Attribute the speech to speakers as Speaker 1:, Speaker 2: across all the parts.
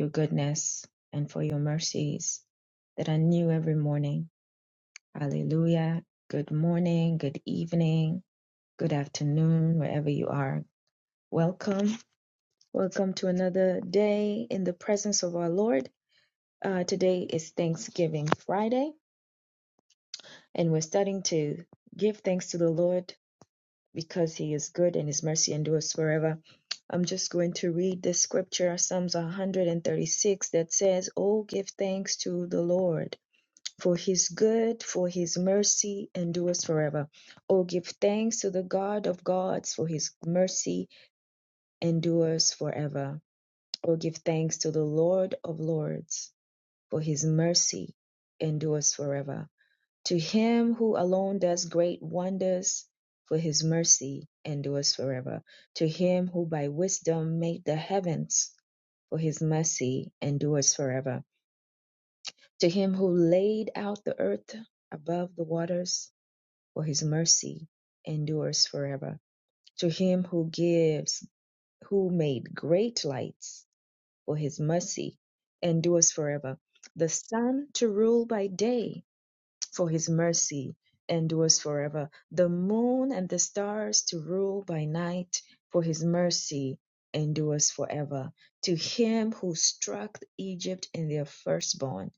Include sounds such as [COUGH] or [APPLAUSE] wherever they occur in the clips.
Speaker 1: your goodness and for your mercies that are new every morning. Hallelujah. Good morning, good evening, good afternoon, wherever you are. Welcome. Welcome to another day in the presence of our Lord. Uh, today is Thanksgiving Friday, and we're starting to give thanks to the Lord because He is good and His mercy endures forever. I'm just going to read this scripture, Psalms 136, that says, Oh, give thanks to the Lord for his good, for his mercy endures forever. Oh, give thanks to the God of gods, for his mercy endures forever. Oh, give thanks to the Lord of lords, for his mercy endures forever. To him who alone does great wonders, for his mercy endures forever. To him who by wisdom made the heavens, for his mercy endures forever. To him who laid out the earth above the waters, for his mercy endures forever. To him who gives, who made great lights, for his mercy endures forever. The sun to rule by day for his mercy endures forever. The moon and the stars to rule by night, for his mercy endures forever. To him who struck Egypt in their firstborn,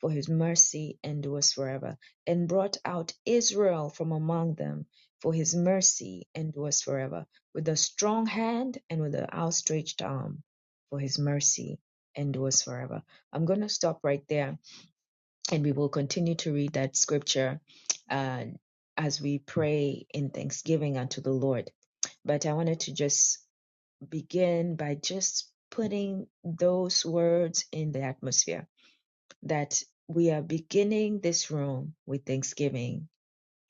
Speaker 1: for his mercy endures forever, and brought out Israel from among them, for his mercy endures forever, with a strong hand and with an outstretched arm, for his mercy endures forever. I'm going to stop right there and we will continue to read that scripture uh, as we pray in thanksgiving unto the Lord. But I wanted to just begin by just putting those words in the atmosphere that we are beginning this room with thanksgiving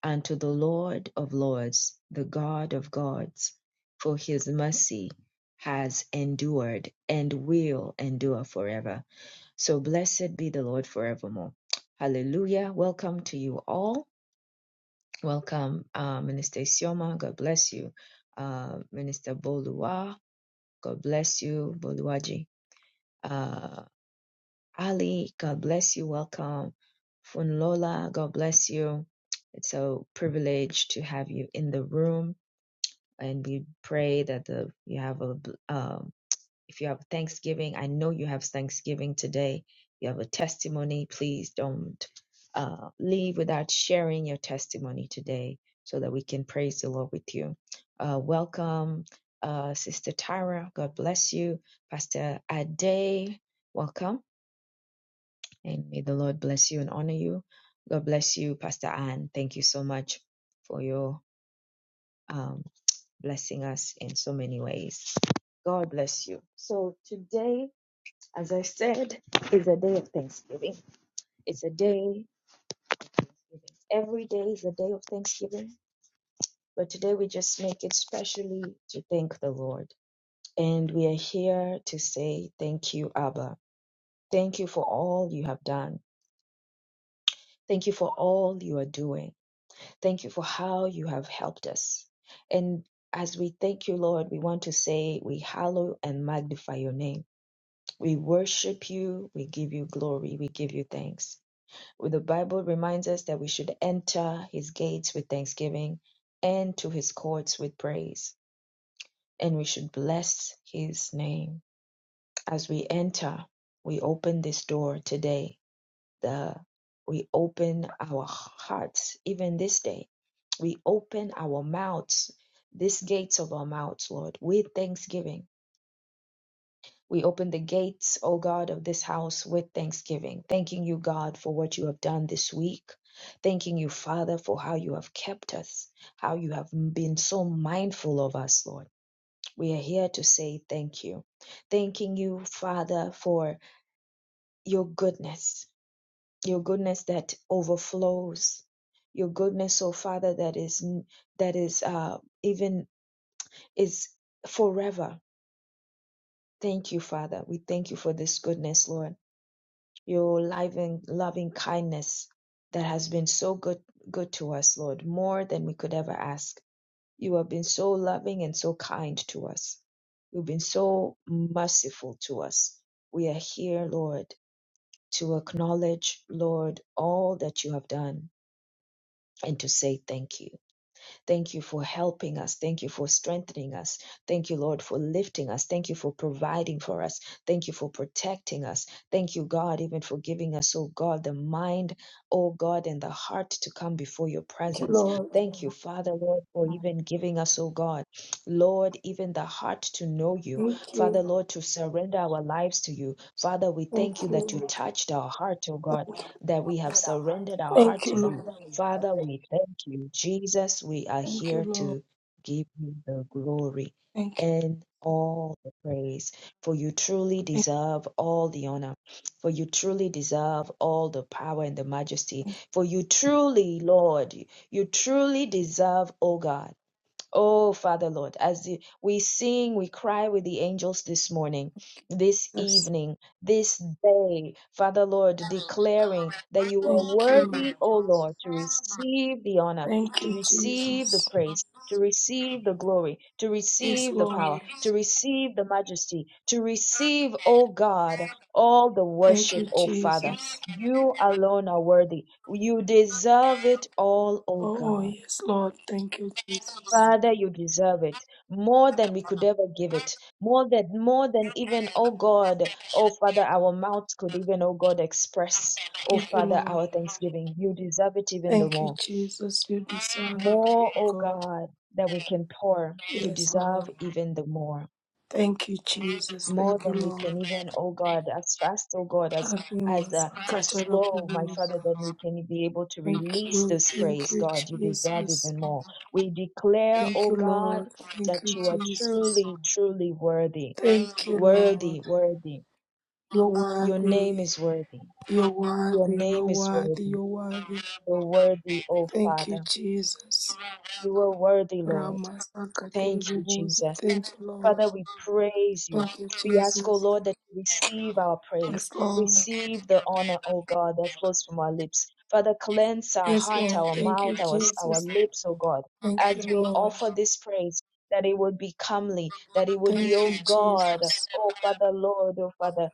Speaker 1: unto the Lord of Lords, the God of gods, for his mercy has endured and will endure forever. So blessed be the Lord forevermore. Hallelujah. Welcome to you all. Welcome, uh, Minister Sioma. God bless you. Uh, Minister Bolua. God bless you, Boluaji. Uh, Ali, God bless you. Welcome. Funlola, God bless you. It's a privilege to have you in the room. And we pray that the, you have a, uh, If you have Thanksgiving, I know you have Thanksgiving today. You have a testimony. Please don't uh, leave without sharing your testimony today so that we can praise the Lord with you. Uh, welcome, uh, Sister Tyra. God bless you. Pastor Ade, welcome. And may the Lord bless you and honor you. God bless you, Pastor Anne. Thank you so much for your um, blessing us in so many ways. God bless you. So today, as I said, it's a day of Thanksgiving. It's a day, every day is a day of Thanksgiving. But today we just make it specially to thank the Lord. And we are here to say thank you, Abba. Thank you for all you have done. Thank you for all you are doing. Thank you for how you have helped us. And as we thank you, Lord, we want to say we hallow and magnify your name. We worship you. We give you glory. We give you thanks. The Bible reminds us that we should enter his gates with thanksgiving and to his courts with praise, and we should bless his name. As we enter, we open this door today. The we open our hearts even this day. We open our mouths, these gates of our mouths, Lord, with thanksgiving We open the gates, O God, of this house with thanksgiving, thanking you, God, for what you have done this week. Thanking you, Father, for how you have kept us, how you have been so mindful of us, Lord. We are here to say thank you. Thanking you, Father, for your goodness, your goodness that overflows, your goodness, O Father, that is that is uh, even is forever. Thank you, Father. We thank you for this goodness, Lord. your life and loving kindness that has been so good good to us, Lord, more than we could ever ask. You have been so loving and so kind to us. You've been so merciful to us. We are here, Lord, to acknowledge, Lord, all that you have done and to say thank you. Thank you for helping us. Thank you for strengthening us. Thank you, Lord, for lifting us. Thank you for providing for us. Thank you for protecting us. Thank you, God, even for giving us, oh God, the mind, oh God, and the heart to come before your
Speaker 2: Thank you,
Speaker 1: presence.
Speaker 2: Lord.
Speaker 1: Thank you, Father, Lord, for even giving us, oh God, Lord, even the heart to know you.
Speaker 2: Thank you.
Speaker 1: Father, Lord, to surrender our lives to you. Father, we
Speaker 2: Thank
Speaker 1: thank you that you
Speaker 2: you.
Speaker 1: touched our heart, oh God, that we have surrendered our heart
Speaker 2: Thank you,
Speaker 1: to
Speaker 2: Lord.
Speaker 1: you. Father, we thank you. Jesus, we are
Speaker 2: Thank you,
Speaker 1: here
Speaker 2: Lord.
Speaker 1: to give you the glory
Speaker 2: Thank you.
Speaker 1: and all the praise, for you truly
Speaker 2: Thank
Speaker 1: deserve all the honor, for you truly deserve all the power and the majesty, for you truly, Lord, you truly deserve, oh God. Oh, Father Lord, as the- we sing, we cry with the angels this morning, this
Speaker 2: you, Jesus.
Speaker 1: evening, this day, Father Lord, declaring that you are
Speaker 2: Thank you.
Speaker 1: worthy, O Lord, to receive the honor,
Speaker 2: Thank
Speaker 1: to
Speaker 2: you,
Speaker 1: receive the
Speaker 2: Jesus.
Speaker 1: praise. To receive the glory, to
Speaker 2: Yes,
Speaker 1: receive the power,
Speaker 2: Lord.
Speaker 1: to receive the majesty, to receive, O God, all the
Speaker 2: Thank you,
Speaker 1: worship, O Father.
Speaker 2: Jesus.
Speaker 1: You alone are worthy. You deserve it all, O
Speaker 2: Oh,
Speaker 1: God.
Speaker 2: yes, Lord. Thank you, Jesus.
Speaker 1: Father, you deserve it more than we could ever give it, more than more than even, oh God, oh Father, our mouths could even, oh God, express, oh
Speaker 2: Thank you,
Speaker 1: Father,
Speaker 2: Lord.
Speaker 1: our thanksgiving. You deserve it even the
Speaker 2: Thank you,
Speaker 1: more,
Speaker 2: Jesus. You deserve it,
Speaker 1: more,
Speaker 2: oh
Speaker 1: oh
Speaker 2: God.
Speaker 1: God, that we can pour. You
Speaker 2: Yes,
Speaker 1: deserve
Speaker 2: Lord.
Speaker 1: even the more
Speaker 2: Thank you, Jesus.
Speaker 1: more
Speaker 2: Thank you,
Speaker 1: than we
Speaker 2: Lord.
Speaker 1: can even, oh God, as fast, oh God, as
Speaker 2: Ave
Speaker 1: as uh, as
Speaker 2: Masakatara
Speaker 1: slow, my
Speaker 2: Bubus.
Speaker 1: Father, that we can be able to
Speaker 2: Thank
Speaker 1: release
Speaker 2: you,
Speaker 1: this
Speaker 2: thank
Speaker 1: praise,
Speaker 2: you,
Speaker 1: God. You deserve
Speaker 2: Jesus.
Speaker 1: even more. We declare,
Speaker 2: Thank
Speaker 1: oh
Speaker 2: you,
Speaker 1: God,
Speaker 2: Lord. Thank
Speaker 1: that
Speaker 2: you,
Speaker 1: you are
Speaker 2: Jesus.
Speaker 1: truly, truly worthy,
Speaker 2: Thank you, Lord.
Speaker 1: worthy, worthy.
Speaker 2: You're
Speaker 1: Your name
Speaker 2: worthy.
Speaker 1: is worthy.
Speaker 2: You're
Speaker 1: Your
Speaker 2: worthy. You're
Speaker 1: name is
Speaker 2: worthy.
Speaker 1: worthy.
Speaker 2: You're worthy.
Speaker 1: You're worthy, oh
Speaker 2: Thank you,
Speaker 1: Father.
Speaker 2: Jesus.
Speaker 1: You are worthy, Lord.
Speaker 2: Ramasakatara
Speaker 1: Thank you,
Speaker 2: Bubus.
Speaker 1: Jesus.
Speaker 2: Thank you, Lord.
Speaker 1: Father, we praise you.
Speaker 2: Thank you,
Speaker 1: We ask, O
Speaker 2: Jesus.
Speaker 1: Lord, that you receive our
Speaker 2: Yes,
Speaker 1: praise,
Speaker 2: Lord.
Speaker 1: receive the honor, O God, that flows from our lips. Father, cleanse our
Speaker 2: Yes,
Speaker 1: heart,
Speaker 2: Lord.
Speaker 1: our
Speaker 2: Thank you,
Speaker 1: mouth, our, our
Speaker 2: Jesus.
Speaker 1: lips, O God,
Speaker 2: Thank
Speaker 1: as
Speaker 2: you,
Speaker 1: we
Speaker 2: Lord.
Speaker 1: offer this praise, that it would be comely, that it would
Speaker 2: Thank
Speaker 1: be, O
Speaker 2: you,
Speaker 1: God,
Speaker 2: Jesus.
Speaker 1: O Father, Lord, O Father,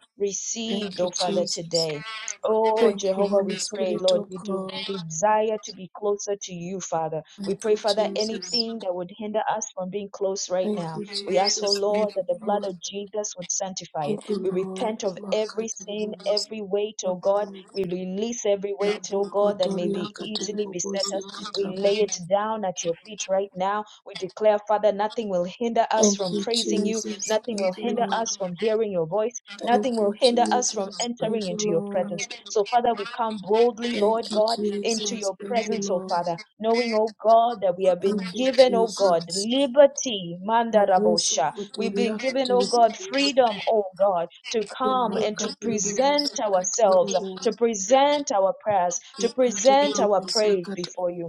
Speaker 2: Thank
Speaker 1: received,
Speaker 2: you,
Speaker 1: O Father,
Speaker 2: Jesus.
Speaker 1: today. Oh,
Speaker 2: Thank you,
Speaker 1: Jehovah, we
Speaker 2: Holy
Speaker 1: pray,
Speaker 2: Spirit
Speaker 1: Lord,
Speaker 2: of
Speaker 1: we do
Speaker 2: God.
Speaker 1: desire to be closer to you, Father. We
Speaker 2: Thank
Speaker 1: pray,
Speaker 2: you,
Speaker 1: Father,
Speaker 2: Jesus.
Speaker 1: anything that would hinder us from being close right
Speaker 2: Thank
Speaker 1: now.
Speaker 2: you,
Speaker 1: We ask, oh
Speaker 2: Jesus. Thank
Speaker 1: Lord,
Speaker 2: you,
Speaker 1: that the blood
Speaker 2: Lord.
Speaker 1: of Jesus would sanctify
Speaker 2: Thank
Speaker 1: it.
Speaker 2: you,
Speaker 1: We
Speaker 2: Lord.
Speaker 1: repent of every
Speaker 2: Makati
Speaker 1: sin,
Speaker 2: ribobosi
Speaker 1: every weight, oh God.
Speaker 2: rabobosi
Speaker 1: We release every weight, oh
Speaker 2: raboko
Speaker 1: God, that may
Speaker 2: toria
Speaker 1: be
Speaker 2: kati
Speaker 1: easily beset
Speaker 2: ribobosi
Speaker 1: us.
Speaker 2: kati
Speaker 1: We lay it
Speaker 2: rabobosi.
Speaker 1: down at your feet right now. We declare, Father, nothing will hinder us
Speaker 2: Thank
Speaker 1: from
Speaker 2: you,
Speaker 1: praising you.
Speaker 2: Jesus.
Speaker 1: Nothing will
Speaker 2: Thank you,
Speaker 1: hinder
Speaker 2: Lord.
Speaker 1: us from hearing your voice.
Speaker 2: Thank
Speaker 1: Nothing
Speaker 2: you,
Speaker 1: will hinder us from
Speaker 2: Jesus.
Speaker 1: entering
Speaker 2: Thank you,
Speaker 1: into your
Speaker 2: Lord.
Speaker 1: presence. So, Father, we come boldly,
Speaker 2: Thank
Speaker 1: Lord
Speaker 2: you,
Speaker 1: God into
Speaker 2: Jesus.
Speaker 1: your
Speaker 2: Thank you,
Speaker 1: presence, oh
Speaker 2: Lord.
Speaker 1: Father, knowing, oh God, that we have been
Speaker 2: Thank you,
Speaker 1: given, oh God,
Speaker 2: Jesus.
Speaker 1: liberty,
Speaker 2: Raboso
Speaker 1: mandarabosha. We've been
Speaker 2: kotoriaka
Speaker 1: given, oh God,
Speaker 2: tiribobosa.
Speaker 1: freedom, oh God, to come and
Speaker 2: Kumaka
Speaker 1: to present
Speaker 2: tiribobosa
Speaker 1: ourselves, to
Speaker 2: katiribobosa.
Speaker 1: present our prayers, to
Speaker 2: Ika
Speaker 1: present our
Speaker 2: tiribobosa
Speaker 1: praise before you.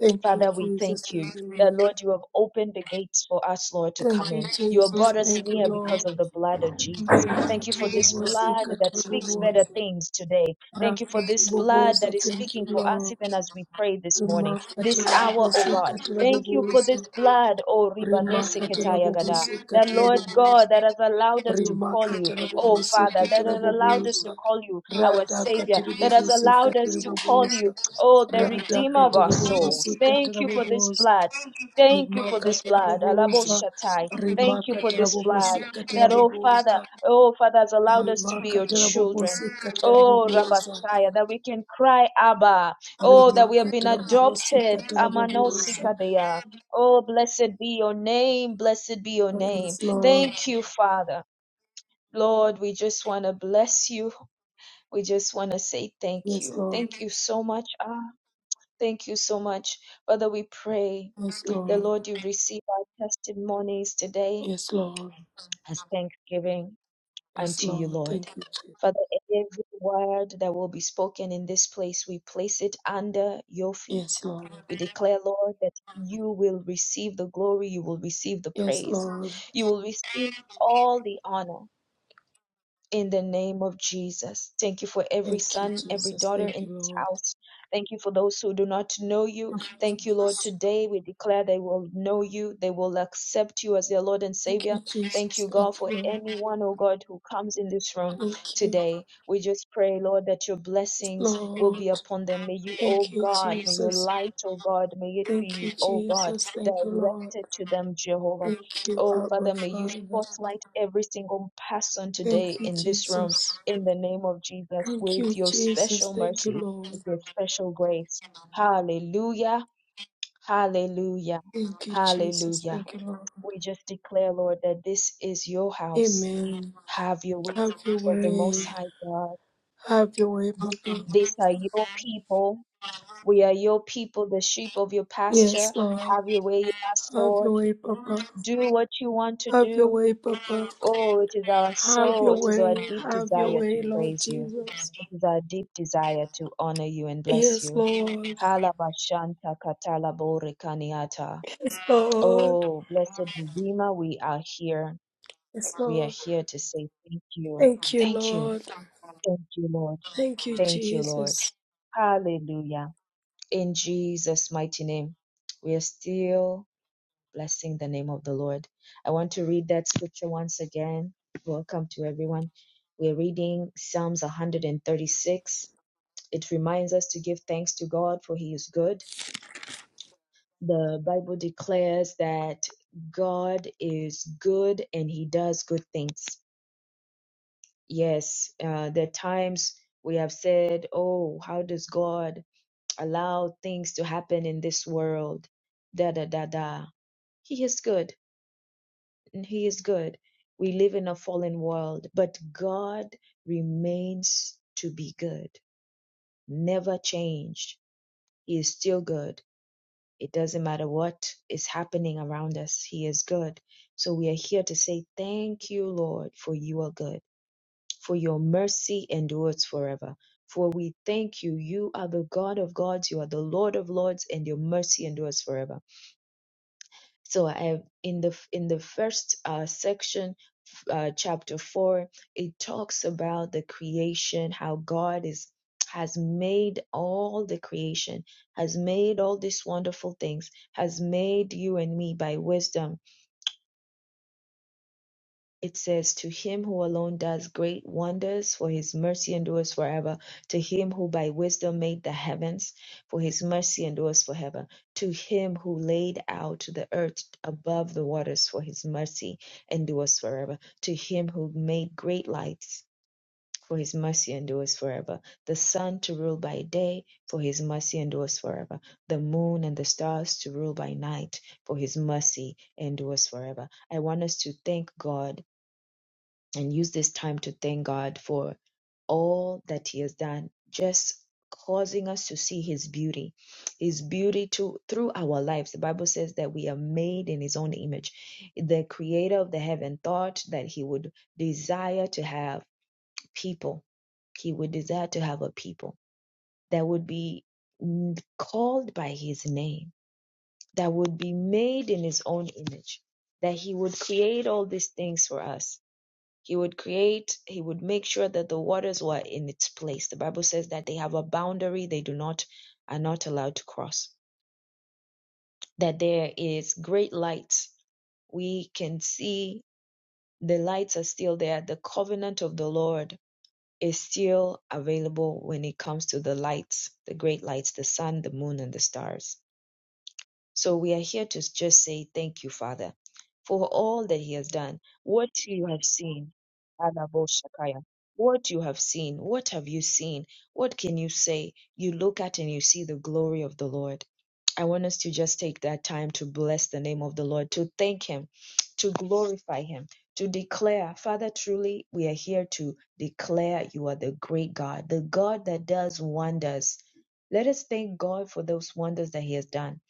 Speaker 2: Thank you,
Speaker 1: Father, we
Speaker 2: Jesus.
Speaker 1: thank you
Speaker 2: Thank you,
Speaker 1: that,
Speaker 2: Lord.
Speaker 1: Lord, you have opened the gates for us, Lord, to come
Speaker 2: Thank you,
Speaker 1: in. You have
Speaker 2: Jesus.
Speaker 1: brought us
Speaker 2: Thank you,
Speaker 1: near because of
Speaker 2: Lord.
Speaker 1: the blood of Jesus. Thank you for this blood that speaks
Speaker 2: Thank
Speaker 1: better
Speaker 2: you,
Speaker 1: things today. Thank you for this blood
Speaker 2: Rakatabobosa,
Speaker 1: that is
Speaker 2: thank you,
Speaker 1: speaking for us
Speaker 2: Lord.
Speaker 1: even as we pray this morning, this hour, oh
Speaker 2: Remarkatabobosa,
Speaker 1: God. Thank you for this
Speaker 2: Katabobosa.
Speaker 1: blood, oh Ribanese Ketayagada,
Speaker 2: Remarkatabobosa,
Speaker 1: that Lord God
Speaker 2: Katabobosa.
Speaker 1: that has allowed us to call you, oh
Speaker 2: Remarkatabobosa,
Speaker 1: Father, that has allowed us to
Speaker 2: Katabobosa.
Speaker 1: call you our
Speaker 2: Rada
Speaker 1: Savior, that has
Speaker 2: Katabobosa,
Speaker 1: allowed us to call you
Speaker 2: Katabobosa.
Speaker 1: Oh, the
Speaker 2: Rada
Speaker 1: Redeemer of our
Speaker 2: Katabobosa,
Speaker 1: souls. Thank you for this
Speaker 2: Katabobosa.
Speaker 1: blood. Thank you for this blood. Alabo
Speaker 2: Remarkatabobosa.
Speaker 1: Shatai. Thank you for this
Speaker 2: Remarkatabobosa,
Speaker 1: blood that, oh Father,
Speaker 2: Katabobosa.
Speaker 1: oh Father has allowed us to be your children.
Speaker 2: Remarkatabobosa,
Speaker 1: Oh,
Speaker 2: Katabobosa.
Speaker 1: Rabbasaya, that we can cry Abba. Oh, that we have been adopted.
Speaker 2: Remarkatarabobosikatarabobosa.
Speaker 1: Amanosikadea. Oh, blessed be your name. Blessed be your name.
Speaker 2: Yes, Lord.
Speaker 1: Thank you, Father. Lord, we just want to bless you. We just want to say thank
Speaker 2: Yes,
Speaker 1: you.
Speaker 2: Lord.
Speaker 1: Thank you so much, Abba. Thank you so much. Father, we pray
Speaker 2: Yes,
Speaker 1: the
Speaker 2: Lord.
Speaker 1: Lord, you receive our testimonies today
Speaker 2: Yes, Lord.
Speaker 1: as thanksgiving
Speaker 2: Yes,
Speaker 1: unto you,
Speaker 2: Lord.
Speaker 1: Lord.
Speaker 2: Thank you, Jesus.
Speaker 1: Father, every word that will be spoken in this place, we place it under your
Speaker 2: Yes,
Speaker 1: feet.
Speaker 2: Lord.
Speaker 1: We declare, Lord, that you will receive the glory, you will receive the
Speaker 2: Yes,
Speaker 1: praise,
Speaker 2: Lord.
Speaker 1: you will receive all the honor in the name of Jesus. Thank you for every
Speaker 2: Thank you,
Speaker 1: son, every
Speaker 2: Jesus.
Speaker 1: daughter
Speaker 2: Thank
Speaker 1: in
Speaker 2: you,
Speaker 1: this
Speaker 2: Lord.
Speaker 1: house. Thank you for those who do not know you.
Speaker 2: Thank you,
Speaker 1: Thank you, Lord.
Speaker 2: Jesus.
Speaker 1: Today we declare they will know you, they will accept you as their Lord and
Speaker 2: Thank you,
Speaker 1: Savior. Thank
Speaker 2: Jesus.
Speaker 1: you, God,
Speaker 2: Thank
Speaker 1: for
Speaker 2: you, Lord.
Speaker 1: anyone, oh God, who comes in this room
Speaker 2: Thank you.
Speaker 1: today. We just pray, Lord, that your
Speaker 2: Yes,
Speaker 1: blessings will
Speaker 2: Lord.
Speaker 1: be upon them. May you,
Speaker 2: Thank
Speaker 1: oh
Speaker 2: you,
Speaker 1: God, may your
Speaker 2: Jesus.
Speaker 1: light, oh God, may it
Speaker 2: Thank you,
Speaker 1: be, oh God,
Speaker 2: Jesus. Thank you, Lord.
Speaker 1: directed to them, Jehovah.
Speaker 2: Thank you,
Speaker 1: Oh,
Speaker 2: Abba
Speaker 1: Father, may you
Speaker 2: Father.
Speaker 1: spotlight every single person
Speaker 2: Thank
Speaker 1: today
Speaker 2: you,
Speaker 1: in this room
Speaker 2: Jesus.
Speaker 1: in the name of Jesus
Speaker 2: Thank
Speaker 1: with
Speaker 2: you,
Speaker 1: your
Speaker 2: Jesus.
Speaker 1: special
Speaker 2: Thank you,
Speaker 1: mercy,
Speaker 2: Lord.
Speaker 1: with your special grace. Hallelujah, hallelujah,
Speaker 2: Thank you, Jesus.
Speaker 1: hallelujah.
Speaker 2: Thank you, Lord.
Speaker 1: We just declare, Lord, that this is your house.
Speaker 2: Amen.
Speaker 1: Have your way,
Speaker 2: Have your
Speaker 1: Spirit of the Most
Speaker 2: way.
Speaker 1: High God.
Speaker 2: Have your way, Papa.
Speaker 1: These are your people. We are your people, the sheep of your
Speaker 2: Yes,
Speaker 1: pasture.
Speaker 2: Lord.
Speaker 1: Have your way in us,
Speaker 2: Have your
Speaker 1: Lord.
Speaker 2: way, Papa.
Speaker 1: Do what you want to
Speaker 2: Have your
Speaker 1: do.
Speaker 2: way, Papa.
Speaker 1: Oh, it is our
Speaker 2: Have
Speaker 1: soul,
Speaker 2: your
Speaker 1: it is
Speaker 2: way.
Speaker 1: our deep
Speaker 2: Have your
Speaker 1: desire to
Speaker 2: way, Lord
Speaker 1: praise you.
Speaker 2: Jesus.
Speaker 1: It is our deep desire to honor you and bless
Speaker 2: Yes,
Speaker 1: you.
Speaker 2: Lord.
Speaker 1: Halabashanta katalabore kaniata.
Speaker 2: Yes, Lord.
Speaker 1: Oh, blessed Redeemer, we are here.
Speaker 2: Yes,
Speaker 1: We are
Speaker 2: Lord.
Speaker 1: here to say thank you.
Speaker 2: Thank you,
Speaker 1: Thank you.
Speaker 2: Lord.
Speaker 1: Thank you, Lord.
Speaker 2: Thank you,
Speaker 1: Thank you, Lord.
Speaker 2: Jesus.
Speaker 1: Hallelujah. In Jesus' mighty name, we are still Blessing the name of the Lord. I want to read that scripture once again. Welcome to everyone. We're reading Psalms 136. It reminds us to give thanks to God for he is good. The Bible declares that God is good and he does good things. Yes, uh, there are times we have said, Oh, how does God allow things to happen in this world? Da da da da. He is good and He is good. We live in a fallen world, but God remains to be good, never changed. He is still good. It doesn't matter what is happening around us, He is good. So we are here to say, Thank you, Lord, for you are good, for your mercy endures forever. For we thank you, you are the God of gods, you are the Lord of lords, and your mercy endures forever. So I, in the in the first uh, section, uh, chapter four, it talks about the creation, how God is has made all the creation, has made all these wonderful things, has made you and me by wisdom it says, To him who alone does great wonders, for his mercy endures forever. To him who by wisdom made the heavens, for his mercy endures forever. To him who laid out the earth above the waters, for his mercy endures forever. To him who made great lights, for his mercy endures forever. The sun to rule by day, for his mercy endures forever. The moon and the stars to rule by night, for his mercy endures forever. I want us to thank God and use this time to thank God for all that He has done, just causing us to see His beauty, His beauty to through our lives. The Bible says that we are made in His own image. The Creator of the heaven thought that He would desire to have people. He would desire to have a people that would be called by His name, that would be made in His own image, that He would create all these things for us he would create, he would make sure that the waters were in its place. The Bible says that they have a boundary they do not are not allowed to cross. That there is great light. We can see the lights are still there. The covenant of the Lord is still available when it comes to the lights, the great lights, the sun, the moon, and the stars So we are here to just say thank you, Father, for all that He has done, what you have seen. Alabo Shakaya. What you have seen, what have you seen? What can you say? You look at and you see the glory of the Lord. I want us to just take that time to bless the name of the Lord, to thank Him, to glorify Him, to declare, Father, truly, we are here to declare you are the great God, the God that does wonders. Let us thank God for those wonders that He has done.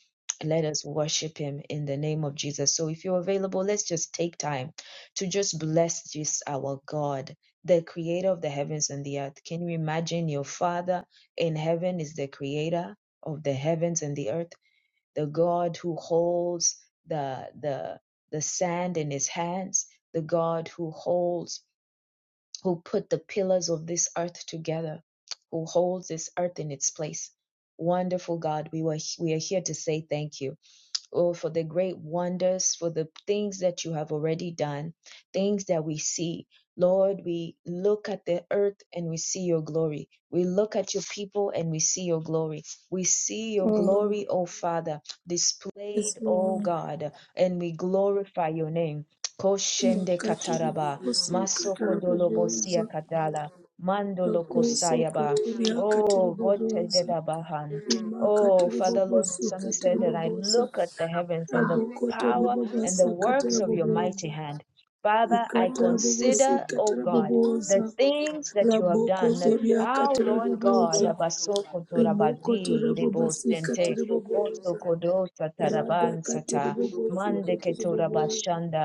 Speaker 1: Let us worship Him in the name of Jesus. So, if you're available, let's just take time to just bless this our God, the creator of the heavens and the earth. Can you imagine your Father in heaven is the creator of the heavens and the earth? the God who holds the the the sand in his hands, the God who holds who put the pillars of this earth together, who holds this earth in its place. Wonderful God, we were we are here to say thank you oh, for the great wonders, for the things that you have already done, things that we see. Lord, we look at the earth and we see your glory. We look at your people and we see your glory. We see your
Speaker 2: Um,
Speaker 1: glory, O Father,
Speaker 2: yes,
Speaker 1: displayed, O
Speaker 2: Lord.
Speaker 1: God, and we glorify your name. Koshende
Speaker 2: Makatiri
Speaker 1: kataraba,
Speaker 2: bobosi,
Speaker 1: masoko
Speaker 2: katara
Speaker 1: dolobosia
Speaker 2: bobosa.
Speaker 1: katala, mandolo
Speaker 2: Raboso
Speaker 1: kosayaba,
Speaker 2: kotoria katiri
Speaker 1: oh vote
Speaker 2: bobosa.
Speaker 1: de
Speaker 2: Rima
Speaker 1: Oh,
Speaker 2: katiri
Speaker 1: Father Lord, the
Speaker 2: bobosi,
Speaker 1: psalmist
Speaker 2: katiri
Speaker 1: said that I
Speaker 2: bobosa.
Speaker 1: look at the heavens and the
Speaker 2: Rabokotori
Speaker 1: power and the
Speaker 2: babasa,
Speaker 1: works
Speaker 2: katara
Speaker 1: of your mighty
Speaker 2: bobosa.
Speaker 1: hand. Father, I
Speaker 2: Ikatara bobosi,
Speaker 1: consider, oh
Speaker 2: katara
Speaker 1: God, the
Speaker 2: bobosa.
Speaker 1: things that you have done.
Speaker 2: Rabokozoria
Speaker 1: Our
Speaker 2: katara
Speaker 1: Lord God,
Speaker 2: bobosa. Rimokotora
Speaker 1: abasokotorabazi,
Speaker 2: babasi,
Speaker 1: idebosente,
Speaker 2: katiri bobosa. Rada katiri
Speaker 1: osokodosatarabansata,
Speaker 2: bobosi, katiri bobosa.
Speaker 1: mandeketorabashanda.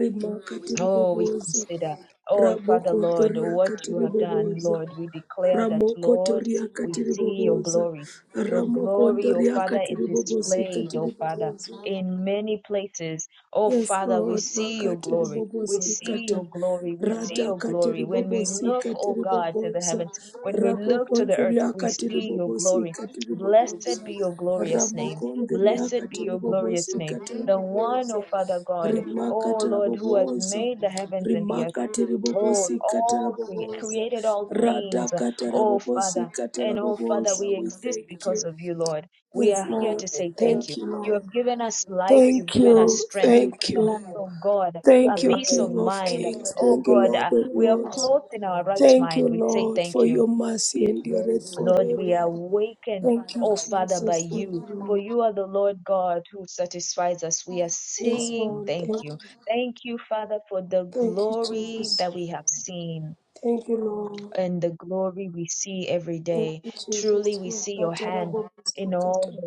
Speaker 2: rimakatiri
Speaker 1: Oh, we
Speaker 2: boboza
Speaker 1: consider, oh Father Lord, what you
Speaker 2: rabokontoriakatiri
Speaker 1: have done,
Speaker 2: boboza
Speaker 1: Lord. We declare that, Lord, we
Speaker 2: ramokotoriakatiri
Speaker 1: see your
Speaker 2: boboza
Speaker 1: glory. Your glory, oh Father, is
Speaker 2: ramokontoriakatiri katiri bobosi
Speaker 1: displayed,
Speaker 2: katiri
Speaker 1: oh Father,
Speaker 2: boboza
Speaker 1: in many places. Oh
Speaker 2: Yes,
Speaker 1: Father, we
Speaker 2: Lord,
Speaker 1: see your
Speaker 2: makatiri
Speaker 1: glory.
Speaker 2: bobo
Speaker 1: We see
Speaker 2: sikata,
Speaker 1: your glory. We see
Speaker 2: rata
Speaker 1: your
Speaker 2: katiri
Speaker 1: glory. When
Speaker 2: bobo
Speaker 1: we look, oh
Speaker 2: sikatiri
Speaker 1: God, to the
Speaker 2: bobonza,
Speaker 1: heavens, when we
Speaker 2: rapo
Speaker 1: look to the earth,
Speaker 2: kondria
Speaker 1: we
Speaker 2: katiri
Speaker 1: see your
Speaker 2: bobo
Speaker 1: glory.
Speaker 2: sikatiri bobonza,
Speaker 1: Blessed be your glorious
Speaker 2: ramo
Speaker 1: name.
Speaker 2: kondria
Speaker 1: Blessed be
Speaker 2: katiri
Speaker 1: your
Speaker 2: bobo
Speaker 1: glorious name.
Speaker 2: sikatiri
Speaker 1: The one,
Speaker 2: bobonza,
Speaker 1: oh Father God O
Speaker 2: rimakatara
Speaker 1: Lord, who has
Speaker 2: boboza,
Speaker 1: made the heavens and the earth,
Speaker 2: rimakatiri bobo
Speaker 1: oh,
Speaker 2: sikatara
Speaker 1: all cre-
Speaker 2: boboza,
Speaker 1: created all
Speaker 2: rada
Speaker 1: things,
Speaker 2: katara
Speaker 1: oh
Speaker 2: bobo
Speaker 1: Father,
Speaker 2: sikatara
Speaker 1: and oh Father,
Speaker 2: boboza,
Speaker 1: we
Speaker 2: we
Speaker 1: exist
Speaker 2: thank
Speaker 1: because
Speaker 2: you.
Speaker 1: of you, Lord. We
Speaker 2: Yes,
Speaker 1: are here
Speaker 2: Lord,
Speaker 1: to say thank you.
Speaker 2: thank you,
Speaker 1: You
Speaker 2: Lord.
Speaker 1: have given us life, you've
Speaker 2: Thank
Speaker 1: given us
Speaker 2: you,
Speaker 1: strength, you've
Speaker 2: thank
Speaker 1: given
Speaker 2: you,
Speaker 1: us, oh God, a
Speaker 2: Thank you,
Speaker 1: peace of
Speaker 2: King of
Speaker 1: mind.
Speaker 2: Kings.
Speaker 1: Oh
Speaker 2: Thank you,
Speaker 1: God,
Speaker 2: Lord
Speaker 1: uh,
Speaker 2: of
Speaker 1: we are
Speaker 2: Lords.
Speaker 1: clothed in our right
Speaker 2: Thank you,
Speaker 1: mind. We say
Speaker 2: Lord,
Speaker 1: thank
Speaker 2: for
Speaker 1: you.
Speaker 2: your mercy endureth
Speaker 1: Lord, we are
Speaker 2: forever.
Speaker 1: awakened,
Speaker 2: Thank you,
Speaker 1: O Father, by
Speaker 2: Jesus. Thank
Speaker 1: you,
Speaker 2: you,
Speaker 1: for
Speaker 2: Lord.
Speaker 1: you are the Lord God who satisfies us. We are
Speaker 2: Yes,
Speaker 1: saying
Speaker 2: Lord.
Speaker 1: thank
Speaker 2: Thank
Speaker 1: you.
Speaker 2: you.
Speaker 1: Thank you, Father, for the
Speaker 2: Thank you,
Speaker 1: glory
Speaker 2: Jesus.
Speaker 1: that we have seen
Speaker 2: Thank you, Lord.
Speaker 1: and the glory we see every
Speaker 2: Thank
Speaker 1: day.
Speaker 2: you,
Speaker 1: Truly,
Speaker 2: Jesus.
Speaker 1: we see your hand. in all
Speaker 2: Makatarabobosika,
Speaker 1: the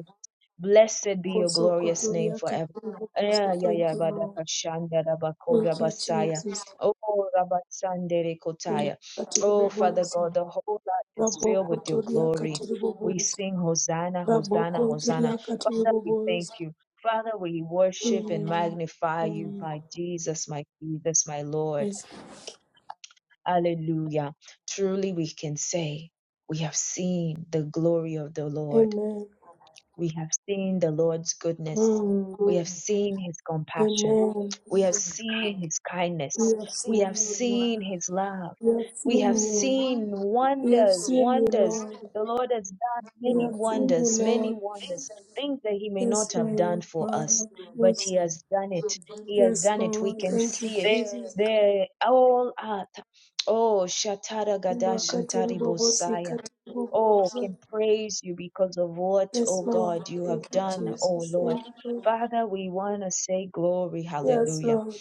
Speaker 1: Blessed be your glorious name forever.
Speaker 2: bosokotoriakatiribobosa.
Speaker 1: Yeah, yeah,
Speaker 2: Thank
Speaker 1: yeah,
Speaker 2: you, Lord.
Speaker 1: Badaka Shanda Rabakora
Speaker 2: Thank you,
Speaker 1: Basaya.
Speaker 2: Jesus.
Speaker 1: Oh, Rabasandere
Speaker 2: Makatarabobonza.
Speaker 1: Kotaya. Oh, Father God, the whole earth is filled
Speaker 2: Raboko
Speaker 1: with your
Speaker 2: toria
Speaker 1: glory.
Speaker 2: katiri
Speaker 1: We
Speaker 2: bobozi.
Speaker 1: sing Hosanna, Hosanna,
Speaker 2: Raboko
Speaker 1: Hosanna. Father, we
Speaker 2: toria
Speaker 1: thank you. Father, we worship and
Speaker 2: Mm,
Speaker 1: magnify you,
Speaker 2: mm,
Speaker 1: my Jesus, my Jesus, my Lord.
Speaker 2: Yes.
Speaker 1: Hallelujah. Truly, we can say, we have seen the glory of the Lord.
Speaker 2: Amen.
Speaker 1: We have seen the Lord's goodness. We have
Speaker 2: Mm,
Speaker 1: seen his compassion.
Speaker 2: Amen.
Speaker 1: We have seen his
Speaker 2: We
Speaker 1: kindness.
Speaker 2: have
Speaker 1: We
Speaker 2: seen
Speaker 1: have
Speaker 2: you, Lord.
Speaker 1: seen his love.
Speaker 2: We have seen
Speaker 1: We have
Speaker 2: you.
Speaker 1: seen
Speaker 2: We have
Speaker 1: wonders,
Speaker 2: seen you,
Speaker 1: wonders.
Speaker 2: Lord.
Speaker 1: The Lord has done
Speaker 2: We
Speaker 1: many
Speaker 2: have seen you,
Speaker 1: wonders, many
Speaker 2: Lord.
Speaker 1: wonders, things that he may
Speaker 2: Yes,
Speaker 1: not have done
Speaker 2: Lord.
Speaker 1: for us, but he
Speaker 2: Marabosa.
Speaker 1: has done it. He has
Speaker 2: Yes,
Speaker 1: done it. We
Speaker 2: Lord.
Speaker 1: can
Speaker 2: Thank you,
Speaker 1: see it.
Speaker 2: Jesus.
Speaker 1: There, all earth. Oh, Shatara Gadash and
Speaker 2: Imakatiri bobosi
Speaker 1: Tari
Speaker 2: katiri
Speaker 1: Oh,
Speaker 2: bobosa.
Speaker 1: can praise you because of what,
Speaker 2: Yes,
Speaker 1: oh
Speaker 2: Lord.
Speaker 1: God, you have
Speaker 2: Thank you,
Speaker 1: done, oh
Speaker 2: Jesus.
Speaker 1: Lord.
Speaker 2: Thank you.
Speaker 1: Father, we want to say glory,
Speaker 2: Yes,
Speaker 1: hallelujah.
Speaker 2: Lord.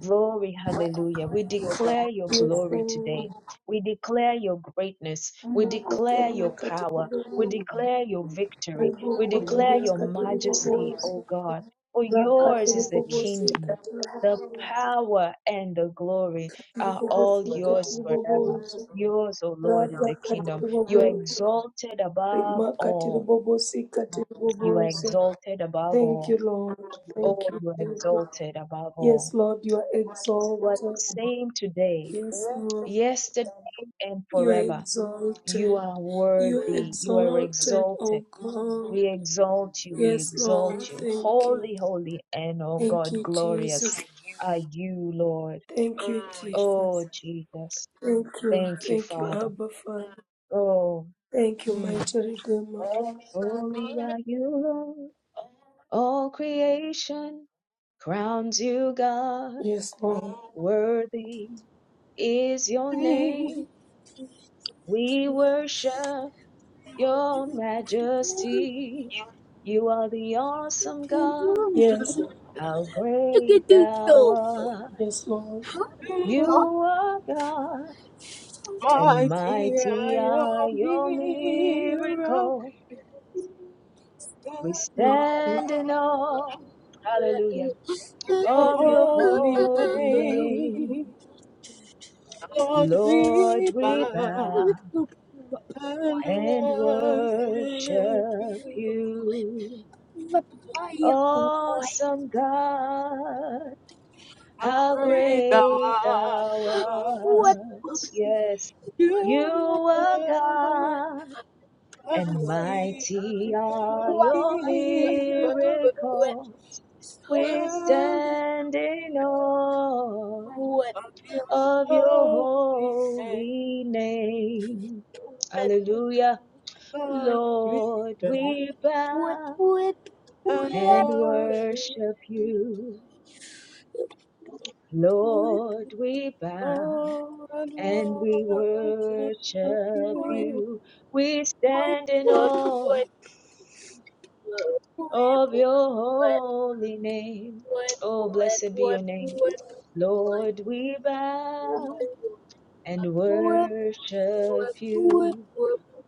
Speaker 1: Glory, hallelujah. We declare your
Speaker 2: Yes,
Speaker 1: glory
Speaker 2: Lord.
Speaker 1: today. We declare your greatness. We declare your power. We
Speaker 2: Makotari
Speaker 1: declare your victory. We declare
Speaker 2: Rakatoria
Speaker 1: your majesty,
Speaker 2: katiribobosa,
Speaker 1: O God. For yours is the
Speaker 2: rakatiribobosi
Speaker 1: kingdom, the
Speaker 2: katiribobosa,
Speaker 1: power, and the glory are
Speaker 2: ribobosi
Speaker 1: all yours forever.
Speaker 2: katiribobosa,
Speaker 1: Yours, O Lord, is
Speaker 2: rata
Speaker 1: the kingdom. You are
Speaker 2: katiribobosa,
Speaker 1: exalted above
Speaker 2: rima
Speaker 1: all.
Speaker 2: katiribobosi
Speaker 1: You are
Speaker 2: katiribobosa.
Speaker 1: exalted above
Speaker 2: Thank
Speaker 1: all.
Speaker 2: you, Lord. Thank
Speaker 1: Oh,
Speaker 2: you,
Speaker 1: you are
Speaker 2: Jesus.
Speaker 1: exalted above
Speaker 2: Yes,
Speaker 1: all.
Speaker 2: Lord, you are
Speaker 1: You are
Speaker 2: exalted.
Speaker 1: the same today,
Speaker 2: Yes, Lord,
Speaker 1: yesterday, and
Speaker 2: you are
Speaker 1: forever. You
Speaker 2: exalted.
Speaker 1: are
Speaker 2: You are
Speaker 1: worthy. You are
Speaker 2: exalted, O
Speaker 1: exalted.
Speaker 2: God.
Speaker 1: We exalt you. We
Speaker 2: Yes,
Speaker 1: exalt
Speaker 2: Lord,
Speaker 1: you.
Speaker 2: thank you.
Speaker 1: Holy, holy, and oh
Speaker 2: Thank
Speaker 1: God,
Speaker 2: you,
Speaker 1: glorious
Speaker 2: Jesus.
Speaker 1: are you, Lord.
Speaker 2: Thank you, Jesus.
Speaker 1: Oh, Jesus.
Speaker 2: Thank you.
Speaker 1: Thank you,
Speaker 2: Thank you,
Speaker 1: Father.
Speaker 2: Abba Father.
Speaker 1: Oh,
Speaker 2: Thank you,
Speaker 1: mm.
Speaker 2: mighty Redeemer.
Speaker 1: holy are you, Lord. All creation Crowns you God,
Speaker 2: Yes, Lord.
Speaker 1: worthy is your
Speaker 3: Look
Speaker 1: name. We worship your majesty. You are the awesome God.
Speaker 2: Yes,
Speaker 1: How great
Speaker 3: at this
Speaker 1: thou
Speaker 3: dog.
Speaker 1: art.
Speaker 2: yes, Lord.
Speaker 1: You are God, and
Speaker 3: Mighty
Speaker 1: mighty
Speaker 3: I
Speaker 1: are
Speaker 3: am
Speaker 1: your
Speaker 3: miracle.
Speaker 1: miracles. We
Speaker 2: Mhm.
Speaker 1: stand in awe. Hallelujah.
Speaker 3: Your
Speaker 1: Of your
Speaker 3: holy
Speaker 1: holy name.
Speaker 3: name, Lord, we
Speaker 1: Lord, we
Speaker 3: bow
Speaker 1: bow.
Speaker 3: and
Speaker 1: and worship
Speaker 3: worship you.
Speaker 1: you. Awesome God,
Speaker 3: How
Speaker 1: how
Speaker 3: great thou
Speaker 1: great
Speaker 3: art.
Speaker 1: thou art.
Speaker 3: What
Speaker 1: Yes, you
Speaker 3: You
Speaker 1: are
Speaker 3: never see
Speaker 1: God,
Speaker 3: I'm your
Speaker 1: and
Speaker 3: holy
Speaker 1: mighty
Speaker 3: hand.
Speaker 1: are your miracles. We stand in awe of your holy name. Hallelujah.
Speaker 3: God, we
Speaker 1: Lord,
Speaker 3: bend and
Speaker 1: we bow.
Speaker 3: worship.
Speaker 1: and worship you. Lord, we bow
Speaker 3: Oh,
Speaker 1: and we worship you. We stand in awe of your holy name. Oh,
Speaker 3: and
Speaker 1: blessed be your name.
Speaker 3: worship you.
Speaker 1: Lord, we
Speaker 3: Oh,
Speaker 1: bow and
Speaker 3: glory,
Speaker 1: worship you.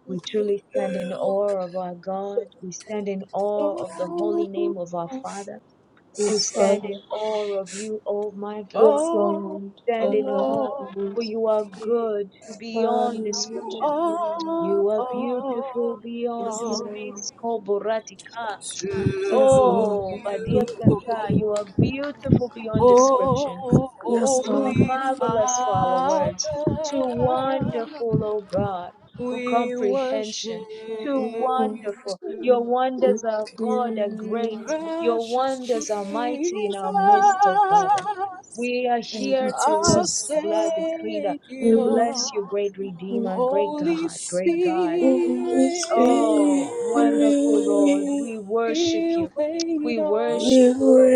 Speaker 1: We truly stand in awe of our God. We stand in awe of the holy name of our Father. We
Speaker 2: Yes,
Speaker 1: stand in
Speaker 2: Father.
Speaker 1: awe of you, oh my God.
Speaker 2: Yes,
Speaker 3: all
Speaker 2: Lord.
Speaker 3: to
Speaker 1: stand in
Speaker 2: Father, yes,
Speaker 3: you,
Speaker 1: awe, for you are good beyond
Speaker 2: Hallelujah,
Speaker 1: description.
Speaker 2: Lord.
Speaker 1: You are beautiful beyond
Speaker 2: Yes, Lord.
Speaker 1: miskoboratika.
Speaker 2: Yes, Lord.
Speaker 1: Oh, Badia Santa, you are beautiful beyond description
Speaker 2: Yes, Lord.
Speaker 1: too
Speaker 3: Holy
Speaker 1: marvelous for our
Speaker 3: Father.
Speaker 1: words, too wonderful, O God, for
Speaker 3: We
Speaker 1: comprehension, too
Speaker 3: worship
Speaker 2: Mhm.
Speaker 1: wonderful.
Speaker 3: you.
Speaker 1: Your wonders are God are great. Your
Speaker 3: Precious
Speaker 1: wonders are mighty in
Speaker 3: Jesus,
Speaker 1: our midst, O Father. We are
Speaker 2: Thank you,
Speaker 1: here to
Speaker 3: our
Speaker 2: Jesus.
Speaker 1: was blood creator,
Speaker 3: Savior,
Speaker 1: to bless you,
Speaker 2: Mhm.
Speaker 1: great Redeemer, great
Speaker 3: Holy
Speaker 1: God, great God.
Speaker 2: Holy
Speaker 3: Spirit,
Speaker 2: Spirit,
Speaker 1: Oh,
Speaker 2: you
Speaker 1: wonderful Lord,
Speaker 2: reign
Speaker 1: we worship
Speaker 3: we
Speaker 1: you.
Speaker 3: wait
Speaker 1: We
Speaker 3: on
Speaker 1: worship you, Lord.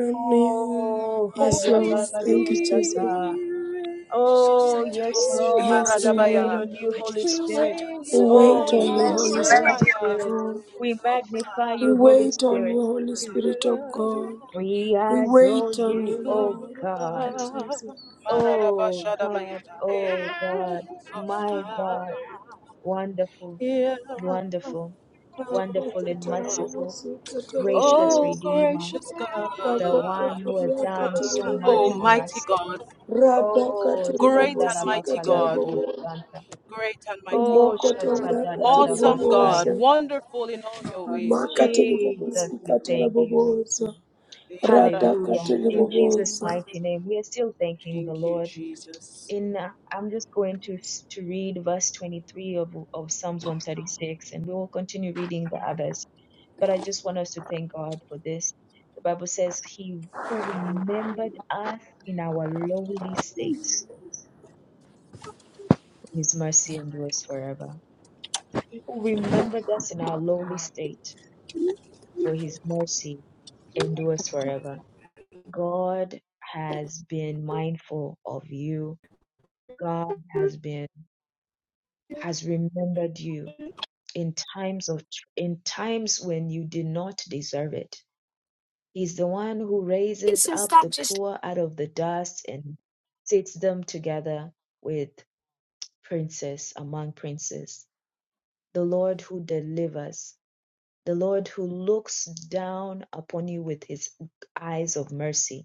Speaker 2: on me.
Speaker 1: Oh,
Speaker 2: Yes,
Speaker 1: Hagia
Speaker 3: Holy
Speaker 2: Lord. Thank you, Jesus.
Speaker 1: Gagados
Speaker 3: Spirit.
Speaker 1: Oh, yes,
Speaker 2: Yes,
Speaker 1: Lord. We wait
Speaker 3: Maradabaya.
Speaker 2: Lord.
Speaker 1: on you, Holy
Speaker 3: We
Speaker 1: Spirit.
Speaker 3: wait
Speaker 2: We
Speaker 1: Oh,
Speaker 2: wait
Speaker 1: we
Speaker 3: on
Speaker 2: on you,
Speaker 1: bless you,
Speaker 2: Holy
Speaker 3: you, I
Speaker 1: Holy
Speaker 2: Spirit of
Speaker 1: Spirit.
Speaker 2: God.
Speaker 1: We magnify
Speaker 2: We
Speaker 1: you, Holy
Speaker 2: wait on
Speaker 1: Spirit.
Speaker 2: you, Holy Spirit of
Speaker 3: am.
Speaker 2: God.
Speaker 1: We
Speaker 2: We
Speaker 1: adore
Speaker 2: wait on
Speaker 1: you,
Speaker 2: you,
Speaker 1: oh
Speaker 3: Oh,
Speaker 2: Lord. Thank
Speaker 1: God.
Speaker 2: you, Jesus.
Speaker 1: Oh God, oh God, my God. Wonderful, wonderful, wonderful and merciful,
Speaker 2: Makatarabobose, katarabobo,
Speaker 1: gracious Redeemer,
Speaker 3: gracious God,
Speaker 1: the one who has done so much
Speaker 3: oh,
Speaker 1: for
Speaker 2: rabokotoriakatiribobonzo,
Speaker 3: mighty
Speaker 1: us.
Speaker 3: God,
Speaker 1: Oh, Santa
Speaker 3: great and
Speaker 2: radakatiribobose,
Speaker 3: mighty God,
Speaker 2: katarabobo.
Speaker 3: great and mighty
Speaker 1: Oh,
Speaker 3: God, awesome God,
Speaker 2: Rimokotoriakatiribobosa,
Speaker 1: Shatadadadabasaya.
Speaker 3: wonderful in all your ways. Oh,
Speaker 1: Jesus, we thank you.
Speaker 2: rimakatiribobosikatarabobosa,
Speaker 1: Hallelujah. In Jesus'
Speaker 2: ratakatiribobosa.
Speaker 1: mighty name, we are still thanking the
Speaker 3: thank you,
Speaker 1: Lord.
Speaker 3: Jesus.
Speaker 1: In uh, I'm just going to s- to read verse 23 of, of Psalms 136, and we will continue reading the others. But I just want us to thank God for this. The Bible says, He who remembered us in our lowly state, His mercy endures forever. Who remembered us in our lowly state for his mercy endures forever. God has been mindful of you. God has been has remembered you in times of in times when you did not deserve it. He's the one who raises up the poor out of the dust and sits them together with princes among princes. The Lord who delivers, the Lord who looks down upon you with his eyes of mercy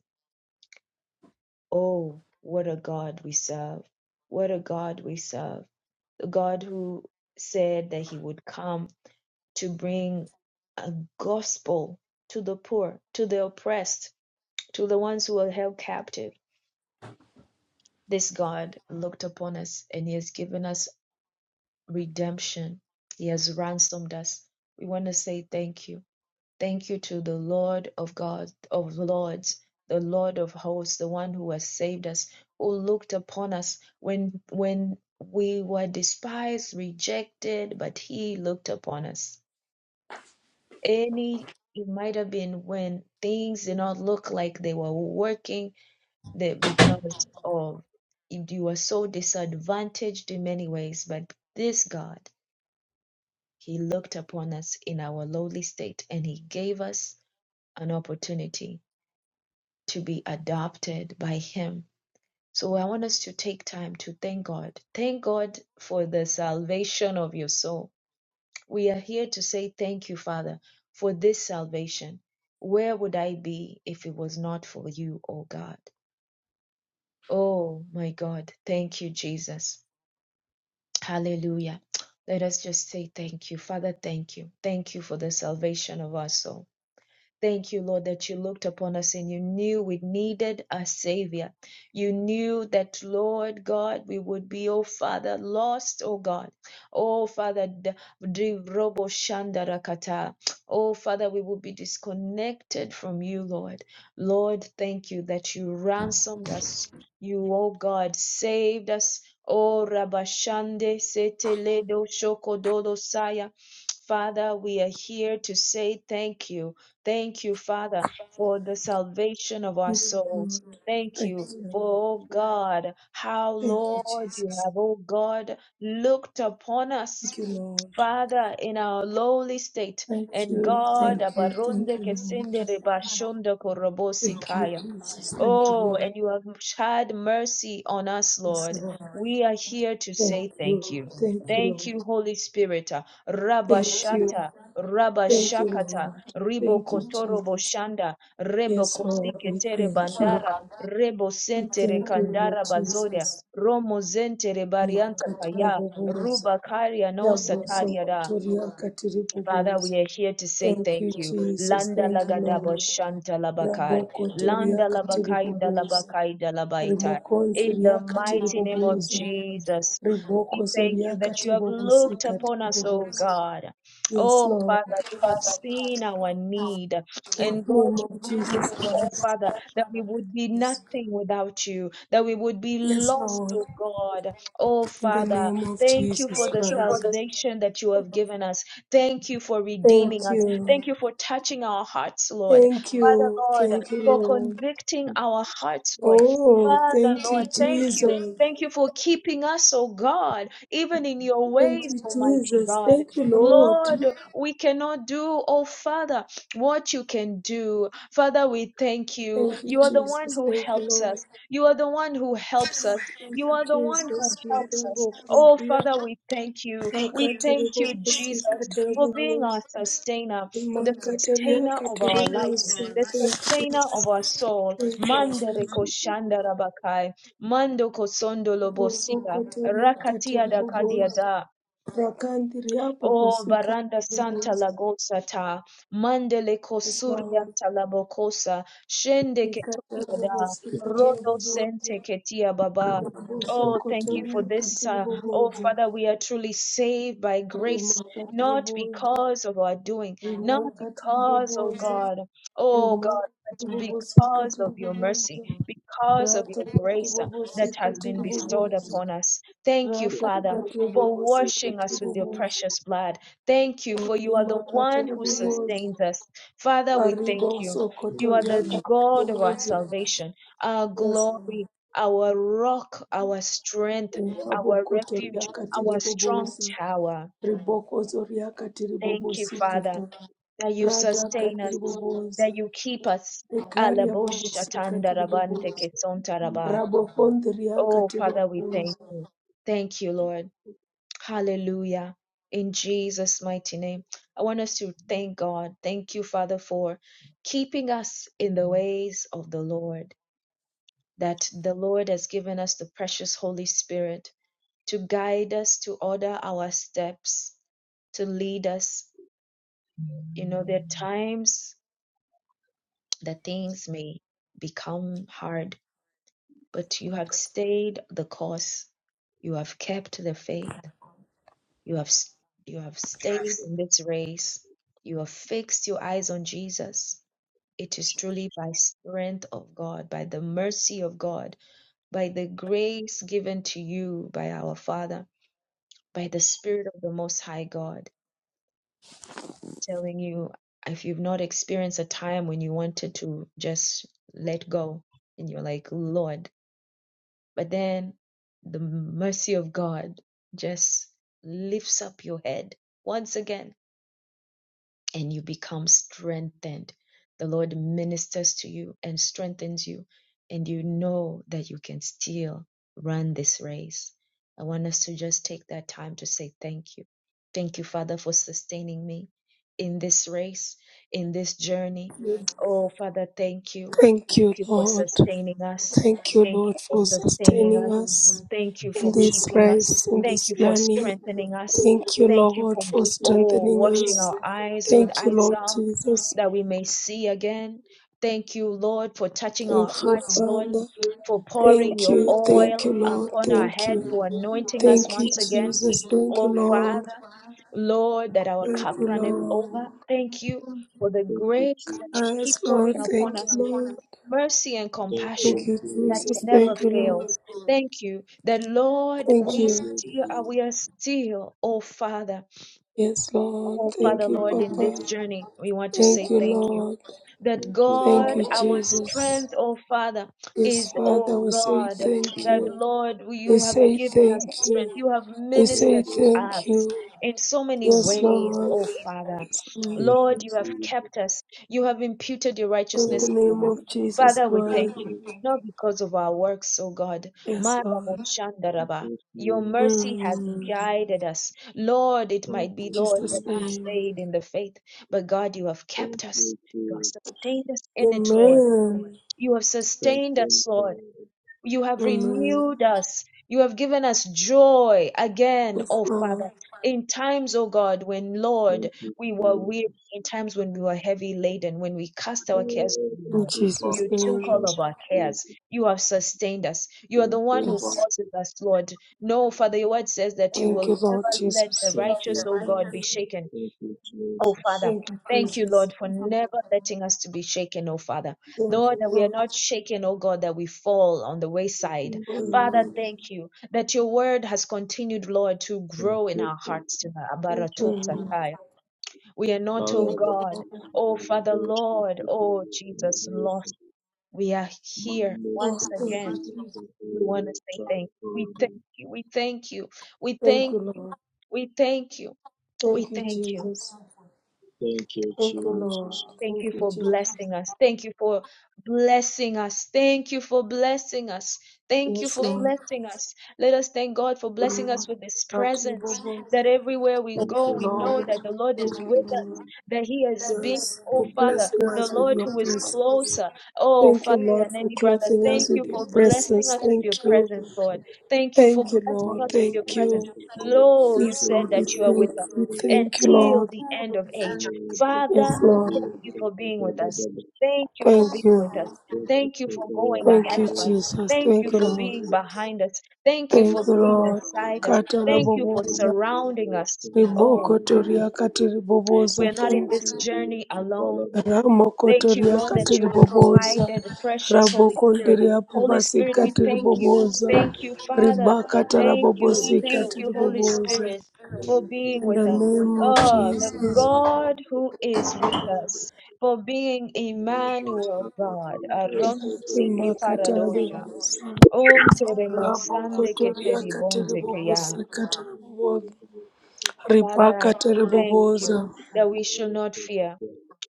Speaker 1: Oh, what a God we serve. What a God we serve. The God who said that he would come to bring a gospel to the poor, to the oppressed, to the ones who are held captive. This God looked upon us and he has given us redemption. He has ransomed us. We want to say thank you. Thank you to the Lord of God, of Lords, the Lord of hosts, the one who has saved us, who looked upon us when when we were despised, rejected, but he looked upon us. Any it might have been when things did not look like they were working that because of you were so disadvantaged in many ways, but this God, He looked upon us in our lowly state and He gave us an opportunity to be adopted by Him. So I want us to take time to thank God. Thank God for the salvation of your soul. We are here to say thank you, Father, for this salvation. Where would I be if it was not for you, O God? Oh my God, thank you, Jesus. Hallelujah. Let us just say thank you. Father, thank you. Thank you for the salvation of our soul. Thank you, Lord, that you looked upon us and you knew we needed a Savior. You knew that, Lord God, we would be, oh Father, lost, oh God. Oh Father, d- d- robo shandarakata. Oh Father, we would be disconnected from you, Lord. Lord, thank you that you ransomed us. You, oh God, saved us. Oh Rabashande Seteledo Shokodolo Saya. Father, we are here to say thank you. Thank you, Father, for the salvation of our souls. Thank
Speaker 2: Thank
Speaker 1: you.
Speaker 2: you, Lord.
Speaker 1: For, oh God, how,
Speaker 2: Thank you. Thank you,
Speaker 1: Lord, you
Speaker 2: Jesus.
Speaker 1: have, oh God, looked upon us,
Speaker 2: Thank you, Lord.
Speaker 1: Father, in our lowly state.
Speaker 2: Thank
Speaker 1: And
Speaker 2: you.
Speaker 1: God,
Speaker 2: Thank you. Thank
Speaker 1: abaronde
Speaker 2: you, Lord.
Speaker 1: kesinde rebashondo
Speaker 2: Thank you,
Speaker 1: korobosikaya.
Speaker 2: Jesus. Thank you,
Speaker 1: Oh,
Speaker 2: Lord.
Speaker 1: and you have had mercy on us,
Speaker 2: Yes,
Speaker 1: Lord.
Speaker 2: Lord.
Speaker 1: We are here to
Speaker 2: Thank
Speaker 1: say
Speaker 2: you.
Speaker 1: thank you.
Speaker 2: Thank you,
Speaker 1: Thank
Speaker 2: Lord.
Speaker 1: you, Holy Spirit.
Speaker 2: Thank you.
Speaker 1: Rabashata,
Speaker 2: Thank you,
Speaker 1: Rabashakata,
Speaker 2: Lord.
Speaker 1: Ribo
Speaker 2: Thank you,
Speaker 1: Kotoro
Speaker 2: Jesus.
Speaker 1: Boshanda, Rebo
Speaker 2: Yes, Lord.
Speaker 1: Kosike
Speaker 2: We
Speaker 1: Tere
Speaker 2: thank you.
Speaker 1: Bandara, Rebo
Speaker 2: We
Speaker 1: Sentere
Speaker 2: thank you, Lord
Speaker 1: Kandara Bazoria,
Speaker 2: Jesus.
Speaker 1: Romo Zentere Barianta
Speaker 2: Makatara
Speaker 1: Kaya,
Speaker 2: Boboza,
Speaker 1: Ruba Karia no
Speaker 2: Raboso
Speaker 1: Satariada.
Speaker 2: Kotoria Katiri
Speaker 1: Father, we
Speaker 2: Boboza.
Speaker 1: are here to say
Speaker 2: Thank you,
Speaker 1: thank you.
Speaker 2: Jesus.
Speaker 1: Landa
Speaker 2: Thank you,
Speaker 1: lagadaba
Speaker 2: Lord.
Speaker 1: shanta labakai.
Speaker 2: Rabo
Speaker 1: Landa
Speaker 2: Kotoria Katiri
Speaker 1: labakai nda
Speaker 2: Boboza.
Speaker 1: labakai nda labaita.
Speaker 2: Rimokon
Speaker 1: In the
Speaker 2: Soria Katiri
Speaker 1: mighty name of
Speaker 2: Boboza.
Speaker 1: Jesus, we
Speaker 2: Riboko
Speaker 1: thank
Speaker 2: Soria
Speaker 1: you that you
Speaker 2: Katiri
Speaker 1: have
Speaker 2: Bobosi
Speaker 1: looked upon
Speaker 2: Katiri
Speaker 1: us, oh
Speaker 2: Boboza.
Speaker 1: God.
Speaker 2: Yes,
Speaker 1: Oh
Speaker 2: Lord.
Speaker 1: Father, you have seen our need.
Speaker 2: In the
Speaker 1: And God,
Speaker 2: name of
Speaker 1: you
Speaker 2: Jesus
Speaker 1: oh
Speaker 2: Christ.
Speaker 1: Father, that we would be nothing without you, that we would be
Speaker 2: Yes,
Speaker 1: lost,
Speaker 2: Lord.
Speaker 1: oh God. Oh
Speaker 2: In the
Speaker 1: Father,
Speaker 2: name of
Speaker 1: thank you for
Speaker 2: Jesus
Speaker 1: the
Speaker 2: Christ.
Speaker 1: salvation that you have given us. Thank you for redeeming
Speaker 2: Thank
Speaker 1: us.
Speaker 2: you.
Speaker 1: Thank you for touching our hearts, Lord.
Speaker 2: Thank
Speaker 1: Father,
Speaker 2: you.
Speaker 1: Lord,
Speaker 2: Thank you,
Speaker 1: for
Speaker 2: Lord.
Speaker 1: convicting our hearts, Lord.
Speaker 2: Oh,
Speaker 1: Father,
Speaker 2: thank you,
Speaker 1: Lord, thank you.
Speaker 2: Jesus.
Speaker 1: Thank you for keeping us, oh God, even in your
Speaker 2: Thank
Speaker 1: ways,
Speaker 2: you,
Speaker 1: Almighty
Speaker 2: Jesus.
Speaker 1: God.
Speaker 2: Thank you, Lord.
Speaker 1: Lord, we cannot do, oh Father, what you can do. Father, we thank you.
Speaker 2: Thank you,
Speaker 1: You are the one
Speaker 2: Jesus.
Speaker 1: who
Speaker 2: Thank you,
Speaker 1: helps
Speaker 2: Lord.
Speaker 1: us. You are the one who helps us.
Speaker 2: Thank
Speaker 1: You
Speaker 2: you,
Speaker 1: are the one who
Speaker 2: Jesus.
Speaker 1: helps us.
Speaker 2: Marabo
Speaker 1: Oh
Speaker 2: kondria
Speaker 1: Father, we thank you. We thank
Speaker 2: akaterebo
Speaker 1: you,
Speaker 2: bosi
Speaker 1: Jesus
Speaker 2: katerebo
Speaker 1: for being our
Speaker 2: bosi
Speaker 1: sustainer, the
Speaker 2: makateria
Speaker 1: sustainer of our
Speaker 2: katerebo
Speaker 1: life.
Speaker 2: bosi.
Speaker 1: The
Speaker 2: Thank you.
Speaker 1: sustainer of our soul,
Speaker 2: Thank you,
Speaker 1: Mandere
Speaker 2: Jesus.
Speaker 1: Koshanda Rabakai, Mando Kosondo
Speaker 2: Boso
Speaker 1: Lobosika,
Speaker 2: koteria
Speaker 1: Rakatia da
Speaker 2: katerebo bosi.
Speaker 1: kadiada,
Speaker 2: Rakandiria
Speaker 1: Oh,
Speaker 2: bobosi katerebo bosi.
Speaker 1: Baranda Santa Lagosata, Mandele
Speaker 2: Yes,
Speaker 1: Kosuria
Speaker 2: Lord.
Speaker 1: Talabokosa, Shende
Speaker 2: We
Speaker 1: Ketoria
Speaker 2: katerebo
Speaker 1: da,
Speaker 2: bosi katerebo
Speaker 1: Rodo
Speaker 2: bosi.
Speaker 1: Sente Ketia Baba. Oh, thank you for
Speaker 2: Rabosokotoria
Speaker 1: this. Uh, oh,
Speaker 2: katiribobozo,
Speaker 1: Father, we are truly saved by grace,
Speaker 2: rimaka
Speaker 1: not
Speaker 2: tiribobozo,
Speaker 1: because of our doing, not
Speaker 2: rimaka
Speaker 1: because, oh
Speaker 2: tiribobozo,
Speaker 1: God, oh God,
Speaker 2: rimaka
Speaker 1: but
Speaker 2: tiribobosika
Speaker 1: because of your mercy,
Speaker 2: tiribobozo,
Speaker 1: because of
Speaker 2: rata
Speaker 1: your grace uh, that
Speaker 2: katibobosika
Speaker 1: has been bestowed
Speaker 2: tiribobozo,
Speaker 1: upon us. Thank you,
Speaker 2: rata
Speaker 1: Father for
Speaker 2: katibobosika
Speaker 1: washing us with your
Speaker 2: tiribobozo,
Speaker 1: precious blood. Thank you, for you are the
Speaker 2: rimaka
Speaker 1: one who sustains
Speaker 2: tiribobozo,
Speaker 1: us. Father, we thank you. You are
Speaker 2: aribosokotoria
Speaker 1: the
Speaker 4: Thank
Speaker 1: God of our
Speaker 2: katiribobozo,
Speaker 1: salvation, our
Speaker 2: yes, Lord.
Speaker 1: glory, our rock, our strength, our
Speaker 2: rabokotoria
Speaker 1: refuge, our strong
Speaker 2: katiribobozo,
Speaker 1: tower.
Speaker 2: ribokozoria
Speaker 1: Thank you, Father,
Speaker 2: katiribobosikata.
Speaker 1: that you
Speaker 2: Rada
Speaker 1: sustain us,
Speaker 2: katiribobosa,
Speaker 1: that you keep us.
Speaker 2: Ekaria bobosi katiribobosa, Rabokondria
Speaker 1: Oh, Father, we thank
Speaker 2: katiribobosa.
Speaker 1: you. Thank you, Lord. Hallelujah. In Jesus' mighty name. I want us to thank God. Thank you, Father, for keeping us in the ways of the Lord, that the Lord has given us the precious Holy Spirit to guide us, to order our steps, to lead us. You know, there are times that things may become hard, but you have stayed the course, you have kept the faith. You have, s- you have stayed in this race. You have fixed your eyes on Jesus. It is truly by strength of God, by the mercy of God, by the grace given to you by our Father, by the Spirit of the Most High God. I'm telling you, if you've not experienced a time when you wanted to just let go and you're like, Lord, but then the mercy of God just lifts up your head once again and you become strengthened. The Lord ministers to you and strengthens you, and you know that you can still run this race. I want us to just take that time to say thank you. Thank you, Father, for sustaining me in this race, in this journey. Oh, Father, thank you. Thank
Speaker 2: Thank you,
Speaker 1: you for
Speaker 2: Lord.
Speaker 1: sustaining us.
Speaker 2: Thank you,
Speaker 1: Thank you
Speaker 2: Lord, for
Speaker 1: for sustaining us.
Speaker 2: sustaining us
Speaker 1: Thank you
Speaker 2: in
Speaker 1: for
Speaker 2: this
Speaker 1: keeping us.
Speaker 2: race, in
Speaker 1: Thank
Speaker 2: this
Speaker 1: you for
Speaker 2: journey.
Speaker 1: strengthening us.
Speaker 2: Thank you,
Speaker 1: Thank you
Speaker 2: Lord,
Speaker 1: for,
Speaker 2: for
Speaker 1: oh,
Speaker 2: strengthening
Speaker 1: washing
Speaker 2: us.
Speaker 1: our eyes with
Speaker 2: Thank you,
Speaker 1: eye
Speaker 2: Lord
Speaker 1: salve
Speaker 2: Jesus.
Speaker 1: that we may see again. Thank you, Lord, for touching our
Speaker 2: Thank you,
Speaker 1: hearts, Lord,
Speaker 2: Father.
Speaker 1: for pouring
Speaker 2: Thank
Speaker 1: your
Speaker 2: you,
Speaker 1: oil
Speaker 2: thank you, Lord.
Speaker 1: upon our
Speaker 2: Thank
Speaker 1: head,
Speaker 2: you.
Speaker 1: for anointing us
Speaker 2: Thank you,
Speaker 1: once again.
Speaker 2: Jesus. Thank you,
Speaker 1: Oh,
Speaker 2: Lord.
Speaker 1: Father, Lord, that our
Speaker 4: you,
Speaker 2: Thank
Speaker 1: cup
Speaker 2: you,
Speaker 1: runneth
Speaker 4: Jesus.
Speaker 2: Lord.
Speaker 1: over. Thank you for the
Speaker 4: Thank
Speaker 1: grace that you keep
Speaker 2: Yes, Lord.
Speaker 1: pouring upon
Speaker 2: Thank you,
Speaker 1: us
Speaker 2: Lord.
Speaker 1: mercy and compassion
Speaker 4: you,
Speaker 2: Thank you,
Speaker 1: that
Speaker 2: Jesus.
Speaker 4: Jesus.
Speaker 1: never
Speaker 2: Thank you, Lord.
Speaker 1: fails. Thank you. The Lord,
Speaker 2: Thank
Speaker 4: Thank
Speaker 1: we
Speaker 2: you.
Speaker 4: you,
Speaker 1: still are,
Speaker 4: Jesus.
Speaker 1: we are still, oh Father,
Speaker 2: Yes, Lord.
Speaker 1: oh
Speaker 2: Thank
Speaker 4: Thank
Speaker 1: Father,
Speaker 4: you, Jesus. Thank
Speaker 2: you,
Speaker 4: you,
Speaker 1: Lord, in this
Speaker 2: Papa.
Speaker 4: Jesus.
Speaker 1: journey, we want to
Speaker 2: Thank
Speaker 1: say
Speaker 2: you,
Speaker 1: thank you
Speaker 2: Lord.
Speaker 1: that
Speaker 4: Thank you,
Speaker 2: Thank
Speaker 1: God,
Speaker 4: Father.
Speaker 2: you,
Speaker 1: our
Speaker 2: Jesus.
Speaker 1: strength, oh Father,
Speaker 2: Yes,
Speaker 1: is, oh
Speaker 2: Father, we
Speaker 4: Thank
Speaker 2: say
Speaker 1: God,
Speaker 4: you,
Speaker 2: thank
Speaker 1: that
Speaker 4: Jesus.
Speaker 2: you.
Speaker 1: Lord,
Speaker 2: We
Speaker 1: you have
Speaker 2: say
Speaker 1: given us
Speaker 2: thank
Speaker 1: strength.
Speaker 2: you.
Speaker 1: You have
Speaker 2: We
Speaker 4: Thank
Speaker 2: say
Speaker 1: ministered to
Speaker 4: you.
Speaker 2: thank
Speaker 1: us
Speaker 2: you.
Speaker 1: in so many
Speaker 2: Yes,
Speaker 1: ways,
Speaker 2: Lord.
Speaker 1: oh Father.
Speaker 2: Yes, Lord.
Speaker 4: Thank
Speaker 1: Lord,
Speaker 4: you,
Speaker 1: you have
Speaker 4: Jesus.
Speaker 1: kept us. You have imputed your
Speaker 2: In
Speaker 4: Thank
Speaker 2: the
Speaker 1: righteousness
Speaker 4: you,
Speaker 2: name
Speaker 1: upon us.
Speaker 2: of
Speaker 4: Jesus.
Speaker 2: Jesus
Speaker 1: Father, we
Speaker 2: Christ.
Speaker 1: thank you. Not because of our works, oh God.
Speaker 2: Yes, Lord.
Speaker 4: Thank
Speaker 1: Maraboshandaraba.
Speaker 4: you,
Speaker 1: Your
Speaker 4: Jesus.
Speaker 1: mercy has
Speaker 2: Mm.
Speaker 1: guided us. Lord, it
Speaker 4: Thank
Speaker 1: might
Speaker 2: In
Speaker 1: be,
Speaker 4: you,
Speaker 1: Lord, that
Speaker 2: Jesus'
Speaker 1: we
Speaker 4: Jesus.
Speaker 2: name.
Speaker 1: stayed in the faith, but God, you have
Speaker 4: Thank
Speaker 1: kept
Speaker 4: you, Jesus. Thank
Speaker 1: us.
Speaker 4: you,
Speaker 1: You have
Speaker 4: Jesus.
Speaker 1: sustained us in it, Lord.
Speaker 2: Amen.
Speaker 1: You have
Speaker 4: Thank
Speaker 1: sustained
Speaker 4: you,
Speaker 1: us, Lord.
Speaker 4: Jesus.
Speaker 1: You have
Speaker 2: Amen.
Speaker 1: renewed us. You have given us joy again,
Speaker 2: Yes,
Speaker 1: O
Speaker 2: Lord.
Speaker 1: Father. In times, O God, when, Lord, we
Speaker 4: Thank
Speaker 1: were
Speaker 4: you,
Speaker 1: weary, in
Speaker 4: Jesus.
Speaker 1: times when we were heavy laden, when we cast our cares
Speaker 4: Oh,
Speaker 1: to you,
Speaker 2: In
Speaker 4: Thank
Speaker 1: Lord,
Speaker 4: you,
Speaker 2: Jesus'
Speaker 1: you
Speaker 4: Father.
Speaker 1: took
Speaker 2: name.
Speaker 1: all
Speaker 4: Thank
Speaker 1: of our
Speaker 4: you,
Speaker 1: cares.
Speaker 4: Jesus.
Speaker 1: You have sustained us. You are the
Speaker 4: Thank
Speaker 1: one
Speaker 4: you,
Speaker 1: who
Speaker 4: Father.
Speaker 2: Yes.
Speaker 1: causes us, Lord. No, Father, your word says that you
Speaker 2: Thank
Speaker 1: will
Speaker 2: you, Lord
Speaker 1: never let the
Speaker 2: Jesus.
Speaker 4: Thank
Speaker 1: righteous,
Speaker 4: you,
Speaker 1: O God, be
Speaker 4: Father.
Speaker 1: shaken
Speaker 4: Thank you,
Speaker 1: Oh,
Speaker 4: Jesus.
Speaker 1: Father,
Speaker 2: Thank you,
Speaker 1: thank you,
Speaker 2: Jesus.
Speaker 1: Lord, for never letting us to be shaken, oh, Father.
Speaker 2: Thank
Speaker 1: Lord,
Speaker 2: you,
Speaker 1: that we are
Speaker 2: Lord.
Speaker 1: not shaken, oh, God, that we fall on the wayside.
Speaker 4: Thank you,
Speaker 2: Amen.
Speaker 1: Father,
Speaker 4: Lord.
Speaker 1: thank you that your word has continued, Lord, to
Speaker 4: Thank
Speaker 1: grow in
Speaker 4: you,
Speaker 1: our
Speaker 4: Father.
Speaker 1: hearts. to the
Speaker 4: Thank you,
Speaker 2: Amen.
Speaker 4: Father.
Speaker 1: Abaratotsataya. We are not,
Speaker 4: Father,
Speaker 1: oh,
Speaker 2: Thank
Speaker 4: I
Speaker 2: you,
Speaker 4: want
Speaker 1: God,
Speaker 4: to
Speaker 2: Lord.
Speaker 4: thank you,
Speaker 1: oh,
Speaker 4: Lord,
Speaker 1: Father,
Speaker 4: Lord, thank
Speaker 1: Lord,
Speaker 4: you,
Speaker 1: oh,
Speaker 4: Lord,
Speaker 1: Jesus,
Speaker 4: Lord,
Speaker 1: lost.
Speaker 4: Lord.
Speaker 1: We are here
Speaker 4: Mando
Speaker 2: Oh,
Speaker 1: once
Speaker 4: sopra
Speaker 2: thank
Speaker 4: di
Speaker 2: you.
Speaker 1: again.
Speaker 4: thank
Speaker 1: We
Speaker 4: you, Lord,
Speaker 1: want to say
Speaker 4: Lord,
Speaker 1: thank you. We
Speaker 4: Lord,
Speaker 1: thank
Speaker 4: Lord.
Speaker 1: you. We thank you. We
Speaker 2: Thank
Speaker 1: thank,
Speaker 2: you, Lord.
Speaker 1: we thank you. We
Speaker 2: Thank you,
Speaker 1: thank you.
Speaker 2: Jesus.
Speaker 4: Thank you,
Speaker 2: Thank you, Lord.
Speaker 4: Jesus.
Speaker 1: Thank
Speaker 2: Thank
Speaker 1: you
Speaker 2: you,
Speaker 1: for
Speaker 2: Jesus.
Speaker 1: blessing us. Thank you for blessing us. Thank you for blessing us. Thank you
Speaker 2: Yes,
Speaker 1: for
Speaker 2: Lord.
Speaker 1: blessing us. Let us thank God for blessing
Speaker 2: Lord.
Speaker 1: us with His
Speaker 2: God, we
Speaker 1: presence.
Speaker 2: love you.
Speaker 1: That everywhere we
Speaker 4: Thank
Speaker 2: Thank you,
Speaker 1: go,
Speaker 4: you,
Speaker 1: we know
Speaker 2: Lord.
Speaker 4: Father.
Speaker 1: that the Lord
Speaker 2: Thank
Speaker 1: is
Speaker 4: Thank
Speaker 2: you,
Speaker 1: with
Speaker 4: you,
Speaker 1: us,
Speaker 2: Lord.
Speaker 4: Father.
Speaker 1: that He has been,
Speaker 2: Yes.
Speaker 1: oh
Speaker 2: For
Speaker 4: Thank you,
Speaker 1: Father,
Speaker 4: Father. Thank you, Lord. Thank
Speaker 2: blessing
Speaker 1: the
Speaker 2: us with
Speaker 1: Lord
Speaker 2: your
Speaker 1: who
Speaker 4: you,
Speaker 1: is
Speaker 4: Father.
Speaker 2: presence.
Speaker 4: Thank you, Father.
Speaker 1: closer, oh
Speaker 2: Thank
Speaker 1: Father,
Speaker 2: you, Lord,
Speaker 1: than
Speaker 2: for
Speaker 1: any brother.
Speaker 2: clothing us
Speaker 1: Thank
Speaker 2: with
Speaker 1: you for
Speaker 2: your
Speaker 1: blessing
Speaker 2: presence.
Speaker 1: us with your
Speaker 2: Thank you.
Speaker 1: presence, Lord. Thank you for
Speaker 2: Thank you,
Speaker 4: My,
Speaker 1: blessing
Speaker 4: I
Speaker 2: Lord.
Speaker 4: want
Speaker 1: us with your
Speaker 2: Thank
Speaker 4: to
Speaker 1: presence.
Speaker 4: thank
Speaker 2: you.
Speaker 4: you, Lord,
Speaker 1: Lo,
Speaker 4: Lord,
Speaker 1: you
Speaker 2: Yes,
Speaker 4: thank
Speaker 2: Lord,
Speaker 1: said
Speaker 4: you,
Speaker 2: we
Speaker 1: that you are
Speaker 4: Lord,
Speaker 1: with
Speaker 2: thank
Speaker 1: us
Speaker 4: Lord,
Speaker 2: we thank you,
Speaker 1: until
Speaker 2: Lord.
Speaker 1: the end of
Speaker 4: Thank
Speaker 1: age.
Speaker 2: Yes,
Speaker 1: Father,
Speaker 2: Lord.
Speaker 1: Thank you for being with us. Thank you for
Speaker 2: Thank
Speaker 1: being
Speaker 2: you.
Speaker 1: with us. Thank you for going
Speaker 2: Thank
Speaker 1: ahead
Speaker 2: you,
Speaker 1: of us.
Speaker 2: Jesus.
Speaker 1: Thank
Speaker 2: Thank
Speaker 1: you
Speaker 2: you,
Speaker 1: for
Speaker 2: Lord.
Speaker 1: being behind us. Thank you
Speaker 2: Thank
Speaker 1: for
Speaker 2: you,
Speaker 1: being
Speaker 2: Lord.
Speaker 1: beside us. Thank you for
Speaker 2: Kataraboboza.
Speaker 1: surrounding us. Oh,
Speaker 2: Ribokotoria
Speaker 1: we
Speaker 2: katiriboboza.
Speaker 1: are not in
Speaker 2: Thank
Speaker 1: this
Speaker 2: you.
Speaker 1: journey alone. Thank you,
Speaker 2: Ramokotoria
Speaker 1: Lord, that you have
Speaker 2: katiriboboza.
Speaker 1: provided the precious Holy Spirit.
Speaker 2: Rabokondiria
Speaker 1: Holy
Speaker 2: bobasi
Speaker 1: Spirit, we thank you.
Speaker 2: katiriboboza.
Speaker 1: Thank you, Father. Thank you.
Speaker 2: Ribakatarabobosi
Speaker 1: Thank you, Holy
Speaker 2: katiriboboza.
Speaker 1: Spirit, for being
Speaker 2: In
Speaker 1: with
Speaker 2: the
Speaker 1: us.
Speaker 2: name of
Speaker 1: Oh, the
Speaker 2: Jesus.
Speaker 1: God who is with us, for being Emmanuel God. Aronsi ke paradosha.
Speaker 2: Rimakataraboboza.
Speaker 4: you.
Speaker 1: Om te sande ke te
Speaker 2: Rabokotoria
Speaker 1: ribonze ke ya.
Speaker 2: katiribobosa katiribobosa.
Speaker 1: Father,
Speaker 2: Ribaka
Speaker 1: thank you
Speaker 2: tiribobosa.
Speaker 1: that we should not fear.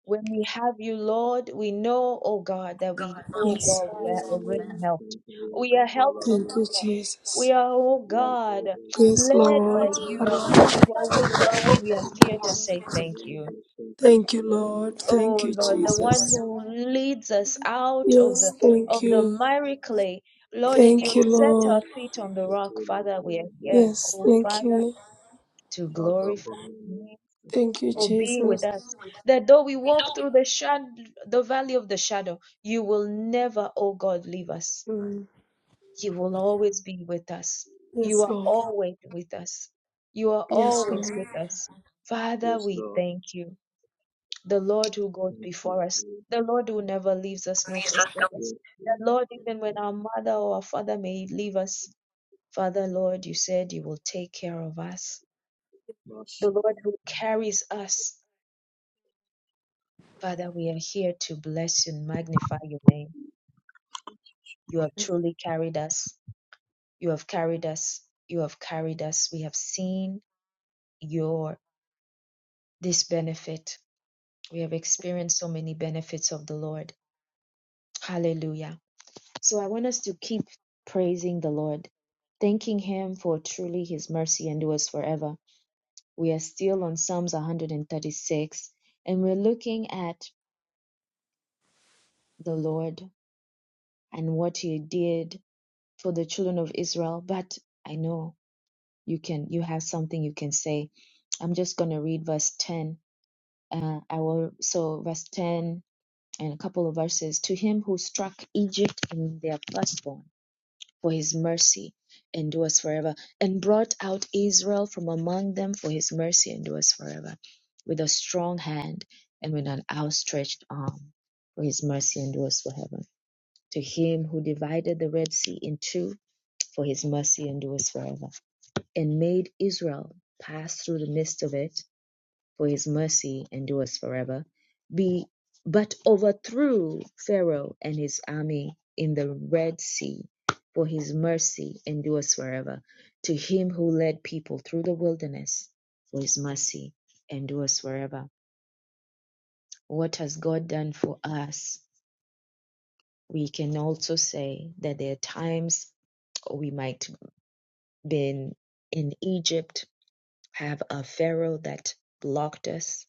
Speaker 1: When we have you, Lord, we know, oh God, that we, oh
Speaker 2: Yes.
Speaker 1: God, we are already helped. We are helped, oh
Speaker 2: Thank you,
Speaker 1: God. We
Speaker 2: Jesus.
Speaker 1: are, oh God,
Speaker 2: Yes,
Speaker 1: led
Speaker 2: Lord.
Speaker 1: by you. Father, you are with us, and we are here to say thank you.
Speaker 2: Thank you, Lord. Thank
Speaker 1: Oh
Speaker 2: you,
Speaker 1: Lord, the one
Speaker 2: Jesus.
Speaker 1: who leads us out of the
Speaker 2: Yes, thank
Speaker 1: of the
Speaker 2: you.
Speaker 1: miry clay. Lord, and you
Speaker 2: Thank you,
Speaker 1: set our
Speaker 2: Lord.
Speaker 1: feet on the rock, Father. We are here,
Speaker 2: Yes,
Speaker 1: oh
Speaker 2: thank
Speaker 1: Father,
Speaker 2: you.
Speaker 1: to
Speaker 4: Shaka
Speaker 1: glorify
Speaker 4: Bonani,
Speaker 1: you
Speaker 2: Thank you,
Speaker 1: for being with
Speaker 2: Jesus.
Speaker 1: us. That though we walk through the shad- the valley of the shadow, you will never, oh God, leave us.
Speaker 2: Mm.
Speaker 1: You will always be with us. You
Speaker 2: Yes,
Speaker 1: are
Speaker 2: Lord.
Speaker 1: always with us. You are
Speaker 4: yes
Speaker 2: Yes,
Speaker 4: Lord,
Speaker 1: always
Speaker 2: Lord.
Speaker 1: with us. Father,
Speaker 4: yes
Speaker 1: we
Speaker 4: Lord,
Speaker 1: thank you. The Lord who goes
Speaker 4: thank you,
Speaker 1: before us,
Speaker 4: Lord.
Speaker 1: the Lord who never leaves us nor forsakes us.
Speaker 4: yes
Speaker 1: That Lord,
Speaker 4: Lord,
Speaker 1: even when our mother or our father may leave us, Father, Lord, you said you will take care of us.
Speaker 4: Lord
Speaker 1: The Lord
Speaker 4: Shaka.
Speaker 1: who carries us Father, we are here to bless and magnify your name. You have truly carried us. You have carried us. You have carried us. We have seen your this benefit. We have experienced so many benefits of the Lord. Hallelujah. So I want us to keep praising the Lord, thanking him for truly his mercy endures forever. We are still on Psalms 136 and we're looking at the Lord and what he did for the children of Israel, but I know you can you have something you can say. I'm just going to read verse 10. Uh, I will so verse 10 and a couple of verses to him who struck Egypt in their firstborn for his mercy endures forever and brought out Israel from among them for his mercy endures forever with a strong hand and with an outstretched arm for his mercy endures forever to him who divided the Red Sea in two for his mercy endures forever, and made Israel pass through the midst of it, for his mercy endures forever. Be but overthrew Pharaoh and his army in the Red Sea, for his mercy endures forever. To him who led people through the wilderness, for his mercy endures forever. What has God done for us? We can also say that there are times we might have been in Egypt have a Pharaoh that blocked us.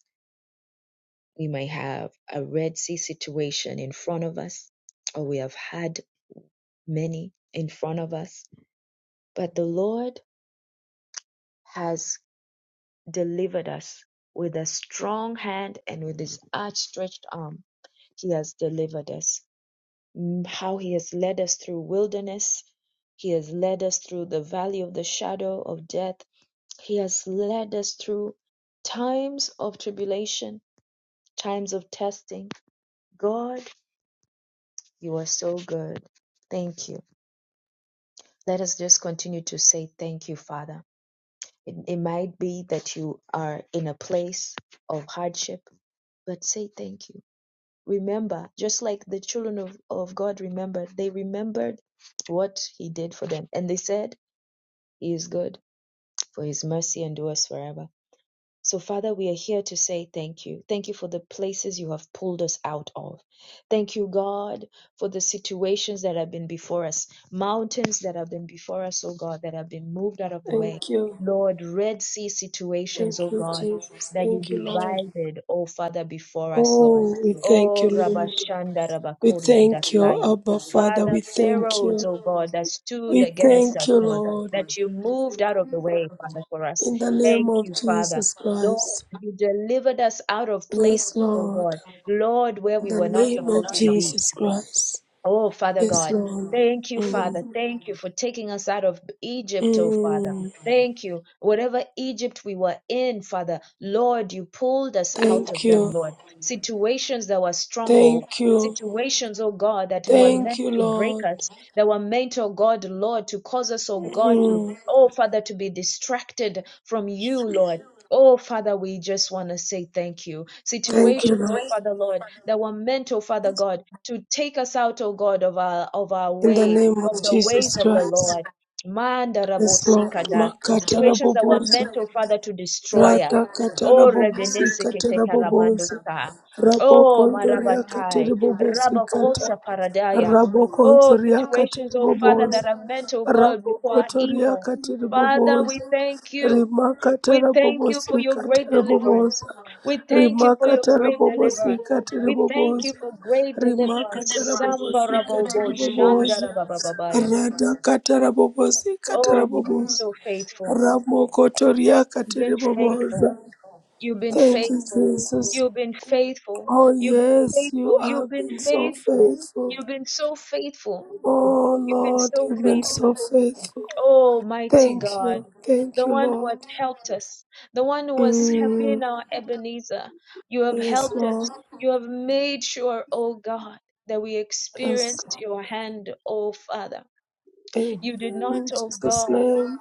Speaker 1: We may have a Red Sea situation in front of us, or we have had many in front of us. But the Lord has delivered us with a strong hand and with his outstretched arm. He has delivered us. Mm, How he has led us through wilderness. He has led us through the valley of the shadow of death. He has led us through times of tribulation, times of testing God, you are so good. Thank you. Let us just continue to say thank you, Father. It, it might be that you are in a place of hardship, but say thank you. Remember, just like the children of, of God remembered, they remembered what He did for them. And they said, He is good, for His mercy endures forever. So, Father, we are here to say thank you. Thank you for the places you have pulled us out of. Thank you, God, for the situations that have been before us, mountains that have been before us, oh God, that have been moved out of the way.
Speaker 2: Thank you.
Speaker 1: Lord, Red Sea situations,
Speaker 2: Thank
Speaker 1: oh
Speaker 2: you,
Speaker 1: God,
Speaker 2: Jesus.
Speaker 1: that you
Speaker 2: Thank you, Lord.
Speaker 1: divided, oh Father, before us, Lord.
Speaker 2: Oh, we thank you,
Speaker 1: Oh,
Speaker 2: Lord.
Speaker 1: Rabashanda,
Speaker 2: We
Speaker 1: Rabakori, and
Speaker 2: thank you,
Speaker 1: Dasaya.
Speaker 2: Abba Father.
Speaker 1: Father,
Speaker 2: We thank
Speaker 1: Pharaohs,
Speaker 2: you.
Speaker 1: oh God, that stood
Speaker 2: We
Speaker 1: against
Speaker 2: thank
Speaker 1: us,
Speaker 2: you,
Speaker 1: Lord,
Speaker 2: Lord.
Speaker 1: that you moved out of the way, Father, for us.
Speaker 2: In the name
Speaker 1: Thank
Speaker 2: of
Speaker 1: you, Father.
Speaker 2: Jesus
Speaker 1: Lord,
Speaker 2: Christ.
Speaker 1: you delivered us out of places,
Speaker 2: Yes,
Speaker 1: oh
Speaker 2: Lord.
Speaker 1: God. Lord, where
Speaker 2: In
Speaker 1: we
Speaker 2: the
Speaker 1: were not
Speaker 2: name of
Speaker 1: supposed to be.
Speaker 2: Jesus Christ.
Speaker 1: Oh, Father
Speaker 2: Yes,
Speaker 1: God,
Speaker 2: Lord.
Speaker 1: thank you, Father.
Speaker 2: Mm.
Speaker 1: Thank you for taking us out of Egypt, oh, Father.
Speaker 2: Mm.
Speaker 1: Thank you. Whatever Egypt we were in, Father, Lord, you pulled us out
Speaker 2: Thank
Speaker 1: of them,
Speaker 2: you.
Speaker 1: Lord. Situations that were stronghold.
Speaker 2: Thank you.
Speaker 1: Situations, oh God, that were
Speaker 2: Thank
Speaker 1: meant
Speaker 2: you,
Speaker 1: to break
Speaker 2: Lord.
Speaker 1: us, that were meant, oh God, Lord, to cause us, oh God, to,
Speaker 2: Mm.
Speaker 1: oh Father, to be distracted from you, Lord. Oh, Father, we just want to say thank you.
Speaker 2: Thank you,
Speaker 1: Situations,
Speaker 2: Lord.
Speaker 1: oh Father, Lord, that were meant, oh Father God to take us out, O God, of our of our
Speaker 2: In the
Speaker 1: way,
Speaker 2: name
Speaker 1: of
Speaker 2: of
Speaker 1: the ways
Speaker 2: Jesus
Speaker 1: of the
Speaker 2: Christ.
Speaker 1: Lord.
Speaker 2: Yes, Lord.
Speaker 1: Mandarabosikada.
Speaker 2: Makatara,
Speaker 1: Situations that were meant,
Speaker 2: Bobosa.
Speaker 1: O Father, to destroy us.
Speaker 2: Rata katara
Speaker 1: Oh
Speaker 2: bobosi
Speaker 1: Rebenesekete
Speaker 2: katara bobosi.
Speaker 1: sa.
Speaker 2: Rabo
Speaker 1: Oh
Speaker 2: kondoria katara
Speaker 1: Marabatai.
Speaker 2: bobosi kata.
Speaker 1: Rabakosa Paradaya.
Speaker 2: Rabo
Speaker 1: Oh
Speaker 2: kondoria katara
Speaker 1: situations, O Father,
Speaker 2: bobosi.
Speaker 1: that are meant, O God,
Speaker 2: Rabo
Speaker 1: before
Speaker 2: kotoria
Speaker 1: evil.
Speaker 2: katara
Speaker 1: Father, we
Speaker 2: bobosi.
Speaker 1: thank you.
Speaker 2: Rima
Speaker 1: We
Speaker 2: katara
Speaker 1: thank you
Speaker 2: bobosi
Speaker 1: for your great
Speaker 2: katara
Speaker 1: deliverance.
Speaker 2: bobosi.
Speaker 1: We thank
Speaker 2: Rima
Speaker 1: you for your
Speaker 2: katara
Speaker 1: great
Speaker 2: bobosi
Speaker 1: deliverance.
Speaker 2: katara
Speaker 1: We thank you
Speaker 2: bobosi.
Speaker 1: for great
Speaker 2: Rima katara
Speaker 1: deliverance.
Speaker 2: bobosi katara
Speaker 1: Sambarabobo
Speaker 2: bobosi.
Speaker 1: shandarababababaya.
Speaker 2: Rata katara bobosi katara
Speaker 1: Oh, you've been
Speaker 2: bobosi.
Speaker 1: so faithful.
Speaker 2: Ramokotoria
Speaker 1: You've been faithful.
Speaker 2: Katiribobosa.
Speaker 1: You've been
Speaker 2: Thank you,
Speaker 1: faithful.
Speaker 2: Jesus.
Speaker 1: You've been faithful.
Speaker 2: Oh,
Speaker 1: You've
Speaker 2: yes,
Speaker 1: been
Speaker 2: you
Speaker 1: faithful. You've
Speaker 2: have
Speaker 1: been
Speaker 2: been so
Speaker 1: faithful.
Speaker 2: faithful.
Speaker 1: You've been so faithful.
Speaker 2: Oh,
Speaker 1: You've been
Speaker 2: Lord,
Speaker 1: so
Speaker 2: you've been so
Speaker 1: faithful.
Speaker 2: faithful.
Speaker 1: Oh, mighty
Speaker 2: Thank
Speaker 1: God,
Speaker 2: you. Thank
Speaker 1: the
Speaker 2: you,
Speaker 1: one who
Speaker 2: Lord.
Speaker 1: has helped us, the one who has ha- been
Speaker 2: Mm.
Speaker 1: our Ebenezer, you have
Speaker 2: Yes,
Speaker 1: helped us.
Speaker 2: Lord.
Speaker 1: You have made sure, oh God, that we
Speaker 2: Yes.
Speaker 1: experienced your hand, oh Father.
Speaker 2: Amen.
Speaker 1: You did not,
Speaker 2: In
Speaker 1: oh
Speaker 2: Jesus'
Speaker 1: God,
Speaker 2: name.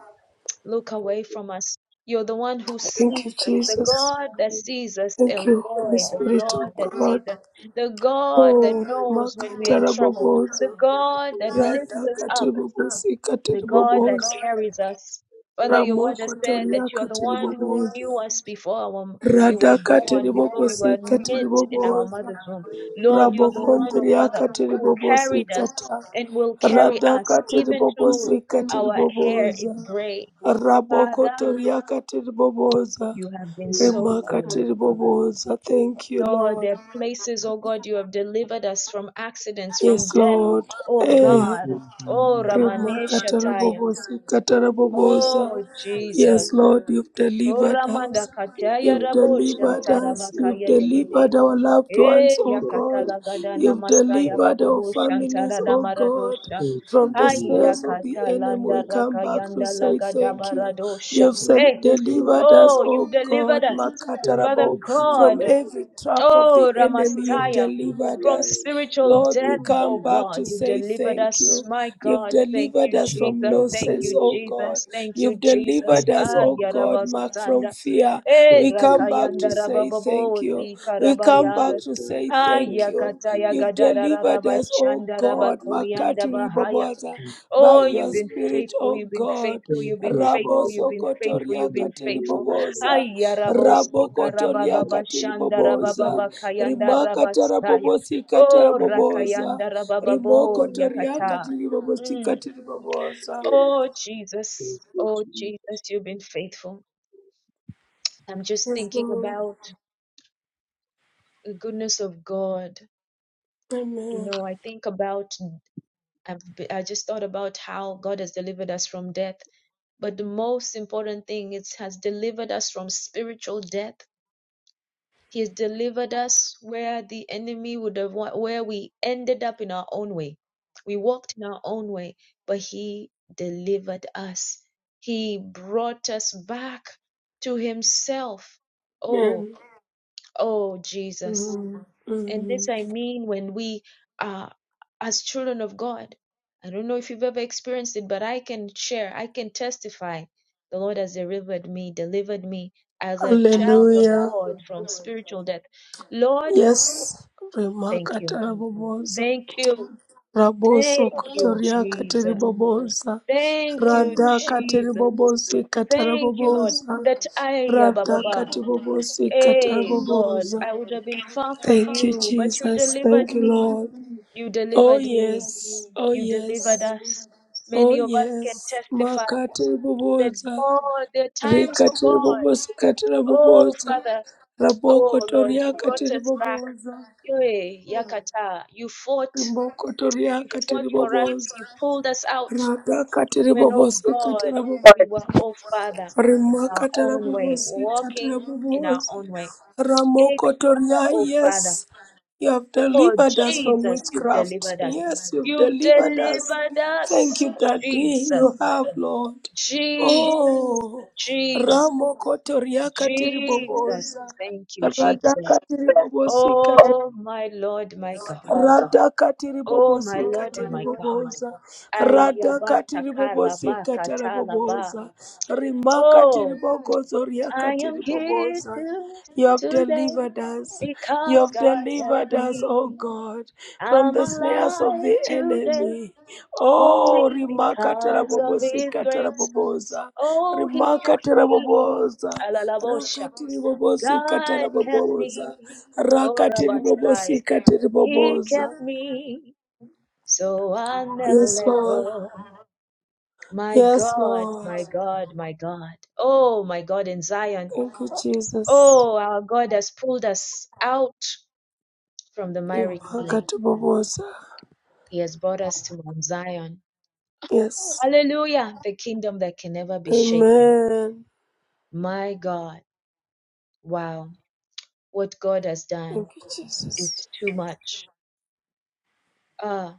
Speaker 1: look away from us. You're the one who
Speaker 2: Thank you,
Speaker 1: sees us, the
Speaker 2: Jesus.
Speaker 1: God that sees us,
Speaker 2: Thank
Speaker 1: El
Speaker 2: you, Holy
Speaker 1: Roy, the
Speaker 2: Spirit
Speaker 1: God
Speaker 2: of
Speaker 1: that
Speaker 2: God.
Speaker 1: sees us, the God that
Speaker 2: Oh,
Speaker 1: knows when we are in trouble, the
Speaker 2: Makatarabobosa.
Speaker 1: God that lifts
Speaker 2: Rata
Speaker 1: us up
Speaker 2: Katiribobosi
Speaker 1: the God that
Speaker 2: Katiribobosa.
Speaker 1: carries us. Father, your word
Speaker 2: Ramoko
Speaker 1: has said that you
Speaker 2: Toriaka
Speaker 1: are the one who
Speaker 2: Tiribobosa,
Speaker 1: knew us before our, we were
Speaker 2: Radaka
Speaker 1: born, before we were
Speaker 2: Tiribobosika
Speaker 1: knit in our
Speaker 2: Tiribobosa,
Speaker 1: mother's womb. Lord, you are the one, oh Father,
Speaker 2: Rabokondriaka
Speaker 1: who carried
Speaker 2: Tiribobosika
Speaker 1: us
Speaker 2: Ta,
Speaker 1: and will carry
Speaker 2: Radaka
Speaker 1: us even till
Speaker 2: Tiribobosika
Speaker 1: our hair is
Speaker 2: Tiribobosa,
Speaker 1: gray.
Speaker 2: Raboko
Speaker 1: Father,
Speaker 2: Toriaka Tiribobosa,
Speaker 1: you have been so
Speaker 2: Remaka
Speaker 1: good.
Speaker 2: Tiribobosa. Thank you,
Speaker 1: Lord,
Speaker 2: Lord.
Speaker 1: there are places, oh God, you have delivered us from accidents, from
Speaker 2: Yes,
Speaker 1: death,
Speaker 2: Lord.
Speaker 1: oh
Speaker 2: Eh.
Speaker 1: God. Oh, Ramanesha Taya.
Speaker 2: Ramakatarabobosi,
Speaker 4: Thank you.
Speaker 2: katarabobosa.
Speaker 1: Oh, Jesus.
Speaker 2: Yes, Lord, you've delivered
Speaker 1: Oramanda
Speaker 2: us.
Speaker 1: kataya
Speaker 2: You've
Speaker 1: rabo
Speaker 2: delivered
Speaker 1: shantara
Speaker 2: us. You've
Speaker 1: bakaya degede.
Speaker 2: delivered our loved ones,
Speaker 1: E
Speaker 2: O God.
Speaker 1: yakatala gada
Speaker 2: You've
Speaker 1: namasaya
Speaker 2: delivered our
Speaker 1: babobo
Speaker 2: families,
Speaker 1: shantara
Speaker 2: O God.
Speaker 1: damaradosha.
Speaker 2: From the
Speaker 1: Ay
Speaker 2: snares of the enemy, we
Speaker 1: yakatalanda
Speaker 2: come back to
Speaker 1: rakayanda
Speaker 2: say
Speaker 1: lagada
Speaker 2: thank you.
Speaker 1: baradosha.
Speaker 2: You've sen-
Speaker 1: Eh,
Speaker 2: delivered us us,
Speaker 1: oh,
Speaker 2: O
Speaker 1: you've
Speaker 2: God,
Speaker 1: delivered us. Father
Speaker 2: Makatarabo, from
Speaker 1: God,
Speaker 2: every trap of the
Speaker 1: Oh,
Speaker 2: enemy. You've
Speaker 1: Ramastaya,
Speaker 2: delivered
Speaker 1: from
Speaker 2: us.
Speaker 1: spiritual
Speaker 2: Lord, we
Speaker 1: death,
Speaker 2: come
Speaker 1: oh
Speaker 2: back to
Speaker 1: God, you
Speaker 2: say
Speaker 1: delivered
Speaker 2: thank
Speaker 1: us,
Speaker 2: you.
Speaker 1: my
Speaker 2: You've
Speaker 1: God. Thank
Speaker 2: delivered
Speaker 1: you,
Speaker 2: us from
Speaker 1: Jesus. Thank
Speaker 2: losses,
Speaker 1: you,
Speaker 2: Oh God.
Speaker 1: Jesus. Thank you,
Speaker 2: You've
Speaker 1: Jesus.
Speaker 2: delivered us,
Speaker 1: Ah,
Speaker 2: Oh God, Mark, from
Speaker 1: Yarabasanda.
Speaker 2: fear.
Speaker 1: Eh,
Speaker 2: We come back to
Speaker 1: Rakayanda
Speaker 2: say thank
Speaker 1: Rabababo,
Speaker 2: you. We come back
Speaker 1: Zikarabaya.
Speaker 2: to say
Speaker 1: Ah,
Speaker 2: thank you.
Speaker 1: Yakataya
Speaker 2: You've delivered us, O
Speaker 1: rabashanda,
Speaker 2: God, Makati
Speaker 1: Rabakorianda
Speaker 2: Riboboza, by
Speaker 1: Oh, you've
Speaker 2: your
Speaker 1: been
Speaker 2: Spirit,
Speaker 1: faithful,
Speaker 2: O
Speaker 1: you've been
Speaker 2: God.
Speaker 1: faithful,
Speaker 4: Thank
Speaker 1: you've been
Speaker 4: you,
Speaker 1: faithful,
Speaker 2: Rabo
Speaker 4: Father.
Speaker 1: you've been
Speaker 4: Thank
Speaker 1: faithful,
Speaker 2: Sokotoria
Speaker 1: you've been
Speaker 4: you,
Speaker 2: katiri
Speaker 1: faithful.
Speaker 4: Jesus.
Speaker 2: Katiriboboza,
Speaker 1: Aya
Speaker 4: Thank you,
Speaker 1: rabosti
Speaker 2: Rabo Kotoria
Speaker 4: Jesus.
Speaker 1: karababa
Speaker 2: katiri
Speaker 1: shanda
Speaker 4: Thank you,
Speaker 2: Katiriboboza,
Speaker 4: Jesus.
Speaker 1: rababa kayanda
Speaker 2: Rimaka
Speaker 1: rabastaya.
Speaker 2: Tarabobosi
Speaker 1: Oh,
Speaker 2: Kataraboboza,
Speaker 1: rakayanda rabababo
Speaker 2: Rimoko
Speaker 4: Man,
Speaker 2: Toria
Speaker 4: thank you,
Speaker 1: yakata.
Speaker 2: katiri Bobosi
Speaker 1: Mm.
Speaker 2: katiri Katiriboboza.
Speaker 4: Jesus.
Speaker 1: Oh, Jesus.
Speaker 4: Thank you,
Speaker 1: Oh,
Speaker 4: Jesus.
Speaker 1: Jesus, you've been faithful. I'm just
Speaker 2: Yes,
Speaker 1: thinking
Speaker 2: Lord.
Speaker 1: about the goodness of God. You
Speaker 2: Amen.
Speaker 1: know, I think about, I've, be- I just thought about how God has delivered us from death But the most important thing is has delivered us from spiritual death. He has delivered us where the enemy would have wa- where we ended up in our own way. We walked in our own way, but he delivered us. He brought us back to himself. Oh,
Speaker 2: Amen.
Speaker 1: oh Jesus.
Speaker 2: Mm,
Speaker 1: And this
Speaker 2: mm.
Speaker 1: I mean when we are as children of God. I don't know if you've ever experienced it, but I can share, I can testify. The Lord has delivered me, delivered me as a child of
Speaker 2: Hallelujah.
Speaker 1: God from spiritual death. Lord,
Speaker 2: Yes,
Speaker 1: thank
Speaker 2: Rimaka
Speaker 1: you.
Speaker 2: Taraboboza.
Speaker 1: Thank you.
Speaker 2: Raboso
Speaker 1: Thank you,
Speaker 2: kotoria
Speaker 1: Jesus.
Speaker 2: katiribobosa,
Speaker 1: Thank you,
Speaker 2: rada
Speaker 1: Jesus.
Speaker 2: katiribobosi
Speaker 1: Thank you, Lord,
Speaker 2: katarabobosa,
Speaker 1: that I, ah, ba, ba,
Speaker 2: rada
Speaker 1: ba,
Speaker 2: katiribobosi
Speaker 1: hey, God,
Speaker 2: katarabobosa.
Speaker 1: I would have been far from
Speaker 2: Thank you,
Speaker 1: you, but you
Speaker 2: Jesus. Thank
Speaker 1: delivered
Speaker 2: you,
Speaker 1: me.
Speaker 2: Lord.
Speaker 1: You
Speaker 2: Oh
Speaker 1: delivered me.
Speaker 2: yes, oh
Speaker 1: You delivered
Speaker 2: yes,
Speaker 1: us.
Speaker 2: oh
Speaker 1: Many of us can
Speaker 2: yes.
Speaker 1: testify that
Speaker 2: Makatiribobosa,
Speaker 1: God, there are times, oh God,
Speaker 2: rekatiribobosi
Speaker 1: oh
Speaker 2: katarabobosa,
Speaker 1: Father,
Speaker 2: raboko
Speaker 1: oh Lord,
Speaker 2: toria
Speaker 1: you brought us back.
Speaker 2: katiribobosa,
Speaker 1: Eh, Yakata, you fought,
Speaker 2: riboko toria
Speaker 1: you fought for us,
Speaker 2: katiribobosa.
Speaker 1: you pulled us out
Speaker 2: Rada katiri
Speaker 1: when, oh
Speaker 2: bobosi
Speaker 1: God,
Speaker 2: katara bo
Speaker 1: we were, oh Father,
Speaker 2: rima
Speaker 1: in our
Speaker 2: katara
Speaker 1: own way,
Speaker 2: bobosi katara
Speaker 1: walking in our
Speaker 2: bobosa
Speaker 1: own way.
Speaker 2: ramoko
Speaker 1: Ignorant,
Speaker 2: toria
Speaker 1: oh Father,
Speaker 2: yes you have
Speaker 1: oh
Speaker 2: delivered us from
Speaker 1: Jesus, you've
Speaker 2: witchcraft
Speaker 1: delivered us.
Speaker 2: yes you've
Speaker 1: You've
Speaker 2: delivered
Speaker 1: delivered.
Speaker 2: us thank you daddy you have lord oh ramoko toria katiri bobosa rada katiri bobosi radhaka tiribobosika tiriboboza radhaka tiribobosika taraboboza rimaka tiribogozo riaka tiriboboza you have delivered us. You have delivered us, O God, from
Speaker 1: I'm
Speaker 2: the snares of
Speaker 1: alive
Speaker 2: the
Speaker 1: today
Speaker 2: enemy. Oh,
Speaker 1: only
Speaker 2: Rimaka
Speaker 1: because of
Speaker 2: Tarabobosa,
Speaker 1: His grace.
Speaker 2: Tarabobosa,
Speaker 1: Oh, he kept
Speaker 2: Rimaka
Speaker 1: me.
Speaker 2: Tarabobosa,
Speaker 1: Alalabosha.
Speaker 2: rakatiri bobosika
Speaker 1: God kept
Speaker 2: taraboboza
Speaker 1: me. Oh,
Speaker 2: rakatiri
Speaker 1: Rabasaya.
Speaker 2: bobosika tiri
Speaker 1: He
Speaker 2: boboza
Speaker 1: kept me. So I'll never
Speaker 2: yes
Speaker 1: let
Speaker 2: lord
Speaker 1: go. My
Speaker 2: yes
Speaker 1: God,
Speaker 2: lord
Speaker 1: my God, my God. Oh, my God in Zion.
Speaker 2: thank you jesus
Speaker 1: Oh, our God has pulled us out from the miry clay.
Speaker 2: impakati boboza
Speaker 1: He has brought us to Mount Zion.
Speaker 2: yes
Speaker 1: Hallelujah. The kingdom that can never be shaken.
Speaker 2: amen
Speaker 1: My God. Wow. What God has
Speaker 2: thank
Speaker 1: done
Speaker 2: you jesus
Speaker 1: is too much. uh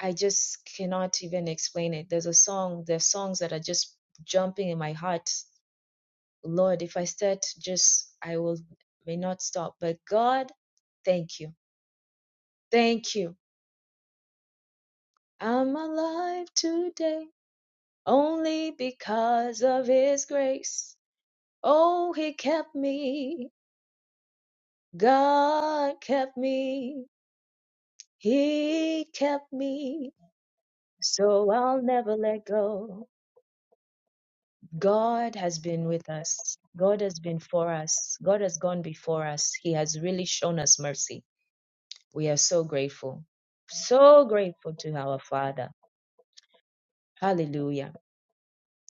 Speaker 1: i just cannot even explain it there's a song there's songs that are just jumping in my heart lord if i start just i will may not stop but god thank you thank you i'm alive today only because of his grace oh he kept me god kept me he kept me so i'll never let go God has been with us. God has been for us. God has gone before us. He has really shown us mercy. We are so grateful. So grateful to our Father. Hallelujah.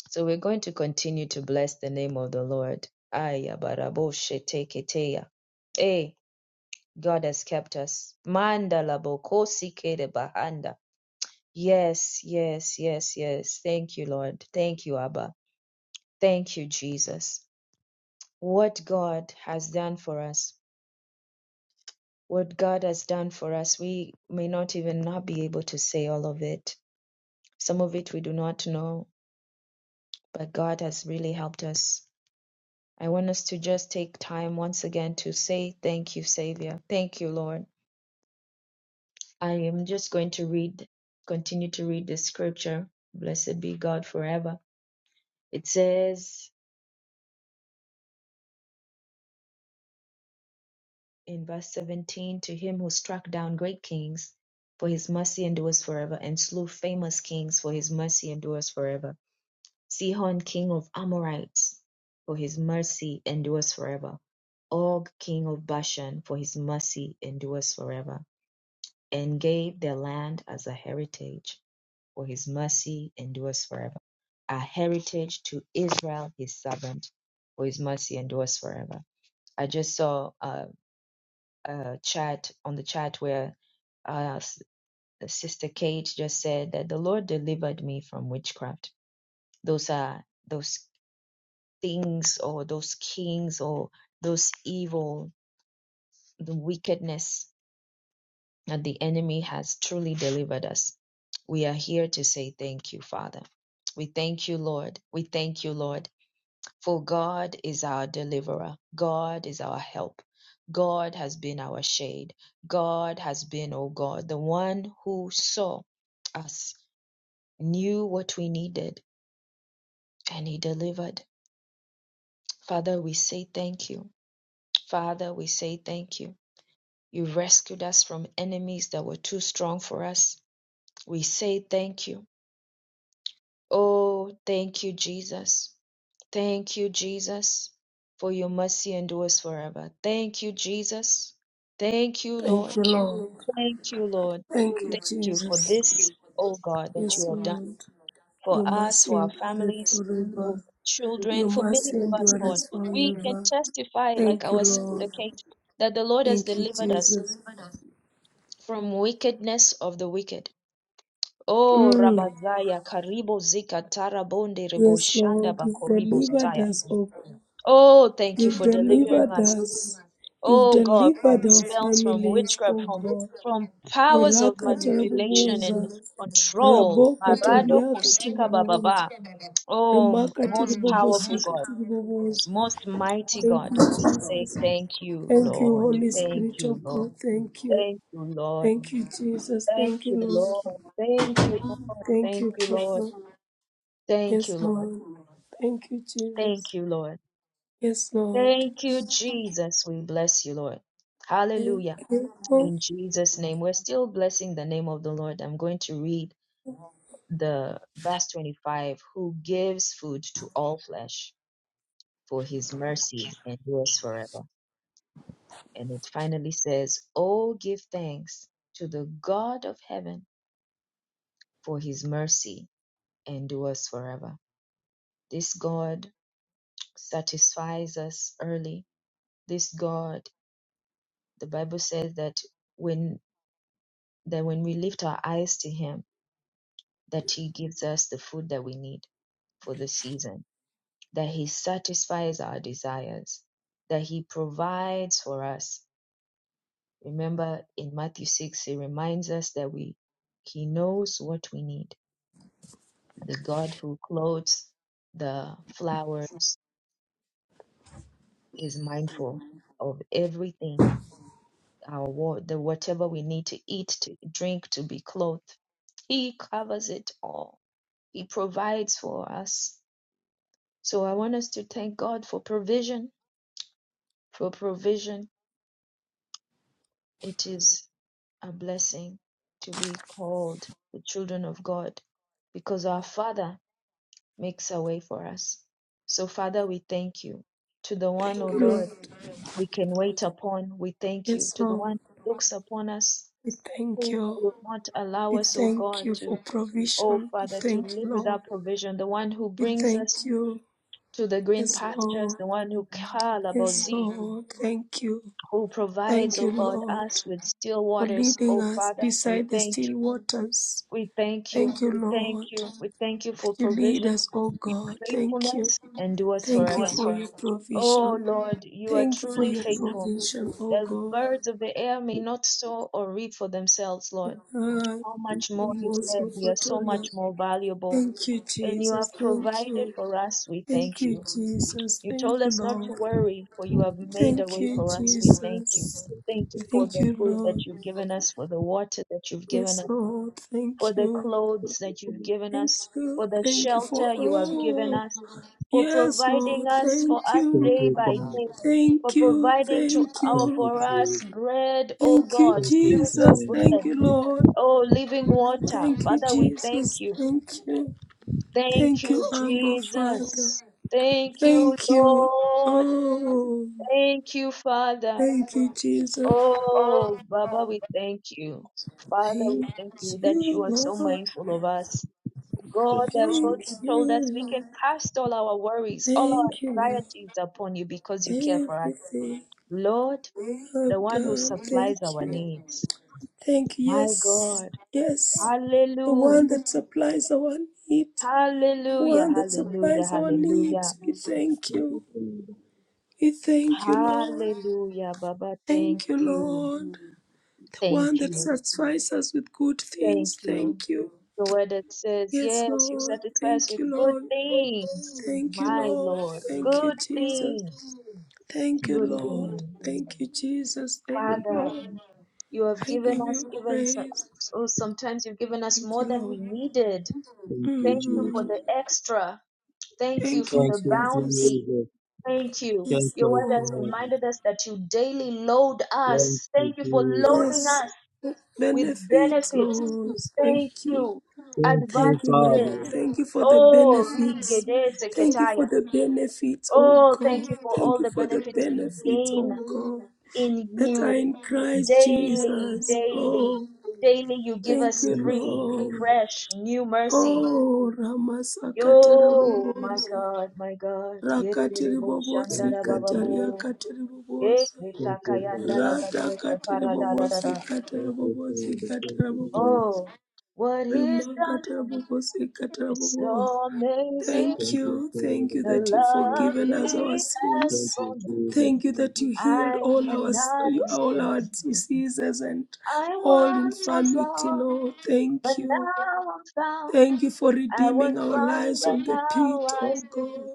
Speaker 1: So we're going to continue to bless the name of the Lord. Aya barabo shete keteya. Hey, God has kept us. Mandala bokosi kede bahanda. Yes, yes, yes, yes. Thank you, Lord. Thank you, Abba. Thank you, Jesus. what God has done for us. What God has done for us, we may not even not be able to say all of it. Some of it we do not know, but God has really helped us. I want us to just take time once again to say thank you, Savior. Thank you, Lord. I am just going to read, continue to read the scripture. Blessed be God forever. It says, in verse 17 to him who struck down great kings for his mercy endures forever and slew famous kings for his mercy endures forever sihon king of amorites for his mercy endures forever og king of bashan for his mercy endures forever and gave their land as a heritage for his mercy endures forever a heritage to israel his servant for his mercy endures forever i just saw uh, uh, chat on the chat where uh, S- Sister Kate just said that the Lord delivered me from witchcraft. Those are those things or those kings or those evil, the wickedness that the enemy has truly delivered us. We are here to say thank you, Father. We thank you, Lord. We thank you, Lord. For God is our deliverer. God is our help. God has been our shade. God has been, O God, the one who saw us, knew what we needed, and He delivered. Father, we say thank you. Father, we say thank you. You rescued us from enemies that were too strong for us. We say thank you. Oh, thank you, Jesus. Thank you, Jesus, for your mercy endures forever. Thank you, Jesus. Thank you,
Speaker 2: thank
Speaker 1: Lord.
Speaker 2: you lord
Speaker 1: Thank you, Lord.
Speaker 2: thank you
Speaker 1: Thank you for
Speaker 2: jesus
Speaker 1: this, oh God, that
Speaker 2: yes
Speaker 1: you have done
Speaker 2: lord
Speaker 1: for
Speaker 2: you must
Speaker 1: us, for our
Speaker 2: endure it
Speaker 1: families, for
Speaker 2: forever
Speaker 1: our children,
Speaker 2: you
Speaker 1: for many
Speaker 2: must
Speaker 1: of us,
Speaker 2: endure
Speaker 1: Lord.
Speaker 2: us
Speaker 1: We can
Speaker 2: forever
Speaker 1: testify, like
Speaker 2: thank you
Speaker 1: our sister
Speaker 2: lord
Speaker 1: Kate, that the Lord has
Speaker 2: thank you
Speaker 1: delivered us
Speaker 2: jesus
Speaker 1: from wickedness of the wicked. Oh,
Speaker 2: Mm.
Speaker 1: Rabazaya, Karibo Zika, Tarabonde, Rebo
Speaker 2: Yes,
Speaker 1: Shanda,
Speaker 2: Lord, you've
Speaker 1: Bakoribo
Speaker 2: delivered
Speaker 1: Saya.
Speaker 2: us, oh God.
Speaker 1: Oh, thank you
Speaker 2: You've
Speaker 1: for delivering
Speaker 2: delivered
Speaker 1: us
Speaker 2: us. You've
Speaker 1: Oh God, from
Speaker 2: delivered our
Speaker 1: spells, from
Speaker 2: families,
Speaker 1: witchcraft,
Speaker 2: oh
Speaker 1: from
Speaker 2: God.
Speaker 1: from powers of
Speaker 2: Oraka
Speaker 1: manipulation and
Speaker 2: tiriboboza,
Speaker 1: control.
Speaker 2: raboko
Speaker 1: Marado
Speaker 2: toriaka
Speaker 1: Kosika
Speaker 2: tiriboboza,
Speaker 1: Bababa. Oh,
Speaker 2: remaka
Speaker 1: most powerful
Speaker 2: tiribobosika
Speaker 1: God,
Speaker 2: tiriboboza.
Speaker 1: most mighty
Speaker 2: Thank
Speaker 1: God,
Speaker 2: you,
Speaker 1: we say
Speaker 2: Jesus.
Speaker 1: thank you,
Speaker 2: Thank you,
Speaker 1: Lord.
Speaker 2: Holy
Speaker 1: Thank
Speaker 2: Spirit
Speaker 1: you,
Speaker 2: of
Speaker 1: Lord.
Speaker 2: God. Thank you.
Speaker 1: Thank you, Lord.
Speaker 2: Thank you, Jesus.
Speaker 1: Thank
Speaker 2: Thank you,
Speaker 1: you,
Speaker 2: Lord.
Speaker 1: Lord. Thank you, Lord.
Speaker 2: Thank you,
Speaker 1: Thank you, Lord.
Speaker 2: Papa.
Speaker 1: Thank
Speaker 2: Yes,
Speaker 1: you, Lord.
Speaker 2: Lord. Thank you,
Speaker 1: Thank
Speaker 2: Jesus.
Speaker 1: you, Lord.
Speaker 2: Yes, Lord.
Speaker 1: Thank you, Jesus. We bless you, Lord.
Speaker 2: Thank
Speaker 1: Hallelujah.
Speaker 2: you, oh
Speaker 1: in Jesus' name. We're still blessing the name of the Lord. I'm going to read the verse 25 who gives food to all flesh for his mercy endures forever. And it finally says, Oh, give thanks to the God of heaven for his mercy endures forever. This God satisfies us early. This God, the Bible says that when that when we lift our eyes to him, that He gives us the food that we need for the season, that He satisfies our desires, that He provides for us. Remember in Matthew 6, He reminds us that we He knows what we need. The God who clothes the flowers is mindful of everything. Our wa- the whatever we need to eat, to drink, to be clothed, He covers it all. He provides for us So I want us to thank God for provision. For provision, it is a blessing to be called the children of God because our Father makes a way for us. So, Father, we thank you. To the one, O
Speaker 2: Lord.
Speaker 1: Lord, we can wait upon, we thank you.
Speaker 2: Yes,
Speaker 1: To the
Speaker 2: Lord.
Speaker 1: one who looks upon us,
Speaker 2: We thank
Speaker 1: who
Speaker 2: you.
Speaker 1: will not allow
Speaker 2: We
Speaker 1: us, O
Speaker 2: thank
Speaker 1: God,
Speaker 2: you for
Speaker 1: to, O
Speaker 2: provision. We
Speaker 1: Father, to
Speaker 2: thank
Speaker 1: live
Speaker 2: you, Lord.
Speaker 1: without provision, the one who
Speaker 2: We
Speaker 1: brings
Speaker 2: thank
Speaker 1: us
Speaker 2: you.
Speaker 1: to the green
Speaker 2: Yes,
Speaker 1: pastures,
Speaker 2: Lord.
Speaker 1: the one who,
Speaker 2: Yes,
Speaker 1: Kalabozee,
Speaker 2: Lord. Thank you.
Speaker 1: who provides,
Speaker 2: Thank you,
Speaker 1: O God,
Speaker 2: Lord,
Speaker 1: us with still
Speaker 2: for
Speaker 1: waters,
Speaker 2: leading
Speaker 1: O
Speaker 2: us
Speaker 1: Father. We
Speaker 2: beside the
Speaker 1: thank you.
Speaker 2: still waters.
Speaker 1: We thank
Speaker 2: Thank
Speaker 1: you.
Speaker 2: you,
Speaker 1: We thank
Speaker 2: Lord,
Speaker 1: you. We thank you
Speaker 2: that
Speaker 1: for
Speaker 2: you lead
Speaker 1: provision,
Speaker 2: us, oh
Speaker 1: your
Speaker 2: God. Thank you.
Speaker 1: faithfulness endures
Speaker 2: Thank you
Speaker 1: forever.
Speaker 2: for your
Speaker 1: O
Speaker 2: provision.
Speaker 1: Lord, you are
Speaker 2: Thank you for
Speaker 1: truly
Speaker 2: your
Speaker 1: faithful.
Speaker 2: provision, oh
Speaker 1: The
Speaker 2: God.
Speaker 1: birds of the air may
Speaker 4: Thank
Speaker 1: not sow or reap for themselves, Lord.
Speaker 2: Ah,
Speaker 1: How
Speaker 4: you,
Speaker 1: much more you said we are so
Speaker 2: Imoso
Speaker 1: much more valuable,
Speaker 2: Thank you,
Speaker 1: and you have
Speaker 2: Jesus. Thank
Speaker 1: provided
Speaker 2: you.
Speaker 1: for us. We
Speaker 2: Thank
Speaker 1: thank
Speaker 2: you,
Speaker 1: you.
Speaker 2: Jesus.
Speaker 1: You
Speaker 2: Thank
Speaker 1: told
Speaker 2: you,
Speaker 1: us not to
Speaker 2: Lord.
Speaker 1: worry, for you have made a
Speaker 2: Thank
Speaker 1: way
Speaker 2: you,
Speaker 1: for us. We thank you.
Speaker 2: Jesus.
Speaker 1: Thank you for
Speaker 2: Thank
Speaker 1: the
Speaker 2: you,
Speaker 1: food that
Speaker 2: Lord.
Speaker 1: you've given us, for the water that you've given
Speaker 2: Yes,
Speaker 1: us,
Speaker 2: Lord.
Speaker 1: for
Speaker 2: Thank
Speaker 1: the
Speaker 2: you.
Speaker 4: thank
Speaker 1: clothes
Speaker 4: you,
Speaker 1: that you've
Speaker 4: Father.
Speaker 1: given
Speaker 2: Thank
Speaker 1: us,
Speaker 2: you.
Speaker 1: for the
Speaker 2: Thank you for
Speaker 1: shelter you have given
Speaker 2: all.
Speaker 1: us, for
Speaker 2: Yes,
Speaker 1: providing
Speaker 2: Lord.
Speaker 1: us for
Speaker 2: Thank
Speaker 1: us
Speaker 4: Thank
Speaker 2: you.
Speaker 1: day
Speaker 4: you,
Speaker 1: by day,
Speaker 4: Father.
Speaker 1: for
Speaker 2: Thank you.
Speaker 1: providing to
Speaker 2: Thank
Speaker 1: our
Speaker 4: Thank you,
Speaker 2: you.
Speaker 1: for us
Speaker 4: Jesus.
Speaker 1: bread, O
Speaker 2: Thank you,
Speaker 1: God,
Speaker 4: Thank you,
Speaker 1: spiritual
Speaker 2: Jesus.
Speaker 4: Father.
Speaker 2: Thank
Speaker 1: bread,
Speaker 2: you, Lord.
Speaker 1: oh living water.
Speaker 2: Thank you,
Speaker 1: Father, we thank
Speaker 2: Jesus.
Speaker 1: you.
Speaker 2: Thank you.
Speaker 1: Thank
Speaker 2: Thank you,
Speaker 1: you,
Speaker 2: Abba Father.
Speaker 1: Jesus. Thank you,
Speaker 2: Thank you.
Speaker 1: Lord.
Speaker 2: Oh.
Speaker 1: Thank you, Father.
Speaker 2: Thank you, Jesus.
Speaker 1: Oh, Baba, we thank you. Father, we
Speaker 2: Thank
Speaker 1: thank you that you
Speaker 2: you,
Speaker 1: are so
Speaker 2: Lord.
Speaker 1: mindful of us. God,
Speaker 4: Thank you,
Speaker 1: that
Speaker 2: Thank
Speaker 1: God,
Speaker 4: Jesus.
Speaker 1: you told us
Speaker 2: you,
Speaker 1: we can
Speaker 2: Lord.
Speaker 1: cast all our worries, all
Speaker 2: Thank you,
Speaker 1: our
Speaker 2: Lord.
Speaker 1: anxieties upon you because you care for us.
Speaker 2: Everything
Speaker 1: Lord,
Speaker 2: you have
Speaker 1: the one who
Speaker 2: done. Thank
Speaker 1: supplies our
Speaker 2: you.
Speaker 1: needs.
Speaker 2: Thank you.
Speaker 1: My
Speaker 2: Yes.
Speaker 1: God.
Speaker 2: Yes. The
Speaker 1: Hallelujah.
Speaker 2: one that supplies our need.
Speaker 1: Hallelujah.
Speaker 2: One that
Speaker 1: Hallelujah.
Speaker 2: supplies our
Speaker 1: Hallelujah.
Speaker 2: needs. We thank
Speaker 4: Thank you,
Speaker 2: you.
Speaker 4: Father.
Speaker 2: We thank you, Lord.
Speaker 1: Hallelujah. Baba, thank
Speaker 2: Thank you,
Speaker 1: you.
Speaker 2: Lord. The
Speaker 1: Thank
Speaker 2: one that
Speaker 1: you.
Speaker 2: satisfies us with good
Speaker 1: Thank
Speaker 2: things.
Speaker 1: you.
Speaker 2: Thank you.
Speaker 1: The word that says,
Speaker 2: Yes,
Speaker 1: Yes, you
Speaker 2: Lord.
Speaker 1: satisfy us
Speaker 2: Thank
Speaker 1: with
Speaker 2: you,
Speaker 1: good
Speaker 2: Lord.
Speaker 1: things.
Speaker 2: Thank you,
Speaker 1: My
Speaker 2: Lord.
Speaker 1: Lord,
Speaker 2: Thank you,
Speaker 1: good
Speaker 2: Jesus.
Speaker 1: things,
Speaker 2: Thank
Speaker 4: Thank
Speaker 2: you,
Speaker 1: good
Speaker 4: you, Father.
Speaker 2: Lord.
Speaker 1: things.
Speaker 2: Thank you, Jesus. Thank
Speaker 4: Thank
Speaker 2: you,
Speaker 4: you,
Speaker 1: Father,
Speaker 4: Jesus.
Speaker 2: Lord.
Speaker 1: you have
Speaker 2: I
Speaker 1: given
Speaker 2: give
Speaker 1: us
Speaker 2: you
Speaker 1: even so,
Speaker 2: praise.
Speaker 1: so sometimes you've given us
Speaker 2: Thank
Speaker 1: more
Speaker 2: you,
Speaker 1: than we
Speaker 2: Lord.
Speaker 1: needed.
Speaker 4: Thank you,
Speaker 1: Thank you for
Speaker 2: Mm.
Speaker 1: the
Speaker 4: Jesus.
Speaker 1: extra. Thank you
Speaker 2: Thank
Speaker 1: for
Speaker 2: you,
Speaker 4: Thank
Speaker 1: the
Speaker 4: you,
Speaker 2: Jesus.
Speaker 1: bounty.
Speaker 4: Jesus.
Speaker 1: Thank you.
Speaker 2: Yes,
Speaker 4: Thank
Speaker 1: Your
Speaker 4: you,
Speaker 1: word has
Speaker 2: Lord.
Speaker 4: Father.
Speaker 1: reminded us that you daily load
Speaker 4: Thank
Speaker 1: us.
Speaker 4: you,
Speaker 1: Thank you for
Speaker 4: Jesus.
Speaker 1: loading
Speaker 2: Yes.
Speaker 1: us with
Speaker 2: Benefits,
Speaker 1: benefits.
Speaker 2: Lord. Thank
Speaker 1: Thank
Speaker 2: you.
Speaker 1: you.
Speaker 4: Thank you,
Speaker 2: Thank you, Lord.
Speaker 1: Advantages.
Speaker 4: Father.
Speaker 2: Thank you for the
Speaker 1: Oh,
Speaker 2: benefits.
Speaker 1: Rigede
Speaker 2: Thank you for
Speaker 1: Seketaya.
Speaker 2: the benefits, oh
Speaker 1: Oh, thank
Speaker 2: God.
Speaker 1: you for
Speaker 2: Thank
Speaker 1: all
Speaker 2: you
Speaker 1: the
Speaker 2: for the
Speaker 1: benefits we
Speaker 2: benefits,
Speaker 1: gain
Speaker 2: oh God.
Speaker 1: in
Speaker 2: That
Speaker 1: you
Speaker 2: are in Christ
Speaker 1: daily,
Speaker 2: Jesus.
Speaker 1: daily,
Speaker 2: Oh,
Speaker 1: daily. You give
Speaker 2: Thank
Speaker 1: us
Speaker 2: you,
Speaker 4: Thank you,
Speaker 1: free,
Speaker 2: Lord.
Speaker 4: Father.
Speaker 1: fresh, new mercy.
Speaker 2: Oh, Ramasakata
Speaker 1: Yo, my
Speaker 2: Rabobosa.
Speaker 1: God, my God.
Speaker 2: Rakati
Speaker 1: Yererebo
Speaker 4: Thank
Speaker 2: Ribobosi
Speaker 1: shandara
Speaker 4: you, Father.
Speaker 2: Kataria
Speaker 1: bababo.
Speaker 2: Katiribobosa.
Speaker 4: Thank you,
Speaker 1: Eketakayanda
Speaker 4: Father.
Speaker 2: Rata
Speaker 1: lagadia shapara da da da
Speaker 2: Katiribobosi
Speaker 1: da.
Speaker 4: Thank you,
Speaker 2: Katarabobosi
Speaker 4: Father. Thank you, Jesus.
Speaker 2: Katarabobosa.
Speaker 1: Oh, what he's done for me.
Speaker 2: Rimakatarabobosi
Speaker 1: It's
Speaker 2: Katarabobo.
Speaker 1: so amazing
Speaker 2: Thank
Speaker 4: Thank you,
Speaker 2: you, thank
Speaker 4: Father.
Speaker 2: you
Speaker 1: the
Speaker 4: Thank
Speaker 2: that you've
Speaker 4: you,
Speaker 1: love
Speaker 2: forgiven
Speaker 4: Jesus.
Speaker 2: us our
Speaker 1: he has
Speaker 2: sins.
Speaker 4: Thank
Speaker 1: for
Speaker 4: you,
Speaker 1: me.
Speaker 4: Jesus.
Speaker 2: Thank you that you healed
Speaker 1: I
Speaker 2: all our
Speaker 1: cannot
Speaker 2: all
Speaker 1: explain.
Speaker 2: our diseases and
Speaker 1: I
Speaker 2: all
Speaker 1: once was
Speaker 2: infirmity,
Speaker 1: lost,
Speaker 2: Lord. Thank
Speaker 1: but
Speaker 2: you.
Speaker 1: now I'm found.
Speaker 2: Thank you for
Speaker 1: I was
Speaker 2: redeeming our
Speaker 1: blind,
Speaker 2: lives on
Speaker 1: but
Speaker 2: the pit,
Speaker 1: now I
Speaker 2: oh God.
Speaker 1: see.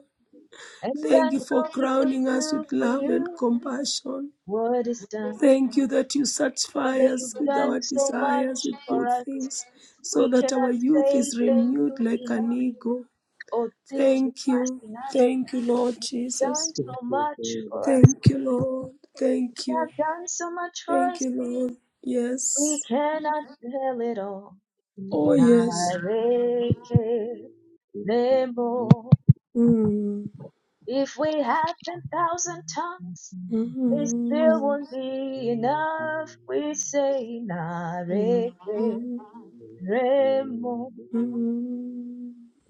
Speaker 1: And I
Speaker 2: Thank you for
Speaker 1: know he will
Speaker 2: crowning us
Speaker 1: do
Speaker 2: with
Speaker 1: for
Speaker 2: love and
Speaker 1: you
Speaker 2: compassion.
Speaker 1: what is done.
Speaker 2: Thank you that you satisfy
Speaker 1: Father,
Speaker 2: us
Speaker 1: you've
Speaker 2: with
Speaker 1: done
Speaker 2: our
Speaker 1: so much
Speaker 2: desires, with
Speaker 1: for
Speaker 2: good
Speaker 1: us.
Speaker 2: things, so
Speaker 1: We
Speaker 2: that our
Speaker 1: cannot
Speaker 2: youth
Speaker 1: say
Speaker 2: is
Speaker 1: thank
Speaker 2: renewed
Speaker 1: you
Speaker 2: like an
Speaker 1: enough
Speaker 2: eagle.
Speaker 1: or thank you
Speaker 2: Thank
Speaker 1: fast
Speaker 2: you.
Speaker 1: enough.
Speaker 2: Thank you, Lord
Speaker 1: You've done
Speaker 2: Jesus.
Speaker 4: Thank
Speaker 1: so
Speaker 4: you,
Speaker 1: much
Speaker 4: Father.
Speaker 1: for us.
Speaker 2: Thank you, Lord. Thank
Speaker 1: You have
Speaker 2: you.
Speaker 1: done so much for
Speaker 2: Thank
Speaker 1: us,
Speaker 2: you, Lord.
Speaker 1: we
Speaker 2: Yes.
Speaker 1: cannot tell it all.
Speaker 2: Oh, yes.
Speaker 1: Nareke
Speaker 4: Thank
Speaker 1: Nemo.
Speaker 2: Mm.
Speaker 1: If we had 10,000 tongues, it still
Speaker 2: Mm.
Speaker 1: won't be enough. We say
Speaker 2: Mm.
Speaker 1: Nareke
Speaker 2: Mm.
Speaker 1: Nemo.
Speaker 2: Yes,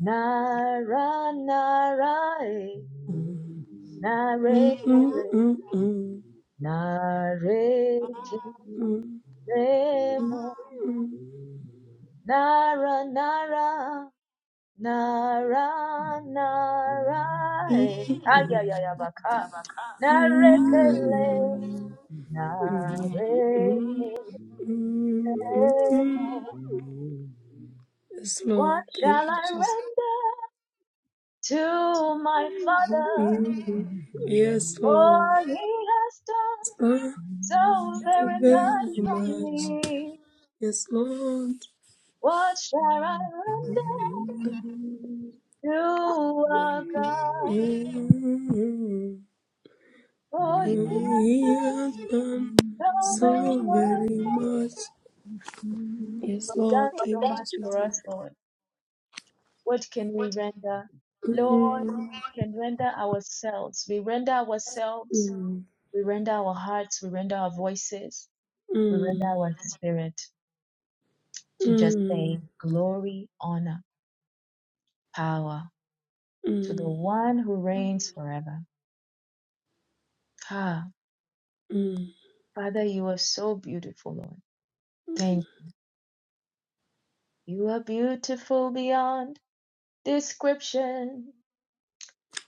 Speaker 1: Nara Narae
Speaker 2: Lord,
Speaker 1: Narekele Nareke Nemo. Nara Nara Nara, nara, eh. ay, Narekele,
Speaker 4: you,
Speaker 1: narekele. What
Speaker 2: thank
Speaker 1: shall
Speaker 2: you,
Speaker 1: I
Speaker 2: Jesus.
Speaker 1: render to my father?
Speaker 2: Yes,
Speaker 1: For
Speaker 2: Lord.
Speaker 1: he has done
Speaker 2: Thank
Speaker 1: so
Speaker 2: you
Speaker 1: very
Speaker 2: very
Speaker 1: much for
Speaker 2: much.
Speaker 4: Jesus.
Speaker 1: me.
Speaker 2: Yes, Lord.
Speaker 1: What shall I render to our God?
Speaker 2: You
Speaker 1: For he has
Speaker 2: have
Speaker 1: done
Speaker 2: done
Speaker 1: so
Speaker 2: so
Speaker 1: very
Speaker 2: very
Speaker 1: much.
Speaker 2: much. Yes,
Speaker 1: You've done
Speaker 2: Lord.
Speaker 1: so
Speaker 2: Thank you,
Speaker 1: much for
Speaker 2: Jesus.
Speaker 1: us, Lord. What can we render? Lord,
Speaker 2: Mm,
Speaker 1: we can render ourselves. We render ourselves.
Speaker 2: mm,
Speaker 1: We render our hearts. We render our voices. We render
Speaker 2: mm,
Speaker 1: our spirit to just
Speaker 2: mm,
Speaker 1: say glory, honor, power to the
Speaker 2: mm,
Speaker 1: one who reigns forever. Ah, Father, you are so beautiful, Lord. Thank
Speaker 2: mm.
Speaker 1: you. You are beautiful beyond description,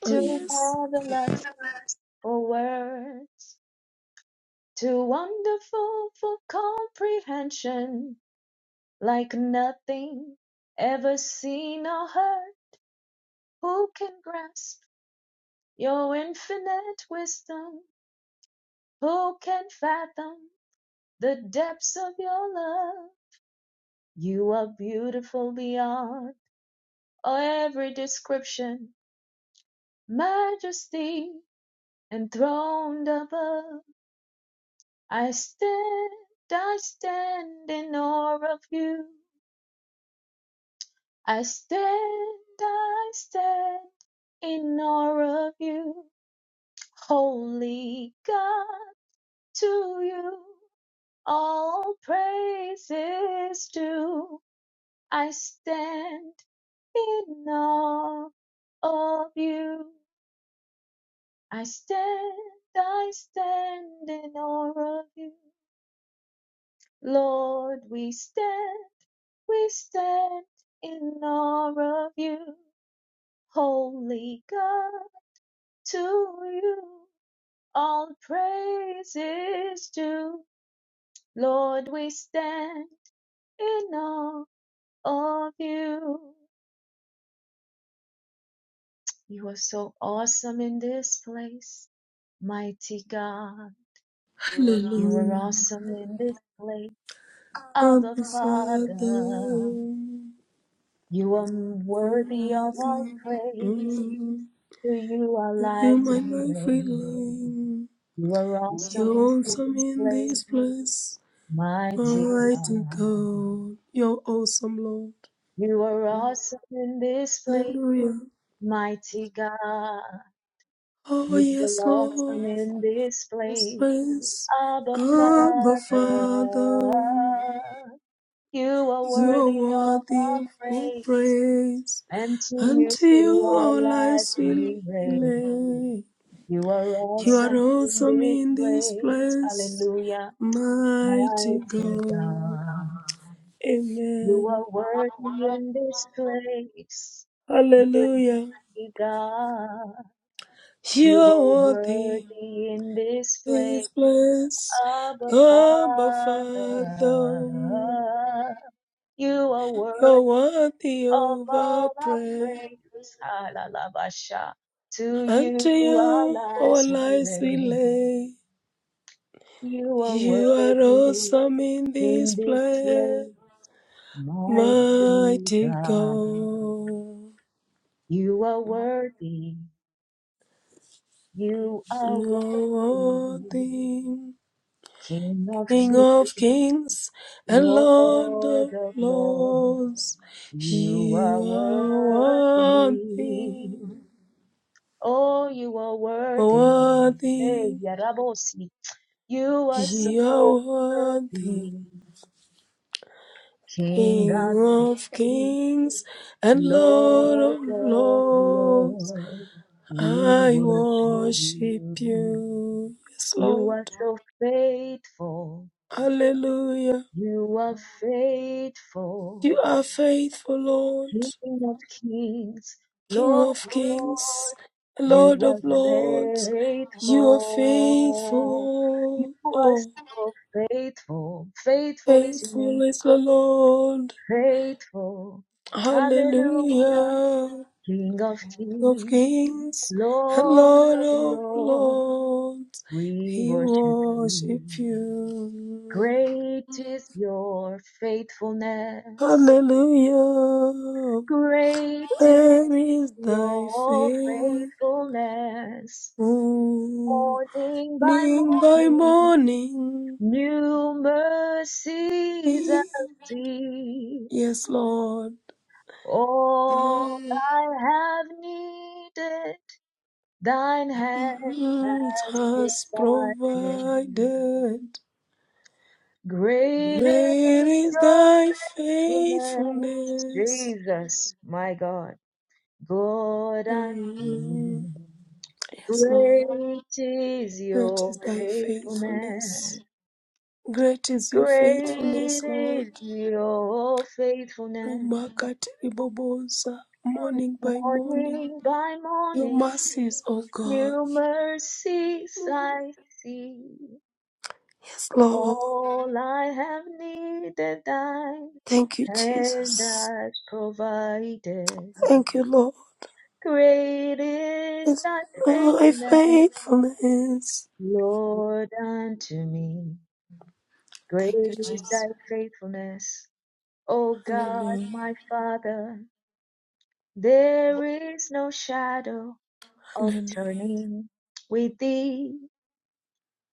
Speaker 2: Oh,
Speaker 1: too
Speaker 2: yes.
Speaker 1: marvelous for words. Too wonderful for comprehension, like nothing ever seen or heard. Who can grasp your infinite wisdom? Who can fathom the depths of your love? You are beautiful beyond every description, majesty enthroned above. I stand, I stand in awe of you. I stand, I stand in awe of you, holy God. To you all praise is due. I stand in awe of you. I stand, I stand in awe of you. Lord, we stand, we stand in awe of you, holy God To you all praise is due. Lord, we stand in awe of you. You are so awesome in this place, mighty God. You are
Speaker 2: Hallelujah.
Speaker 1: awesome in this place,
Speaker 2: Abba,
Speaker 1: Abba
Speaker 2: Father.
Speaker 1: Father. You are
Speaker 2: Oh,
Speaker 1: worthy of
Speaker 2: yes,
Speaker 1: all
Speaker 2: Lord.
Speaker 1: praise.
Speaker 2: Mm.
Speaker 1: To you our
Speaker 2: You
Speaker 1: lives
Speaker 2: my
Speaker 1: we
Speaker 2: life
Speaker 1: raise.
Speaker 2: rely.
Speaker 1: You are awesome
Speaker 2: You're
Speaker 1: in
Speaker 2: awesome
Speaker 1: this
Speaker 2: in
Speaker 1: place,
Speaker 2: this place.
Speaker 1: mighty
Speaker 2: Mighty
Speaker 1: God.
Speaker 2: God. You're awesome, Lord.
Speaker 1: You are awesome in this place,
Speaker 2: Hallelujah.
Speaker 1: mighty God.
Speaker 2: Oh,
Speaker 1: You
Speaker 2: yes,
Speaker 1: are
Speaker 2: Lord.
Speaker 1: awesome in this place,
Speaker 2: Prince
Speaker 1: Abba
Speaker 2: of our Father,
Speaker 1: Father. You are
Speaker 2: you are
Speaker 1: worthy of
Speaker 2: worthy
Speaker 1: our
Speaker 2: of all
Speaker 1: praise,
Speaker 2: praise.
Speaker 1: and to you
Speaker 2: Unto
Speaker 1: through
Speaker 2: you
Speaker 1: our
Speaker 2: all I
Speaker 1: lives
Speaker 2: will
Speaker 1: we raise.
Speaker 2: lay.
Speaker 1: You are
Speaker 2: You are
Speaker 1: awesome in
Speaker 2: awesome
Speaker 1: this
Speaker 2: in this
Speaker 1: place,
Speaker 2: place,
Speaker 1: hallelujah,
Speaker 2: mighty
Speaker 1: mighty
Speaker 2: God.
Speaker 1: God. You
Speaker 2: Amen.
Speaker 1: are worthy in this place,
Speaker 2: Hallelujah.
Speaker 1: mighty God.
Speaker 2: You
Speaker 1: You
Speaker 2: are
Speaker 1: are
Speaker 2: worthy
Speaker 1: worthy in this place,
Speaker 2: this place,
Speaker 1: Abba
Speaker 2: Abba
Speaker 1: Father.
Speaker 2: Father.
Speaker 1: You are worthy
Speaker 2: You're worthy
Speaker 1: of
Speaker 2: of our
Speaker 1: all our
Speaker 2: praise.
Speaker 1: praise. Halalabasha. To
Speaker 2: Unto
Speaker 1: you our
Speaker 2: you our
Speaker 1: lives we
Speaker 2: lives we
Speaker 1: raise.
Speaker 2: lay.
Speaker 1: You are
Speaker 2: You are
Speaker 1: worthy
Speaker 2: awesome in this
Speaker 1: in this place,
Speaker 2: place,
Speaker 1: mighty
Speaker 2: mighty
Speaker 1: God.
Speaker 2: God.
Speaker 1: You are worthy. You are
Speaker 2: You are
Speaker 1: worthy.
Speaker 2: Worthy,
Speaker 1: King of
Speaker 2: King
Speaker 1: kings.
Speaker 2: of kings and Lord
Speaker 1: Lord
Speaker 2: of
Speaker 1: of Lords,
Speaker 2: lords,
Speaker 1: you are
Speaker 2: you are worthy,
Speaker 1: worthy. Oh, you are worthy. Hey,
Speaker 2: worthy,
Speaker 1: Yarabosi, you are so
Speaker 2: you are worthy.
Speaker 1: worthy. King of
Speaker 2: King of
Speaker 1: kings,
Speaker 2: kings and Lord
Speaker 1: Lord
Speaker 2: of
Speaker 1: of
Speaker 2: lords,
Speaker 1: Lords, we
Speaker 2: I
Speaker 1: worship
Speaker 2: worship
Speaker 1: you.
Speaker 2: you. Yes,
Speaker 1: You
Speaker 2: Lord.
Speaker 1: are so faithful.
Speaker 2: Hallelujah.
Speaker 1: You are faithful.
Speaker 2: You are faithful, Lord.
Speaker 1: King of kings,
Speaker 2: King
Speaker 1: Lord.
Speaker 2: of
Speaker 1: of lords.
Speaker 2: kings,
Speaker 1: You
Speaker 2: Lord of
Speaker 1: are
Speaker 2: lords, you are
Speaker 1: faithful. You
Speaker 2: faithful.
Speaker 1: are
Speaker 2: Oh,
Speaker 1: so faithful. Faithful is your
Speaker 2: faithful
Speaker 1: name.
Speaker 2: is the Lord.
Speaker 1: Faithful. Hallelujah.
Speaker 2: Hallelujah.
Speaker 1: King of
Speaker 2: of
Speaker 1: kings,
Speaker 2: kings and
Speaker 1: Lord
Speaker 2: Lord
Speaker 1: of
Speaker 2: of
Speaker 1: lords,
Speaker 2: lords,
Speaker 1: we
Speaker 2: we
Speaker 1: worship you.
Speaker 2: worship you.
Speaker 1: Great is your faithfulness.
Speaker 2: Hallelujah,
Speaker 1: Great is
Speaker 2: where is thy
Speaker 1: your
Speaker 2: faith?
Speaker 1: faithfulness.
Speaker 2: Morning
Speaker 1: Morning by
Speaker 2: by
Speaker 1: morning.
Speaker 2: morning?
Speaker 1: New mercies I see.
Speaker 2: Yes, Lord,
Speaker 1: All
Speaker 2: thou
Speaker 1: I have needed, thine hand has
Speaker 2: hast
Speaker 1: provided.
Speaker 2: provided.
Speaker 1: Great
Speaker 2: Where
Speaker 1: is
Speaker 2: is
Speaker 1: your
Speaker 2: thy
Speaker 1: faithfulness,
Speaker 2: faithfulness?
Speaker 1: Jesus, my God, God and King.
Speaker 2: Yes, Lord.
Speaker 1: Great is
Speaker 2: Great is
Speaker 1: your
Speaker 2: thy
Speaker 1: faithfulness.
Speaker 2: faithfulness. Great is your faithfulness,
Speaker 1: Great
Speaker 2: Lord.
Speaker 1: is your faithfulness.
Speaker 2: Remarkable riboboza, morning by morning.
Speaker 1: Morning by
Speaker 2: Your
Speaker 1: morning,
Speaker 2: mercies, O God.
Speaker 1: new mercies I see.
Speaker 2: Yes, Lord.
Speaker 1: All I have needed, thine
Speaker 2: Thank you,
Speaker 1: hand
Speaker 2: Jesus.
Speaker 1: has provided.
Speaker 2: Thank you, Lord.
Speaker 1: Great is
Speaker 2: Yes,
Speaker 1: thy
Speaker 2: Lord, thy
Speaker 1: faithfulness,
Speaker 2: faithfulness.
Speaker 1: Lord, unto me. Great
Speaker 2: Thank you,
Speaker 1: is
Speaker 2: Jesus.
Speaker 1: thy faithfulness, O God,
Speaker 2: Hallelujah.
Speaker 1: my Father. There is no shadow of
Speaker 2: Hallelujah.
Speaker 1: turning with thee.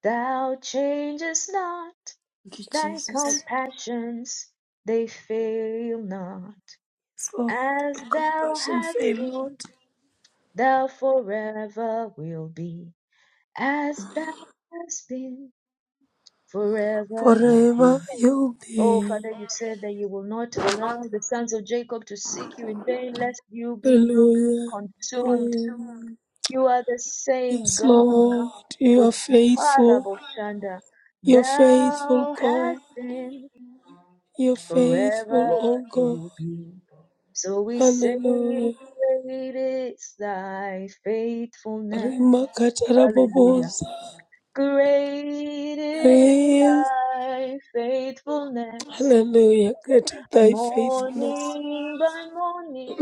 Speaker 1: Thou changest not
Speaker 2: Thank you,
Speaker 1: thy
Speaker 2: Jesus.
Speaker 1: compassions, they fail not.
Speaker 2: Yes, Lord.
Speaker 1: As
Speaker 2: Your
Speaker 1: thou
Speaker 2: compassion
Speaker 1: hast
Speaker 2: fail
Speaker 1: been,
Speaker 2: not.
Speaker 1: thou forever will be. As thou hast been, forever you'll be.
Speaker 2: Forever you'll
Speaker 1: Oh,
Speaker 2: be.
Speaker 1: Father, you said that you will not allow the sons of Jacob to seek you in vain, lest you be, be, be
Speaker 2: Hallelujah.
Speaker 1: consumed. You are the same
Speaker 2: Yes,
Speaker 1: God.
Speaker 2: Lord, you
Speaker 1: For
Speaker 2: are
Speaker 1: the Father,
Speaker 2: faithful.
Speaker 1: Boshanda,
Speaker 2: You're faithful,
Speaker 1: thou
Speaker 2: God.
Speaker 1: hast been.
Speaker 2: You're faithful,
Speaker 1: forever
Speaker 2: oh God.
Speaker 1: you'll be. So we say,
Speaker 2: Hallelujah.
Speaker 1: Great is thy faithfulness.
Speaker 2: Rima
Speaker 1: Hallelujah.
Speaker 2: katarabobosa.
Speaker 1: Great is
Speaker 2: Yes.
Speaker 1: thy faithfulness.
Speaker 2: Hallelujah. Great is thy faithfulness.
Speaker 1: Morning by morning,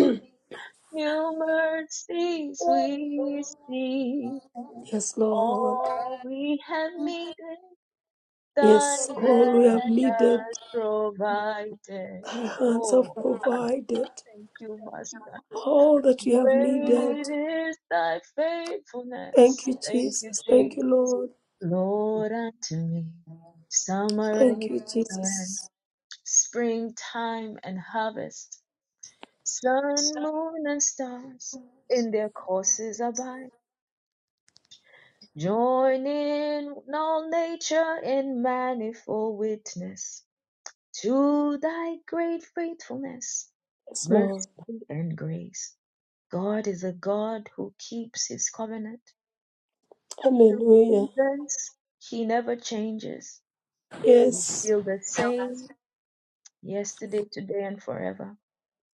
Speaker 1: new mercies we see.
Speaker 2: Yes, Lord.
Speaker 1: All we have needed,
Speaker 2: Yes,
Speaker 1: thine
Speaker 2: all we have
Speaker 1: hand
Speaker 2: needed,
Speaker 1: has provided.
Speaker 2: thy hands have
Speaker 1: Oh,
Speaker 2: provided.
Speaker 1: thank you, Master.
Speaker 2: All that we have needed.
Speaker 1: Great is thy
Speaker 2: Thank
Speaker 1: faithfulness.
Speaker 2: you,
Speaker 1: Thank you,
Speaker 2: Jesus. Thank you,
Speaker 1: Jesus.
Speaker 2: Lord.
Speaker 1: Lord, unto me, summer and
Speaker 2: Thank you,
Speaker 1: winter, and
Speaker 2: Jesus.
Speaker 1: springtime and harvest, sun, moon, and stars in their courses abide. Join in all nature in manifold witness to thy great faithfulness,
Speaker 2: Yes,
Speaker 1: mercy,
Speaker 2: Lord.
Speaker 1: and grace. God is a God who keeps his covenant. Through
Speaker 2: Hallelujah.
Speaker 1: seasons, He never changes. You
Speaker 2: Yes.
Speaker 1: feel the same yesterday, today, and forever.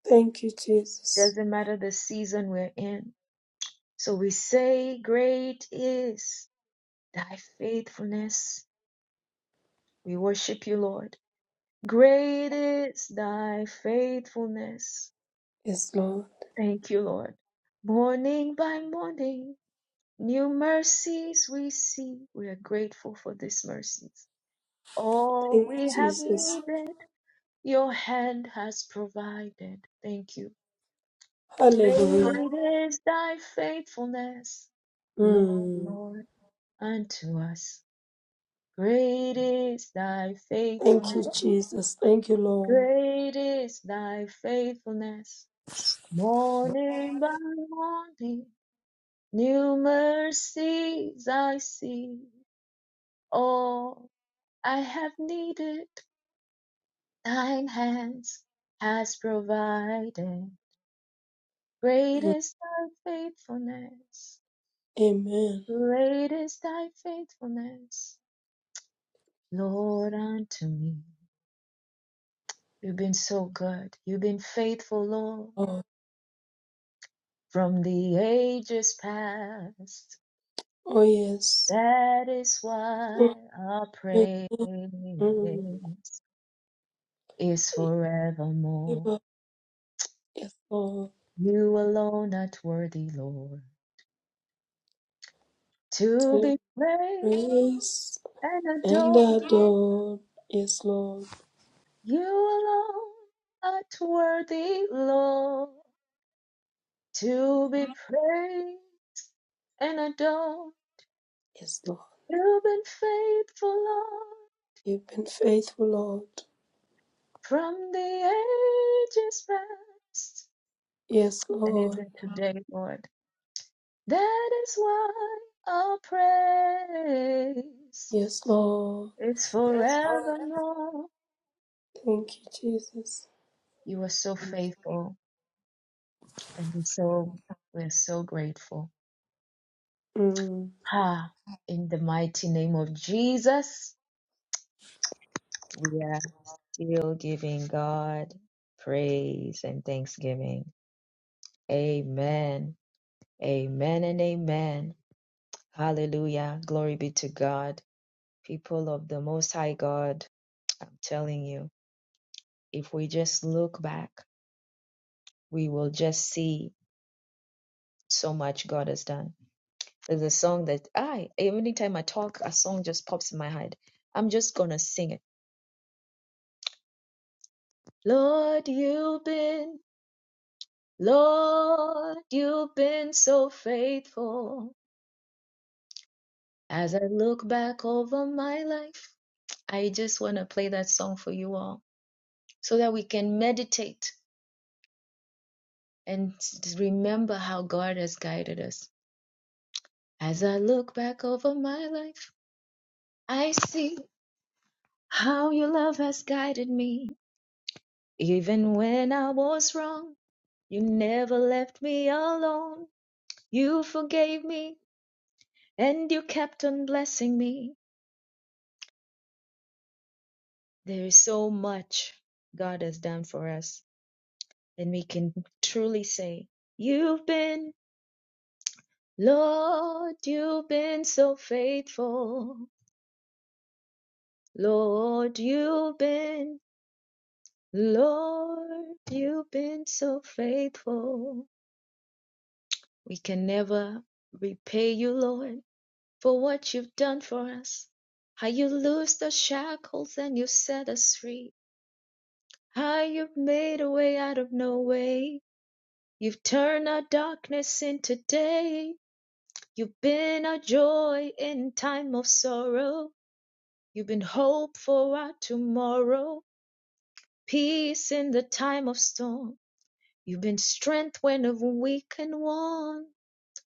Speaker 2: Thank you, Jesus.
Speaker 1: Doesn't matter the season we're in. So we say, Great is thy faithfulness. We worship you, Lord. Great is thy faithfulness.
Speaker 2: Yes, Lord.
Speaker 1: Thank you, Lord. Morning by morning, new mercies we see. We are grateful for these mercies. All
Speaker 2: Thank you,
Speaker 1: we have
Speaker 2: Jesus.
Speaker 1: needed your hand has provided. Thank you.
Speaker 2: Hallelujah.
Speaker 1: Great is thy faithfulness,
Speaker 2: Mm.
Speaker 1: Lord, unto us. Great is thy
Speaker 2: Thank you,
Speaker 1: faithfulness.
Speaker 2: Jesus. Thank you, Lord.
Speaker 1: Great is thy faithfulness. Morning by morning, new mercies I see. All I have needed, thine hands has provided. Great
Speaker 2: Mm.
Speaker 1: is thy faithfulness.
Speaker 2: Amen.
Speaker 1: Great is thy faithfulness, Lord, unto me. You've been so good. You've been faithful, Lord,
Speaker 2: Lord.
Speaker 1: from the ages past.
Speaker 2: Oh, yes.
Speaker 1: That is why our
Speaker 2: Amen.
Speaker 1: praise
Speaker 2: Mm.
Speaker 1: is
Speaker 2: Give
Speaker 1: forevermore.
Speaker 2: up. Yes, Lord.
Speaker 1: You alone art worthy, Lord, to
Speaker 2: To
Speaker 1: be praised
Speaker 2: praise
Speaker 1: and
Speaker 2: and
Speaker 1: adored.
Speaker 2: adore. Yes, Lord.
Speaker 1: You alone art worthy, Lord. to be praised and adored.
Speaker 2: Yes, Lord.
Speaker 1: You've been faithful, Lord,
Speaker 2: You've been faithful, Lord.
Speaker 1: from the ages past
Speaker 2: Yes,
Speaker 1: and
Speaker 2: Lord.
Speaker 1: even today, Lord. That is why our praise
Speaker 2: Yes, Lord.
Speaker 1: is forevermore.
Speaker 2: Thank you, Jesus.
Speaker 1: You are so faithful, and we so we're so grateful.
Speaker 2: Mm.
Speaker 1: Ha! In the mighty name of Jesus, we are still giving God praise and thanksgiving. Amen. Amen and amen. Hallelujah. Glory be to God. People of the Most High God, I'm telling you, if we just look back, we will just see so much God has done. There's a song that I, every time I talk, a song just pops in my head. I'm just going to sing it. Lord, you've been, Lord, you've been so faithful. As I look back over my life, I just want to play that song for you all. so that we can meditate and remember how God has guided us. As I look back over my life, I see how your love has guided me. Even when I was wrong, you never left me alone. You forgave me and you kept on blessing me. There is so much God has done for us, and we can truly say, You've been, Lord, you've been so faithful. Lord, you've been, Lord, you've been so faithful. We can never repay you, Lord, for what you've done for us. How you loosed the shackles and you set us free. How you've made a way out of no way. You've turned our darkness into day. You've been our joy in time of sorrow. You've been hope for our tomorrow. Peace in the time of storm. You've been strength when of weak and worn.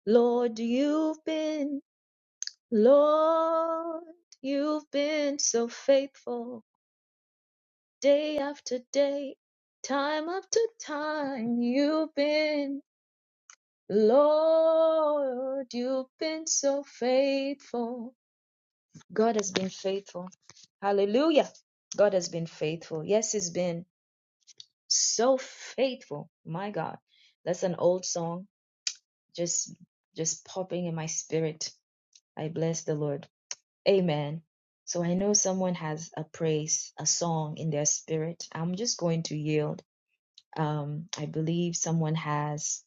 Speaker 1: Lord, you've been, Lord, you've been so faithful day after day, time after time. You've been, Lord, you've been so faithful. God has been faithful. Hallelujah. God has been faithful. Yes, He's been so faithful. My God. That's an old song just just popping in my spirit. I bless the Lord. Amen. So I know someone has a praise, a song in their spirit. I'm just going to yield. Um, I believe someone has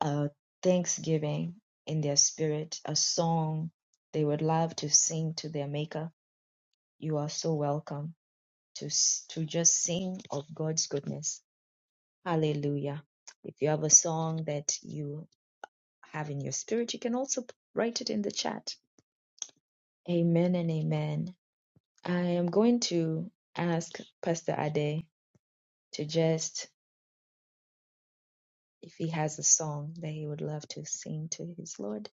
Speaker 1: a thanksgiving in their spirit, a song they would love to sing to their maker. You are so welcome to s- to just sing of God's goodness. Hallelujah. If you have a song that you have in your spirit, you can also p- write it in the chat Amen and amen. I am going to ask Pastor Ade to just, if he has a song that he would love to sing to his Lord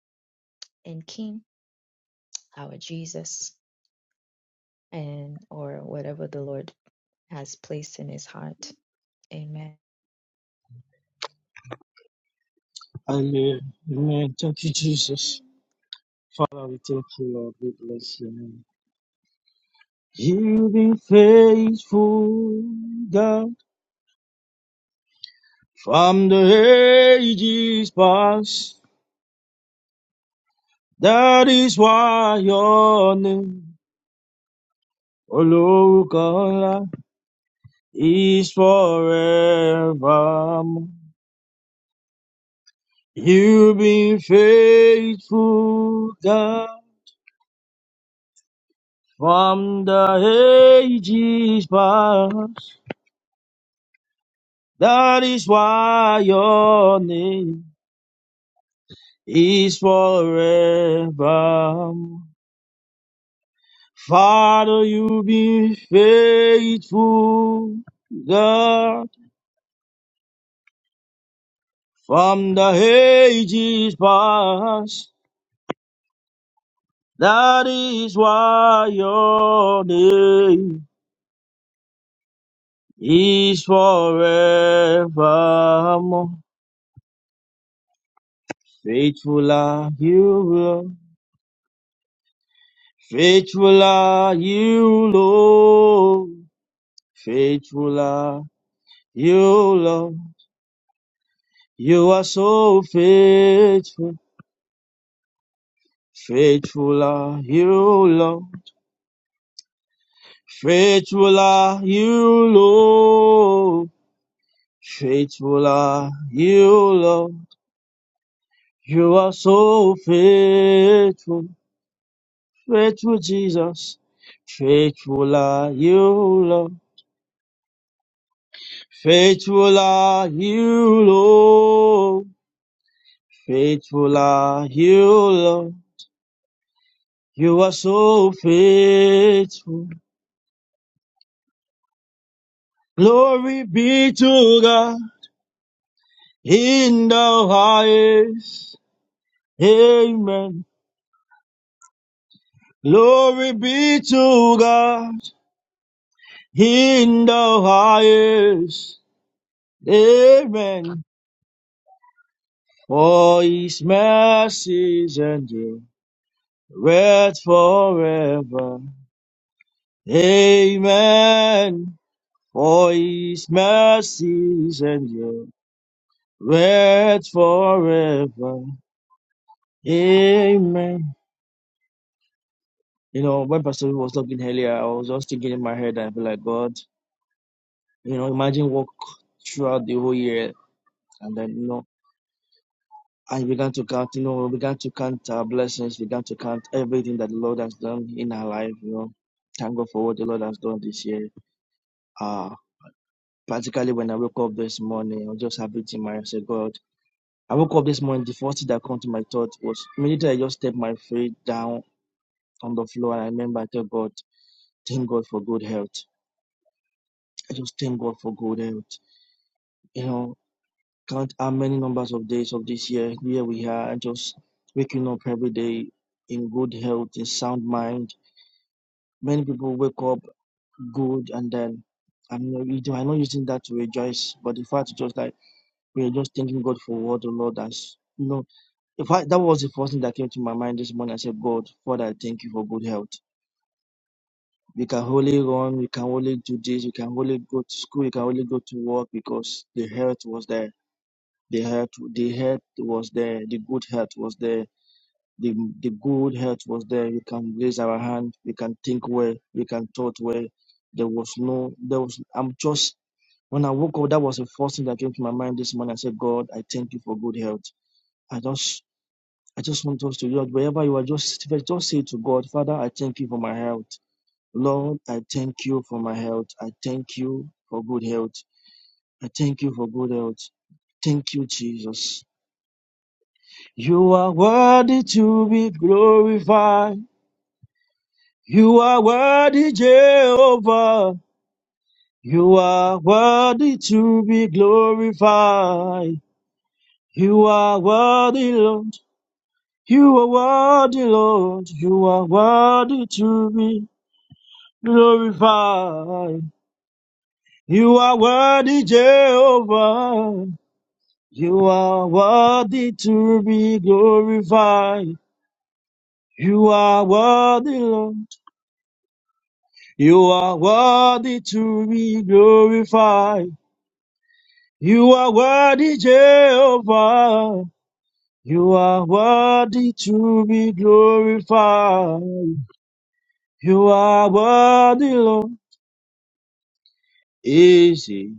Speaker 1: and King, our Jesus, and or whatever the Lord has placed in his heart. Amen.
Speaker 4: Hallelujah. Amen. Thank you,
Speaker 1: Thank
Speaker 4: Jesus. Father, we thank you, Lord. We bless your name. You've been faithful, God, from the ages past. That is why your name, O Lord God, is forevermore. You've been faithful, God, from the ages past. That is why your name is forever. Father, you've been faithful, God, from the ages past. That is why your name is forevermore. Faithful are you, Lord. Faithful are you, Lord. Faithful are you, Lord. You are so faithful. Faithful are you, Lord. Faithful are you, Lord. Faithful are you, Lord. You are so faithful. Faithful Jesus, faithful are you, Lord. Faithful are you, Lord. Faithful are you, Lord. You are so faithful. Glory be to God in the highest. Amen. Glory be to God in the highest. Amen. For his mercies endure. rest forever. Amen. For his mercies endure. Rest forever. Amen. You know, when Pastor was talking earlier, I was just thinking in my head, I feel like, God, you know, imagine walk throughout the whole year and then, you know, I began to count, you know, began to count our blessings, began to count everything that the Lord has done in our life, you know. Thank God for what the Lord has done this year. Ah. Particularly when I woke up this morning, I was just happy in my I said, God, I woke up this morning. The first thing that came to my thought was immediately I just stepped my feet down on the floor and I remember I tell God, thank God for good health. I just thank God for good health. You know, count how many numbers of days of this year here we are and just waking up every day in good health, in sound mind. Many people wake up good and then I'm not, you know, I'm not using that to rejoice, but the fact is just like we are just thanking God for what the Lord has You know." In fact, that was the first thing that came to my mind this morning. I said, God, Father, I thank you for good health. We can only run, we can only do this, we can only go to school, we can only go to work because the health was there. The health, the health was there. The good health was there. The, the good health was there. We can raise our hand. We can think well. We can thought well. There was no, there was, I'm just, when I woke up, that was the first thing that came to my mind this morning. I said, God, I thank you for good health. I just I just want us to just wherever you are, just just say to God, Father, I thank you for my health. Lord, I thank you for my health. I thank you for good health. I thank you for good health. Thank you, Jesus. You are worthy to be glorified. You are worthy, Jehovah. You are worthy to be glorified. You are worthy, Lord. You are worthy, Lord. You are worthy to be glorified. You are worthy, Jehovah. You are worthy to be glorified. You are worthy, Lord. You are worthy to be glorified. You are worthy, Jehovah. You are worthy to be glorified. You are worthy, Lord. Easy.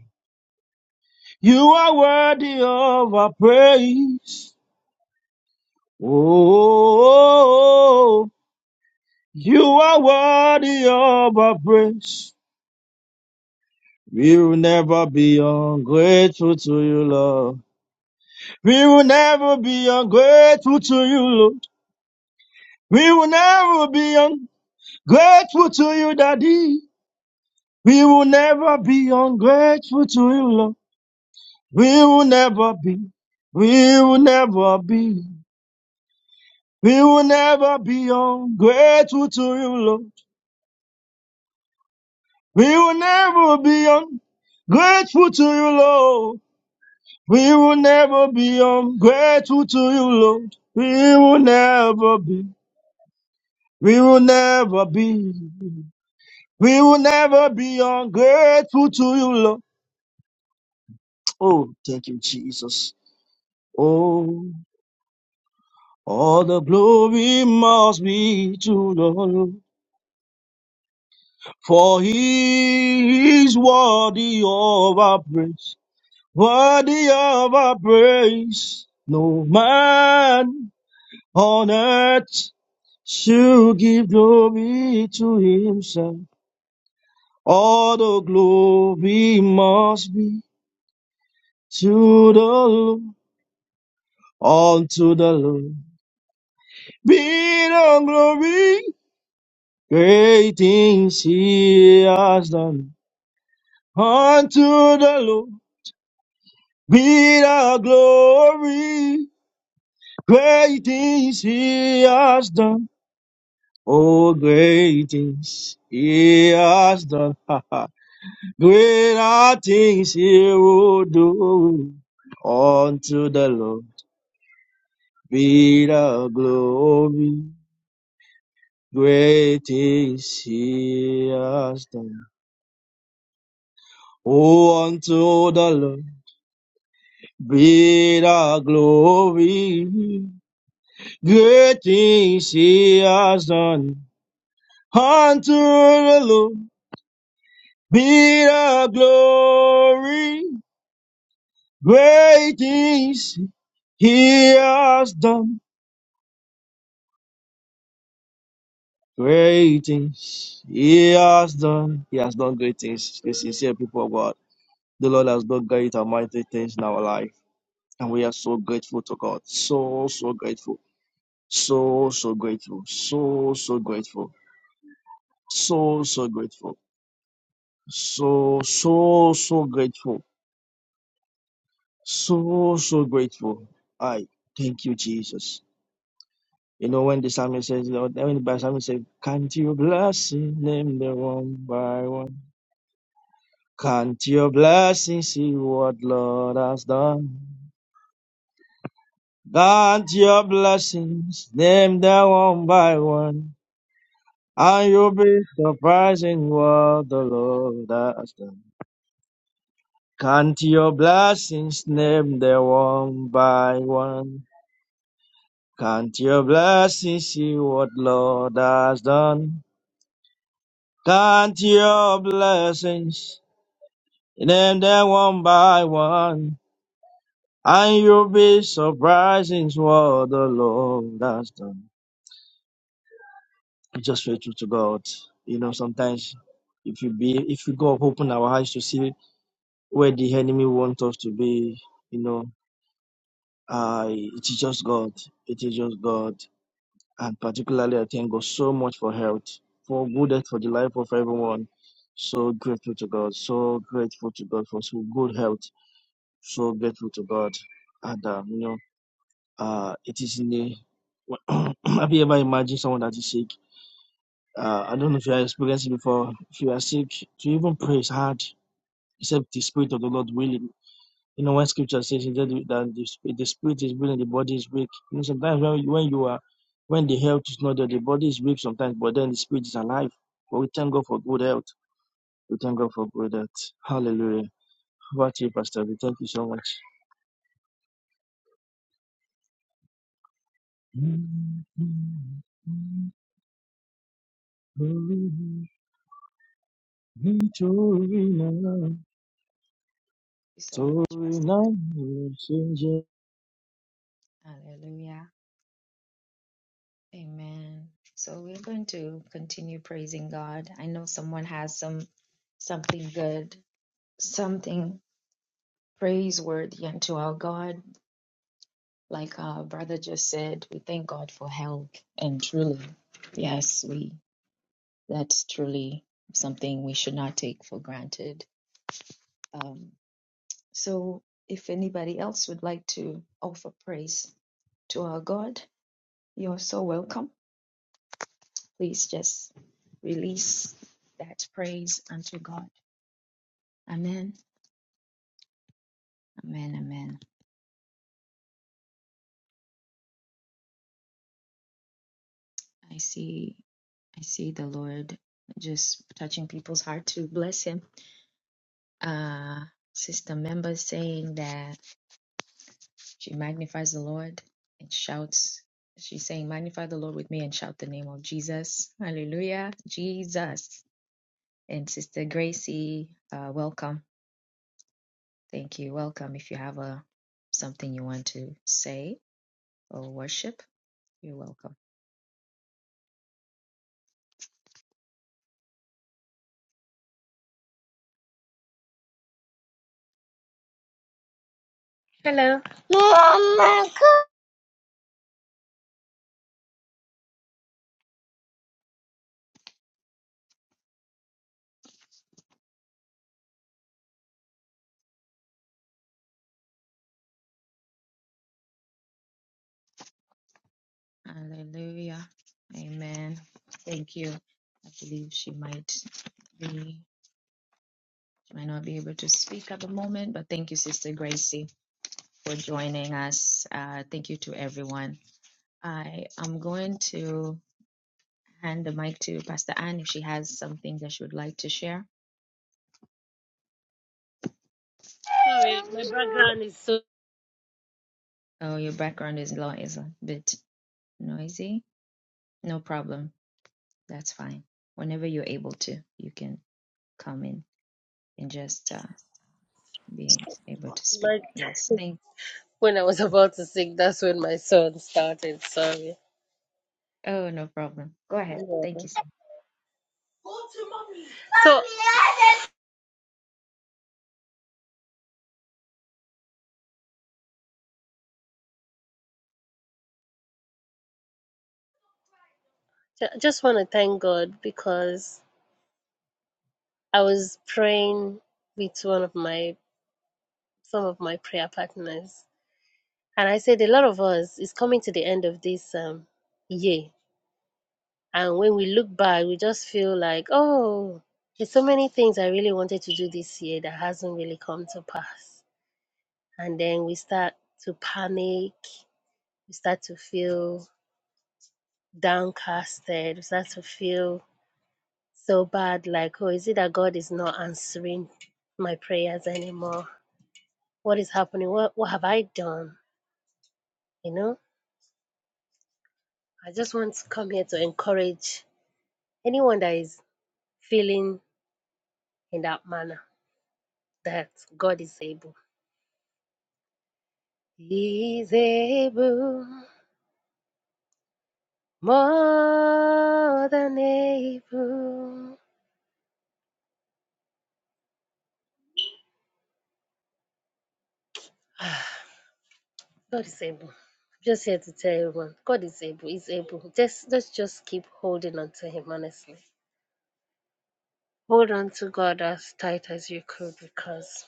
Speaker 4: You are worthy of our praise. Oh, you are worthy of our praise. We will never be ungrateful to you, Lord. We will never be ungrateful to you, Lord. We will never be ungrateful to you, Daddy. We will never be ungrateful to you, Lord. We will never be. We will never be. We will never be ungrateful to you, Lord. We will never be ungrateful to you, Lord. We will never be ungrateful to you, Lord. We will never be. We will never be. We will never be ungrateful to you, Lord. Oh, thank you, Jesus. Oh, all the glory must be to the Lord. For he is worthy of our praise. Worthy of our praise, no man on earth should give glory to himself. All the glory must be to the Lord, unto the Lord. Be the glory, great things he has done. Unto the Lord be the glory, great things he has done. Oh, great things he has done. [LAUGHS] Greater things he will do. Unto the Lord be the glory. Great things he has done. Oh, unto the Lord be the glory. Great things he has done. Unto the Lord be the glory. Great things he has done. Great things he has done. He has done great things. The sincere people of God. The Lord has done great and mighty things in our life. And we are so grateful to God. So, so grateful. So, so grateful. So, so grateful. So, so grateful. So, so, so grateful. So, so grateful. I thank you, Jesus. You know, when the psalmist says, Lord, when the psalmist says, Can't you bless him, name them one by one? Can't your blessings see what Lord has done? Can't your blessings name them one by one? And you'll be surprising what the Lord has done. Can't your blessings name them one by one? Can't your blessings see what Lord has done? Count your blessings. Name them one by one, and you'll be surprised in what the Lord has done. Just faithful to God. You know, sometimes if you be, if we go up, open our eyes to see where the enemy wants us to be, you know, uh, it is just God. It is just God. And particularly, I thank God so much for health, for good health, for the life of everyone. So grateful to God. So grateful to God for so good health. So grateful to God. Adam. Uh, it is in the. [CLEARS THROAT] have you ever imagined someone that is sick? Uh, I don't know if you have experienced it before. If you are sick, to even pray is hard, except the Spirit of the Lord willing. You know, when scripture says that the, that the sp- the spirit is willing, the body is weak. You know, sometimes when, when you are, when the health is not there, the body is weak sometimes, but then the spirit is alive. But we thank God for good health. We thank God for good health. Hallelujah. Over to you, Pastor. We thank you so much. nítorí náà
Speaker 1: you so
Speaker 4: So
Speaker 1: much,
Speaker 4: we
Speaker 1: Pastor
Speaker 4: now we change it.
Speaker 1: Ade. Hallelujah. Amen. So we're going to continue praising God. I know someone has some something good, something praiseworthy unto our God Like our brother just said, we thank God for health. And truly, yes, we that's truly something we should not take for granted. Um, so if anybody else would like to offer praise to our God, you're so welcome. Please just release that praise unto God. Amen. Amen. Amen. I see I see the Lord just touching people's heart to bless him. uh, sister member saying that she magnifies the Lord and shouts. She's saying, Magnify the Lord with me and shout the name of Jesus. Hallelujah, Jesus. And Sister Gracie, uh, welcome. Thank you. Welcome. If you have a something you want to say or worship, you're welcome.
Speaker 5: Hello. Mama,
Speaker 1: Hallelujah. Amen. Thank you. I believe she might be, she might not be able to speak at the moment, but thank you, Sister Gracie. for joining us. Uh, thank you to everyone. I am going to hand the mic to Pastor Anne if she has something that she would like to share.
Speaker 5: Sorry, my background is so
Speaker 1: Oh, your background is, lo- is a bit noisy. No problem. That's fine. Whenever you're able to, you can come in and just uh, be able to speak.
Speaker 5: much.
Speaker 1: Yes. Thank.
Speaker 5: When I was about to sing, that's when my son started. Sorry.
Speaker 1: Oh, no problem. Go ahead.
Speaker 5: Yeah.
Speaker 1: Thank you so much.
Speaker 5: So, I just want to thank God because I was praying with one of my some of my prayer partners, and I said a lot of us is coming to the end of this um year, and when we look back, we just feel like oh, there's so many things I really wanted to do this year that hasn't really come to pass and then we start to panic, we start to feel downcasted, we start to feel so bad like, oh, is it that God is not answering my prayers anymore? What is happening? What, what have I done? You know, I just want to come here to encourage anyone that is feeling in that manner that God is able. He is able, more than able. God is able. Just here to tell everyone, God is able. He's able. Just let's just keep holding on to Him. Honestly, hold on to God as tight as you could, because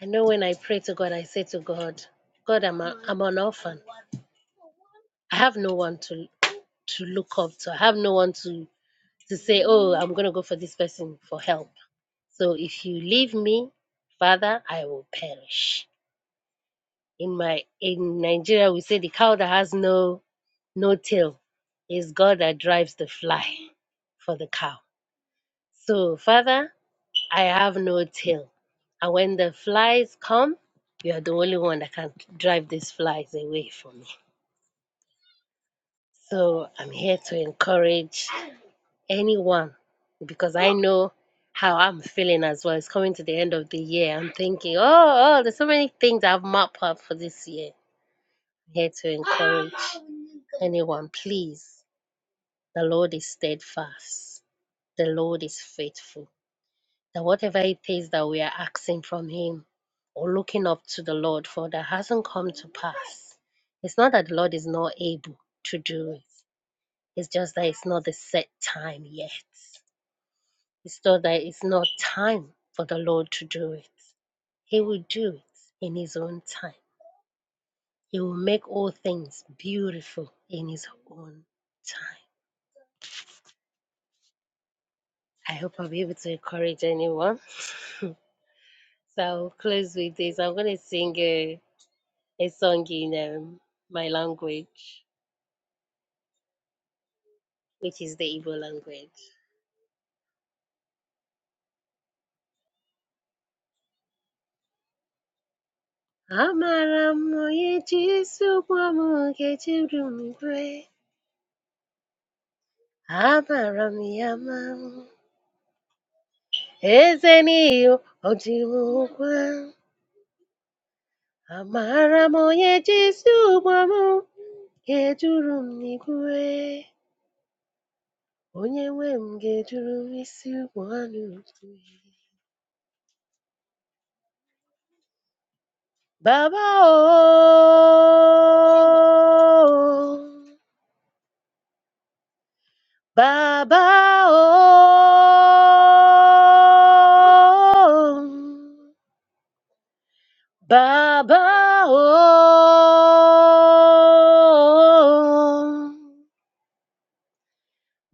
Speaker 5: I know when I pray to God, I say to God, God, I'm a, I'm an orphan. I have no one to to look up to. I have no one to to say, oh, I'm gonna go for this person for help. So if you leave me, Father, I will perish. In my in Nigeria, we say the cow that has no no tail. It's God that drives the fly for the cow. So, Father, I have no tail. And when the flies come, you are the only one that can drive these flies away from me. So, I'm here to encourage anyone because I know how I'm feeling as well. It's coming to the end of the year. I'm thinking, oh, oh there's so many things I've mapped out for this year. I'm here to encourage anyone, please. The Lord is steadfast The Lord is faithful. That whatever it is that we are asking from Him or looking up to the Lord for that hasn't come to pass, it's not that the Lord is not able to do it. It's just that it's not the set time yet. It's not that it's not time for the Lord to do it. He will do it in His own time. He will make all things beautiful in His own time. I hope I'll be able to encourage anyone. So I'll close with this. I'm going to sing a a song in um, my language, which is the Igbo language. Amara m onye ji isi ụkwụ ọmụ Nkechi Udumgwe. Amara m ya ma eze n'iyi ọ dịwo ụgwa. Amara m onye ji isi ụkwụ ọmụ m n'igwe. Onye nwe m ga-eduru m isi ụkwụ ha n'igwe. Baba o. Baba oh, Baba oh,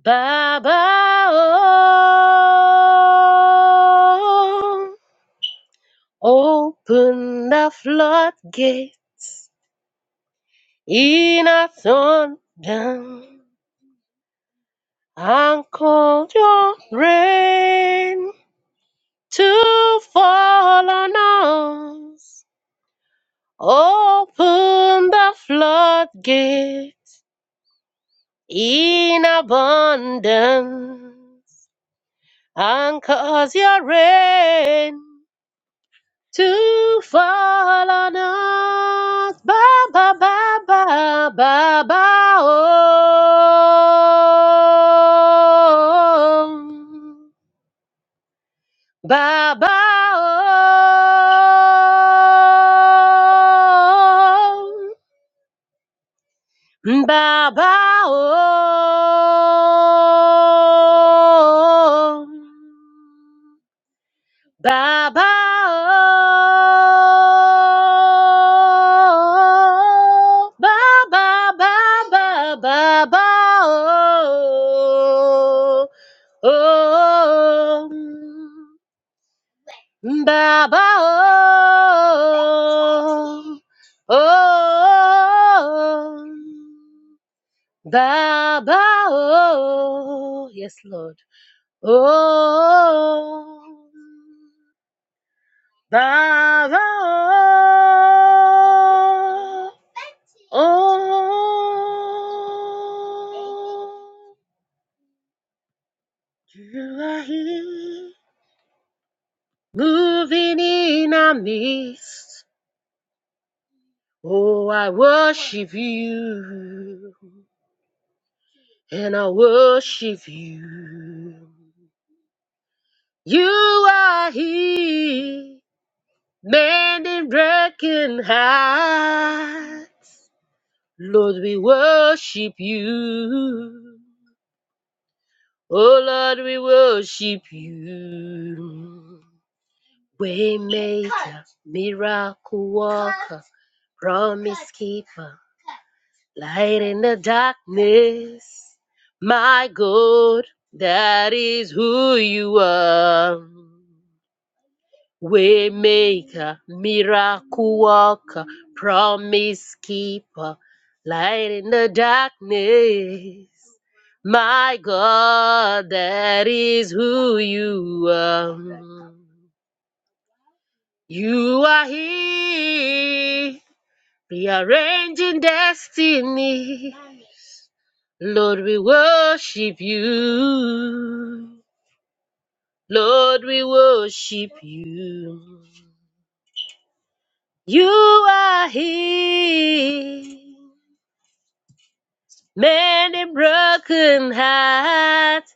Speaker 5: Baba oh, open the floodgate in a thunder and call your rain to fall on us. Open the floodgates in abundance and cause your rain to fall on us. Ba ba ba ba ba ba oh. Ba ba oh. Baba oh, Baba oh, Baba Baba Baba oh, oh, Baba oh, oh. Baba, oh, yes, Lord. Oh, Baba, oh, oh, you are here, moving in our midst. Oh, I worship you, and I worship you. You are here man in broken hearts, Lord, we worship you. Oh Lord, we worship you. Waymaker, miracle worker, promise keeper, light in the darkness. My God, that is who you are. Waymaker, miracle worker, promise keeper, light in the darkness. My God, that is who you are. You are He, rearranging destiny. Lord, we worship you. Lord, we worship you. You are He. Many broken hearts,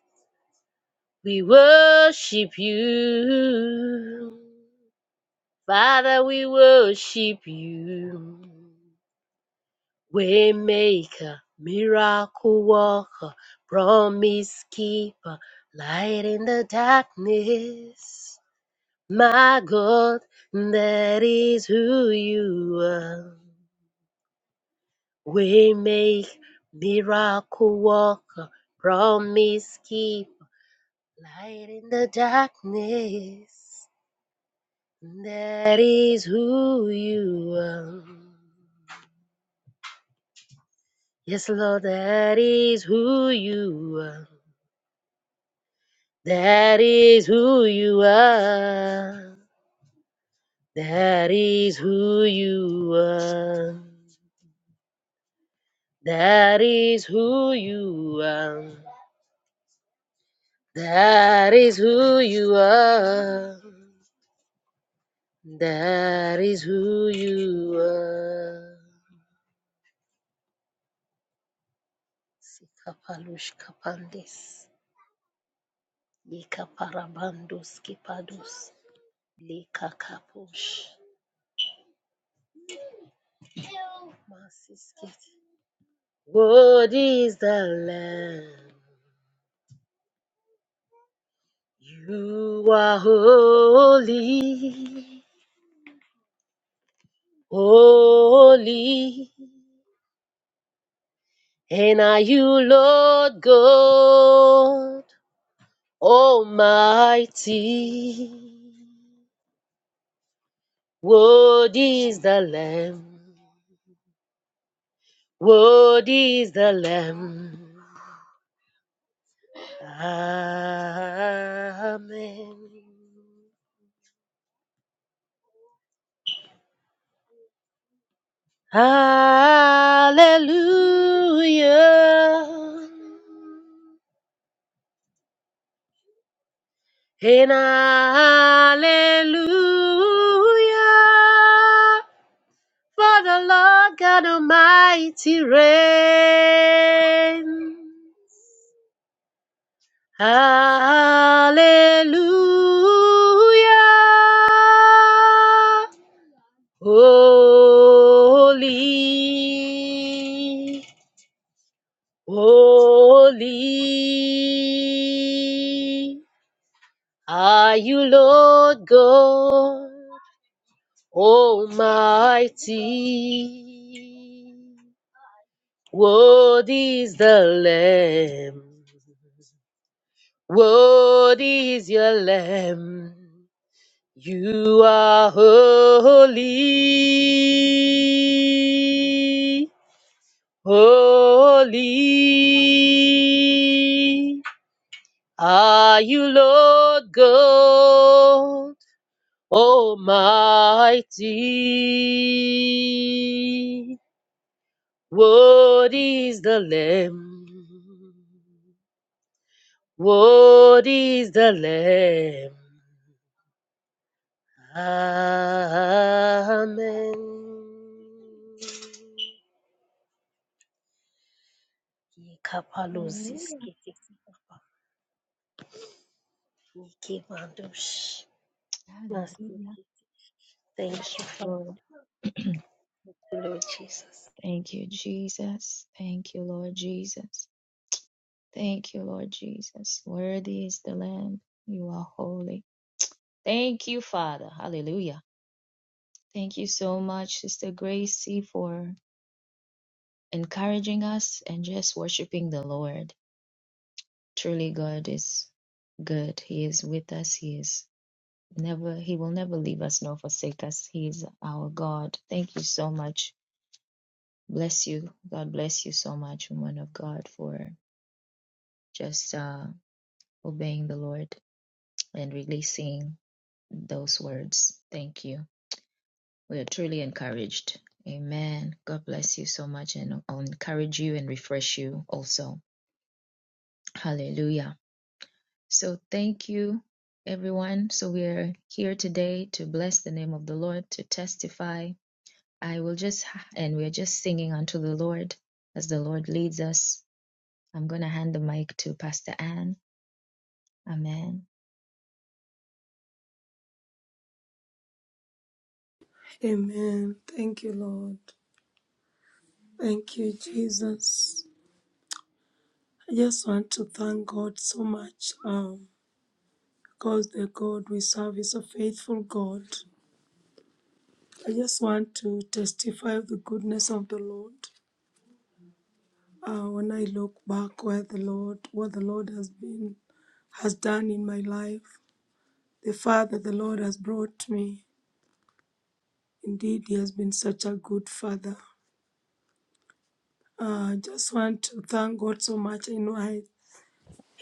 Speaker 5: we worship you. Father, we worship you. Waymaker, miracle worker, promise keeper, light in the darkness. My God, that is who you are. We make miracle walker, promise keep light in the darkness. That is who you are. Yes, Lord, that is who you are. That is who you are. That is who you are. That is who you are. That is who you are. That is who you are. Sikapalush kapandis. Lika parabandus kipados, Lika kapush. Masiskit. What is the land? You are holy, holy, and are you Lord God Almighty? What is the Lamb? What is the Lamb? Amen. Hallelujah. And hallelujah. For the Lord God Almighty reign. Hallelujah. Holy, holy are you, Lord God Almighty. Worthy is the Lamb. Worthy is your Lamb. You are holy, holy. Are you Lord God Almighty? What is the Lamb? What is the Lamb? Amen. Yekapalusis
Speaker 1: Hallelujah.
Speaker 5: kitikipapakimandush.
Speaker 1: Hallelujah.
Speaker 5: Masiki. Thank
Speaker 1: Precious
Speaker 5: you, Father,
Speaker 1: Lord. [CLEARS THROAT]
Speaker 5: Lord Jesus.
Speaker 1: Thank you, Jesus. Thank you, Lord Jesus. Thank you, Lord Jesus. Worthy is the Lamb. You are holy. Thank you, Father. Hallelujah. Thank you so much, Sister Gracie, for encouraging us and just worshiping the Lord. Truly, God is good. He is with us. He is never, He will never leave us nor forsake us. He is our God. Thank you so much. Bless you. God bless you so much, woman of God, for just uh, obeying the Lord and releasing. those words. Thank you. We are truly encouraged. Amen. God bless you so much, and I'll encourage you and refresh you also. Hallelujah. So, thank you, everyone. So, we are here today to bless the name of the Lord, to testify. I will just, and we are just singing unto the Lord as the Lord leads us. I'm going to hand the mic to Pastor Ann. Amen.
Speaker 2: Amen. Thank you, Lord. Thank you, Jesus. I just want to thank God so much um, because the God we serve is a faithful God. I just want to testify of the goodness of the Lord. Uh, when I look back where the Lord, what the Lord has been, has done in my life, the Father the Lord has brought me. Indeed, He has been such a good Father. I Uh, just want to thank God so much. I know I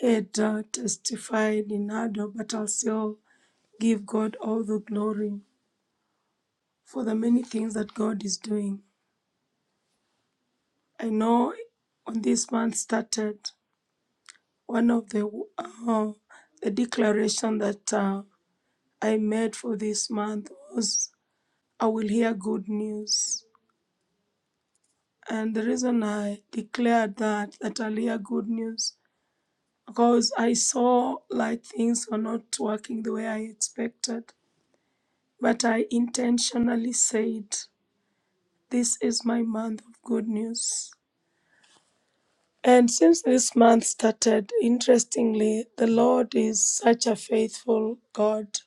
Speaker 2: had uh, testified in Nado, but I'll still give God all the glory for the many things that God is doing. I know when this month started, one of the uh, the declaration that uh, I made for this month was, "I will hear good news." And the reason I declared that that I'll hear good news because I saw like things were not working the way I expected But I intentionally said, This is my month of good news. And since this month started, interestingly, the Lord is such a faithful God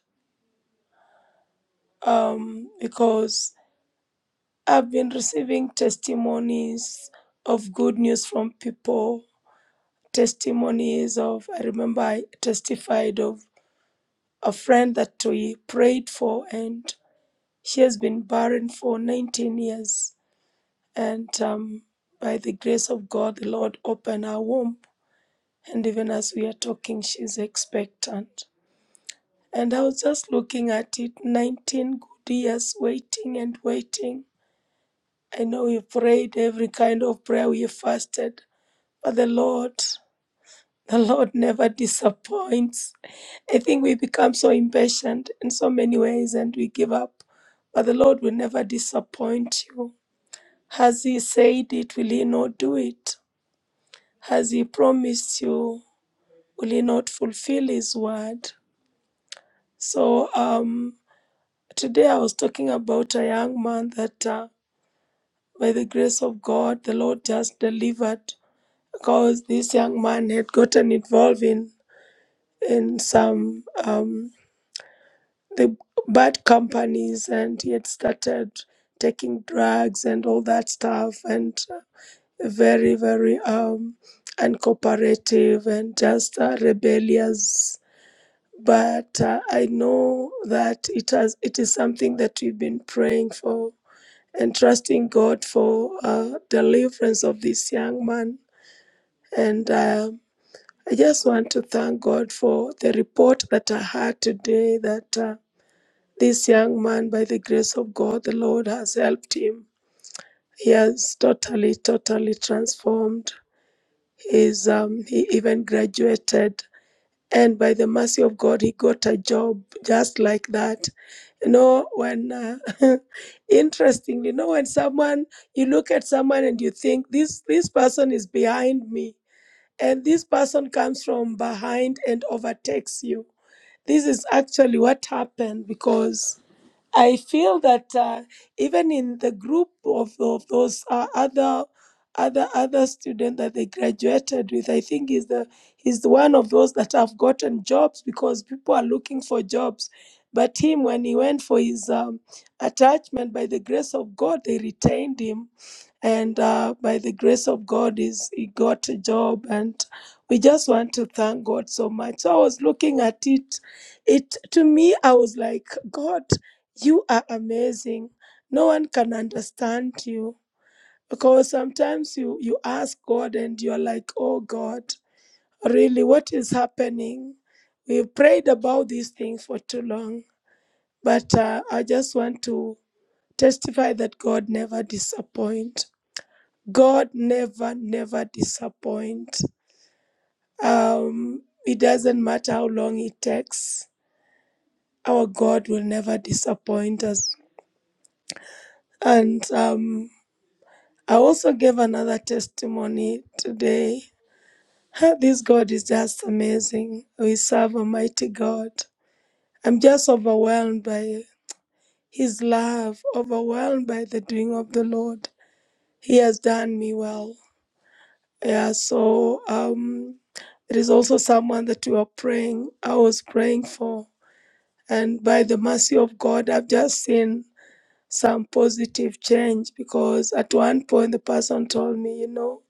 Speaker 2: um, because I've been receiving testimonies of good news from people, testimonies of, I remember I testified of a friend that we prayed for, and she has been barren for 19 years and um, by the grace of God, the Lord opened her womb. And even as we are talking, she's expectant. And I was just looking at it 19 good years waiting and waiting. I know we prayed every kind of prayer, we fasted, but the Lord, the Lord never disappoints. I think we become so impatient in so many ways and we give up, but the Lord will never disappoint you. Has He said it, will He not do it? Has he promised you, will he not fulfill his word? So um, today I was talking about a young man that uh, by the grace of God, the Lord just delivered because this young man had gotten involved in, in some um, the bad companies and he had started taking drugs and all that stuff and uh, very, very um, uncooperative and just uh, rebellious but uh, I know that it has it is something that we've been praying for and trusting God for uh, deliverance of this young man. And uh, I just want to thank God for the report that I had today that uh, this young man, by the grace of God, the Lord has helped him. He has totally, totally transformed. He's, um, he even graduated. And by the mercy of God, he got a job just like that You know, when, uh, [LAUGHS] interestingly, you know, when someone, you look at someone and you think, this, this person is behind me, and this person comes from behind and overtakes you. This is actually what happened because I feel that uh, even in the group of, of those uh, other other other student that they graduated with, I think is the he's the one of those that have gotten jobs because people are looking for jobs. But him, when he went for his um, attachment, by the grace of God, they retained him and uh, by the grace of God, is he got a job, and we just want to thank God so much. So I was looking at it, it to me, I was like, God, you are amazing. No one can understand you because sometimes you you ask God and you're like, oh God, really, what is happening? We prayed about these things for too long, but uh, I just want to testify that God never disappoints. God never, never disappoints. Um, it doesn't matter how long it takes. Our God will never disappoint us. And um, I also gave another testimony today. [LAUGHS] This God is just amazing. We serve a mighty God. I'm just overwhelmed by His love, overwhelmed by the doing of the Lord. He has done me well. Yeah, so um, it is also someone that we are praying. I was praying for, and by the mercy of God, I've just seen some positive change because at one point the person told me, you know,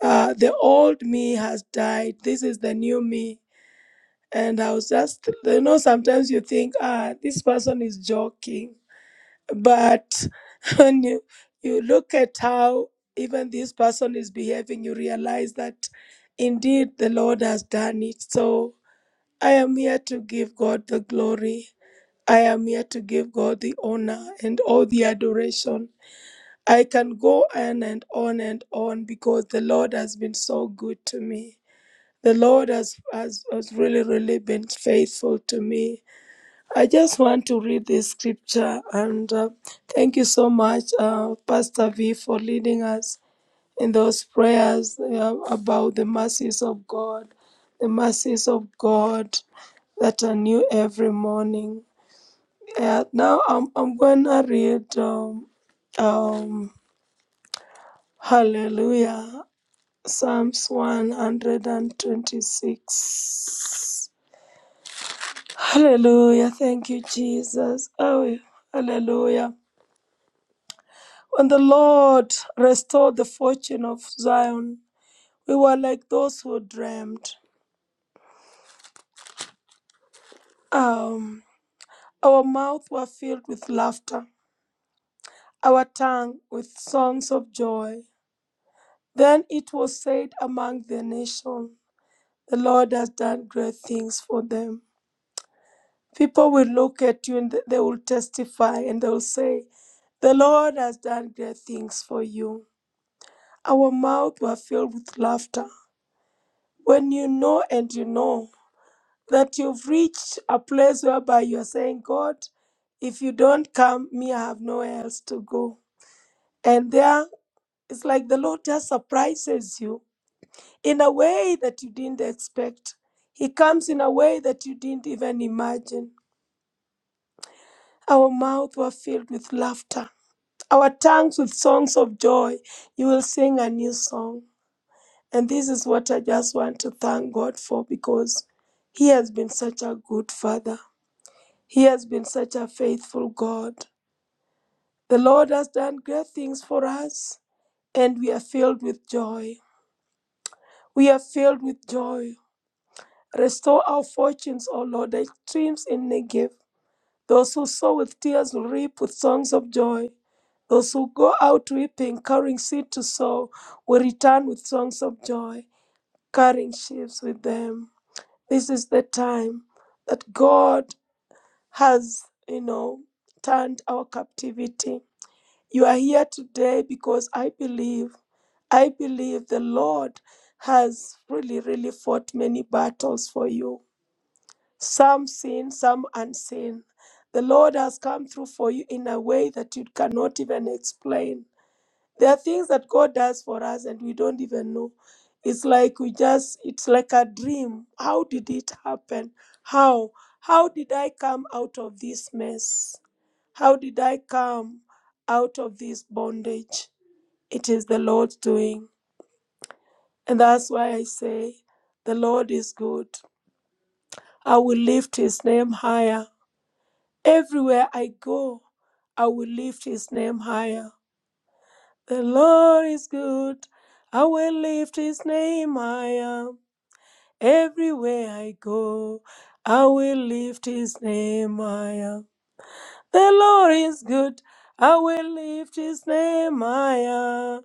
Speaker 2: uh, the old me has died. This is the new me, and I was just, you know, sometimes you think, ah, this person is joking, but when you you look at how even this person is behaving you realize that indeed the lord has done it so i am here to give god the glory i am here to give god the honor and all the adoration i can go on and on and on because the lord has been so good to me the lord has has, has really really been faithful to me I just want to read this scripture and uh, thank you so much, uh, Pastor V, for leading us in those prayers uh, about the mercies of God, the mercies of God that are new every morning. Yeah, now I'm, I'm going to read um, um, Hallelujah, Psalms 126. Hallelujah, thank you, Jesus. Oh, hallelujah. When the Lord restored the fortune of Zion, we were like those who dreamed. Um, our mouths were filled with laughter, our tongue with songs of joy. Then it was said among the nation, The Lord has done great things for them. People will look at you and they will testify and they will say, The Lord has done great things for you. Our mouths were filled with laughter. When you know and you know, that you've reached a place whereby you're saying, God, if you don't come, me, I have nowhere else to go. And there, it's like the Lord just surprises you in a way that you didn't expect. He comes in a way that you didn't even imagine. Our mouths were filled with laughter, our tongues with songs of joy. You will sing a new song. And this is what I just want to thank God for because He has been such a good Father. He has been such a faithful God. The Lord has done great things for us, and we are filled with joy. We are filled with joy. Restore our fortunes, O Lord, like streams in Negev. Those who sow with tears will reap with songs of joy. Those who go out weeping, carrying seed to sow, will return with songs of joy, carrying sheaves with them. This is the time that God has, you know, turned our captivity. You are here today because I believe, I believe the Lord has really, really fought many battles for you, some seen, some unseen. The Lord has come through for you in a way that you cannot even explain. There are things that God does for us and we don't even know. It's like we just, it's like a dream. How did it happen? How? How did I come out of this mess? How did I come out of this bondage? It is the Lord's doing. And that's why I say, the Lord is good. I will lift his name higher. Everywhere I go, I will lift his name higher. The Lord is good. I will lift his name higher. Everywhere I go, I will lift his name higher. The Lord is good. I will lift his name higher.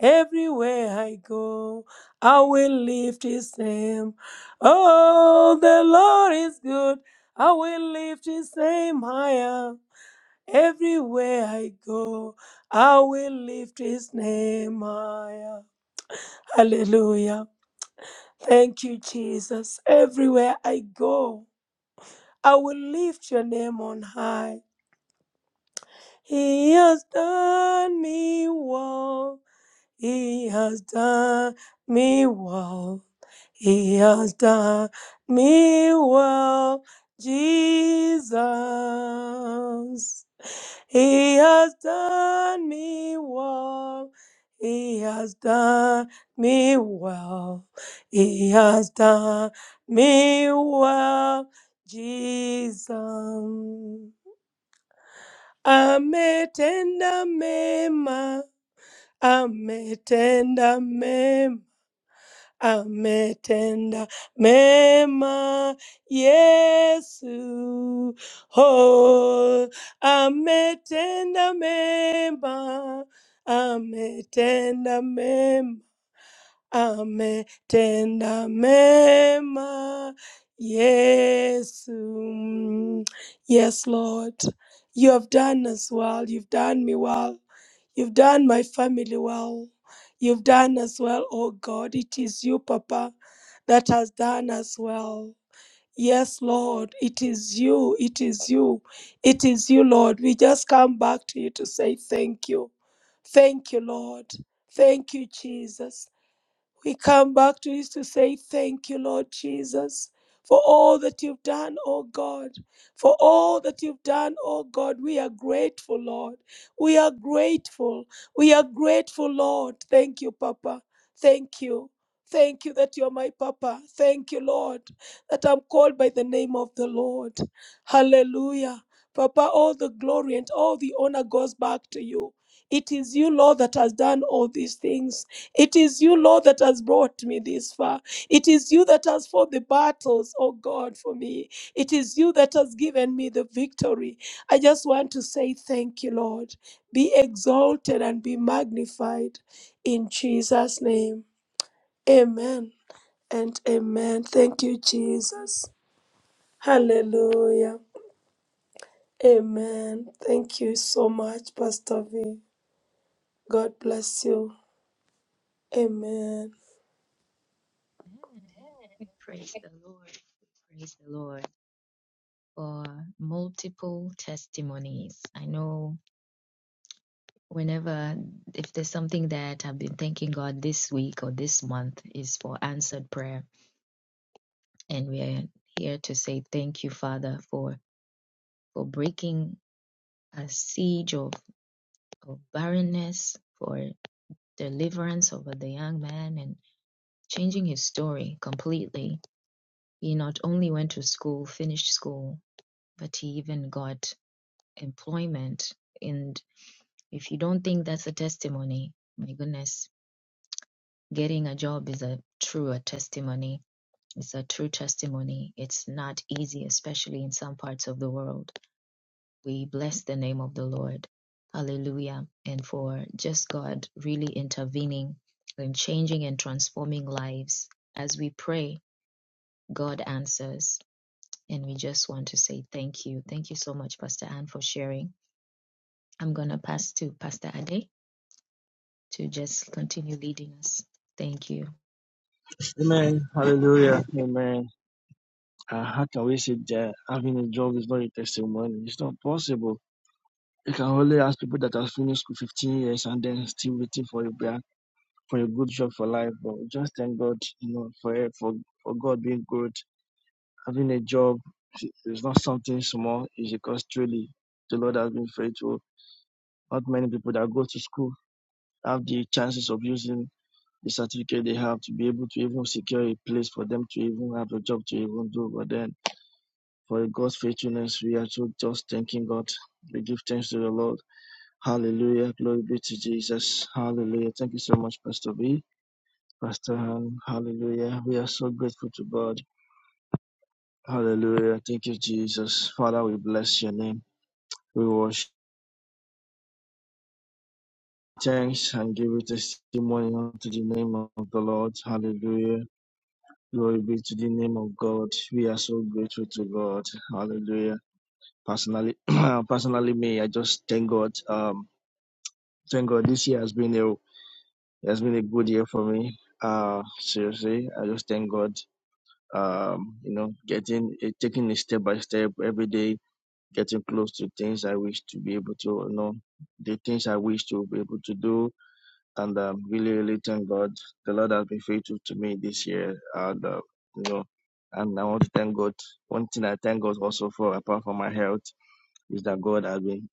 Speaker 2: Everywhere I go, I will lift his name. Oh, the Lord is good. I will lift his name higher. Everywhere I go, I will lift his name higher. Hallelujah. Thank you, Jesus. Everywhere I go, I will lift your name on high. He has done me well. He has done me well. He has done me well, Jesus. He has done me well. He has done me well. He has done me well, Jesus. Ametenda mema, ametenda mema, ametenda mema, Yesu. Oh, ametenda mema, ametenda mema ametenda mema. Yes, mm, yes, Lord. You have done us well. You've done me well. You've done my family well. You've done us well, oh God. It is you, Papa, that has done us well. Yes, Lord, it is you. It is you. It is you, Lord. We just come back to you to say thank you. Thank you, Lord. Thank you, Jesus. We come back to this to say thank you, Lord Jesus, for all that you've done, oh God. For all that you've done, oh God, we are grateful, Lord. We are grateful. We are grateful, Lord. Thank you, Papa. Thank you. Thank you that you're my Papa. Thank you, Lord, that I'm called by the name of the Lord. Hallelujah. Papa, all the glory and all the honor goes back to you. It is you, Lord, that has done all these things. It is you, Lord, that has brought me this far. It is you that has fought the battles, oh God, for me. It is you that has given me the victory. I just want to say thank you, Lord. Be exalted and be magnified in Jesus' name. Amen and amen. Thank you, Jesus. Hallelujah. Amen. Thank you so much, Pastor V. God bless you. Amen.
Speaker 1: Amen. Praise the Lord. Praise the Lord. for multiple testimonies. I know whenever, if there's something that I've been thanking God this week or this month, is for answered prayer. And we're here to say thank you, Father, for, for breaking a siege of, of barrenness, for deliverance over the young man and changing his story completely. He not only went to school, finished school, but he even got employment. and. If you don't think that's a testimony, my goodness, getting a job is a true a testimony. It's a true testimony. It's not easy, especially in some parts of the world. We bless the name of the Lord. Hallelujah. And for just God really intervening and changing and transforming lives. As we pray, God answers. And we just want to say thank you. Thank you so much, Pastor Ann, for sharing. I'm going to pass to Pastor Ade to just continue leading us. Thank you.
Speaker 4: Amen. Hallelujah. Amen. Uh, how can we say that having a job is not a testimony? It's not possible. You can only ask people that have finished school 15 years and then still waiting for a bra- for a good job for life. But we just thank God, you know, for for for God being good. Having a job is not something small. It's because truly the Lord has been faithful. Not many people that go to school have the chances of using the certificate they have to be able to even secure a place for them to even have a job to even do. But then for God's faithfulness, we are so just thanking God. We give thanks to the Lord. Hallelujah. Glory be to Jesus. Hallelujah. Thank you so much, Pastor B. Pastor Han. Hallelujah. We are so grateful to God. Hallelujah. Thank you, Jesus. Father, we bless your name. We worship. Thanks and give it testimony unto the name of the Lord. Hallelujah. Glory be to the name of God. We are so grateful to God. Hallelujah. Personally, [CLEARS THROAT] personally, me, I just thank God. Um, thank God. This year has been a has been a good year for me. Uh, seriously, I just thank God. Um, you know, getting eh, taking it step by step every day, getting close to things I wish to be able to you know, the things I wish to be able to do and um, really, really thank God. The Lord has been faithful to me this year, and uh, you know, and I want to thank God. One thing I thank God also for, apart from my health, is that God has been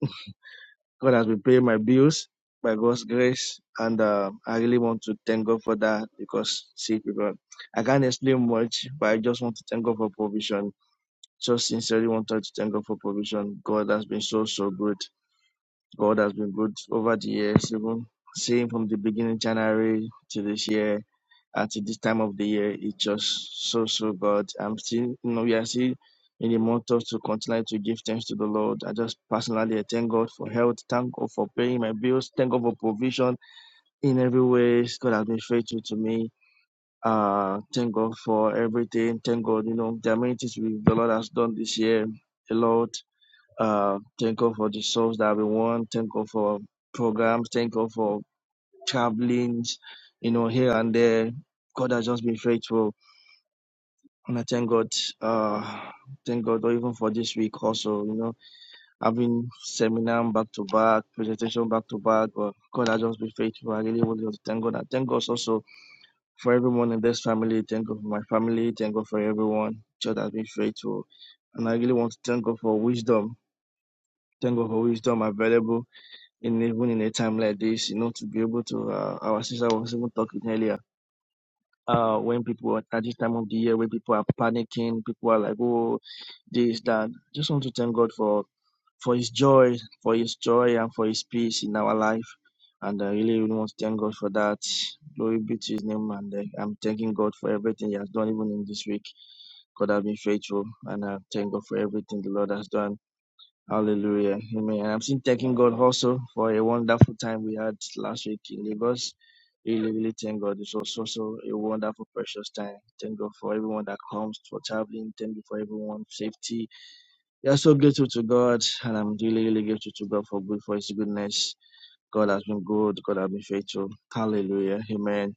Speaker 4: [LAUGHS] God has been paying my bills by God's grace, and uh, I really want to thank God for that because see, people, I can't explain much, but I just want to thank God for provision. Just sincerely wanted to thank God for provision. God has been so so good God has been good over the years, even seeing from the beginning January to this year and this time of the year, it's just so so good. I'm still you know, we are still in the month of to continue to give thanks to the Lord. I just personally I thank God for health, thank God for paying my bills, thank God for provision in every way. God has been faithful to me. Uh thank God for everything. Thank God, you know, the amenities we the Lord has done this year. A lot. Uh, thank God for the souls that we won. Thank God for programs. Thank God for travelings, you know, here and there. God has just been faithful. And I thank God, uh, thank God even for this week also, you know, having seminar back to back, presentation back to back. But God has just been faithful. I really want to thank God. And thank God also for everyone in this family. Thank God for my family. Thank God for everyone. God has been faithful. And I really want to thank God for wisdom. Thank God for wisdom available in even in a time like this, you know, to be able to uh, our sister was even talking earlier. Uh, when people are at this time of the year, when people are panicking, people are like, oh, this, that. Just want to thank God for for His joy, for His joy and for His peace in our life, and I really, really want to thank God for that. Glory be to His name, and uh, I'm thanking God for everything He has done, even in this week. God has been faithful, and I thank God for everything the Lord has done Hallelujah. Amen. I'm still thanking God also for a wonderful time we had last week in Lagos. Really, really thank God. It was also a wonderful, precious time. Thank God for everyone that comes for traveling. Thank you for everyone safety. We are so grateful to God, and I'm really, really grateful to God for good for His goodness. God has been good. God has been faithful. Hallelujah. Amen.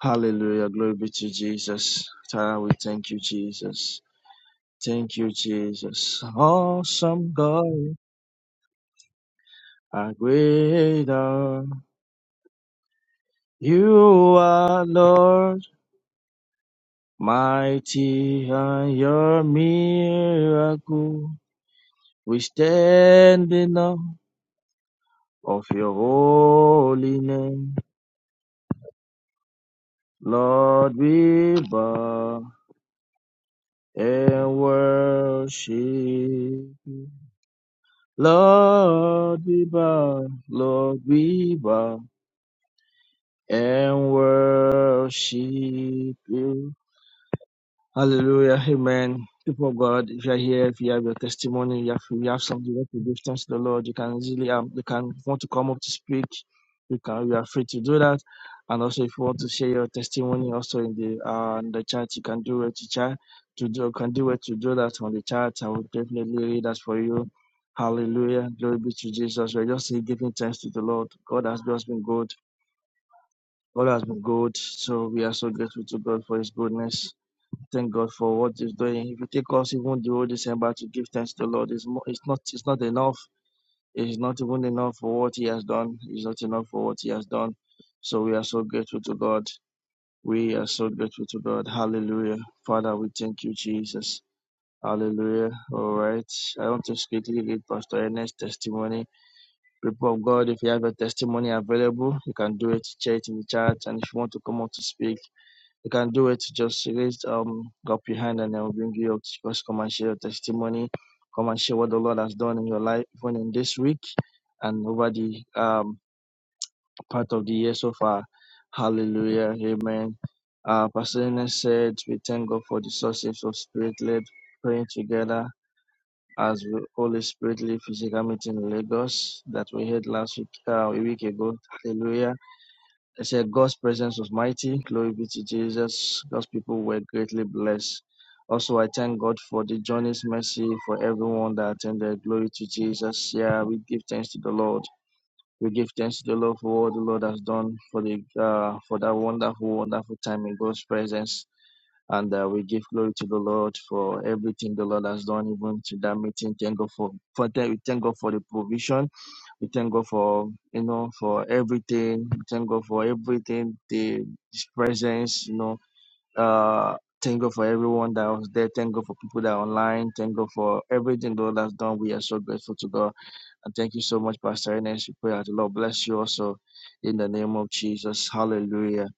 Speaker 4: Hallelujah. Glory be to Jesus. Father, we thank you, Jesus. Thank you, Jesus. Awesome God. How great you are, Lord, mighty are your miracle. We stand in awe of your holy name. Lord, we bow and worship you. Lord, we bow, Lord, we bow and worship you. Hallelujah. Amen. People of God, if you're here, if you have your testimony, you have, you have something you want to give thanks to the Lord, you can easily, um, you can want to come up to speak. You can, you are free to do that. And also, if you want to share your testimony, also in the, uh, in the chat, you can do it to chat, to do, can do it to do that on the chat. I will definitely read that for you. Hallelujah. Glory be to Jesus. We're just here giving thanks to the Lord. God has just been good. God has been good. So we are so grateful to God for his goodness. Thank God for what He's doing. If you take us even the whole December to give thanks to the Lord, it's, mo- it's not it's not enough. It's not even enough for what He has done. It's not enough for what He has done. So we are so grateful to God. We are so grateful to God. Hallelujah. Father, we thank you, Jesus. Hallelujah. All right. I want to quickly read Pastor Ernest's testimony. People of God, if you have a testimony available, you can do it. Share it in the chat. And if you want to come up to speak, you can do it. Just raise um up your hand and then we'll bring you up. Just come and share your testimony. Come and share what the Lord has done in your life, even in this week and over the um part of the year so far. Hallelujah. Amen. Uh Pastor Ernest said we thank God for the sources of spirit led praying together as we Holy Spirit lead physical meeting in Lagos that we had last week uh, a week ago. Hallelujah it said, God's presence was mighty. Glory be to Jesus. God's people were greatly blessed. Also, I thank God for the journey's mercy for everyone that attended. Glory to Jesus. Yeah, we give thanks to the Lord. We give thanks to the Lord for all the Lord has done for the uh, for that wonderful, wonderful time in God's presence. And uh, we give glory to the Lord for everything the Lord has done, even to that meeting. Thank God for, for that. We thank God for the provision we thank God for you know for everything. We thank God for everything, the His presence, you know. Uh thank God for everyone that was there. Thank God for people that are online. Thank God for everything God has done. We are so grateful to God. And thank you so much, Pastor Ernest. We pray that the Lord bless you also in the name of Jesus. Hallelujah.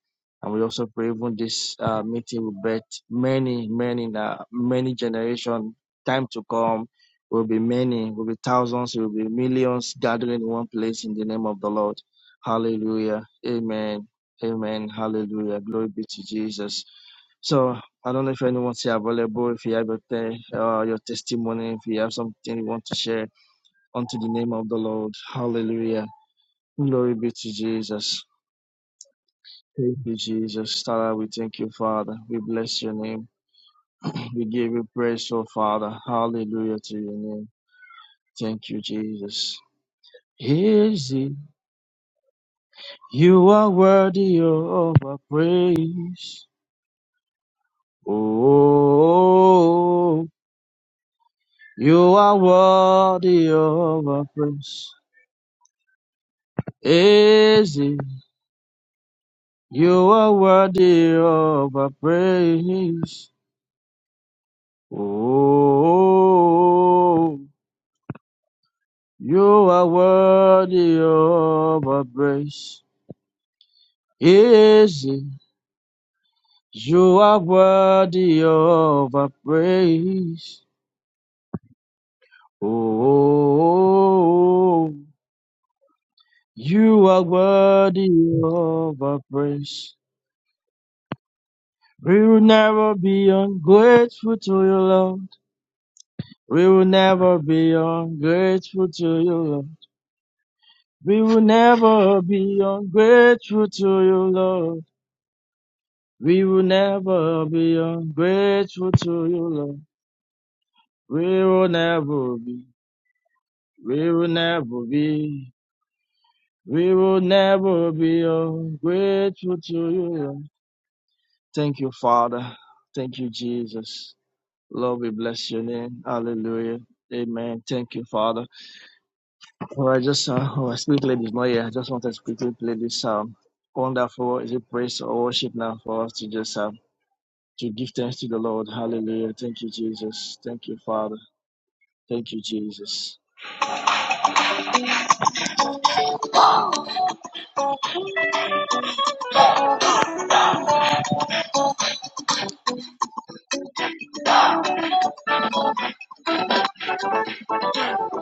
Speaker 4: And we also pray even this uh, meeting will bet many, many, uh, many generation time to come will be many, will be thousands, will be millions gathering in one place in the name of the Lord. Hallelujah. Amen. Amen. Hallelujah. Glory be to Jesus. So I don't know if anyone's here available, if you have your, te- uh, your testimony, if you have something you want to share unto the name of the Lord. Hallelujah. Glory be to Jesus. Thank you, Jesus. Father, we thank you, Father. We bless your name. We give you praise, oh Father. Hallelujah to your name. Thank you, Jesus. Is it you are worthy of our praise? Oh, you are worthy of our praise. Is it you are worthy of our praise? Oh, you are worthy of our praise. Yes, you are worthy of our praise. Oh, you are worthy of our praise. We will never be ungrateful to you, Lord. We will never be ungrateful to you, Lord. We will never be ungrateful to you, Lord. We will never be ungrateful to you, Lord. We will never be. We will never be. We will never be ungrateful to you, Lord. Thank you, Father. Thank you, Jesus. Lord, we bless your name. Hallelujah. Amen. Thank you, Father. All right, just uh, oh, I speak, ladies. Not yet. I just wanted to quickly play this um wonderful. Is it praise or worship now for us to just um to give thanks to the Lord? Hallelujah. Thank you, Jesus. Thank you, Father. Thank you, Jesus.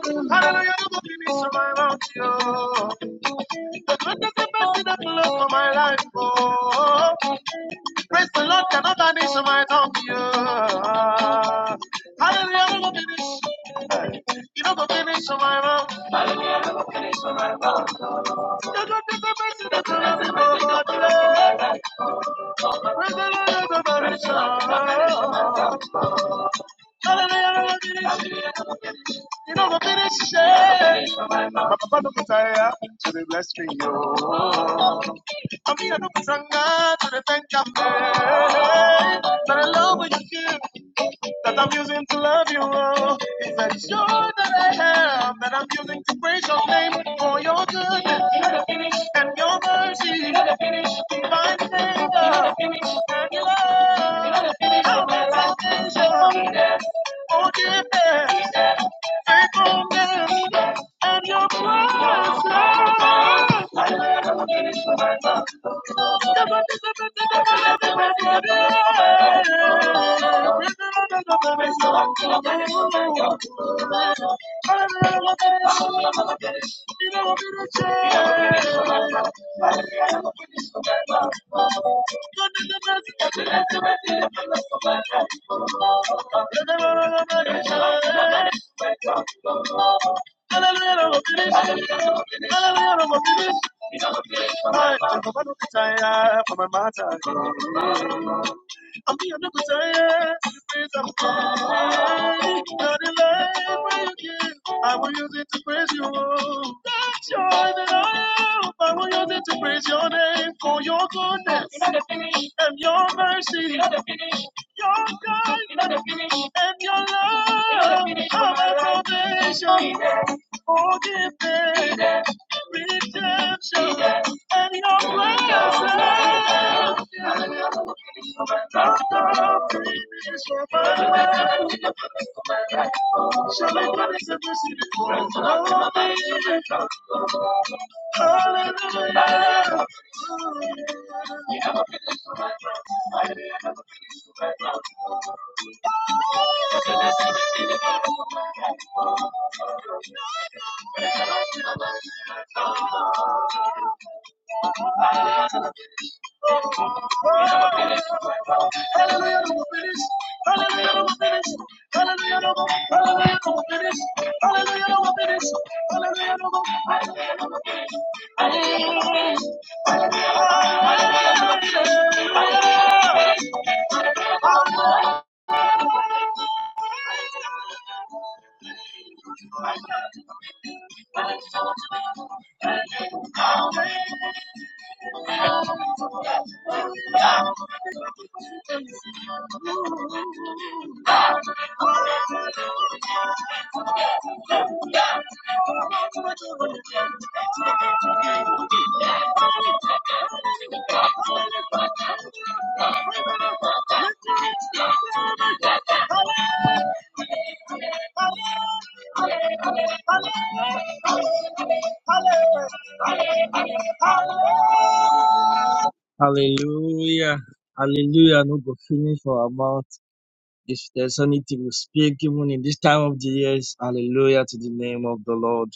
Speaker 4: Hallelujah, i my mouth, yo. The goodness and mercy that you love for my life, oh. Praise the Lord, cannot vanish on my tongue, yo. Hallelujah, i finish. You know, go finish on my mouth. Hallelujah, i finish. The goodness and mercy that you love me, oh, God, yeah. Praise the Lord, I'm gonna vanish, from my tongue, You know the finish. Papa no kutaya to the blessing, me yo. Mami no kutanga to the thank you. But I love what you do that I'm using to love you. Oh, is that joy that I have that I'm using to praise your name for your goodness and your mercy to find favor and your love. How my salvation, forgiveness, faithfulness, and your presence the Hallelujah. I'm here to present this opportunity. Not in life where you give. I will use it to praise you. That's joy that I have. I will use it to praise your name for your goodness and your mercy, your kindness and your love. Are my foundation, forgiveness, redemption, and your presence. Hallelujah. Hallelujah. Hallelujah. No go finish for our mouth. If there's anything we speak, even in this time of the years, hallelujah to the name of the Lord.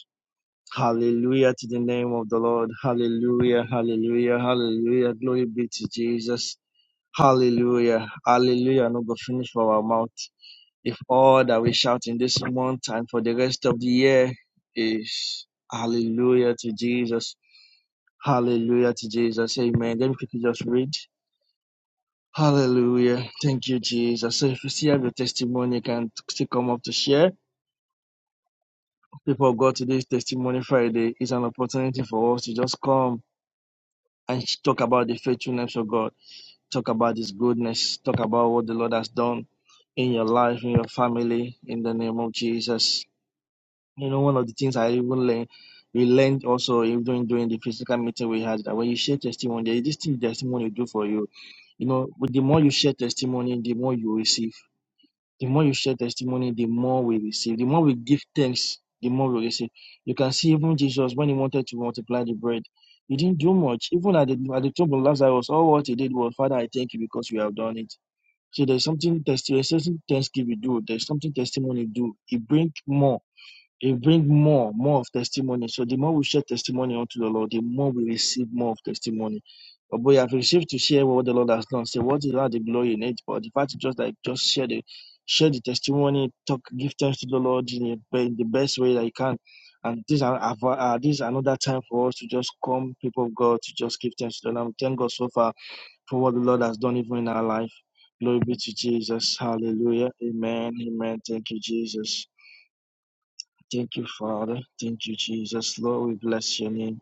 Speaker 4: Hallelujah to the name of the Lord. Hallelujah, hallelujah, hallelujah. Glory be to Jesus. Hallelujah, hallelujah. No go finish for our mouth. If all that we shout in this month and for the rest of the year is hallelujah to Jesus. Hallelujah to Jesus. Amen. Then we can just read. Hallelujah. Thank you, Jesus. So if you still have your testimony, you can still come up to share. People of God, today's testimony Friday is an opportunity for us to just come and talk about the faithfulness of God, talk about His goodness, talk about what the Lord has done in your life, in your family, in the name of Jesus. You know, one of the things I even learned, we learned also even during the physical meeting we had that when you share testimony, there is this thing testimony do for you. You know, but the more you share testimony, the more you receive the more you share testimony, the more we receive. The more we give thanks, the more we receive. You can see even Jesus when he wanted to multiply the bread, he didn't do much. Even at the at the tomb of Lazarus, all what he did was, Father, I thank you because you have done it. So there's something test there's something thanksgiving do. There's something testimony do. It brings more. It brings more, more of testimony. So the more we share testimony unto the Lord, the more we receive more of testimony. But boy, I've received to share what the Lord has done. Say, what is not the glory in it? But the fact is just like just share the share the testimony, talk, give thanks to the Lord in, a, in the best way that you can. And this are are- are- this is another time for us to just come, people of God, to just give thanks to the Lord. And we thank God so far for what the Lord has done even in our life. Glory be to Jesus. Hallelujah. Amen. Amen. Thank you, Jesus. Thank you, Father. Thank you, Jesus. Lord, we bless your name.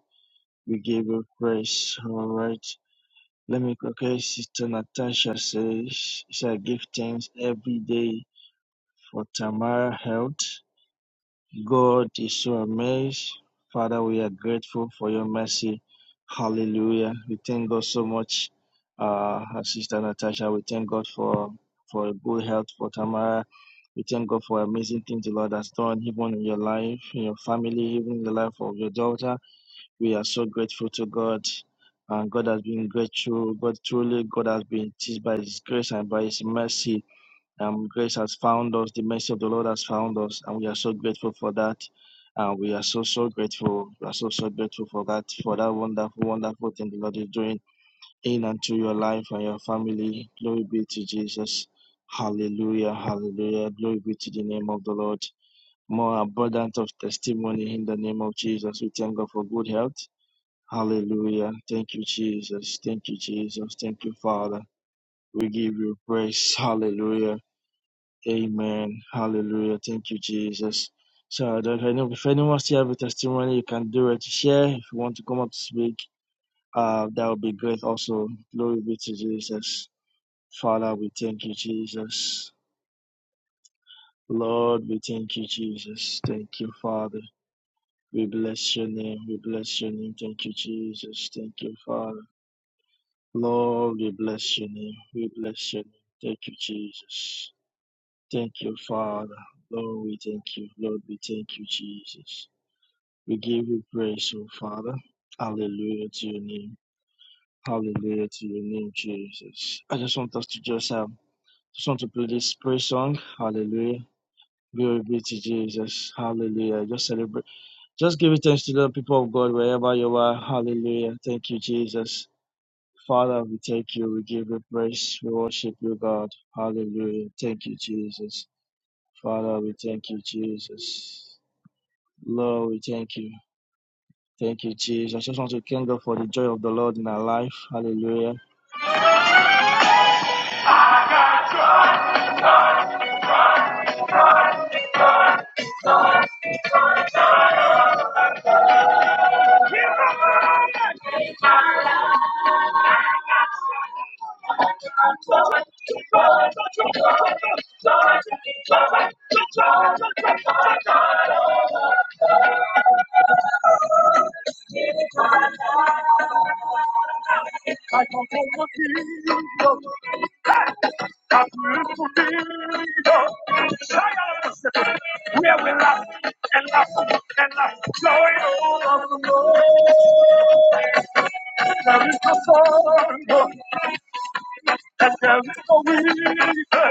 Speaker 4: We give you praise. All right. Let me, okay, Sister Natasha says, she said, give thanks every day for Tamara health. God is so amazed. Father, we are grateful for your mercy. Hallelujah. We thank God so much. Uh, our Sister Natasha, we thank God for, for good health for Tamara. We thank God for amazing things the Lord has done, even in your life, in your family, even in the life of your daughter. We are so grateful to God. And God has been grateful. God truly, God has been teased by His grace and by His mercy. Um, grace has found us, the mercy of the Lord has found us, and we are so grateful for that. And we are so, so grateful. We are so, so grateful for that, for that wonderful, wonderful thing the Lord is doing in and to your life and your family. Glory be to Jesus. Hallelujah, hallelujah. Glory be to the name of the Lord. More abundant of testimony in the name of Jesus. We thank God for good health. Hallelujah. Thank you, Jesus. Thank you, Jesus. Thank you, Father. We give you praise. Hallelujah. Amen. Hallelujah. Thank you, Jesus. So I don't I know if anyone still have a testimony, you can do it. Share if you want to come up to speak. Uh, that would be great. Also, glory be to Jesus. Father, we thank you, Jesus. Lord, we thank you, Jesus. Thank you, Father. We bless your name. We bless your name. Thank you, Jesus. Thank you, Father. Lord, we bless your name. We bless your name. Thank you, Jesus. Thank you, Father. Lord, we thank you. Lord, we thank you, Jesus. We give you praise, oh Father. Hallelujah to your name. Hallelujah to your name, Jesus. I just want us to just um just want to play this praise song. Hallelujah. Glory be to Jesus. Hallelujah. Just celebrate. Just give it thanks to the people of God wherever you are. Hallelujah. Thank you, Jesus. Father, we thank you. We give you praise. We worship you, God. Hallelujah. Thank you, Jesus. Father, we thank you, Jesus. Lord, we thank you. Thank you, Jesus. I just want to thank God for the joy of the Lord in our life. Hallelujah. [LAUGHS] I don't want to be I'm beautiful Where we laugh and laugh and laugh. Glory of the Lord. There is the sun. That's how we go in. Give us,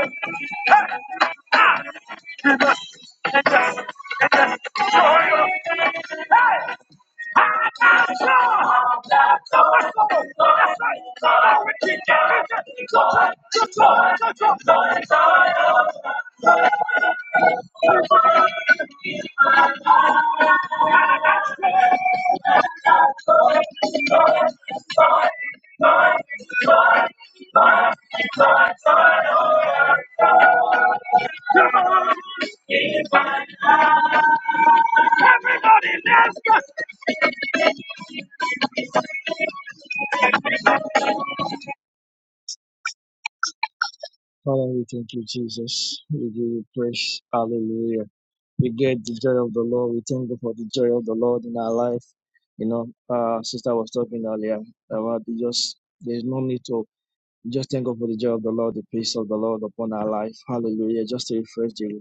Speaker 4: give us, give us joy. of Hey! I'm Everybody, let's go. Father, we thank you, Jesus. We give you praise. Hallelujah. We get the joy of the Lord. We thank you for the joy of the Lord in our life. You know, uh, sister was talking earlier about the just there's no need to just thank God for the joy of the Lord, the peace of the Lord upon our life. Hallelujah. Just to refresh you.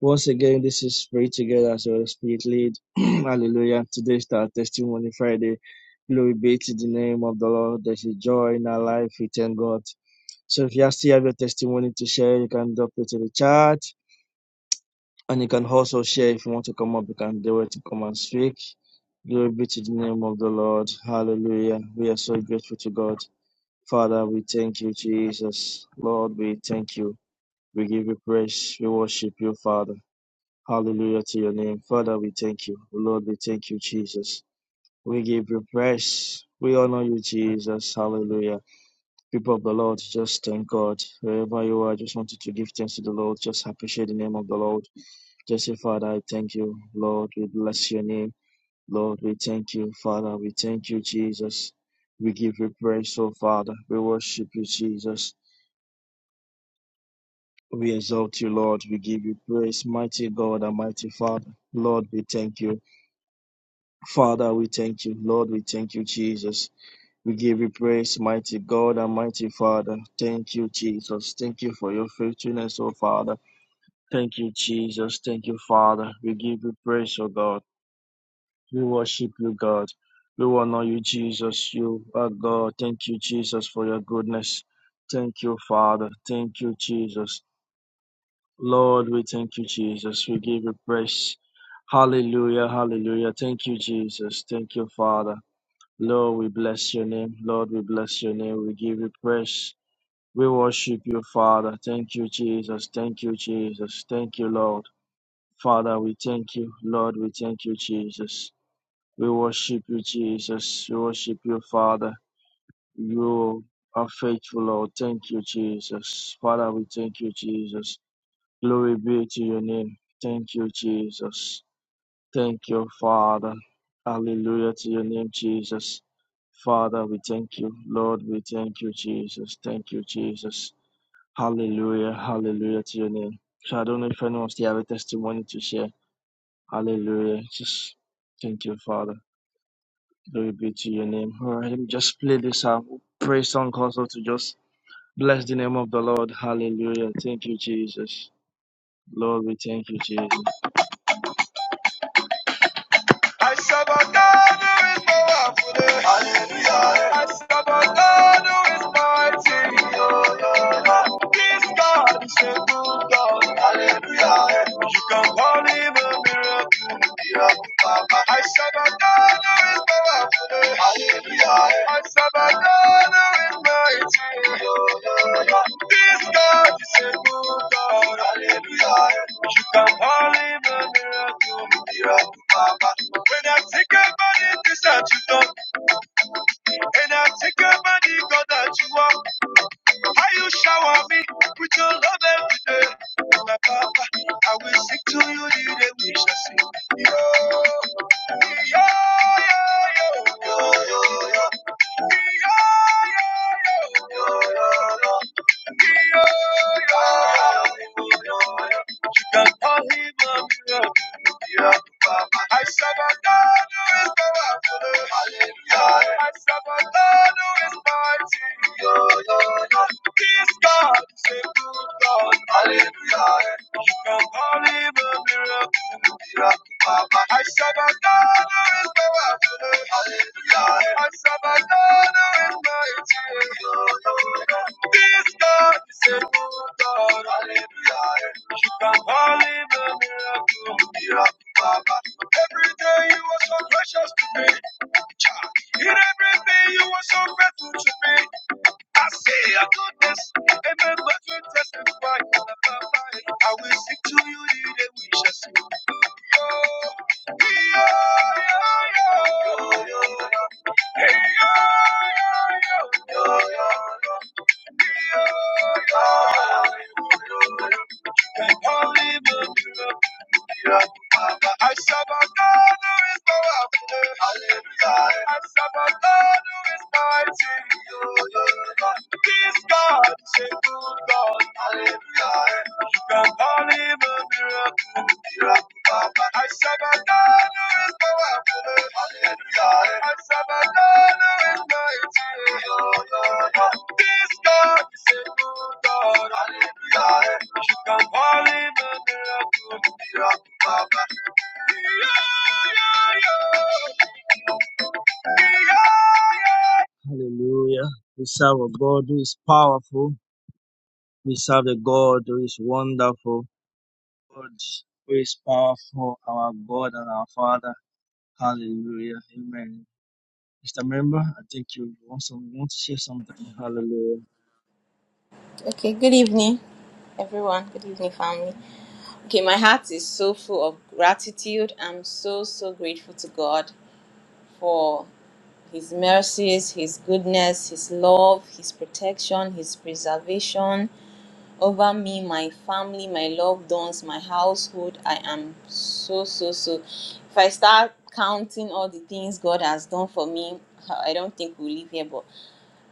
Speaker 4: Once again, this is Pray Together as well as Spirit lead. [CLEARS THROAT] Hallelujah. Today is our testimony Friday. Glory be to the name of the Lord. There's a joy in our life. We thank God. So if you still have your testimony to share, you can drop it to the chat. And you can also share if you want to come up, you can do it to come and speak. Glory be to the name of the Lord. Hallelujah. We are so grateful to God. Father, we thank you, Jesus. Lord, we thank you. We give you praise. We worship you, Father. Hallelujah to your name. Father, we thank you. Lord, we thank you, Jesus. We give you praise. We honor you, Jesus. Hallelujah. People of the Lord, just thank God. Wherever you are, I just wanted to give thanks to the Lord. Just appreciate the name of the Lord. Just say, Father, I thank you. Lord, we bless your name. Lord, we thank you. Father, we thank you, Jesus. We give you praise, oh Father. We worship you, Jesus. We exalt you, Lord. We give you praise, mighty God and mighty Father. Lord, we thank you. Father, we thank you. Lord, we thank you, Jesus. We give you praise, mighty God and mighty Father. Thank you, Jesus. Thank you for your faithfulness, oh Father. Thank you, Jesus. Thank you, Father. We give you praise, oh God. We worship you, God. We honor you, Jesus. You are God. Thank you, Jesus, for your goodness. Thank you, Father. Thank you, Jesus. Lord, we thank you, Jesus. We give you praise. Hallelujah, hallelujah. Thank you, Jesus. Thank you, Father. Lord, we bless your name. Lord, we bless your name. We give you praise. We worship you, Father. Thank you, Jesus. Thank you, Jesus. Thank you, Lord. Father, we thank you. Lord, we thank you, Jesus. We worship you, Jesus. We worship you, Father. You are faithful, Lord. Thank you, Jesus. Father, we thank you, Jesus. Glory be to your name. Thank you, Jesus. Thank you, Father. Hallelujah to your name, Jesus. Father, we thank you. Lord, we thank you, Jesus. Thank you, Jesus. Hallelujah. Hallelujah to your name. So I don't know if anyone still have a testimony to share. Hallelujah. Just thank you, Father. Glory be to your name. All right, let me just play this out. Praise song also to just bless the name of the Lord. Hallelujah. Thank you, Jesus. Lord, we thank you, Jesus. I serve a God who is powerful. Hallelujah. I serve a God who is mighty. This God is a good God. Hallelujah. You can call him a miracle. I said, I know there is power today. I said, I know there is mighty. This God is a good God. Hallelujah. You can only do a miracle. When I think about it, this that you done. When I think about it, God that you are. How you shower me with your love every day. My papa, I will sing to you the day we shall sing. Yo, yo, yo, yo, yo, yo, yo. yo, yo, yo, yo, yo, yo, yo, yo, yo, yo, yo, She can call him a miracle. I serve a God who is powerful. Hallelujah. I serve a God who is mighty. This God is good God. Hallelujah. You can call him a miracle. This God is a God, You can call him a miracle, miracle, Baba. Every day you are so precious to me. In everything you are so grateful to me. I say your goodness, and my mouth will testify. Baba. I will sing to you the day we shall see. This God is a good God. Hallelujah. You can call him a miracle. I said my Hallelujah. We serve a God who is powerful. We serve a God who is wonderful. God who is powerful, our God and our Father. Hallelujah. Amen. Mr. Member, I think you want some want to say something. Hallelujah.
Speaker 6: Okay, good evening, everyone. Good evening, family. Okay, my heart is so full of gratitude. I'm so, so grateful to God for His mercies, His goodness, His love, His protection, His preservation over me, my family, my loved ones, my household. I am so, so, so. If I start counting all the things God has done for me, I don't think we'll leave here, but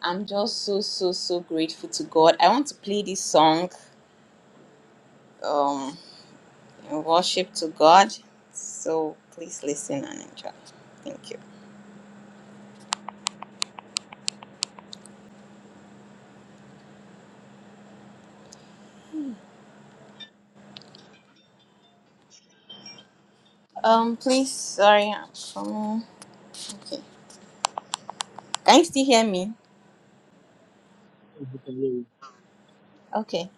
Speaker 6: I'm just so, so, so grateful to God. I want to play this song. Um, and worship to God. So please listen and enjoy. Thank you. Um, please, sorry, I'm coming. Okay. Can you still hear me?
Speaker 4: Hallelujah.
Speaker 6: Okay.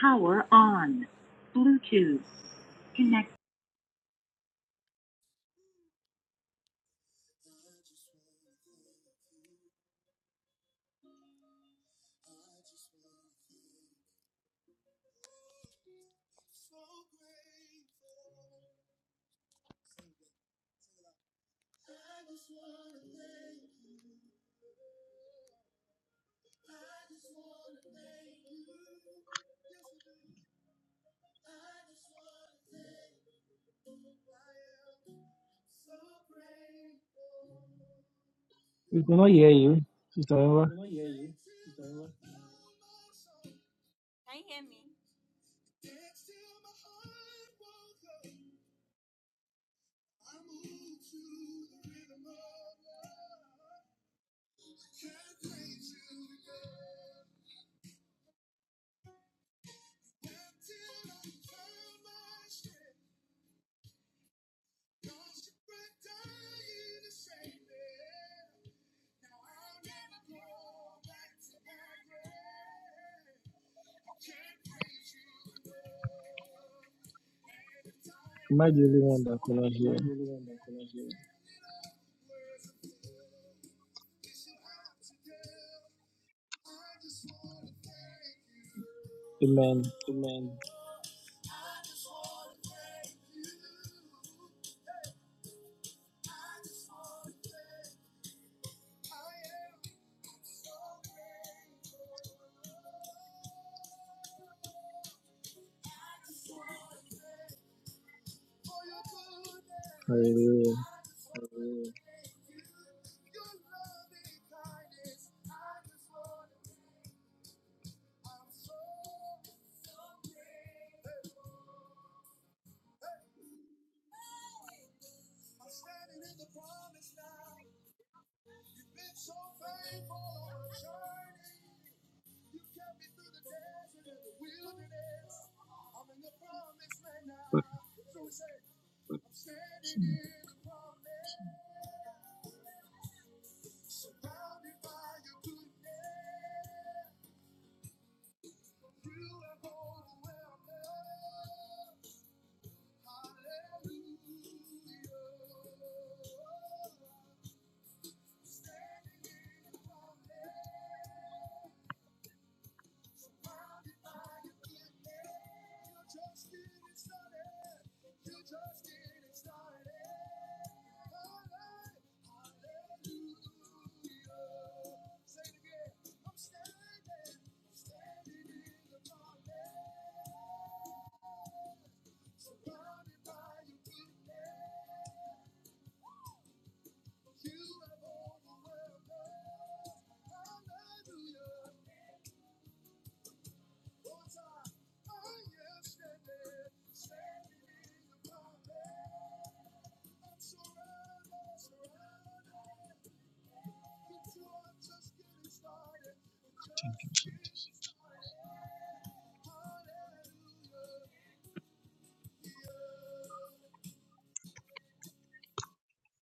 Speaker 6: Power on. Bluetooth connected.
Speaker 4: Am I the only one that could not hear? Amen. Hallelujah.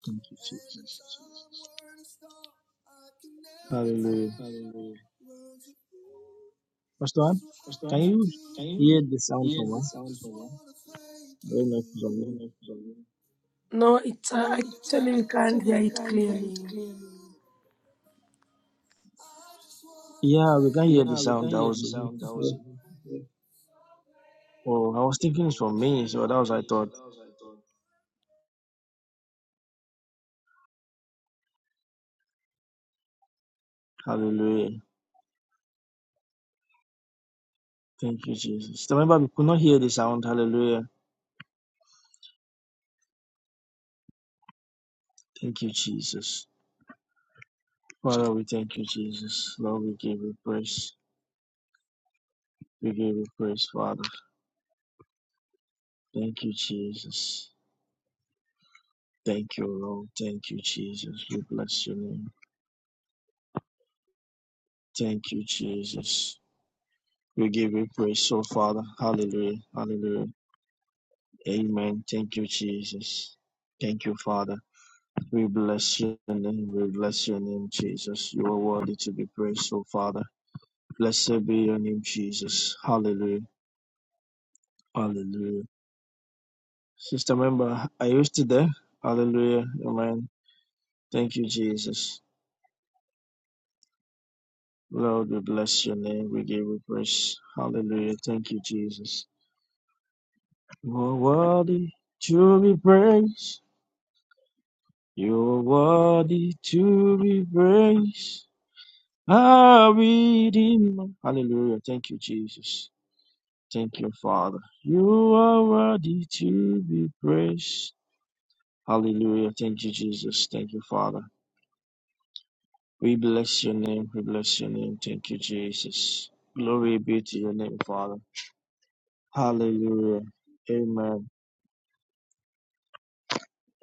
Speaker 4: Thank you, Jesus. Hallelujah. Pastor, Ann, can you hear the sound from her? I don't know if it's on me.
Speaker 2: No, it's uh, actually we can't hear it clearly.
Speaker 4: Yeah, we can hear the sound. That was oh, I was thinking it's from me, so that was I thought. Hallelujah. Thank you, Jesus. Remember, we could not hear the sound. Hallelujah. Thank you, Jesus. Father, we thank you, Jesus. Lord, we give you praise. We give you praise, Father. Thank you, Jesus. Thank you, Lord. Thank you, Jesus. We bless your name. Thank you, Jesus. We give you praise, oh Father. Hallelujah. Hallelujah. Amen. Thank you, Jesus. Thank you, Father. We bless your name. We bless your name, Jesus. You are worthy to be praised, oh Father. Blessed be your name, Jesus. Hallelujah. Hallelujah. Sister member, are you still there? Hallelujah. Amen. Thank you, Jesus. Lord, we bless your name. We give you praise. Hallelujah. Thank you, Jesus. You are worthy to be praised. You are worthy to be praised. Our Redeemer. Hallelujah. Thank you, Jesus. Thank you, Father. You are worthy to be praised. Hallelujah. Thank you, Jesus. Thank you, Father. We bless your name. We bless your name. Thank you, Jesus. Glory be to your name, Father. Hallelujah. Amen.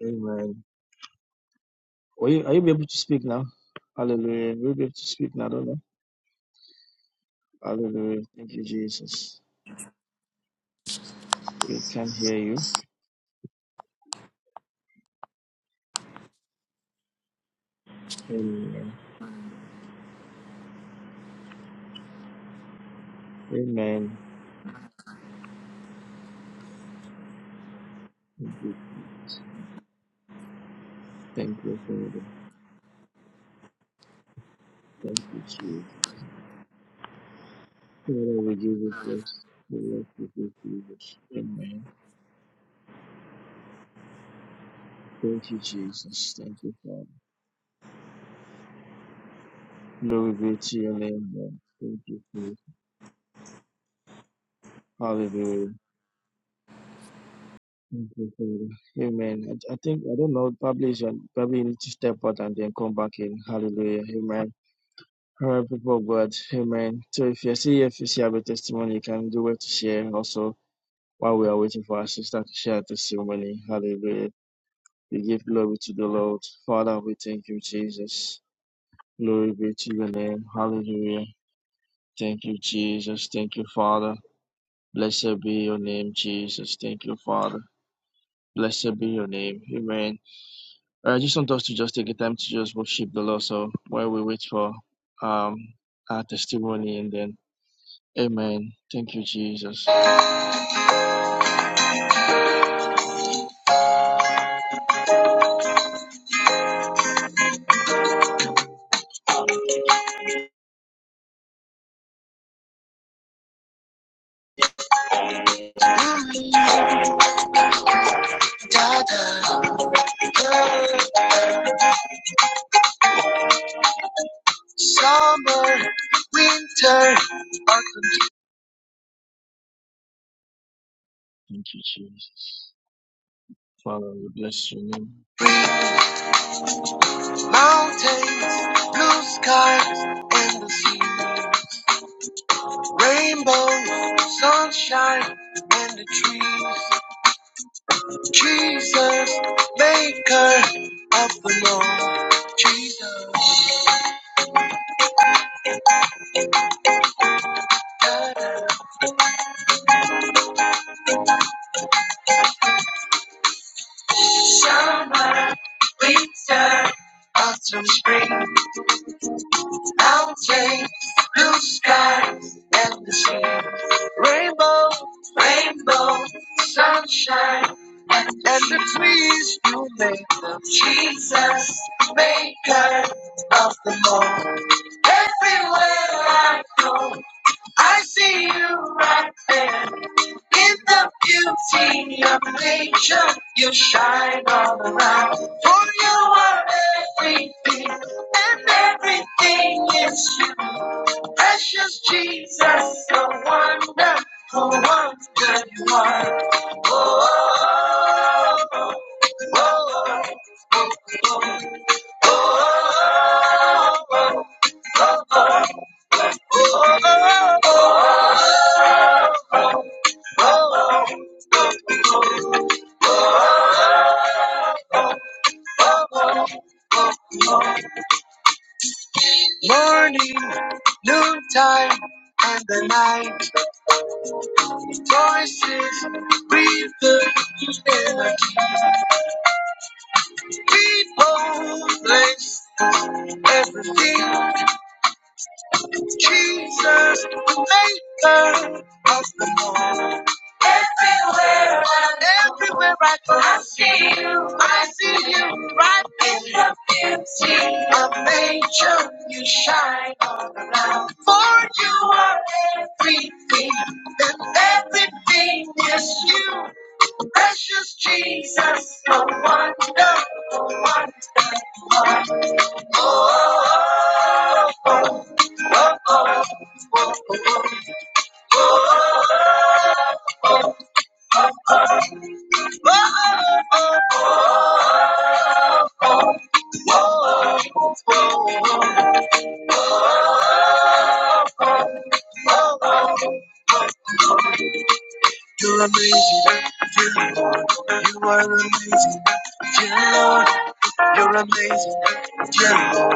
Speaker 4: Amen. Are you, are you able to speak now? Hallelujah. Will you be able to speak now? I don't know. Hallelujah. Thank you, Jesus. We can hear you. Amen. Amen. Thank you, Jesus. Thank you, Father. Thank you, Jesus. Father, we give you praise. We love you, good Jesus. Amen. Thank you, Jesus. Thank you, Father. Glory be to your name, Lord. Thank you, Father. Hallelujah. Thank you, Father. Amen. I, I think, I don't know, probably you should, probably you need to step out and then come back in. Hallelujah. Amen. All right, people of God. Amen. So if you see, if you see have a testimony, you can do well to share also while we are waiting for our sister to share her testimony. Hallelujah. We give glory to the Lord. Father, we thank you, Jesus. Glory be to your name. Hallelujah. Thank you, Jesus. Thank you, Father. Blessed be your name, Jesus. Thank you, Father. Blessed be your name. Amen. I just want us to just take a time to just worship the Lord. So while we wait for um our testimony and then Amen. Thank you, Jesus. Summer, winter, Thank you, Jesus. Father, we bless your name. Mountains, blue skies, and the sea. Rainbow, sunshine, and the trees. Jesus, maker of the Lord. Jesus. I see you right there in the beauty of nature. You shine all around, for you are everything, and everything is you. Precious Jesus, the wonderful wonder you are. Oh, oh, oh. Morning, noontime, and the night voices breathe the air. People, place, everything. Jesus, maker. Everywhere, I- everywhere I go, I see you. I see you right in the beauty of nature. You shine all around. For you are everything, and everything is you. Precious Jesus, a wonder. You're amazing, dear Lord. You are amazing, dear Lord. You're amazing, dear Lord.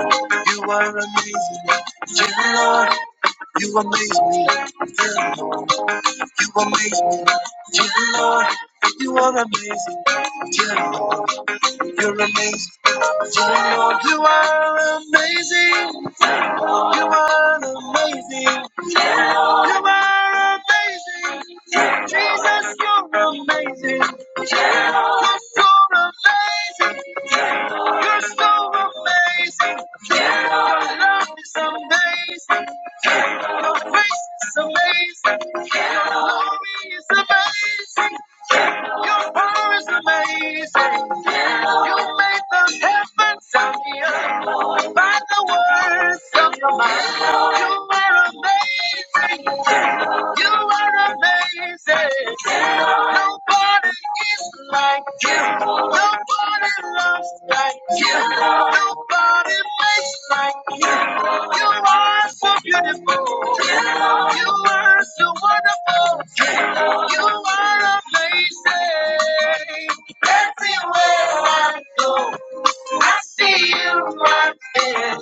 Speaker 4: You are amazing, dear Lord. You amaze me, you amaze me, dear Lord. You are amazing, dear Lord. You're amazing, dear Lord. You are amazing. You are amazing. Yeah. You are amazing. Yeah. Jesus, you're amazing. Yeah. You're so amazing. Yeah. You're so amazing. Yeah. Your love is amazing. Your grace is amazing. Yeah. Your glory is amazing. Your power is amazing. You made the heavens and the earth by the words of your mind. You are amazing. You are amazing. Nobody is like you. Nobody loves like you. Nobody makes like you. You are so beautiful. You are so wonderful. You are amazing. Everywhere I go. I see you walking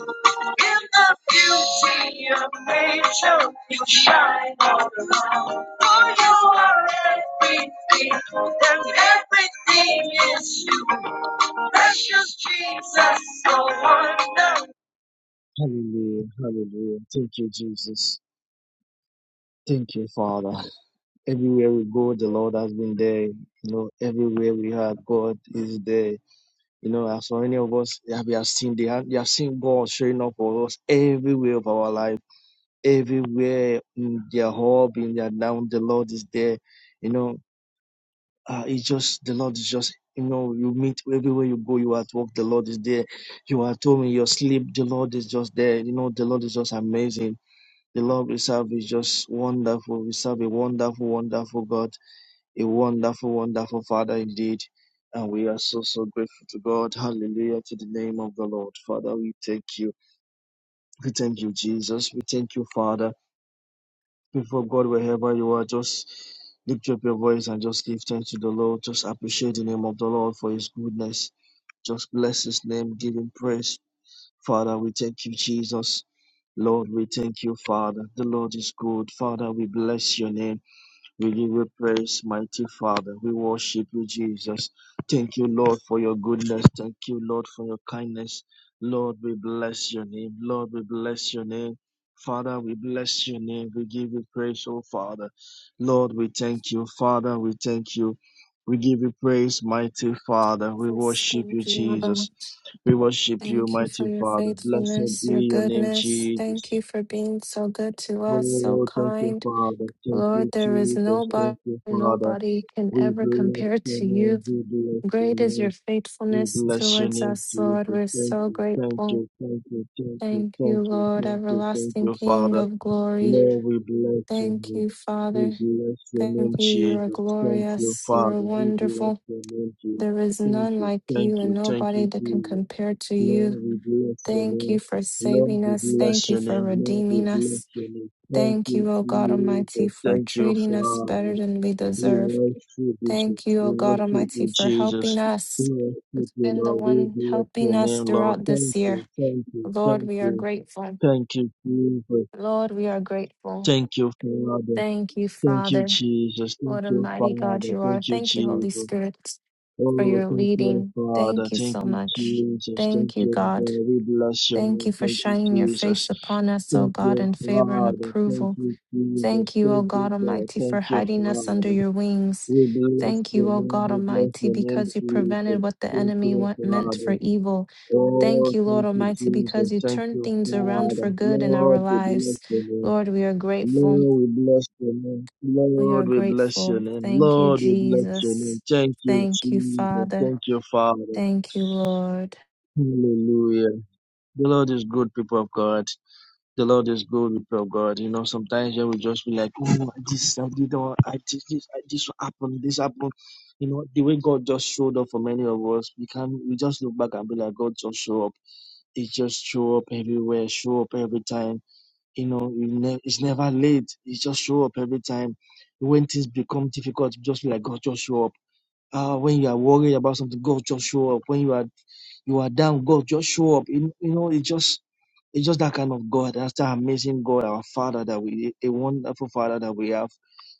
Speaker 4: in the beauty of nature. You shine all around. For you are everything, and everything is you. Precious Jesus, so wonderful. Hallelujah, hallelujah. Thank you, Jesus. Thank you, Father. Everywhere we go, the Lord has been there. You know, everywhere we are, God is there. You know, as so many of us, yeah, we have seen they have, they have seen God showing up for us everywhere of our life, everywhere in their hub, in their down, the Lord is there. You know, uh, it's just the Lord is just you know, you meet everywhere you go, you are at work, the Lord is there. You are at home in your sleep, the Lord is just there. You know, the Lord is just amazing. The Lord we serve is just wonderful. We serve a wonderful, wonderful God a wonderful, wonderful Father indeed. And we are so, so grateful to God. Hallelujah to the name of the Lord. Father, we thank you. We thank you, Jesus. We thank you, Father. Before God, wherever you are, just lift up your voice and just give thanks to the Lord. Just appreciate the name of the Lord for his goodness. Just bless his name. Give him praise. Father, we thank you, Jesus. Lord, we thank you, Father. The Lord is good. Father, we bless your name. We give you praise, mighty Father. We worship you, Jesus. Thank you, Lord, for your goodness. Thank you, Lord, for your kindness. Lord, we bless your name. Lord, we bless your name. Father, we bless your name. We give you praise, oh Father. Lord, we thank you. Father, we thank you. We give you praise, mighty Father. We
Speaker 7: Jesus,
Speaker 4: worship you,
Speaker 7: thank you, Abba.
Speaker 4: Jesus. We worship you,
Speaker 7: Thank you for
Speaker 4: mighty
Speaker 7: your
Speaker 4: Father. Blessed
Speaker 7: faithfulness, your
Speaker 4: be your name,
Speaker 7: goodness. Thank
Speaker 4: Jesus.
Speaker 7: you for being so good to us, so
Speaker 4: Oh, thank you,
Speaker 7: kind.
Speaker 4: Father. Thank
Speaker 7: Lord,
Speaker 4: you,
Speaker 7: there is
Speaker 4: Jesus.
Speaker 7: nobody,
Speaker 4: Thank you, Father.
Speaker 7: nobody can
Speaker 4: We
Speaker 7: ever
Speaker 4: bless
Speaker 7: compare
Speaker 4: your
Speaker 7: to
Speaker 4: name.
Speaker 7: you.
Speaker 4: We bless your
Speaker 7: Great is your
Speaker 4: name. We
Speaker 7: faithfulness
Speaker 4: bless your
Speaker 7: towards
Speaker 4: name,
Speaker 7: us, Lord.
Speaker 4: Jesus.
Speaker 7: We're
Speaker 4: Thank
Speaker 7: so
Speaker 4: you, thank
Speaker 7: grateful.
Speaker 4: you, thank you, thank you,
Speaker 7: Thank you,
Speaker 4: thank you,
Speaker 7: Lord,
Speaker 4: thank you, thank
Speaker 7: everlasting
Speaker 4: you,
Speaker 7: King
Speaker 4: Father.
Speaker 7: of glory.
Speaker 4: Lord, we bless your
Speaker 7: Thank
Speaker 4: name.
Speaker 7: you,
Speaker 4: We
Speaker 7: Father.
Speaker 4: bless your
Speaker 7: Thank
Speaker 4: name,
Speaker 7: you. You are
Speaker 4: Jesus. Thank you,
Speaker 7: glorious. You are
Speaker 4: Father. We bless
Speaker 7: wonderful.
Speaker 4: your name, Jesus.
Speaker 7: There is
Speaker 4: Thank
Speaker 7: none
Speaker 4: you,
Speaker 7: like
Speaker 4: thank
Speaker 7: you and
Speaker 4: you, thank
Speaker 7: nobody
Speaker 4: you,
Speaker 7: that can
Speaker 4: Jesus.
Speaker 7: compare to you.
Speaker 4: Lord, we bless your
Speaker 7: Thank
Speaker 4: name.
Speaker 7: you for
Speaker 4: Lord,
Speaker 7: saving
Speaker 4: we
Speaker 7: us. Thank
Speaker 4: bless
Speaker 7: you
Speaker 4: your
Speaker 7: for
Speaker 4: name. Lord, we
Speaker 7: redeeming
Speaker 4: bless
Speaker 7: us.
Speaker 4: your name. Thank
Speaker 7: Thank
Speaker 4: you,
Speaker 7: you, O God Almighty,
Speaker 4: Jesus.
Speaker 7: for
Speaker 4: Thank you,
Speaker 7: treating us
Speaker 4: Father.
Speaker 7: better than we
Speaker 4: We
Speaker 7: deserve.
Speaker 4: worship you, Jesus.
Speaker 7: Thank you,
Speaker 4: We
Speaker 7: O God
Speaker 4: worship
Speaker 7: Almighty,
Speaker 4: you,
Speaker 7: for
Speaker 4: Jesus.
Speaker 7: helping
Speaker 4: We
Speaker 7: us.
Speaker 4: worship you,
Speaker 7: It's been the
Speaker 4: Lord. We
Speaker 7: one
Speaker 4: bless
Speaker 7: helping
Speaker 4: your
Speaker 7: us
Speaker 4: name, Lord.
Speaker 7: throughout this
Speaker 4: Thank
Speaker 7: year.
Speaker 4: you, thank you,
Speaker 7: Lord,
Speaker 4: thank
Speaker 7: we are
Speaker 4: you,
Speaker 7: grateful.
Speaker 4: thank you, Jesus.
Speaker 7: Lord, we are grateful.
Speaker 4: Thank you, Father.
Speaker 7: Thank you,
Speaker 4: Thank you,
Speaker 7: Father.
Speaker 4: Jesus. Thank
Speaker 7: What a
Speaker 4: you,
Speaker 7: mighty
Speaker 4: Father.
Speaker 7: God you are.
Speaker 4: Thank you,
Speaker 7: Thank you, Holy
Speaker 4: Jesus.
Speaker 7: Spirit, for
Speaker 4: Oh,
Speaker 7: your
Speaker 4: thank you,
Speaker 7: leading.
Speaker 4: Father.
Speaker 7: Thank you
Speaker 4: Thank
Speaker 7: so
Speaker 4: you,
Speaker 7: much.
Speaker 4: Jesus. Thank
Speaker 7: Thank you,
Speaker 4: you,
Speaker 7: God.
Speaker 4: God. We bless your
Speaker 7: Thank you
Speaker 4: name.
Speaker 7: for
Speaker 4: Thank you,
Speaker 7: shining your
Speaker 4: Jesus.
Speaker 7: face upon us, O
Speaker 4: Thank
Speaker 7: God,
Speaker 4: you,
Speaker 7: in favor and
Speaker 4: Father. Thank
Speaker 7: approval.
Speaker 4: you, Jesus.
Speaker 7: Thank you, O
Speaker 4: Thank you,
Speaker 7: God
Speaker 4: God.
Speaker 7: Almighty, for
Speaker 4: Thank you,
Speaker 7: hiding us under
Speaker 4: Father.
Speaker 7: your wings.
Speaker 4: We bless
Speaker 7: Thank
Speaker 4: your
Speaker 7: you, O
Speaker 4: name.
Speaker 7: God
Speaker 4: We bless
Speaker 7: Almighty,
Speaker 4: your name,
Speaker 7: because you prevented
Speaker 4: Jesus.
Speaker 7: what the
Speaker 4: Thank
Speaker 7: enemy
Speaker 4: you,
Speaker 7: wa- meant
Speaker 4: Father.
Speaker 7: for evil.
Speaker 4: Oh,
Speaker 7: Thank you, Lord
Speaker 4: thank you,
Speaker 7: Almighty,
Speaker 4: Jesus.
Speaker 7: because you
Speaker 4: Thank
Speaker 7: turn
Speaker 4: you,
Speaker 7: things around for
Speaker 4: Father.
Speaker 7: good in our
Speaker 4: Lord, we bless
Speaker 7: lives.
Speaker 4: your name.
Speaker 7: Lord, we are grateful.
Speaker 4: Lord, we bless your name.
Speaker 7: We are
Speaker 4: Lord, we bless your
Speaker 7: grateful.
Speaker 4: name.
Speaker 7: Thank you,
Speaker 4: Lord, we bless your name.
Speaker 7: Jesus.
Speaker 4: Thank you,
Speaker 7: Thank you,
Speaker 4: Jesus.
Speaker 7: Father.
Speaker 4: Thank you, Father.
Speaker 7: Thank you, Lord.
Speaker 4: Hallelujah. The Lord is good, people of God. The Lord is good before God. You know, sometimes you will just be like, oh, this, I did, all, I did this, I, this happened, this happened. You know, the way God just showed up for many of us, we can we just look back and be like, God just show up. He just show up everywhere, show up every time. You know, you ne- it's never late. He just show up every time. When things become difficult, just be like, God just show up uh, when you are worried about something, God just show up. When you are you are down, God just show up. You, you know, it's just it's just that kind of God. That's that amazing God, our Father that we a wonderful Father that we have,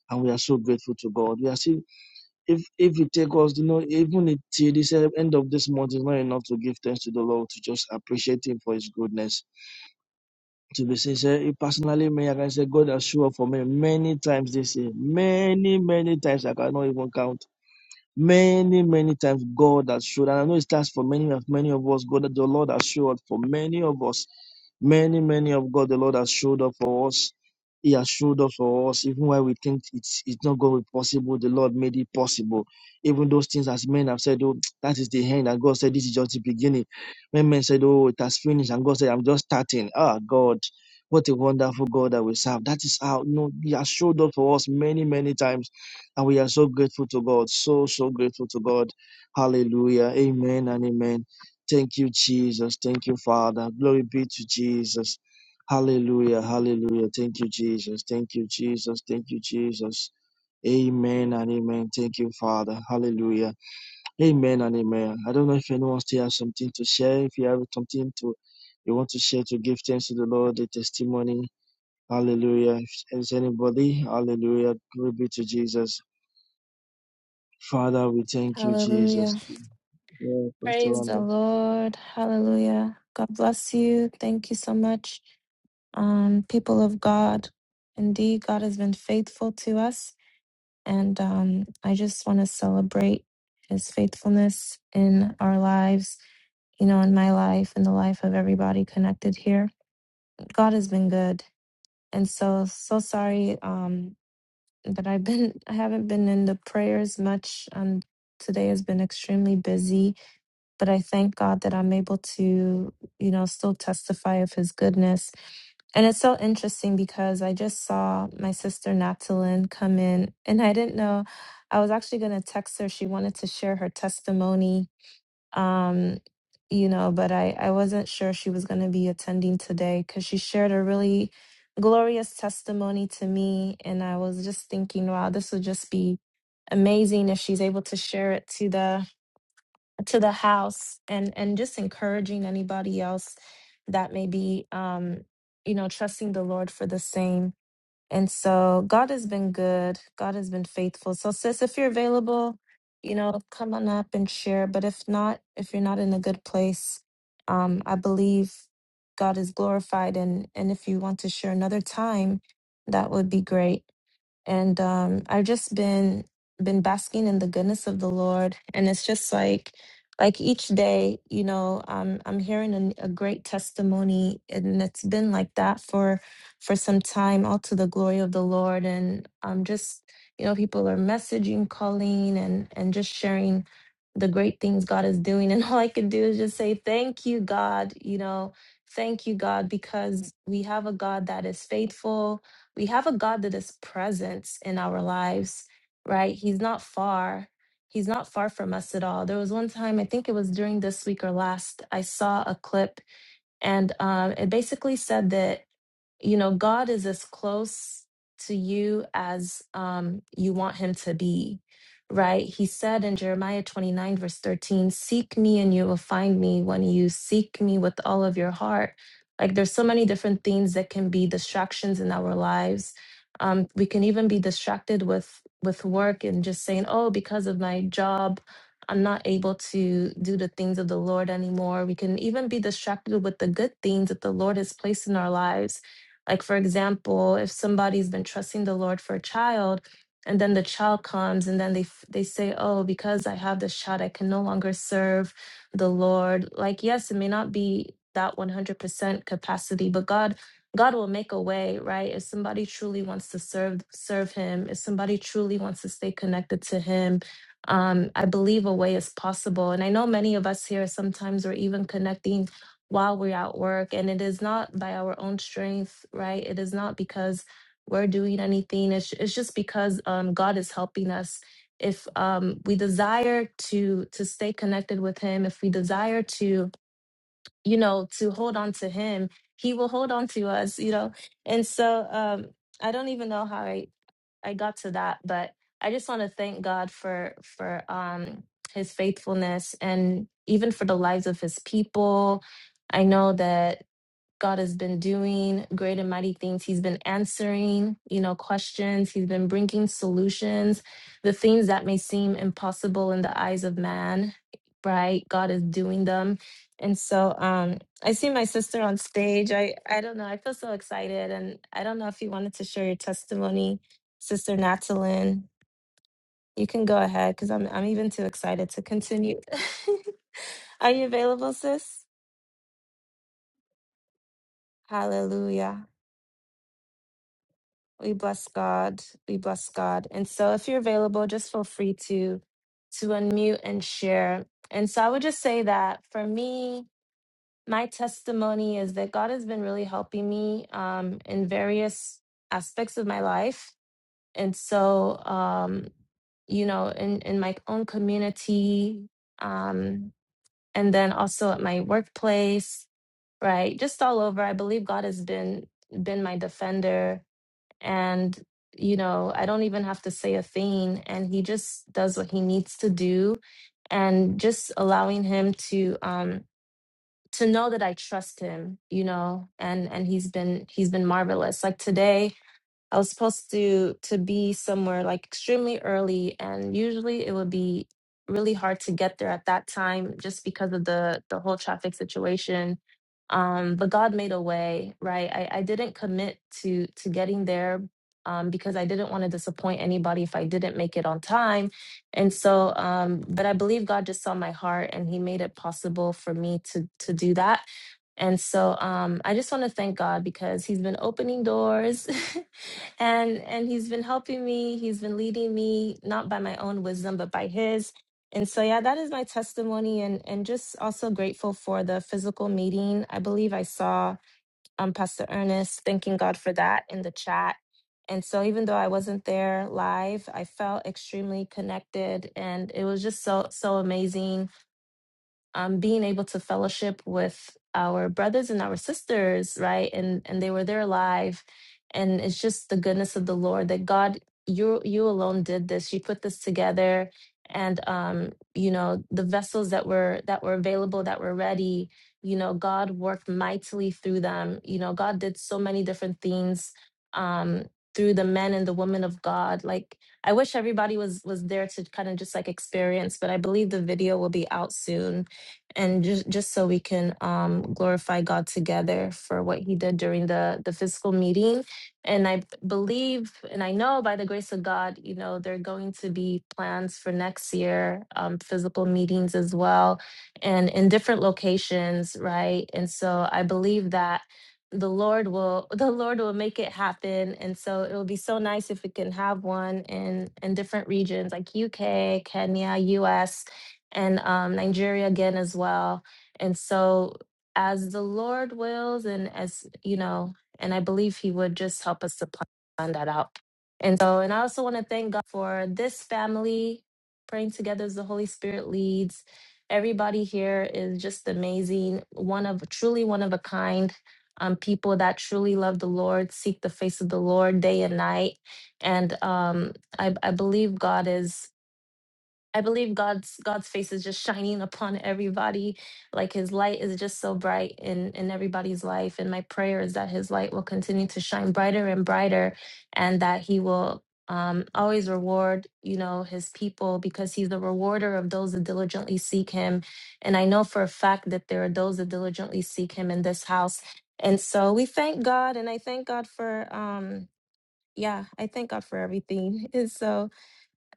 Speaker 4: and we are so grateful to God. We are still if if it take us, you know, even it- till this uh, end of this month is not enough to give thanks to the Lord to just appreciate Him for His goodness. To be sincere, eh, personally, me I can say God has shown up for me many times this year, many many times I cannot even count Many, many times God has showed, and I know it starts for many of many of us. God, the Lord has showed up for many of us. Many, many of God, the Lord has showed up for us. He has showed up for us, even while we think it's it's not going to be possible. The Lord made it possible. Even those things as men have said, oh, that is the end, and God said this is just the beginning. When men said, oh, it has finished, and God said, I'm just starting. Ah, God, what a wonderful God that we serve. That is how you know He has showed up for us many, many times and we are so grateful to God. So, so grateful to God. Hallelujah. Amen and amen. Thank you, Jesus. Thank you, Father. Glory be to Jesus. Hallelujah. Hallelujah. Thank you, Jesus. Thank you, Jesus. Thank you, Jesus. Amen and amen. Thank you, Father. Hallelujah. Amen and amen. I don't know if anyone still has something to share. If you have something to you want to share to give thanks to the Lord, the testimony. Hallelujah. If there's anybody, hallelujah. Glory be to Jesus. Father, we thank you,
Speaker 7: Hallelujah.
Speaker 4: Jesus. Yeah, Pastor
Speaker 7: Praise the
Speaker 4: Wanda.
Speaker 7: Lord. Hallelujah. God bless you. Thank you so much, um, people of God. Indeed, God has been faithful to us. And um, I just want to celebrate his faithfulness in our lives, you know, in my life, in the life of everybody connected here. God has been good. And so, so sorry um, that I've been, I haven't been in the prayers much. Um, today has been extremely busy But I thank God that I'm able to, you know, still testify of his goodness. And it's so interesting because I just saw my sister Natalyn come in and I didn't know I was actually gonna text her. She wanted to share her testimony. Um, you know, but I, I wasn't sure she was gonna be attending today because she shared a really glorious testimony to me and I was just thinking, wow, this would just be amazing if she's able to share it to the to the house and and just encouraging anybody else that may be um you know trusting the lord for the same and so god has been good god has been faithful so sis if you're available you know come on up and share but if not if you're not in a good place um i believe god is glorified and and if you want to share another time that would be great and um, I've just been been basking in the goodness of the Lord, and it's just like like each day, you know, I'm I'm hearing an, a great testimony, and it's been like that for for some time, all to the glory of the Lord, and I'm just you know, people are messaging, calling, and and just sharing the great things God is doing, and [LAUGHS] all I can do is just say thank you, God, you know. Thank you, God, because we have a God that is faithful we have a God that is present in our lives, right? He's not far. He's not far from us at all. There was one time, I think it was during this week or last, I saw a clip and um, it basically said that you know god is as close to you as um you want him to be right he said in jeremiah 29 verse 13 seek me and you will find me when you seek me with all of your heart like there's so many different things that can be distractions in our lives um, we can even be distracted with with work and just saying oh because of my job i'm not able to do the things of the lord anymore we can even be distracted with the good things that the lord has placed in our lives like, for example, if somebody's been trusting the Lord for a child, and then the child comes, and then they f- they say, "Oh, because I have this child, I can no longer serve the Lord." Like, yes, it may not be that one hundred percent capacity, but God, God will make a way, right? If somebody truly wants to serve serve Him, if somebody truly wants to stay connected to Him, um, I believe a way is possible. And I know many of us here sometimes are even connecting while we're at work. And it is not by our own strength, right? It is not because we're doing anything. It's, it's just because um, God is helping us. If um, we desire to to stay connected with Him, if we desire to you know, to hold on to him. He will hold on to us, you know. And so um I don't even know how I I got to that, but I just want to thank God for for um his faithfulness and even for the lives of his people. I know that God has been doing great and mighty things. He's been answering, you know, questions. He's been bringing solutions. The things that may seem impossible in the eyes of man, right? God is doing them. And so um I see my sister on stage. I I don't know. I feel so excited and I don't know if you wanted to share your testimony, Sister Natalyn. You can go ahead cuz I'm I'm even too excited to continue. [LAUGHS] Are you available, sis? Hallelujah. We bless God. We bless God. And so if you're available, just feel free to to unmute and share. And so I would just say that for me, my testimony is that God has been really helping me um, in various aspects of my life. And so, um, you know, in, in my own community, um, and then also at my workplace, right? Just all over. I believe God has been been my defender and you know i don't even have to say a thing and he just does what he needs to do and just allowing him to um to know that i trust him you know and and he's been he's been marvelous like today I was supposed to to be somewhere like extremely early, and usually it would be really hard to get there at that time just because of the the whole traffic situation. Um, but God made a way, right? I, I didn't commit to to getting there um, because I didn't want to disappoint anybody if I didn't make it on time, and so. Um, but I believe God just saw my heart, and He made it possible for me to to do that. And so um, I just want to thank God because He's been opening doors [LAUGHS] and and he's been helping me he's been leading me not by my own wisdom but by his and so yeah that is my testimony and and just also grateful for the physical meeting i believe i saw um pastor ernest thanking god for that in the chat and so even though i wasn't there live i felt extremely connected and it was just so so amazing um, being able to fellowship with our brothers and our sisters, right? And and they were there alive, and it's just the goodness of the Lord that God, you you alone did this. You put this together, and um, you know the vessels that were that were available, that were ready. You know, God worked mightily through them. You know, God did so many different things um, through the men and the women of God. Like I wish everybody was was there to kind of just like experience, but I believe the video will be out soon and just just so we can um, glorify God together for what He did during the the physical meeting. And I b- believe, and I know by the grace of God, you know, there are going to be plans for next year, um, physical meetings as well, and in different locations, right? And so I believe that the Lord will [LAUGHS] the Lord will make it happen. And so it will be so nice if we can have one in in different regions like UK, Kenya, US and um, Nigeria again as well. And so, as the Lord wills, and as you know, and I believe He would just help us to plan that out. And so, and I also want to thank God for this family praying together as the Holy Spirit leads. Everybody here is just amazing, one of truly one of a kind. Um, people that truly love the Lord, seek the face of the Lord day and night. And um, I, I believe God is I believe God's God's face is just shining upon everybody. Like his light is just so bright in in everybody's life and my prayer is that his light will continue to shine brighter and brighter and that he will um, always reward you know his people because he's the rewarder of those that diligently seek him and i know for a fact that there are those that diligently seek him in this house and so we thank god and i thank god for um yeah i thank god for everything [LAUGHS] and so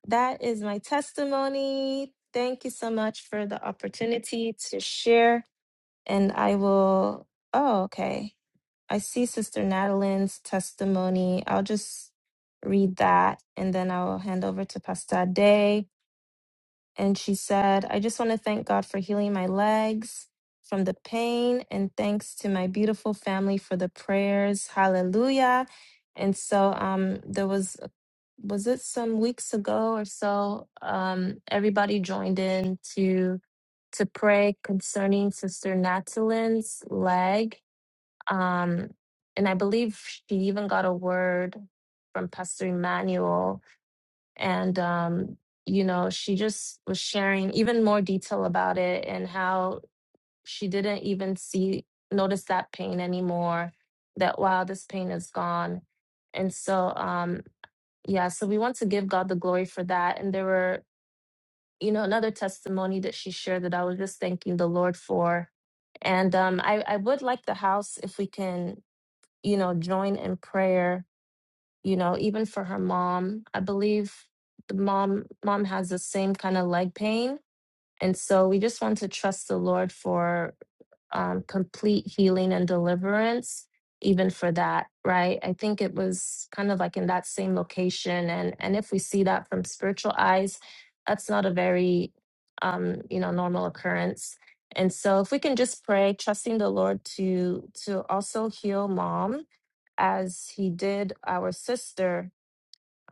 Speaker 7: that is my testimony. Thank you so much for the opportunity to share. And I will, oh, okay. I see Sister Natalie's testimony. I'll just read that and then I'll hand over to Pastor Day. And she said, I just want to thank God for healing my legs from the pain and thanks to my beautiful family for the prayers. Hallelujah. And so um, there was was it some weeks ago or so um everybody joined in to to pray concerning sister natalie's leg um and i believe she even got a word from pastor emmanuel and um you know she just was sharing even more detail about it and how she didn't even see notice that pain anymore that wow this pain is gone and so um yeah so we want to give god the glory for that and there were you know another testimony that she shared that i was just thanking the lord for and um i i would like the house if we can you know join in prayer you know even for her mom i believe the mom mom has the same kind of leg pain and so we just want to trust the Lord for um, complete healing and deliverance, even for that, right? I think it was kind of like in that same location. And, and if we see that from spiritual eyes, that's not a very, um, you know, normal occurrence. And so if we can just pray, trusting the Lord to, to also heal mom as he did our sister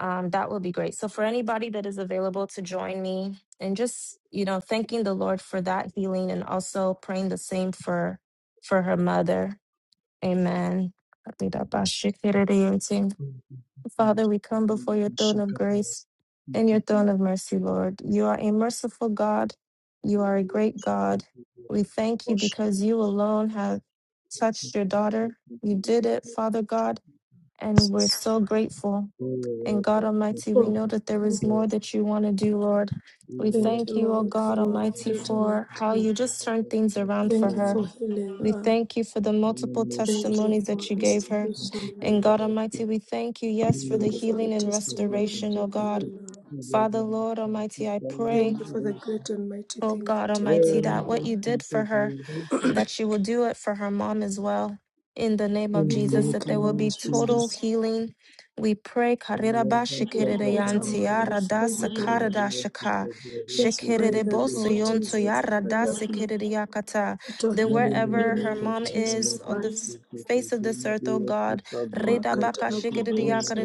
Speaker 7: um, that would be great. So, for anybody that is available to join me and just, you know, thanking the Lord for that healing and also praying the same for for her mother. Amen. Father, we come before your throne of grace and your throne of mercy, Lord. You are a merciful God. You are a great God. We thank you because you alone have touched your daughter. You did it, Father God, and we're so grateful. And God Almighty, we
Speaker 2: Oh,
Speaker 7: know
Speaker 2: we
Speaker 7: that there
Speaker 2: can't.
Speaker 7: is more that you want to do, Lord. We
Speaker 2: thank
Speaker 7: thank
Speaker 2: you,
Speaker 7: you, oh
Speaker 2: Lord,
Speaker 7: God
Speaker 2: for
Speaker 7: Almighty,
Speaker 2: your daughter not
Speaker 7: for how
Speaker 2: clean.
Speaker 7: you just turned things around for
Speaker 2: Thank you
Speaker 7: her.
Speaker 2: for healing
Speaker 7: We
Speaker 2: her.
Speaker 7: thank you for the multiple
Speaker 2: Thank you
Speaker 7: testimonies
Speaker 2: for
Speaker 7: that you gave her.
Speaker 2: restoration,
Speaker 7: And
Speaker 2: Lord.
Speaker 7: God Almighty, we thank you, yes, for the
Speaker 2: Thank you for the
Speaker 7: healing and
Speaker 2: testimony that
Speaker 7: restoration, oh
Speaker 2: you've
Speaker 7: God.
Speaker 2: given her.
Speaker 7: Father, Lord Almighty, I pray,
Speaker 2: Thank you for the
Speaker 4: [LAUGHS]
Speaker 2: great and mighty
Speaker 7: oh
Speaker 2: things
Speaker 7: God
Speaker 2: that you've done
Speaker 7: Almighty,
Speaker 4: All
Speaker 2: in her
Speaker 7: that what
Speaker 4: angels
Speaker 7: you
Speaker 2: life.
Speaker 7: did
Speaker 4: can
Speaker 7: for
Speaker 4: take
Speaker 7: her
Speaker 4: over
Speaker 7: that she will do it for her mom as well. In the name
Speaker 4: In
Speaker 7: of
Speaker 2: We
Speaker 4: the
Speaker 7: Jesus, that
Speaker 2: thank
Speaker 4: mighty
Speaker 2: you,
Speaker 7: there will be
Speaker 4: name of
Speaker 2: Lord
Speaker 4: Jesus,
Speaker 7: total
Speaker 2: Jesus.
Speaker 7: healing. We pray. That
Speaker 4: we are
Speaker 2: We
Speaker 4: blessed of the
Speaker 2: dedicate our
Speaker 4: Lord,
Speaker 2: mom
Speaker 4: blessed is
Speaker 2: before
Speaker 4: the
Speaker 2: you, Lord.
Speaker 4: Lord, blessed is the Lord,
Speaker 2: Just
Speaker 4: blessed
Speaker 2: pray
Speaker 4: is the
Speaker 2: that,
Speaker 4: Lord,
Speaker 2: Lord
Speaker 4: blessed is the Lord.
Speaker 2: Jesus, let there be total
Speaker 4: Mary,
Speaker 2: healing
Speaker 4: we
Speaker 2: in
Speaker 4: are
Speaker 2: the
Speaker 7: wherever her
Speaker 4: blessed
Speaker 2: name
Speaker 4: of
Speaker 2: of
Speaker 7: mom
Speaker 4: the
Speaker 2: Jesus
Speaker 7: is
Speaker 4: Lord,
Speaker 7: on the
Speaker 4: blessed
Speaker 2: Christ.
Speaker 7: f-
Speaker 4: is the Lord, blessed is the
Speaker 7: face of this earth, oh God,
Speaker 4: Lord,
Speaker 7: that
Speaker 4: blessed
Speaker 2: makatara
Speaker 4: is the Lord, blessed is the Lord,
Speaker 2: bubusa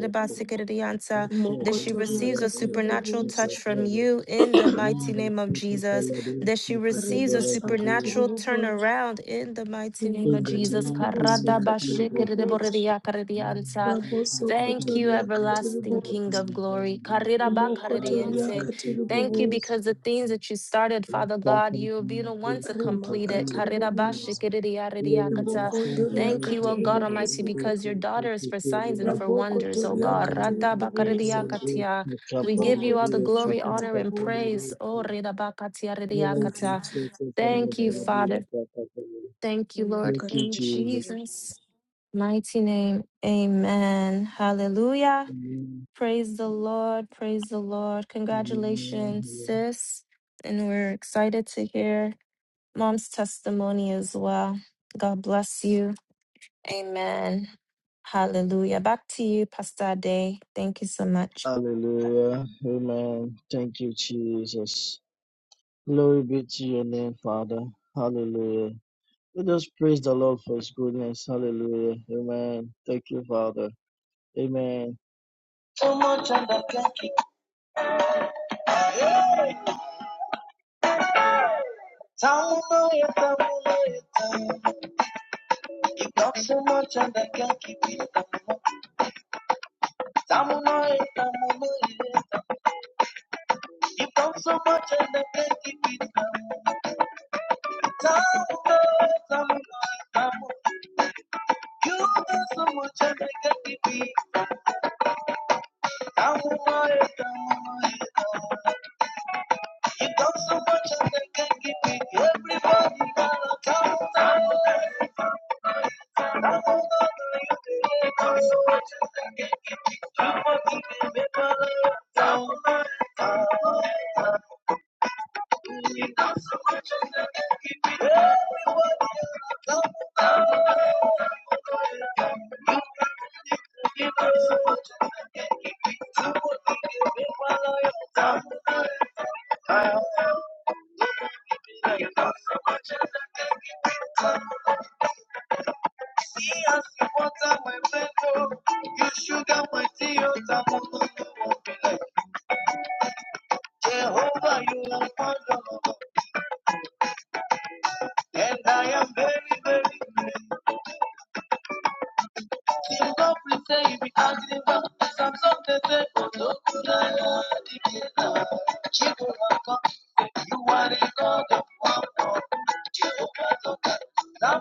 Speaker 7: she
Speaker 2: mokotoria
Speaker 7: receives a
Speaker 2: katiri
Speaker 7: supernatural
Speaker 4: blessed
Speaker 2: bubusa
Speaker 7: touch
Speaker 4: is the
Speaker 7: from
Speaker 4: Lord.
Speaker 7: you in the
Speaker 4: Mary, blessed is the Lord, blessed is the Lord,
Speaker 7: mighty name of Jesus that she
Speaker 4: blessed is
Speaker 7: receives a
Speaker 2: rimasa
Speaker 4: the Lord.
Speaker 2: katiri
Speaker 7: supernatural
Speaker 2: bubusa
Speaker 7: turnaround in the mighty name of
Speaker 4: In the
Speaker 2: rimakatiri
Speaker 7: Jesus.
Speaker 4: mighty
Speaker 2: bubusa
Speaker 4: name of
Speaker 2: katiri
Speaker 4: Jesus,
Speaker 2: bubusa
Speaker 7: Karadabashikiridiborediakaridianta.
Speaker 2: raboso
Speaker 7: Thank you,
Speaker 2: kotoria katiri
Speaker 7: everlasting King
Speaker 2: bubusa
Speaker 7: of glory.
Speaker 2: rimokotoria
Speaker 7: Karirabakaridiente.
Speaker 2: katiri
Speaker 7: Thank you
Speaker 2: bubusa
Speaker 7: because the things that you started, Father God, you will be the one to complete it.
Speaker 2: rimakatiri bubusa
Speaker 7: Karirabashikiridiaridiakata.
Speaker 2: ribokondoria
Speaker 7: Thank you, O
Speaker 2: katiri
Speaker 7: God Almighty,
Speaker 2: bubusa
Speaker 7: because
Speaker 2: katiri
Speaker 7: your daughter is for signs and for wonders, O
Speaker 2: rabokotoria
Speaker 7: God.
Speaker 2: katiri bubusa
Speaker 7: Radabakaridiakatia. We give you all the
Speaker 2: rimokotoria
Speaker 7: glory,
Speaker 2: katiri
Speaker 7: honor, and
Speaker 2: bubusa
Speaker 7: praise. Oh, redabakatia,
Speaker 2: thank you
Speaker 7: rediakata.
Speaker 2: jesus thank
Speaker 7: Thank
Speaker 2: you
Speaker 7: you,
Speaker 2: lord
Speaker 7: Father. Thank you,
Speaker 2: Thank
Speaker 7: Lord.
Speaker 4: Thank you,
Speaker 7: In
Speaker 4: Jesus.
Speaker 2: you,
Speaker 7: Jesus' mighty name, amen. Hallelujah.
Speaker 4: Amen.
Speaker 7: Praise the Lord. Praise the Lord. Congratulations,
Speaker 4: Amen.
Speaker 7: sis. And we're excited to hear mom's testimony as well. God bless you. Amen. Hallelujah. Back to you, Pastor Day. Thank you so much.
Speaker 4: Hallelujah. Amen. Thank you, Jesus. Glory be to your name, Father. Hallelujah. Let us praise the Lord for his goodness. Hallelujah. Amen. Thank you, Father. Amen. So much and I can't keep down, no, yeah, down, no, yeah, down. You've done so much and I can't keep it down. Down, no, yeah, down, no, yeah, down. You've done so much and I can't keep it down. Down, no, yeah, down, no, yeah, down. You know so much I make give kippy. I'm aware, I'm You know so much I can make a kippy. Everybody gonna come down. I'm not gonna you You know so much I make a kippy. I'm gonna give me my love. down. down, down. You know so much I make a kippy. Everybody come down. You know so much I make a kippy. I'm gonna give me my love. You sugar my tears, I'm Jehovah, you are wonderful, and I am very, very. You don't pretend you be acting up. Some something say, "Oh, no, good, I am the Jehovah, you are the God of wonder. Jehovah, God,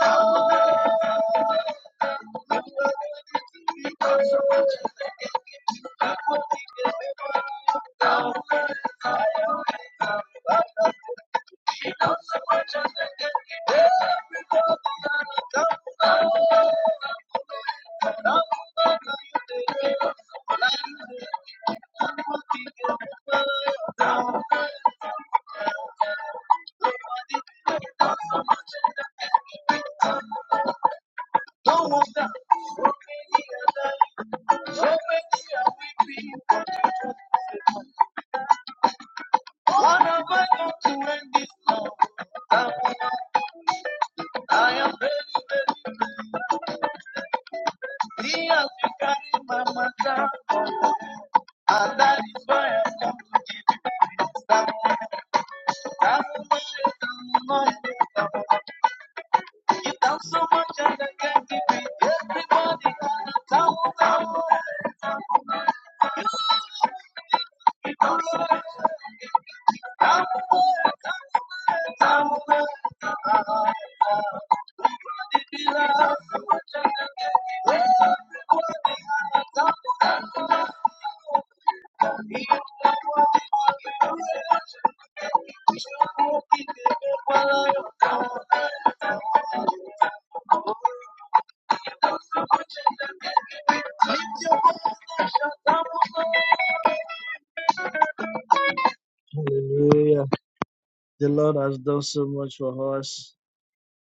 Speaker 4: Everybody, I am very, very he has carrying my matter, and that is why I come to stand. I'm a man, I'm You have so much and I can't give Everybody on a thousand. Hallelujah. The Lord has done so much for us.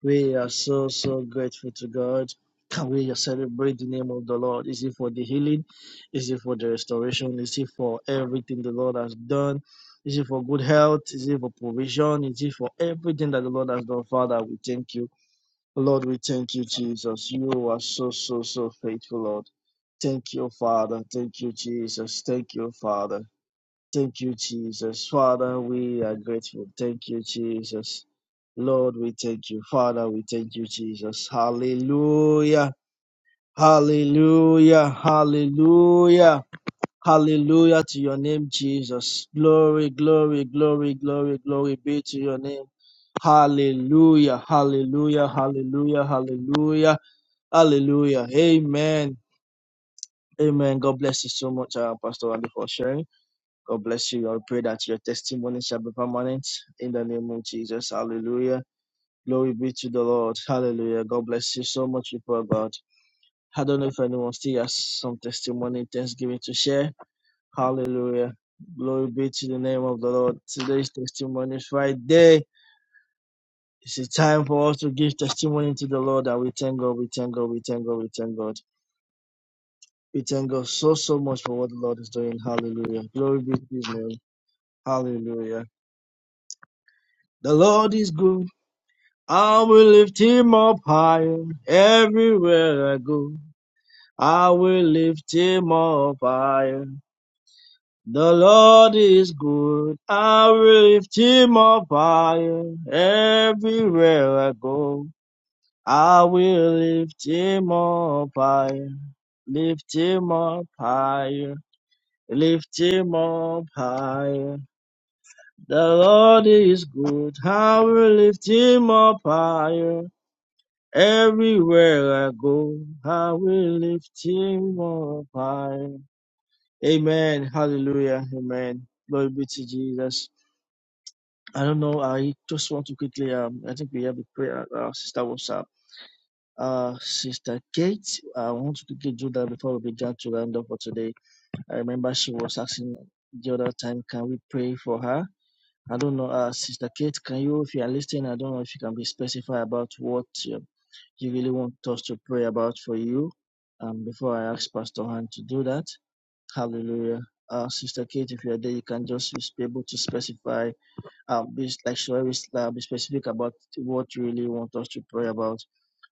Speaker 4: We are so, so grateful to God. Can we just celebrate the name of the Lord? Is it for the healing? Is it for the restoration? Is it for everything the Lord has done? Is it for good health? Is it for provision? Is it for everything that the Lord has done? Father, we thank you. Lord, we thank you, Jesus. You are so, so, so faithful, Lord. Thank you, Father. Thank you, Jesus. Thank you, Father. Thank you, Jesus. Father, we are grateful. Thank you, Jesus. Lord, we thank you. Father, we thank you, Jesus. Hallelujah. Hallelujah. Hallelujah. Hallelujah to your name, Jesus. Glory, glory, glory, glory, glory be to your name. Hallelujah, hallelujah, hallelujah, hallelujah, hallelujah. Amen. Amen. God bless you so much, uh, Pastor Andy, for sharing. God bless you. I pray that your testimony shall be permanent in the name of Jesus. Hallelujah. Glory be to the Lord. Hallelujah. God bless you so much, people of God. I don't know if anyone still has some testimony, thanksgiving to share. Hallelujah. Glory be to the name of the Lord. Today's testimony Friday. It's a time for us to give testimony to the Lord and we thank God, we thank God, we thank God, we thank God. We thank God so, so much for what the Lord is doing. Hallelujah. Glory be to his name. Hallelujah. The Lord is good. I will lift him up higher everywhere I go. I will lift him up higher. The Lord is good. I lift him up higher. Everywhere I go, I will lift him up higher. Lift him up higher. Lift him up higher. The Lord is good. I will lift him up higher. Everywhere I go, I will lift him up higher. Amen. Hallelujah. Amen. Glory be to Jesus. I don't know. I just want to quickly. Um, I think we have a prayer. Uh, Sister, what's up? Uh, Sister Kate, I want to quickly do that before we begin to round up for today. I remember she was asking the other time, can we pray for her? I don't know. Uh, Sister Kate, can you, if you are listening, I don't know if you can be specified about what uh, you really want us to pray about for you. Um, before I ask Pastor Han to do that. Hallelujah. Uh, Sister Kate, if you are there, you can just be able to specify um, be s- like she always uh, be specific about what you really want us to pray about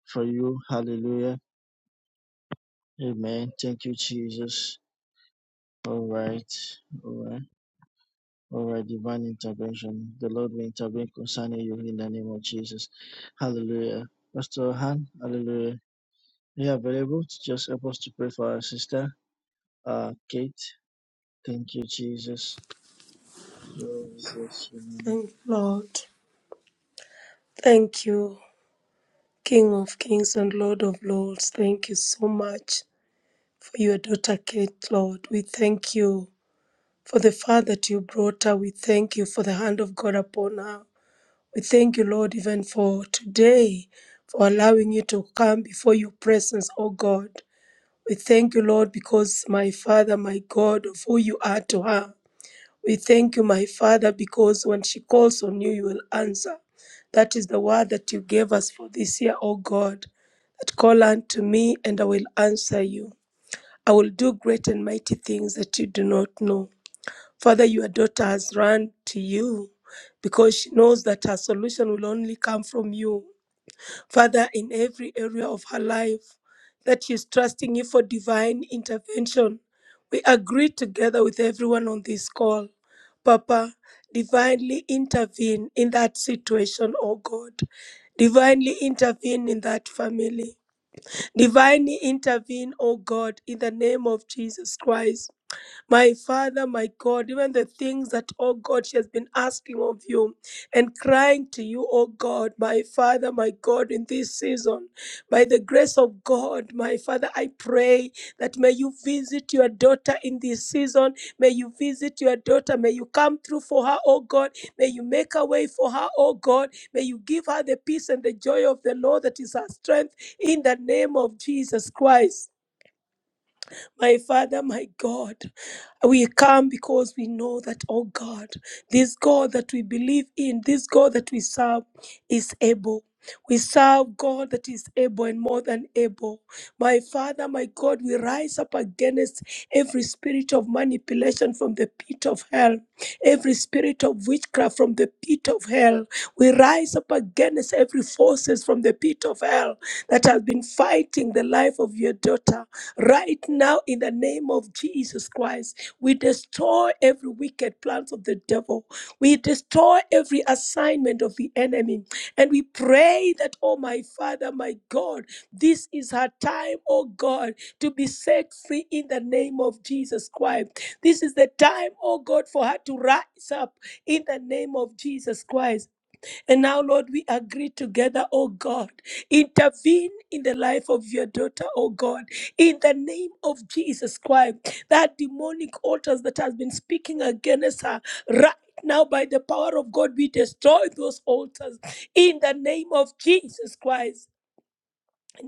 Speaker 4: for you. Hallelujah. Amen. Thank you, Jesus. All right. All right. All right. Divine intervention. The Lord will intervene concerning you in the name of Jesus. Hallelujah. Pastor Han, hallelujah. Are you available to just help us to pray for our sister, uh, Kate? Thank you, Jesus. Lord, we bless you. man.
Speaker 2: Lord. Thank you, King of Kings and Lord of Lords. Thank you so much for your daughter Kate, Lord. We thank you for the far that you brought her. We thank you for the hand of God upon her. We thank you, Lord, even for today, for allowing you to come before your presence, O God. We thank you, Lord, because my Father, my God, of who you are to her. We thank you, my Father, because when she calls on you, you will answer. That is the word that you gave us for this year, O God. That call unto me, and I will answer you. I will do great and mighty things that you do not know. Father, your daughter has run to you because she knows that her solution will only come from you. Father, in every area of her life that she's trusting you for divine intervention. We agree together with everyone on this call. Papa, divinely intervene in that situation, oh God. Divinely intervene in that family. Divinely intervene, oh God, in the name of Jesus Christ. My Father, my God, even the things that, oh God, she has been asking of you and crying to you, oh God, my Father, my God, in this season, by the grace of God, my Father, I pray that may you visit your daughter in this season. May you visit your daughter. May you come through for her, oh God. May you make a way for her, oh God. May you give her the peace and the joy of the Lord that is her strength in the name of Jesus Christ. My Father, my God, we come because we know that, oh God, this God that we believe in, this God that we serve is able. We serve God that is able and more than able. My Father, my God, we rise up against every spirit of manipulation from the pit of hell, every spirit of witchcraft from the pit of hell. We rise up against every forces from the pit of hell that has been fighting the life of your daughter. Right now, in the name of Jesus Christ, we destroy every wicked plans of the devil. We destroy every assignment of the enemy. And we pray that, oh my Father, my God, this is her time, oh God, to be set free in the name of Jesus Christ. This is the time, oh God, for her to rise up in the name of Jesus Christ. And now, Lord, we agree together, oh God. Intervene in the life of your daughter, oh God, in the name of Jesus Christ. That demonic altars that has been speaking against her right now by the power of God, we destroy those altars in the name of Jesus Christ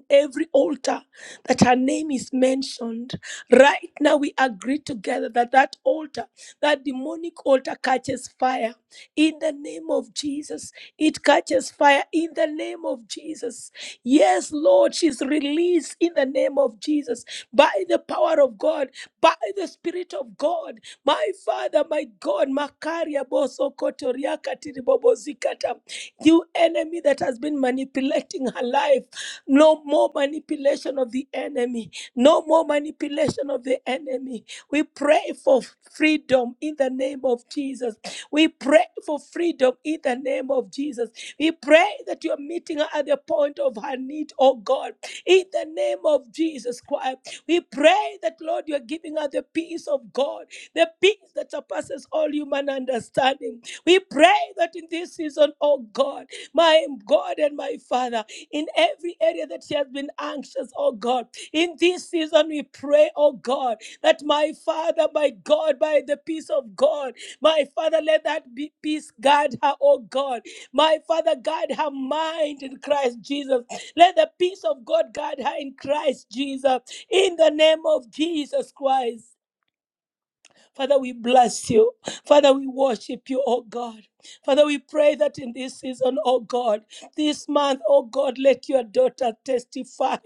Speaker 2: in every altar that her name is mentioned. Right now, we agree together that that altar, that demonic altar, catches fire in the name of Jesus. It catches fire in the name of Jesus. Yes, Lord, she's released in the name of Jesus by the power of God, by the Spirit of God. My Father, my God, Makaria Boso Kotoriaka Tiribobozikata. You enemy that has been manipulating her life. No more manipulation of the enemy. No more manipulation of the enemy. We pray for freedom in the name of Jesus. We pray for freedom in the name of Jesus. We pray that you are meeting her at the point of her need, oh God, in the name of Jesus Christ. We pray that, Lord, you are giving her the peace of God, the peace that surpasses all human understanding. We pray that in this season, oh God, my God and my Father in every area that she has been anxious, oh God. In this season, we pray, oh God, that my Father, my God, by the peace of God, my Father, let that be peace guard her, oh God. My Father, guard her mind in Christ Jesus. Let the peace of God guard her in Christ Jesus, in the name of Jesus Christ. Father, we bless you. Father, we worship you, oh God. Father, we pray that in this season, oh God, this month, oh God, let your daughter testify.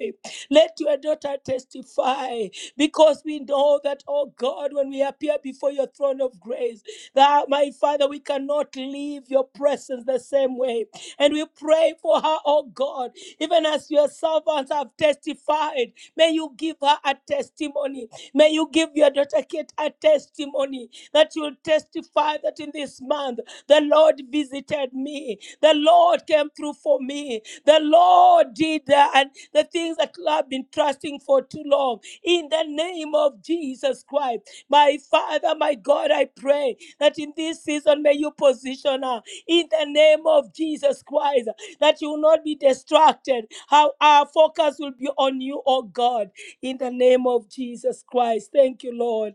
Speaker 2: Let your daughter testify because we know that, oh God, when we appear before your throne of grace, that my Father, we cannot leave your presence the same way. And we pray for her, oh God, even as your servants have testified. May you give her a testimony. May you give your daughter Kate a testimony that you'll testify that in this month the Lord visited me. The Lord came through for me. The Lord did that and the things that I've been trusting for too long. In the name of Jesus Christ, my Father, my God, I pray that in this season may you position her in the name of Jesus Christ, that you will not be distracted. How our focus will be on you, oh God, in the name of Jesus Christ. Thank you, Lord.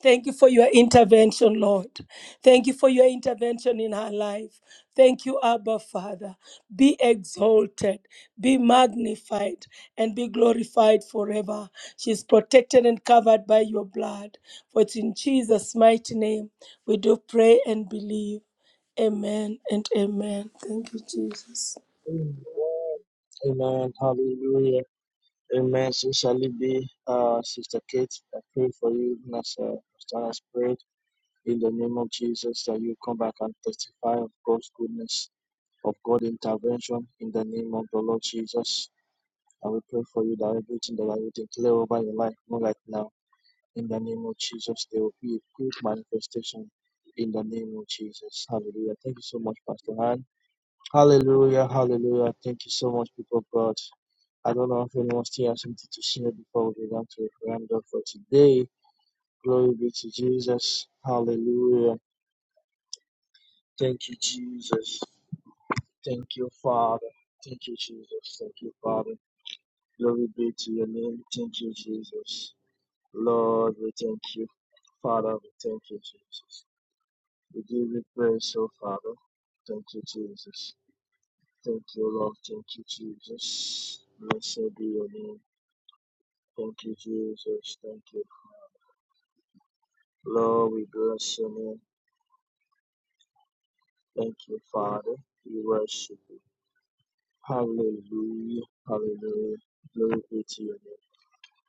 Speaker 2: Thank you for your intervention, Lord. Thank you for your intervention in her life. Thank you, Abba Father. Be exalted, be magnified, and be glorified forever. She is protected and covered by your blood. For it's in Jesus' mighty name we do pray and believe. Amen and amen. Thank you, Jesus.
Speaker 4: Amen. Amen. Hallelujah. Amen. So shall be, uh, Sister Kate. I pray for you even as uh, Pastor has prayed in the name of Jesus that you come back and testify of God's goodness, of God's intervention in the name of the Lord Jesus. I will pray for you that everything that I will declare over your life, not like now, in the name of Jesus, there will be a quick manifestation in the name of Jesus. Hallelujah. Thank you so much, Pastor Han. Hallelujah, hallelujah. Thank you so much, people of God. I don't know if anyone still has something to share before we begin to round up for today. Glory be to Jesus. Hallelujah. Thank you, Jesus. Thank you, Father. Thank you, Jesus. Thank you, Father. Glory be to your name. Thank you, Jesus. Lord, we thank you. Father, we thank you, Jesus. We give you praise, oh Father. Thank you, Jesus. Thank you, Lord. Thank you, Jesus. Blessed be your name. Thank you, Jesus. Thank you. Lord, we bless your name. Thank you, Father. We worship you. Hallelujah. Hallelujah. Glory be to your name.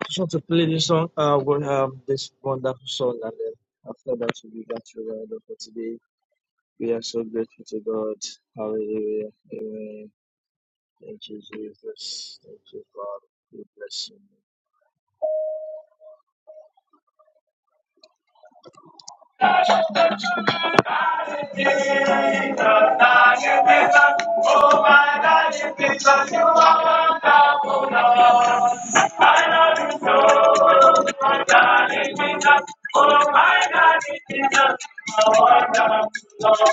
Speaker 4: Just want to play this song. Uh, we'll have this wonderful song, and then after that, we'll be back to round up for today. We are so grateful to God. Hallelujah. Amen. Thank you, Jesus. Thank you, Father. We bless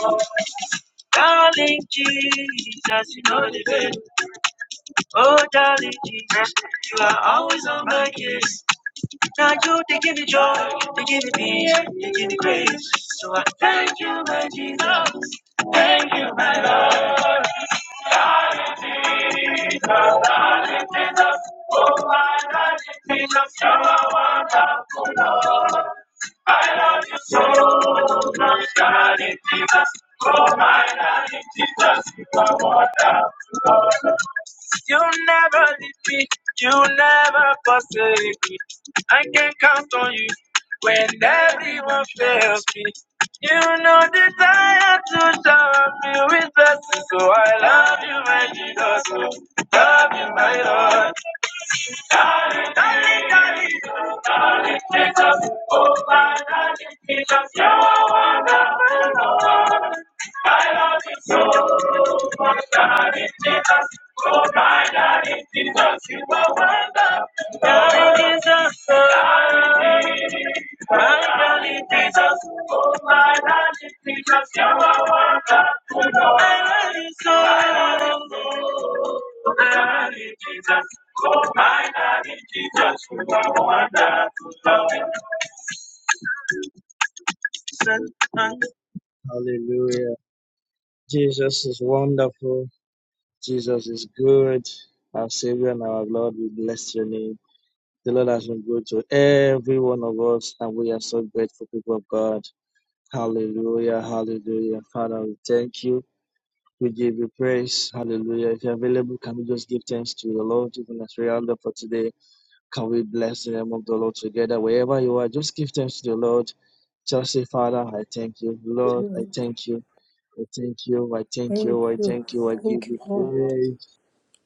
Speaker 4: you. Darling Jesus, you know the way. Oh, darling Jesus, you are always on my case. Now you, they give me joy, they give me peace, they give me grace. So I thank you, my Jesus. You never leave me, you never forsake me. I can count on you when everyone fails me. You know the desire to shower me with blessings, so I love you, my Jesus. oh. Love you, my Lord. Hallelujah. Jesus is wonderful. Jesus is good. Our Savior and our Lord, we bless your name. The Lord has been good to every one of us, and we are so grateful, people of God. Hallelujah, hallelujah. Father, we thank you. We give you praise. Hallelujah. If you're available, can we just give thanks to the Lord, even as we round up for today? Can we bless the name of the Lord together? Wherever you are, just give thanks to the Lord. Just say, Father, I thank you. Lord, I
Speaker 2: Amen.
Speaker 4: thank you. I thank you, I thank
Speaker 2: Thank
Speaker 4: you, I
Speaker 2: you.
Speaker 4: thank you, I give
Speaker 2: Thank
Speaker 4: you
Speaker 2: you, Lord.
Speaker 4: praise.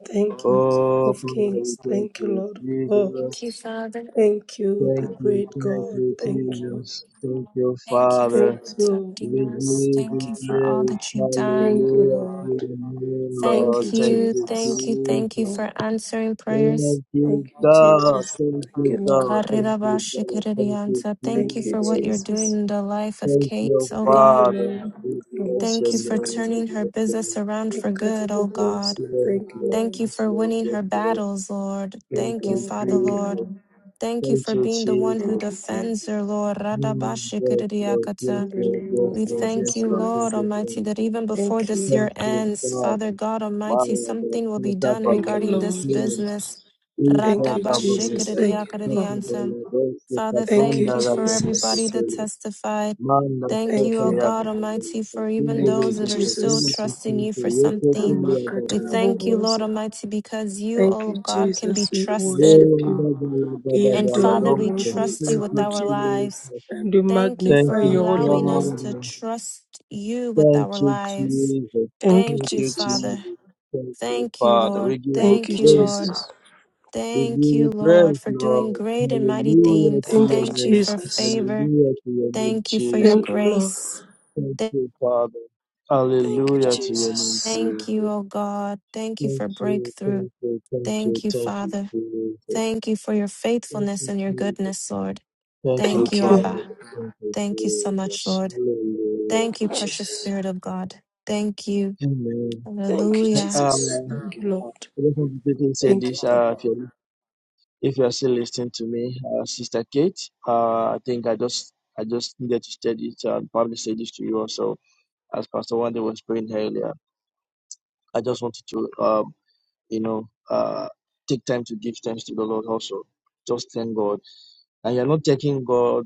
Speaker 2: Thank you,
Speaker 4: Oh,
Speaker 2: King of
Speaker 4: Father, we
Speaker 2: Kings.
Speaker 4: thank
Speaker 2: Thank you,
Speaker 4: you,
Speaker 2: Lord of
Speaker 7: Thank
Speaker 2: Lords.
Speaker 7: you,
Speaker 4: Jesus.
Speaker 7: Father.
Speaker 2: Thank you, the
Speaker 4: Thank you,
Speaker 2: great
Speaker 4: thank
Speaker 2: God.
Speaker 4: you,
Speaker 2: Thank you.
Speaker 4: Jesus. Thank
Speaker 7: Lord,
Speaker 4: you,
Speaker 7: Thank you for
Speaker 4: Father.
Speaker 2: Thank you.
Speaker 7: protecting
Speaker 4: We
Speaker 7: us.
Speaker 4: give
Speaker 7: Thank
Speaker 4: you
Speaker 7: you for all
Speaker 4: praise.
Speaker 7: that you've
Speaker 2: Thank
Speaker 7: done.
Speaker 2: you,
Speaker 4: Hallelujah to
Speaker 2: Lord.
Speaker 4: your name,
Speaker 2: Thank
Speaker 4: Lord.
Speaker 7: Thank
Speaker 2: you,
Speaker 4: Thank
Speaker 7: you,
Speaker 4: you,
Speaker 7: thank
Speaker 2: Jesus.
Speaker 7: you, thank you
Speaker 4: Jesus.
Speaker 2: Thank,
Speaker 7: for answering prayers.
Speaker 4: Thank you,
Speaker 2: thank you,
Speaker 4: God.
Speaker 2: Jesus.
Speaker 4: Thank
Speaker 2: Thank you,
Speaker 4: you,
Speaker 2: Lord.
Speaker 4: God. Thank you, God. Thank you,
Speaker 7: Karirabashikirianta. Thank you
Speaker 2: Thank you,
Speaker 7: for what
Speaker 4: Jesus.
Speaker 7: you're doing
Speaker 2: Jesus.
Speaker 7: in the life of
Speaker 4: Thank
Speaker 7: Kate,
Speaker 4: you,
Speaker 7: oh
Speaker 2: Thank you,
Speaker 7: God.
Speaker 4: Father.
Speaker 2: Lord.
Speaker 4: We bless
Speaker 7: Thank
Speaker 4: your
Speaker 7: you
Speaker 4: name.
Speaker 7: for
Speaker 2: Robobosikata.
Speaker 4: We
Speaker 7: turning her
Speaker 4: bless your
Speaker 7: business
Speaker 4: name.
Speaker 7: around for good, oh
Speaker 2: Ikatabobos.
Speaker 7: God.
Speaker 4: Love,
Speaker 2: Thank you,
Speaker 4: love,
Speaker 7: Thank
Speaker 2: Lord.
Speaker 7: you
Speaker 4: yes,
Speaker 7: for
Speaker 4: love,
Speaker 7: winning
Speaker 4: yes,
Speaker 7: her
Speaker 4: love.
Speaker 7: battles, Lord.
Speaker 2: Yes,
Speaker 4: Thank
Speaker 7: Thank you,
Speaker 4: you,
Speaker 2: Lord.
Speaker 7: Father,
Speaker 2: Thank you,
Speaker 7: Lord.
Speaker 4: Jesus.
Speaker 2: Lord.
Speaker 7: Thank you
Speaker 4: Thank
Speaker 7: for
Speaker 4: you,
Speaker 7: being the one who
Speaker 4: Jesus.
Speaker 2: Thank you, Jesus.
Speaker 7: defends her, Lord.
Speaker 4: Mm, yes, Lord, yes,
Speaker 7: Radabashikiriakata.
Speaker 2: In the
Speaker 4: Lord,
Speaker 2: name
Speaker 4: yes,
Speaker 2: of
Speaker 7: We
Speaker 4: Lord,
Speaker 7: thank
Speaker 2: Jesus
Speaker 4: yes,
Speaker 7: you,
Speaker 4: Lord, thank
Speaker 7: Lord
Speaker 2: Christ.
Speaker 4: you,
Speaker 7: Almighty,
Speaker 4: thank
Speaker 7: that
Speaker 4: you,
Speaker 7: even before
Speaker 2: Thank
Speaker 7: this
Speaker 2: you.
Speaker 7: year
Speaker 4: thank you,
Speaker 7: ends, Father
Speaker 4: Father.
Speaker 7: God
Speaker 4: My
Speaker 7: Almighty,
Speaker 4: Lord,
Speaker 7: something will
Speaker 4: thank
Speaker 7: be
Speaker 4: you, Lord,
Speaker 7: done
Speaker 2: Thank
Speaker 4: thank
Speaker 2: you,
Speaker 7: regarding this
Speaker 2: Lord.
Speaker 4: you,
Speaker 7: business.
Speaker 4: Lord, thank you,
Speaker 2: Thank
Speaker 4: Lord,
Speaker 2: you, Jesus. Thank you,
Speaker 4: thank
Speaker 2: Lord.
Speaker 4: you,
Speaker 7: Radabashikiridiakaridianta.
Speaker 4: Father,
Speaker 7: Father,
Speaker 2: Thank
Speaker 7: thank
Speaker 2: you,
Speaker 7: you for
Speaker 4: Lord, thank you,
Speaker 7: everybody
Speaker 2: Jesus.
Speaker 7: that
Speaker 4: Lord.
Speaker 7: testified.
Speaker 4: Manda
Speaker 7: Thank you,
Speaker 2: Thank
Speaker 7: O
Speaker 4: sota
Speaker 2: you.
Speaker 4: ya da
Speaker 7: God
Speaker 4: da da
Speaker 7: Almighty,
Speaker 4: da.
Speaker 7: for even
Speaker 4: Kumbhi
Speaker 2: Thank
Speaker 4: ve
Speaker 7: those
Speaker 2: you,
Speaker 7: that are
Speaker 4: kumbhi.
Speaker 7: still
Speaker 4: Kumbhi
Speaker 2: Jesus.
Speaker 7: trusting you for
Speaker 4: kumbhi. Ye
Speaker 2: We
Speaker 7: something.
Speaker 4: kumbhi ya
Speaker 2: mark our
Speaker 4: da da
Speaker 7: We
Speaker 2: terrible
Speaker 4: da
Speaker 7: thank you,
Speaker 4: da.
Speaker 2: woes.
Speaker 7: Lord Almighty, because you,
Speaker 2: Thank
Speaker 7: O
Speaker 2: you,
Speaker 7: God, can be
Speaker 2: Jesus. We
Speaker 4: Thank
Speaker 7: trusted.
Speaker 2: worship you.
Speaker 4: you,
Speaker 2: We
Speaker 7: And
Speaker 2: adore
Speaker 7: Father,
Speaker 2: you,
Speaker 7: we
Speaker 2: Lord. We
Speaker 7: trust you with
Speaker 2: exalt
Speaker 7: our
Speaker 2: you
Speaker 4: Jesus.
Speaker 7: lives.
Speaker 2: and we
Speaker 7: Thank you
Speaker 4: Thank
Speaker 2: magnify
Speaker 7: for
Speaker 4: you,
Speaker 2: your holy
Speaker 7: allowing us
Speaker 2: name.
Speaker 4: Father.
Speaker 7: to trust you with
Speaker 4: Thank
Speaker 7: our
Speaker 4: you,
Speaker 7: lives.
Speaker 4: Jesus.
Speaker 2: Thank you,
Speaker 4: Thank
Speaker 7: Thank you,
Speaker 4: you,
Speaker 2: Jesus.
Speaker 4: Jesus.
Speaker 7: Father.
Speaker 4: Thank you,
Speaker 7: Thank you,
Speaker 4: Father. We
Speaker 7: Lord.
Speaker 4: give you
Speaker 2: Thank
Speaker 7: Thank
Speaker 2: you,
Speaker 7: you,
Speaker 4: praise.
Speaker 7: Lord.
Speaker 2: Jesus.
Speaker 4: We give
Speaker 7: Thank you,
Speaker 4: you
Speaker 7: Lord,
Speaker 4: praise,
Speaker 7: for doing
Speaker 4: Lord.
Speaker 7: great and mighty
Speaker 4: Hallelujah to
Speaker 7: things.
Speaker 2: Thank
Speaker 4: your
Speaker 2: you,
Speaker 7: Thank you
Speaker 4: name.
Speaker 7: for
Speaker 2: Jesus.
Speaker 7: favor.
Speaker 4: Hallelujah to your name,
Speaker 7: Thank you for your
Speaker 4: Jesus.
Speaker 2: Thank you, Lord.
Speaker 7: grace.
Speaker 4: Thank
Speaker 7: Th-
Speaker 4: you, Father.
Speaker 2: Thank you,
Speaker 4: Hallelujah to your name,
Speaker 2: Jesus.
Speaker 7: Thank you,
Speaker 4: Jesus.
Speaker 7: O God. Thank you
Speaker 4: Thank
Speaker 7: for
Speaker 4: you,
Speaker 7: breakthrough.
Speaker 4: thank you, thank
Speaker 7: Thank
Speaker 4: you,
Speaker 7: you,
Speaker 4: thank you,
Speaker 7: Father.
Speaker 4: Jesus.
Speaker 7: Thank you for your
Speaker 4: Thank
Speaker 7: faithfulness
Speaker 4: you,
Speaker 7: and your
Speaker 4: Jesus.
Speaker 7: goodness, Lord.
Speaker 4: Thank you,
Speaker 7: Thank
Speaker 2: Thank
Speaker 7: you,
Speaker 4: Father.
Speaker 2: you.
Speaker 7: Abba.
Speaker 4: Thank
Speaker 7: Thank you so
Speaker 4: you,
Speaker 7: much,
Speaker 4: Jesus.
Speaker 7: Lord.
Speaker 2: Thank
Speaker 4: Hallelujah.
Speaker 7: Thank
Speaker 2: you,
Speaker 7: you,
Speaker 4: to your
Speaker 7: precious
Speaker 2: Jesus.
Speaker 7: Spirit of God. Thank you.
Speaker 4: name.
Speaker 2: Thank you,
Speaker 4: Amen.
Speaker 7: Hallelujah.
Speaker 2: Jesus.
Speaker 4: Um,
Speaker 2: Thank you, Lord.
Speaker 4: uh, I do want to quickly say
Speaker 2: Thank you,
Speaker 4: this. Uh,
Speaker 2: Papa.
Speaker 4: if you're if you're still listening to me, uh, Sister Kate, uh, I think I just I just needed to say this uh, and probably say this to you also, as Pastor Wanda was praying earlier. I just wanted to um, you know, uh, take time to give thanks to the Lord also. Just thank God, and you're not taking God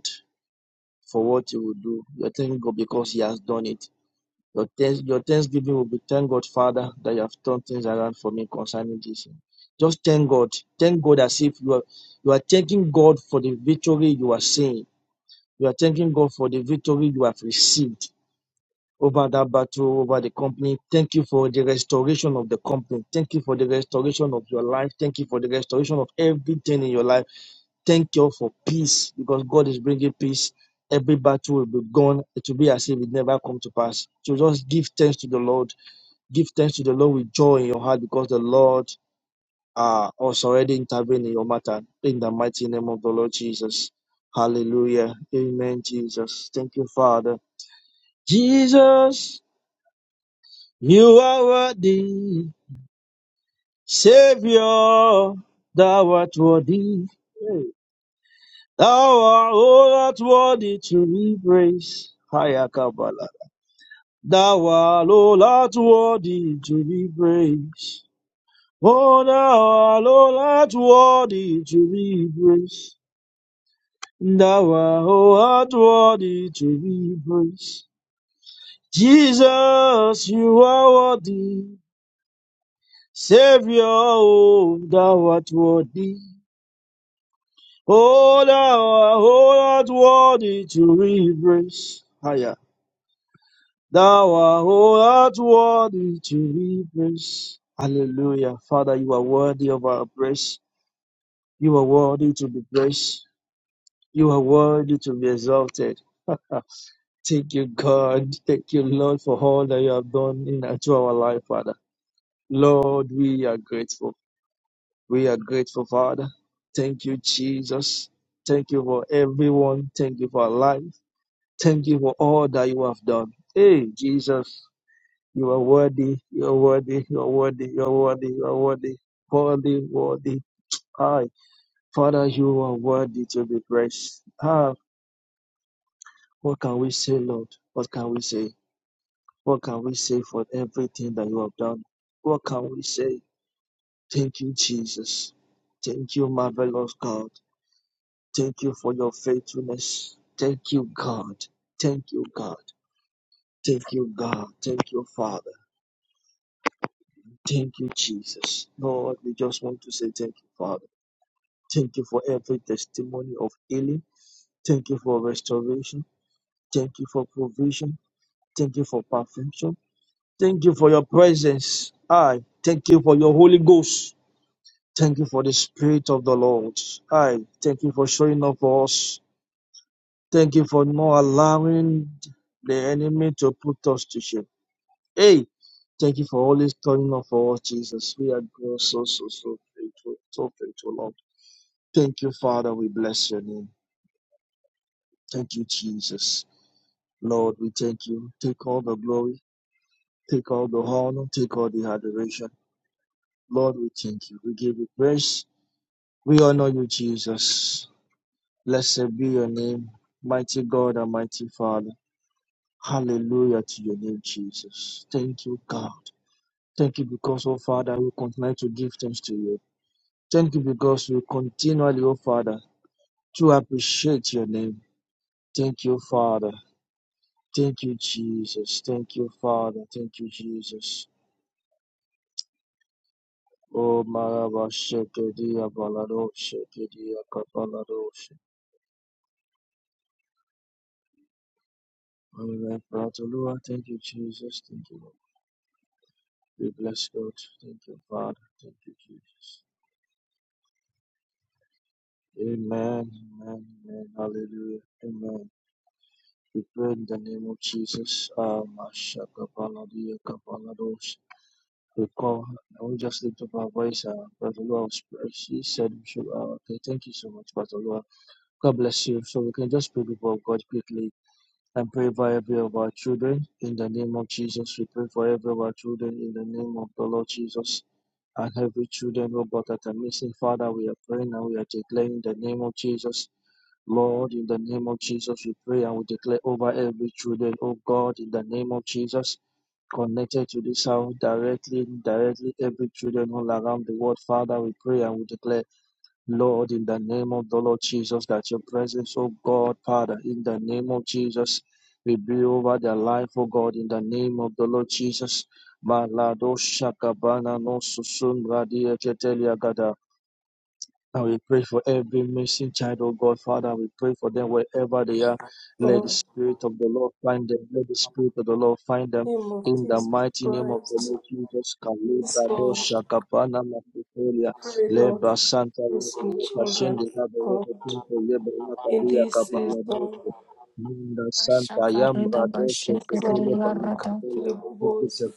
Speaker 4: for what He will do. You're thanking God because He has done it Your, thanks, your thanksgiving will be thank God, Father, that you have turned things around for me concerning this. Just thank God. Thank God as if you are you are thanking God for the victory you are seeing. You are thanking God for the victory you have received over that battle, over the company. Thank you for the restoration of the company. Thank you for the restoration of your life. Thank you for the restoration of everything in your life. Thank you for peace because God is bringing peace every battle will be gone. It will be as if it never come to pass. So just give thanks to the Lord. Give thanks to the Lord with joy in your heart because the Lord uh, has already intervened in your matter. In the mighty name of the Lord Jesus. Hallelujah. Amen, Jesus. Thank you, Father. Jesus, you are worthy. Savior, thou art worthy. Hey. Thou art all art worthy to be praised. Hiya Kabbalah. Thou art all art worthy to be praised. Oh thou art, O Lord, worthy to be praised. Thou art, O Lord, worthy to be praised. Jesus, you are worthy. Savior, oh, thou art worthy. Oh, thou art, O Lord, worthy to be praised. Higher. Thou art, O Lord, worthy to be praised. Hallelujah. Father, you are worthy of our praise. You are worthy to be praised. You are worthy to be exalted. [LAUGHS] Thank you, God. Thank you, Lord, for all that you have done in and through our life, Father. Lord, we are grateful. We are grateful, Father. Thank you, Jesus. Thank you for everyone. Thank you for our life. Thank you for all that you have done. Hey, Jesus, you are worthy. You are worthy. You are worthy. You are worthy. You are worthy. Worthy, worthy. Hi, Father, you are worthy to be praised. Ah, What can we say, Lord? What can we say? What can we say for everything that you have done? What can we say? Thank you, Jesus. Thank you, marvelous God. Thank you for your faithfulness. Thank you, God. Thank you, God. Thank you, God. Thank you, Father. Thank you, Jesus. Lord, we just want to say thank you, Father. Thank you for every testimony of healing. Thank you for restoration. Thank you for provision. Thank you for perfection. Thank you for your presence. I thank you for your Holy Ghost. Thank you for the Spirit of the Lord. I thank you for showing up for us. Thank you for not allowing the enemy to put us to shame. Hey, thank you for always turning up for us, Jesus. We are grateful, so, so, so grateful, so grateful, Lord. Thank you, Father. We bless your name. Thank you, Jesus. Lord, we thank you. Take all the glory, take all the honor, take all the adoration. Lord, we thank you. We give you praise. We honor you, Jesus. Blessed be your name, mighty God and mighty Father. Hallelujah to your name, Jesus. Thank you, God. Thank you because, oh Father, we continue to give thanks to you. Thank you because we continually, oh Father, to appreciate your name. Thank you, Father. Thank you, Jesus. Thank you, Father. Thank you, Jesus. Oh, Maraba Shekedia Balado Shekedia Kapalado She. Amen. Praise the Lord. Thank you, Jesus. Thank you, Lord. We bless God. Thank you, Father. Thank you, Jesus. Amen. Amen. Amen. Hallelujah. Amen. We pray in the name of Jesus. Um, Ashakabaladiya Kapalados. We call her. And we just lift up our voice. Uh, Pastor Lua, was praying. she said, we should, uh, okay, thank you so much, Pastor Lua. God bless you. So we can just pray before God quickly and pray for every of our children in the name of Jesus. We pray for every of our children in the name of the Lord Jesus. and every children, oh God, that are missing. Father, we are praying and we are declaring in the name of Jesus. Lord, in the name of Jesus, we pray and we declare over every children, oh God, in the name of Jesus connected to this house directly, indirectly, every children all around the world. Father, we pray and we declare Lord, in the name of the Lord Jesus, that your presence, oh God, Father, in the name of Jesus, will be over their life, oh God, in the name of the Lord Jesus. Malado shakabana no susun radia ketelia gada. And we pray for every missing child, oh God, Father. We pray for them wherever they are. Let the
Speaker 2: Lord,
Speaker 4: Spirit of the Lord find them. Let the Spirit of the Lord find them.
Speaker 2: in the name of
Speaker 4: In the
Speaker 2: Jesus
Speaker 4: mighty name of the
Speaker 2: Christ.
Speaker 4: Lord Jesus,
Speaker 2: Yes,
Speaker 4: Kalibra
Speaker 2: Lord.
Speaker 4: Dosha Kapana Makutoria,
Speaker 2: Pray, Lord,
Speaker 4: Leba Santa
Speaker 2: bless your
Speaker 4: Leba
Speaker 2: children,
Speaker 4: Shende Laba
Speaker 2: God,
Speaker 4: Kinto Leba Laka
Speaker 2: in this
Speaker 4: Kapala
Speaker 2: season.
Speaker 4: Dosha, Minda Santa
Speaker 7: Shakarida
Speaker 4: Yamra Dosha
Speaker 2: Yes, Lord,
Speaker 4: Ketele
Speaker 7: bashikiriya
Speaker 4: Bala
Speaker 7: rada.
Speaker 4: Kutela
Speaker 2: makatiri
Speaker 4: Kutu
Speaker 2: bobozo,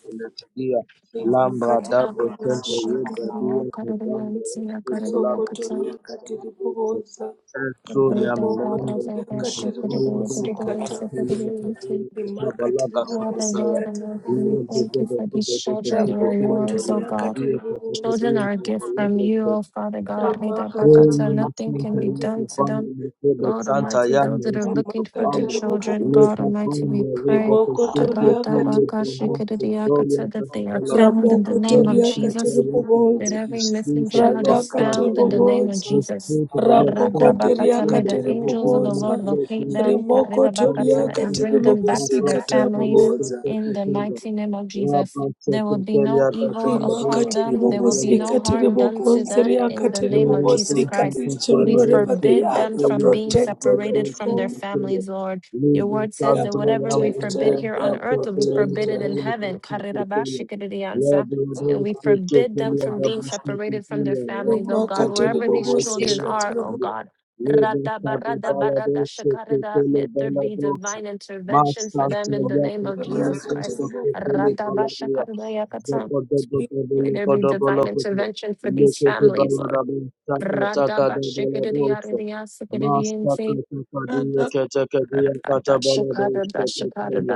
Speaker 4: Lambra
Speaker 2: rimakatiri
Speaker 4: da
Speaker 7: Atapaka
Speaker 2: bobozo,
Speaker 4: presente yuda
Speaker 2: kata,
Speaker 7: shikiriya
Speaker 4: dia
Speaker 7: kariya
Speaker 4: katandra
Speaker 7: itsiya
Speaker 4: escuta la
Speaker 7: kariya kata.
Speaker 4: vacía
Speaker 2: musokotoria katiri
Speaker 4: katandra dice
Speaker 2: boboza,
Speaker 4: Ezzo
Speaker 7: Rida barada
Speaker 4: lamnando
Speaker 2: ribokotoria
Speaker 4: sita
Speaker 2: katiri
Speaker 4: toya
Speaker 7: bashikiriya
Speaker 2: bobozo,
Speaker 4: dice
Speaker 7: kiriya
Speaker 2: kata,
Speaker 4: kateya
Speaker 7: sikiriya itsi.
Speaker 4: badia katabala
Speaker 2: rimakatiri
Speaker 4: gasita
Speaker 7: Father,
Speaker 2: bobozo,
Speaker 4: toya
Speaker 7: Lord, and
Speaker 2: katiri
Speaker 7: Lord, we
Speaker 4: Iye
Speaker 2: bobozo,
Speaker 7: thank you
Speaker 4: bebe bebe
Speaker 7: for these
Speaker 4: bebe
Speaker 7: children.
Speaker 4: bebe
Speaker 7: They are
Speaker 4: bebe
Speaker 7: yours, O
Speaker 2: rabokotoria
Speaker 4: bebe
Speaker 7: God.
Speaker 2: katiri
Speaker 4: kadia
Speaker 2: bobozo, rimakatiri bobozo, kata,
Speaker 4: kasita
Speaker 7: Children
Speaker 4: dia
Speaker 7: are a gift
Speaker 4: katabala
Speaker 7: from you,
Speaker 4: dice
Speaker 7: O Father God. Reda
Speaker 4: Oh,
Speaker 7: Bakata. Nothing can
Speaker 4: Santa
Speaker 7: be done
Speaker 4: Yanta
Speaker 7: to
Speaker 4: Fana,
Speaker 7: them.
Speaker 4: Mekebe
Speaker 7: Lord
Speaker 4: Santa
Speaker 7: Almighty, those
Speaker 4: Yana,
Speaker 7: that are
Speaker 4: Escuta
Speaker 7: looking for their
Speaker 4: Fana
Speaker 2: rimakatiri
Speaker 7: children,
Speaker 2: bobozo.
Speaker 7: God
Speaker 4: Leka
Speaker 7: Almighty, we
Speaker 4: Fana, Ruba
Speaker 7: pray
Speaker 4: Koshete,
Speaker 7: Rada
Speaker 2: rimokotoriakati
Speaker 4: Pele,
Speaker 7: bakashi
Speaker 4: Benin, Victoria,
Speaker 7: Shikadidiakata, that they are
Speaker 4: Bebe,
Speaker 7: found in the name of
Speaker 4: Mercy
Speaker 2: ramokotoriakati
Speaker 4: for
Speaker 7: Jesus,
Speaker 4: your people,
Speaker 7: that
Speaker 2: ribobonza
Speaker 4: that the
Speaker 7: every missing
Speaker 4: spirit of the
Speaker 7: child
Speaker 4: Lord
Speaker 7: is
Speaker 4: start
Speaker 2: ratakati
Speaker 7: found in
Speaker 4: with
Speaker 7: the
Speaker 4: it.
Speaker 7: name of
Speaker 2: ribobonza
Speaker 4: The
Speaker 7: Jesus.
Speaker 4: spirit of the Lord
Speaker 7: Rada
Speaker 4: start with it.
Speaker 7: Bakata, May
Speaker 4: In the
Speaker 2: ramokotoriakati
Speaker 7: the
Speaker 4: mighty
Speaker 7: angels of the
Speaker 4: name of
Speaker 2: ribobonza
Speaker 7: Lord
Speaker 4: the Lord
Speaker 7: locate
Speaker 4: Jesus.
Speaker 7: them Karida
Speaker 4: One
Speaker 7: Bakata,
Speaker 4: man
Speaker 7: and
Speaker 2: rimokotoriakati
Speaker 4: can
Speaker 7: bring
Speaker 4: start
Speaker 7: them back
Speaker 4: our
Speaker 7: to their
Speaker 2: ribobosikati
Speaker 4: brother, the Lord
Speaker 7: families
Speaker 4: can
Speaker 2: ribobonza
Speaker 4: take
Speaker 7: in
Speaker 4: us
Speaker 7: the
Speaker 4: in.
Speaker 7: mighty name of Jesus.
Speaker 4: Rabba
Speaker 7: There will be no
Speaker 4: Chapatelia,
Speaker 7: evil upon
Speaker 2: rimakati
Speaker 4: the
Speaker 7: them. There will be
Speaker 4: Bangladesh,
Speaker 7: no
Speaker 2: ribobosikati
Speaker 7: harm done to
Speaker 2: ribobonza
Speaker 7: them in the
Speaker 2: riakati
Speaker 7: name of Jesus
Speaker 2: ribobosikati
Speaker 4: Thank
Speaker 7: Christ.
Speaker 2: These children
Speaker 7: We
Speaker 2: wherever they
Speaker 7: forbid
Speaker 2: are
Speaker 7: them
Speaker 2: they are
Speaker 7: from being
Speaker 2: protected
Speaker 7: separated
Speaker 2: oh
Speaker 7: from their
Speaker 2: god
Speaker 7: families, Lord. Your word
Speaker 2: they
Speaker 7: says
Speaker 2: are
Speaker 7: that whatever we forbid
Speaker 2: protected
Speaker 7: here
Speaker 2: they
Speaker 7: on
Speaker 2: are
Speaker 7: earth will be forbidden
Speaker 2: protected
Speaker 7: in heaven. Karirabashikiriyansa. And we forbid them from being separated from their families, oh God,
Speaker 2: rimakati
Speaker 7: wherever these children
Speaker 2: ribobosikati
Speaker 7: are, oh
Speaker 2: riboboza
Speaker 7: God. Radabaradabaradashakarada.
Speaker 2: Thank
Speaker 7: Let there be divine intervention for them in the name of Jesus Christ.
Speaker 2: you, Lord.
Speaker 7: Radabashakadayakata. May there be divine
Speaker 4: you.
Speaker 7: intervention for these
Speaker 4: Lekete
Speaker 7: families,
Speaker 4: balada
Speaker 7: Lord.
Speaker 4: bo taka taka da bala bo se. Mas taka
Speaker 7: Radabashikadidiyaridiyasikadidiyinti.
Speaker 4: taka di yeke teke di yakata bala bo se te tele.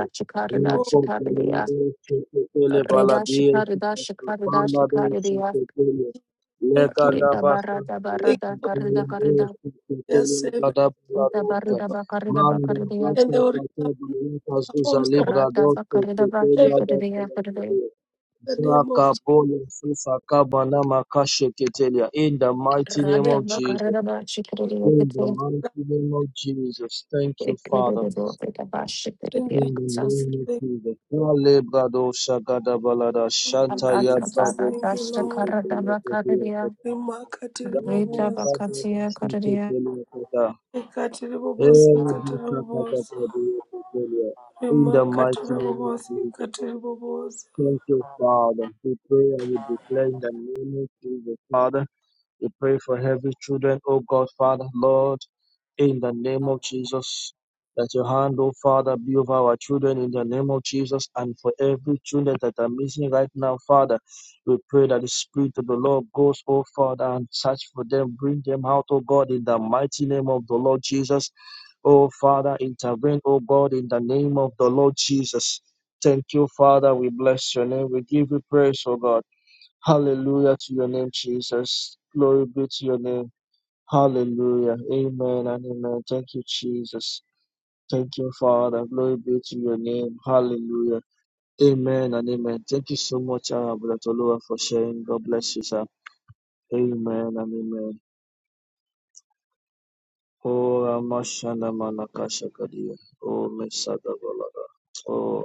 Speaker 4: Rako bala bo se te bala di yeke teke bala bo se
Speaker 7: Redashakadadashakadadashakadadiya.
Speaker 4: te tele.
Speaker 2: Thank you
Speaker 4: da basta
Speaker 2: for
Speaker 4: bala bo
Speaker 7: Redabaradabaradakaridakaridha.
Speaker 4: se te
Speaker 2: their
Speaker 4: tele
Speaker 2: servant
Speaker 4: bala bo se. Manda
Speaker 7: Redabaridabakaridabakaridiya.
Speaker 2: and
Speaker 4: basta
Speaker 2: they will
Speaker 4: taka
Speaker 2: return to
Speaker 4: bala
Speaker 2: their
Speaker 4: kazuza
Speaker 2: homes of
Speaker 4: libra do se te
Speaker 2: serve
Speaker 4: bala bo.
Speaker 7: Radabakaridabashikadidiyakadidiya.
Speaker 2: in the name of
Speaker 4: Zakaboya Susa Kabana In the mighty name of
Speaker 2: Jesus.
Speaker 4: Jesus. In the
Speaker 7: Radabakaridabashikadidiyakadidiya.
Speaker 4: mighty name of Jesus. Thank you, Father.
Speaker 2: Thank you,
Speaker 4: In
Speaker 2: Jesus.
Speaker 4: the
Speaker 7: Ekadidiyakadidiya.
Speaker 4: name of Jesus. Kale Brado Shagada Balada
Speaker 2: Thank you,
Speaker 4: Shanta
Speaker 7: Abraza
Speaker 2: Jesus.
Speaker 7: bara
Speaker 4: Yadrado
Speaker 2: Thank you,
Speaker 7: dasha
Speaker 2: Lord.
Speaker 7: karada
Speaker 4: Suketelia Ketelia
Speaker 7: bakariya.
Speaker 4: Dana
Speaker 7: Rita
Speaker 2: Remarkatiribobosi,
Speaker 4: Brado
Speaker 7: bakatiya kariya.
Speaker 4: Suketelia Kete.
Speaker 2: ikatiribobosi,
Speaker 4: Eh, Bisakata
Speaker 2: ikatiribobosi,
Speaker 4: Brado Ketelia. In the mighty name of
Speaker 2: remarkatiribobosi,
Speaker 4: Jesus.
Speaker 2: ikatiribobosi.
Speaker 4: Thank you, Father. We pray and we declare in the name of Jesus, Father. We pray for every children, O God, Father, Lord, in the name of Jesus. That your hand, O Father, be over our children in the name of Jesus and for every children that are missing right now, Father. We pray that the Spirit of the Lord goes, O Father, and search for them, bring them out, O God, in the mighty name of the Lord Jesus. O Father, intervene, O God, in the name of the Lord Jesus. Thank you, Father. We bless your name. We give you praise, O God. Hallelujah to your name, Jesus. Glory be to your name. Hallelujah. Amen and amen. Thank you, Jesus. Thank you, Father. Glory be to your name. Hallelujah. Amen and amen. Thank you so much, uh, Brother Tolua, for sharing. God bless you, sir. Amen and amen. Oh, Ramashana Manakasha Kadia. Oh, Mesada Balada. Oh,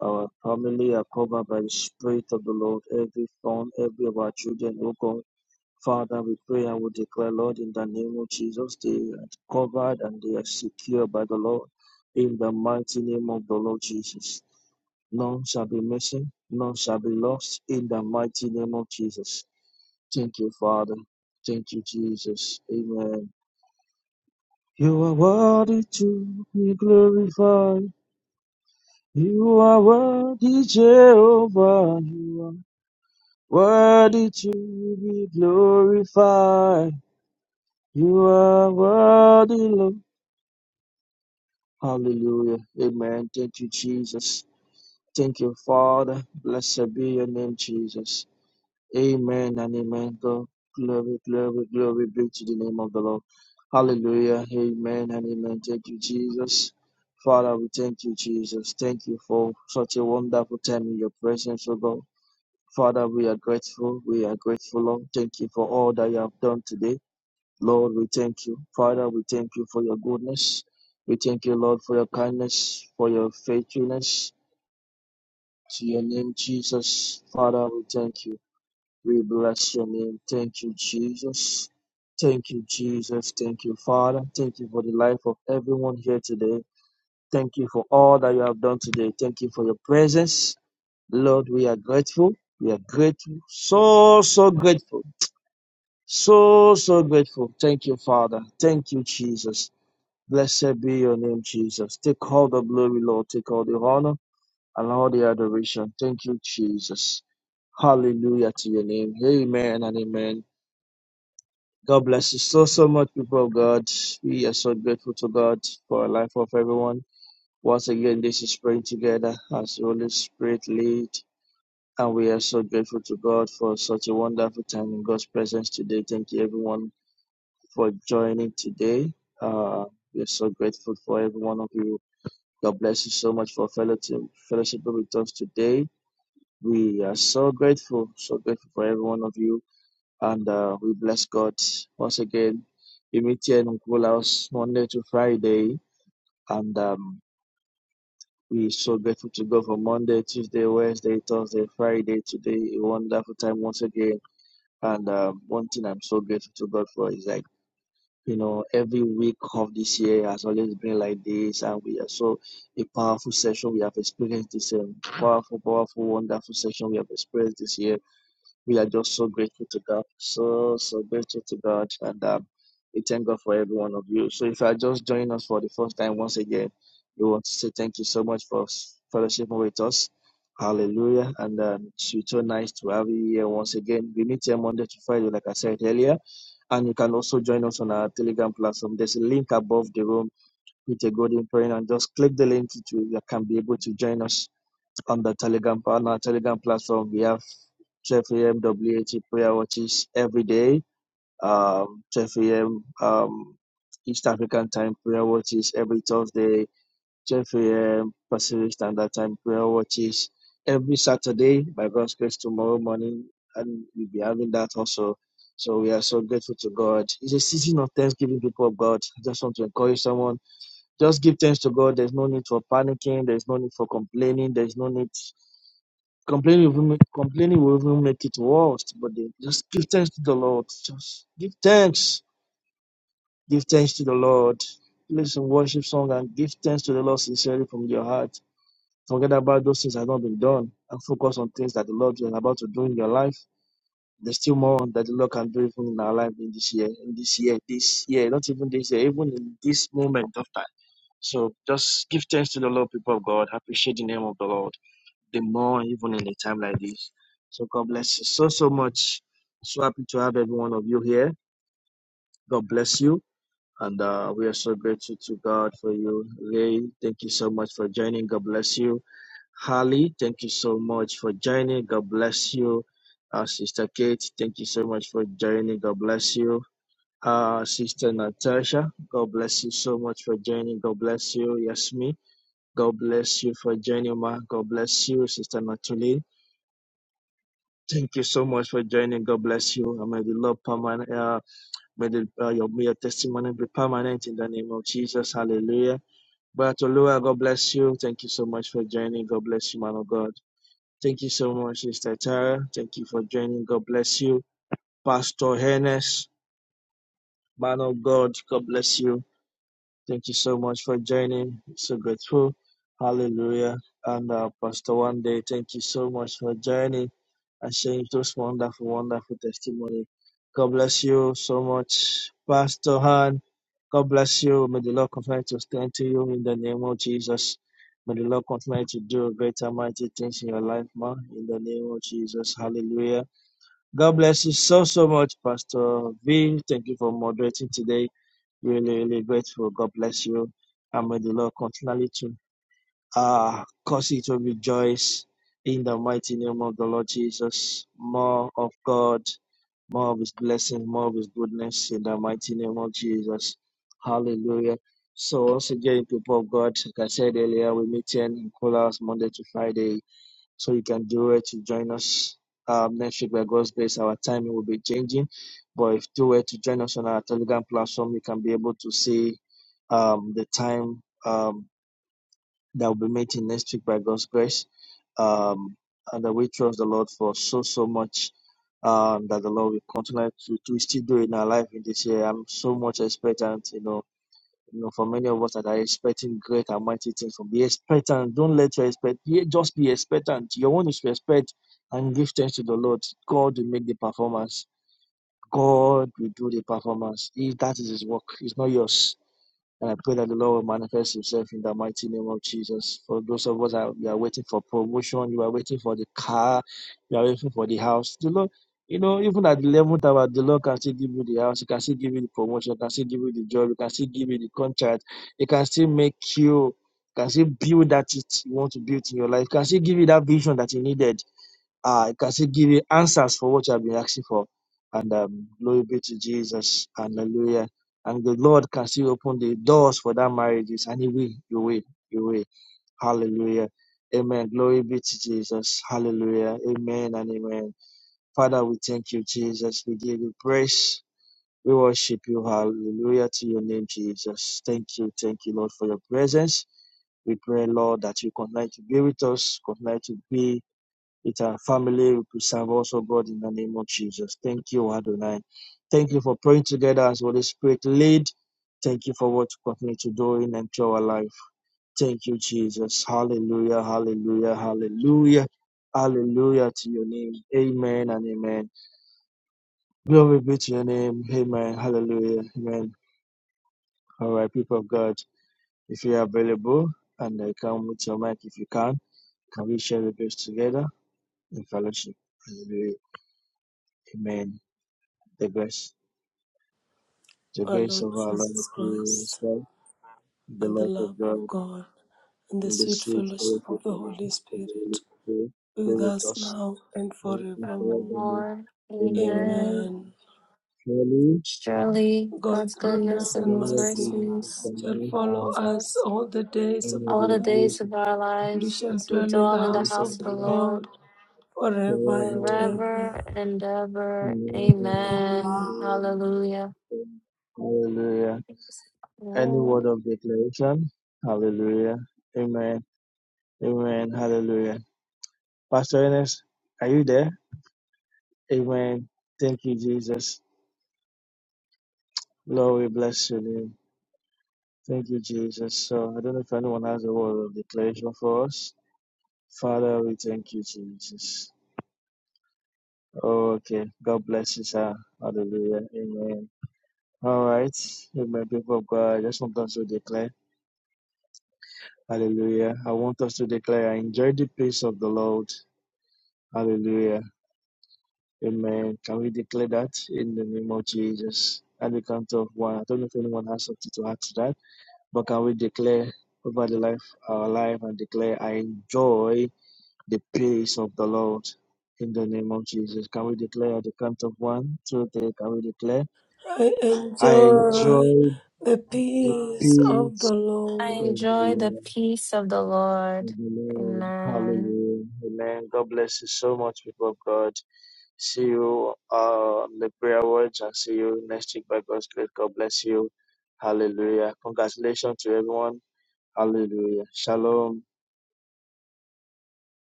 Speaker 4: our family are covered by the Spirit of the Lord. Every phone, every of our children, oh God. Father, we pray and we declare, Lord, in the name of Jesus, they are covered and they are secure by the Lord. In the mighty name of the Lord Jesus, none shall be missing, none shall be lost. In the mighty name of Jesus, thank you, Father. Thank you, Jesus. Amen. You are worthy to be glorified. You are worthy, Jehovah. You are worthy to be glorified. You are worthy, Lord. Hallelujah. Amen. Thank you, Jesus. Thank you, Father. Blessed be your name, Jesus. Amen and amen. God, glory, glory, glory be to the name of the Lord. Hallelujah. Amen and amen. Thank you, Jesus. Father, we thank you, Jesus. Thank you for such a wonderful time in your presence, O God. Father, we are grateful. We are grateful, Lord. Thank you for all that you have done today. Lord, we thank you. Father, we thank you for your goodness. We thank you, Lord, for your kindness, for your faithfulness. To your name, Jesus. Father, we thank you. We bless your name. Thank you, Jesus. Thank you, Jesus. Thank you, Father. Thank you for the life of everyone here today. Thank you for all that you have done today. Thank you for your presence. Lord, we are grateful. We are grateful. So, so grateful. So, so grateful. Thank you, Father. Thank you, Jesus. Blessed be your name, Jesus. Take all the glory, Lord. Take all the honor and all the adoration. Thank you, Jesus. Hallelujah to your name. Amen and amen. God bless you so, so much, people of God. We are so grateful to God for the life of everyone. Once again, this is praying together as the Holy Spirit lead. And we are so grateful to God for such a wonderful time in God's presence today. Thank you, everyone, for joining today. Uh, we are so grateful for every one of you. God bless you so much for fellowship, fellowship with us today. We are so grateful, so grateful for every one of you. And uh, we bless God once again. We meet here in Uncle House Monday to Friday. And um, we're so grateful to God for Monday, Tuesday, Wednesday, Thursday, Friday. Today, a wonderful time once again. And um, one thing I'm so grateful to God for is that You know, every week of this year has always been like this, and we are so a powerful session we have experienced this year. Powerful, powerful, wonderful session we have experienced this year. We are just so grateful to God, so so grateful to God, and um, we thank God for every one of you. So, if you are just joining us for the first time, once again, we want to say thank you so much for s- fellowshipping with us. Hallelujah, and um, it's so nice to have you here once again. We meet here Monday to Friday, like I said earlier. And you can also join us on our Telegram platform. There's a link above the room with a golden praying, and just click the link. It you can be able to join us on the Telegram on our Telegram platform. We have 12 a.m. WAT prayer watches every day. Um, 12 a.m. Um, East African time prayer watches every Thursday. 10 a.m. Pacific Standard Time prayer watches every Saturday by God's grace tomorrow morning, and we'll be having that also. So we are so grateful to God. It's a season of thanksgiving, people of God. I just want to encourage someone. Just give thanks to God. There's no need for panicking. There's no need for complaining. There's no need complaining will make, complaining will even make it worse. But then just give thanks to the Lord. Just give thanks. Give thanks to the Lord. Play some worship song and give thanks to the Lord sincerely from your heart Forget about those things that have not been done and focus on things that the Lord is about to do in your life. There's still more that the Lord can do even in our life in this year, in this year, this year, not even this year, even in this moment of time. So just give thanks to the Lord, people of God. Appreciate the name of the Lord. The more even in a time like this. So God bless you so so much. So happy to have every one of you here. God bless you. And uh, we are so grateful to God for you. Ray, thank you so much for joining. God bless you. Harley, thank you so much for joining. God bless you. Uh, Sister Kate, thank you so much for joining. God bless you. Uh, Sister Natasha, God bless you so much for joining. God bless you. Yasmi, God bless you for joining, ma. God bless you, Sister Natuli. Thank you so much for joining. God bless you. And may the Lord permanent, uh, may, the, uh, your, may your testimony be permanent in the name of Jesus. Hallelujah. But God bless you. Thank you so much for joining. God bless you, man of God. Thank you so much, Sister Tara. Thank you for joining. God bless you. Pastor Hennes, man of God, God bless you. Thank you so much for joining. So grateful. Hallelujah. And uh, Pastor One Day, thank you so much for joining. I sharing those wonderful, wonderful testimony. God bless you so much, Pastor Han. God bless you. May the Lord continue to strengthen you in the name of Jesus. May the Lord continue to do greater, mighty things in your life, man. In the name of Jesus. Hallelujah. God bless you so, so much, Pastor V. Thank you for moderating today. Really, really grateful. God bless you. And may the Lord continually to Ah, cause it will rejoice in the mighty name of the Lord Jesus. More of God, more of His blessings, more of His goodness in the mighty name of Jesus. Hallelujah. So, once again, people of God, like I said earlier, we meet here in Kolas Monday to Friday. So, you can do it to join us. Um, next week, by God's grace, our timing will be changing. But if you do it to join us on our Telegram platform, you can be able to see um, the time. Um, that will be meeting next week by God's grace. Um, and that we trust the Lord for so, so much um, that the Lord will continue to, to still do in our life in this year. I'm so much expectant, you know. You know, for many of us that are expecting great and mighty things from be expectant. Don't let your expect yeah, just be expectant. Your own is to expect and give thanks to the Lord. God will make the performance. God will do the performance. He, that is his work. It's not yours and I pray that the Lord will manifest Himself in the mighty name of Jesus. For those of us that you are waiting for promotion, you are waiting for the car, you are waiting for the house. The Lord, you know, even at the level tower, the Lord can still give you the house, He can still give you the promotion, He can still give you the job, He can still give you the contract, He can still make you, He can still build that it you want to build in your life, He can still give you that vision that you needed. Uh, I can still give you answers for what you have been asking for. And um, glory be to Jesus. Hallelujah. And the Lord can still open the doors for that marriages. And He will, He will, He will. Hallelujah. Amen. Glory be to Jesus. Hallelujah. Amen and amen. Father, we thank you, Jesus. We give you praise. We worship you. Hallelujah to your name, Jesus. Thank you. Thank you, Lord, for your presence. We pray, Lord, that you continue to be with us, continue to be it's our family we serve also God in the name of Jesus. Thank you, Adonai. Thank you for praying together as Holy Spirit lead. Thank you for what you continue to do in and through our life. Thank you, Jesus. Hallelujah, hallelujah, hallelujah. Hallelujah to your name. Amen and amen. Glory be to your name. Amen. Hallelujah. Amen. All right, people of God, if you are available and I come with your mic if you can, can we share the grace together in fellowship? Hallelujah. Amen. The grace. The
Speaker 2: Our
Speaker 4: grace
Speaker 2: Lord
Speaker 4: of our Lord
Speaker 2: Jesus
Speaker 4: Jesus
Speaker 2: Christ.
Speaker 4: Christ, the
Speaker 2: and the
Speaker 4: love of
Speaker 2: love of
Speaker 4: God,
Speaker 2: God and the
Speaker 4: and the
Speaker 2: sweet
Speaker 4: sweet
Speaker 2: fellowship
Speaker 4: fellowship
Speaker 2: of the Holy
Speaker 4: of the Holy
Speaker 2: Spirit
Speaker 4: Spirit,
Speaker 2: be
Speaker 4: be
Speaker 2: with
Speaker 4: with
Speaker 2: us
Speaker 4: us
Speaker 2: now and
Speaker 4: now and
Speaker 2: forevermore.
Speaker 4: forevermore.
Speaker 7: Lord,
Speaker 4: Amen.
Speaker 7: amen.
Speaker 2: Amen.
Speaker 4: Surely,
Speaker 7: Surely
Speaker 2: God's
Speaker 7: God's goodness
Speaker 2: goodness and
Speaker 7: and
Speaker 4: God
Speaker 7: His
Speaker 4: will
Speaker 2: mercy
Speaker 4: be with
Speaker 7: mercies
Speaker 4: us
Speaker 2: shall follow
Speaker 7: follows
Speaker 2: us
Speaker 7: us
Speaker 2: all the days
Speaker 4: and
Speaker 2: of
Speaker 4: will
Speaker 2: our
Speaker 7: all
Speaker 4: be
Speaker 7: the
Speaker 4: grace
Speaker 2: lives.
Speaker 7: days of
Speaker 4: and
Speaker 7: our
Speaker 4: the
Speaker 2: We
Speaker 7: lives
Speaker 2: shall
Speaker 7: as we
Speaker 2: dwell in the
Speaker 7: dwell in the
Speaker 2: house
Speaker 4: grace of
Speaker 2: of
Speaker 7: house of
Speaker 2: the
Speaker 7: the
Speaker 4: God
Speaker 2: Lord
Speaker 7: Lord
Speaker 2: forever and
Speaker 4: forevermore.
Speaker 2: ever.
Speaker 7: forever and ever.
Speaker 4: Amen.
Speaker 2: Amen.
Speaker 7: Amen. Hallelujah.
Speaker 4: Amen. Hallelujah. Any word
Speaker 7: Lord,
Speaker 4: of declaration? Hallelujah. Amen. Amen. Hallelujah. Pastor Ernest, are you there? Amen. Thank you, Jesus. Lord, we bless your name. Thank you, Jesus. So I don't know if anyone has a word of declaration for us. Father, we thank you, Jesus. Okay. God bless you, sir. Hallelujah. Amen. All right. Amen. People of God, I just want us to declare. Hallelujah. I want us to declare, I enjoy the peace of the Lord. Hallelujah. Amen. Can we declare that in the name of Jesus? At the count of one. I don't know if anyone has something to add to that. But can we declare over the life, our life, and declare, I enjoy the peace of the Lord in the name of Jesus? Can we declare at the count of one, two, three? Can we declare,
Speaker 2: I
Speaker 4: I
Speaker 2: enjoy
Speaker 4: enjoy
Speaker 2: the
Speaker 4: the
Speaker 2: peace of the
Speaker 4: peace
Speaker 7: I
Speaker 4: of
Speaker 2: Lord.
Speaker 4: the
Speaker 7: enjoy the
Speaker 4: Lord?
Speaker 7: peace of the Lord.
Speaker 4: Of the Lord.
Speaker 7: Amen.
Speaker 4: Hallelujah. Amen. God bless you so much, people of God. See you uh, on the prayer words and see you next week by God's grace. God bless you. Hallelujah. Congratulations to everyone. Hallelujah. Shalom.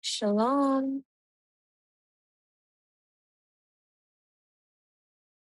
Speaker 7: Shalom.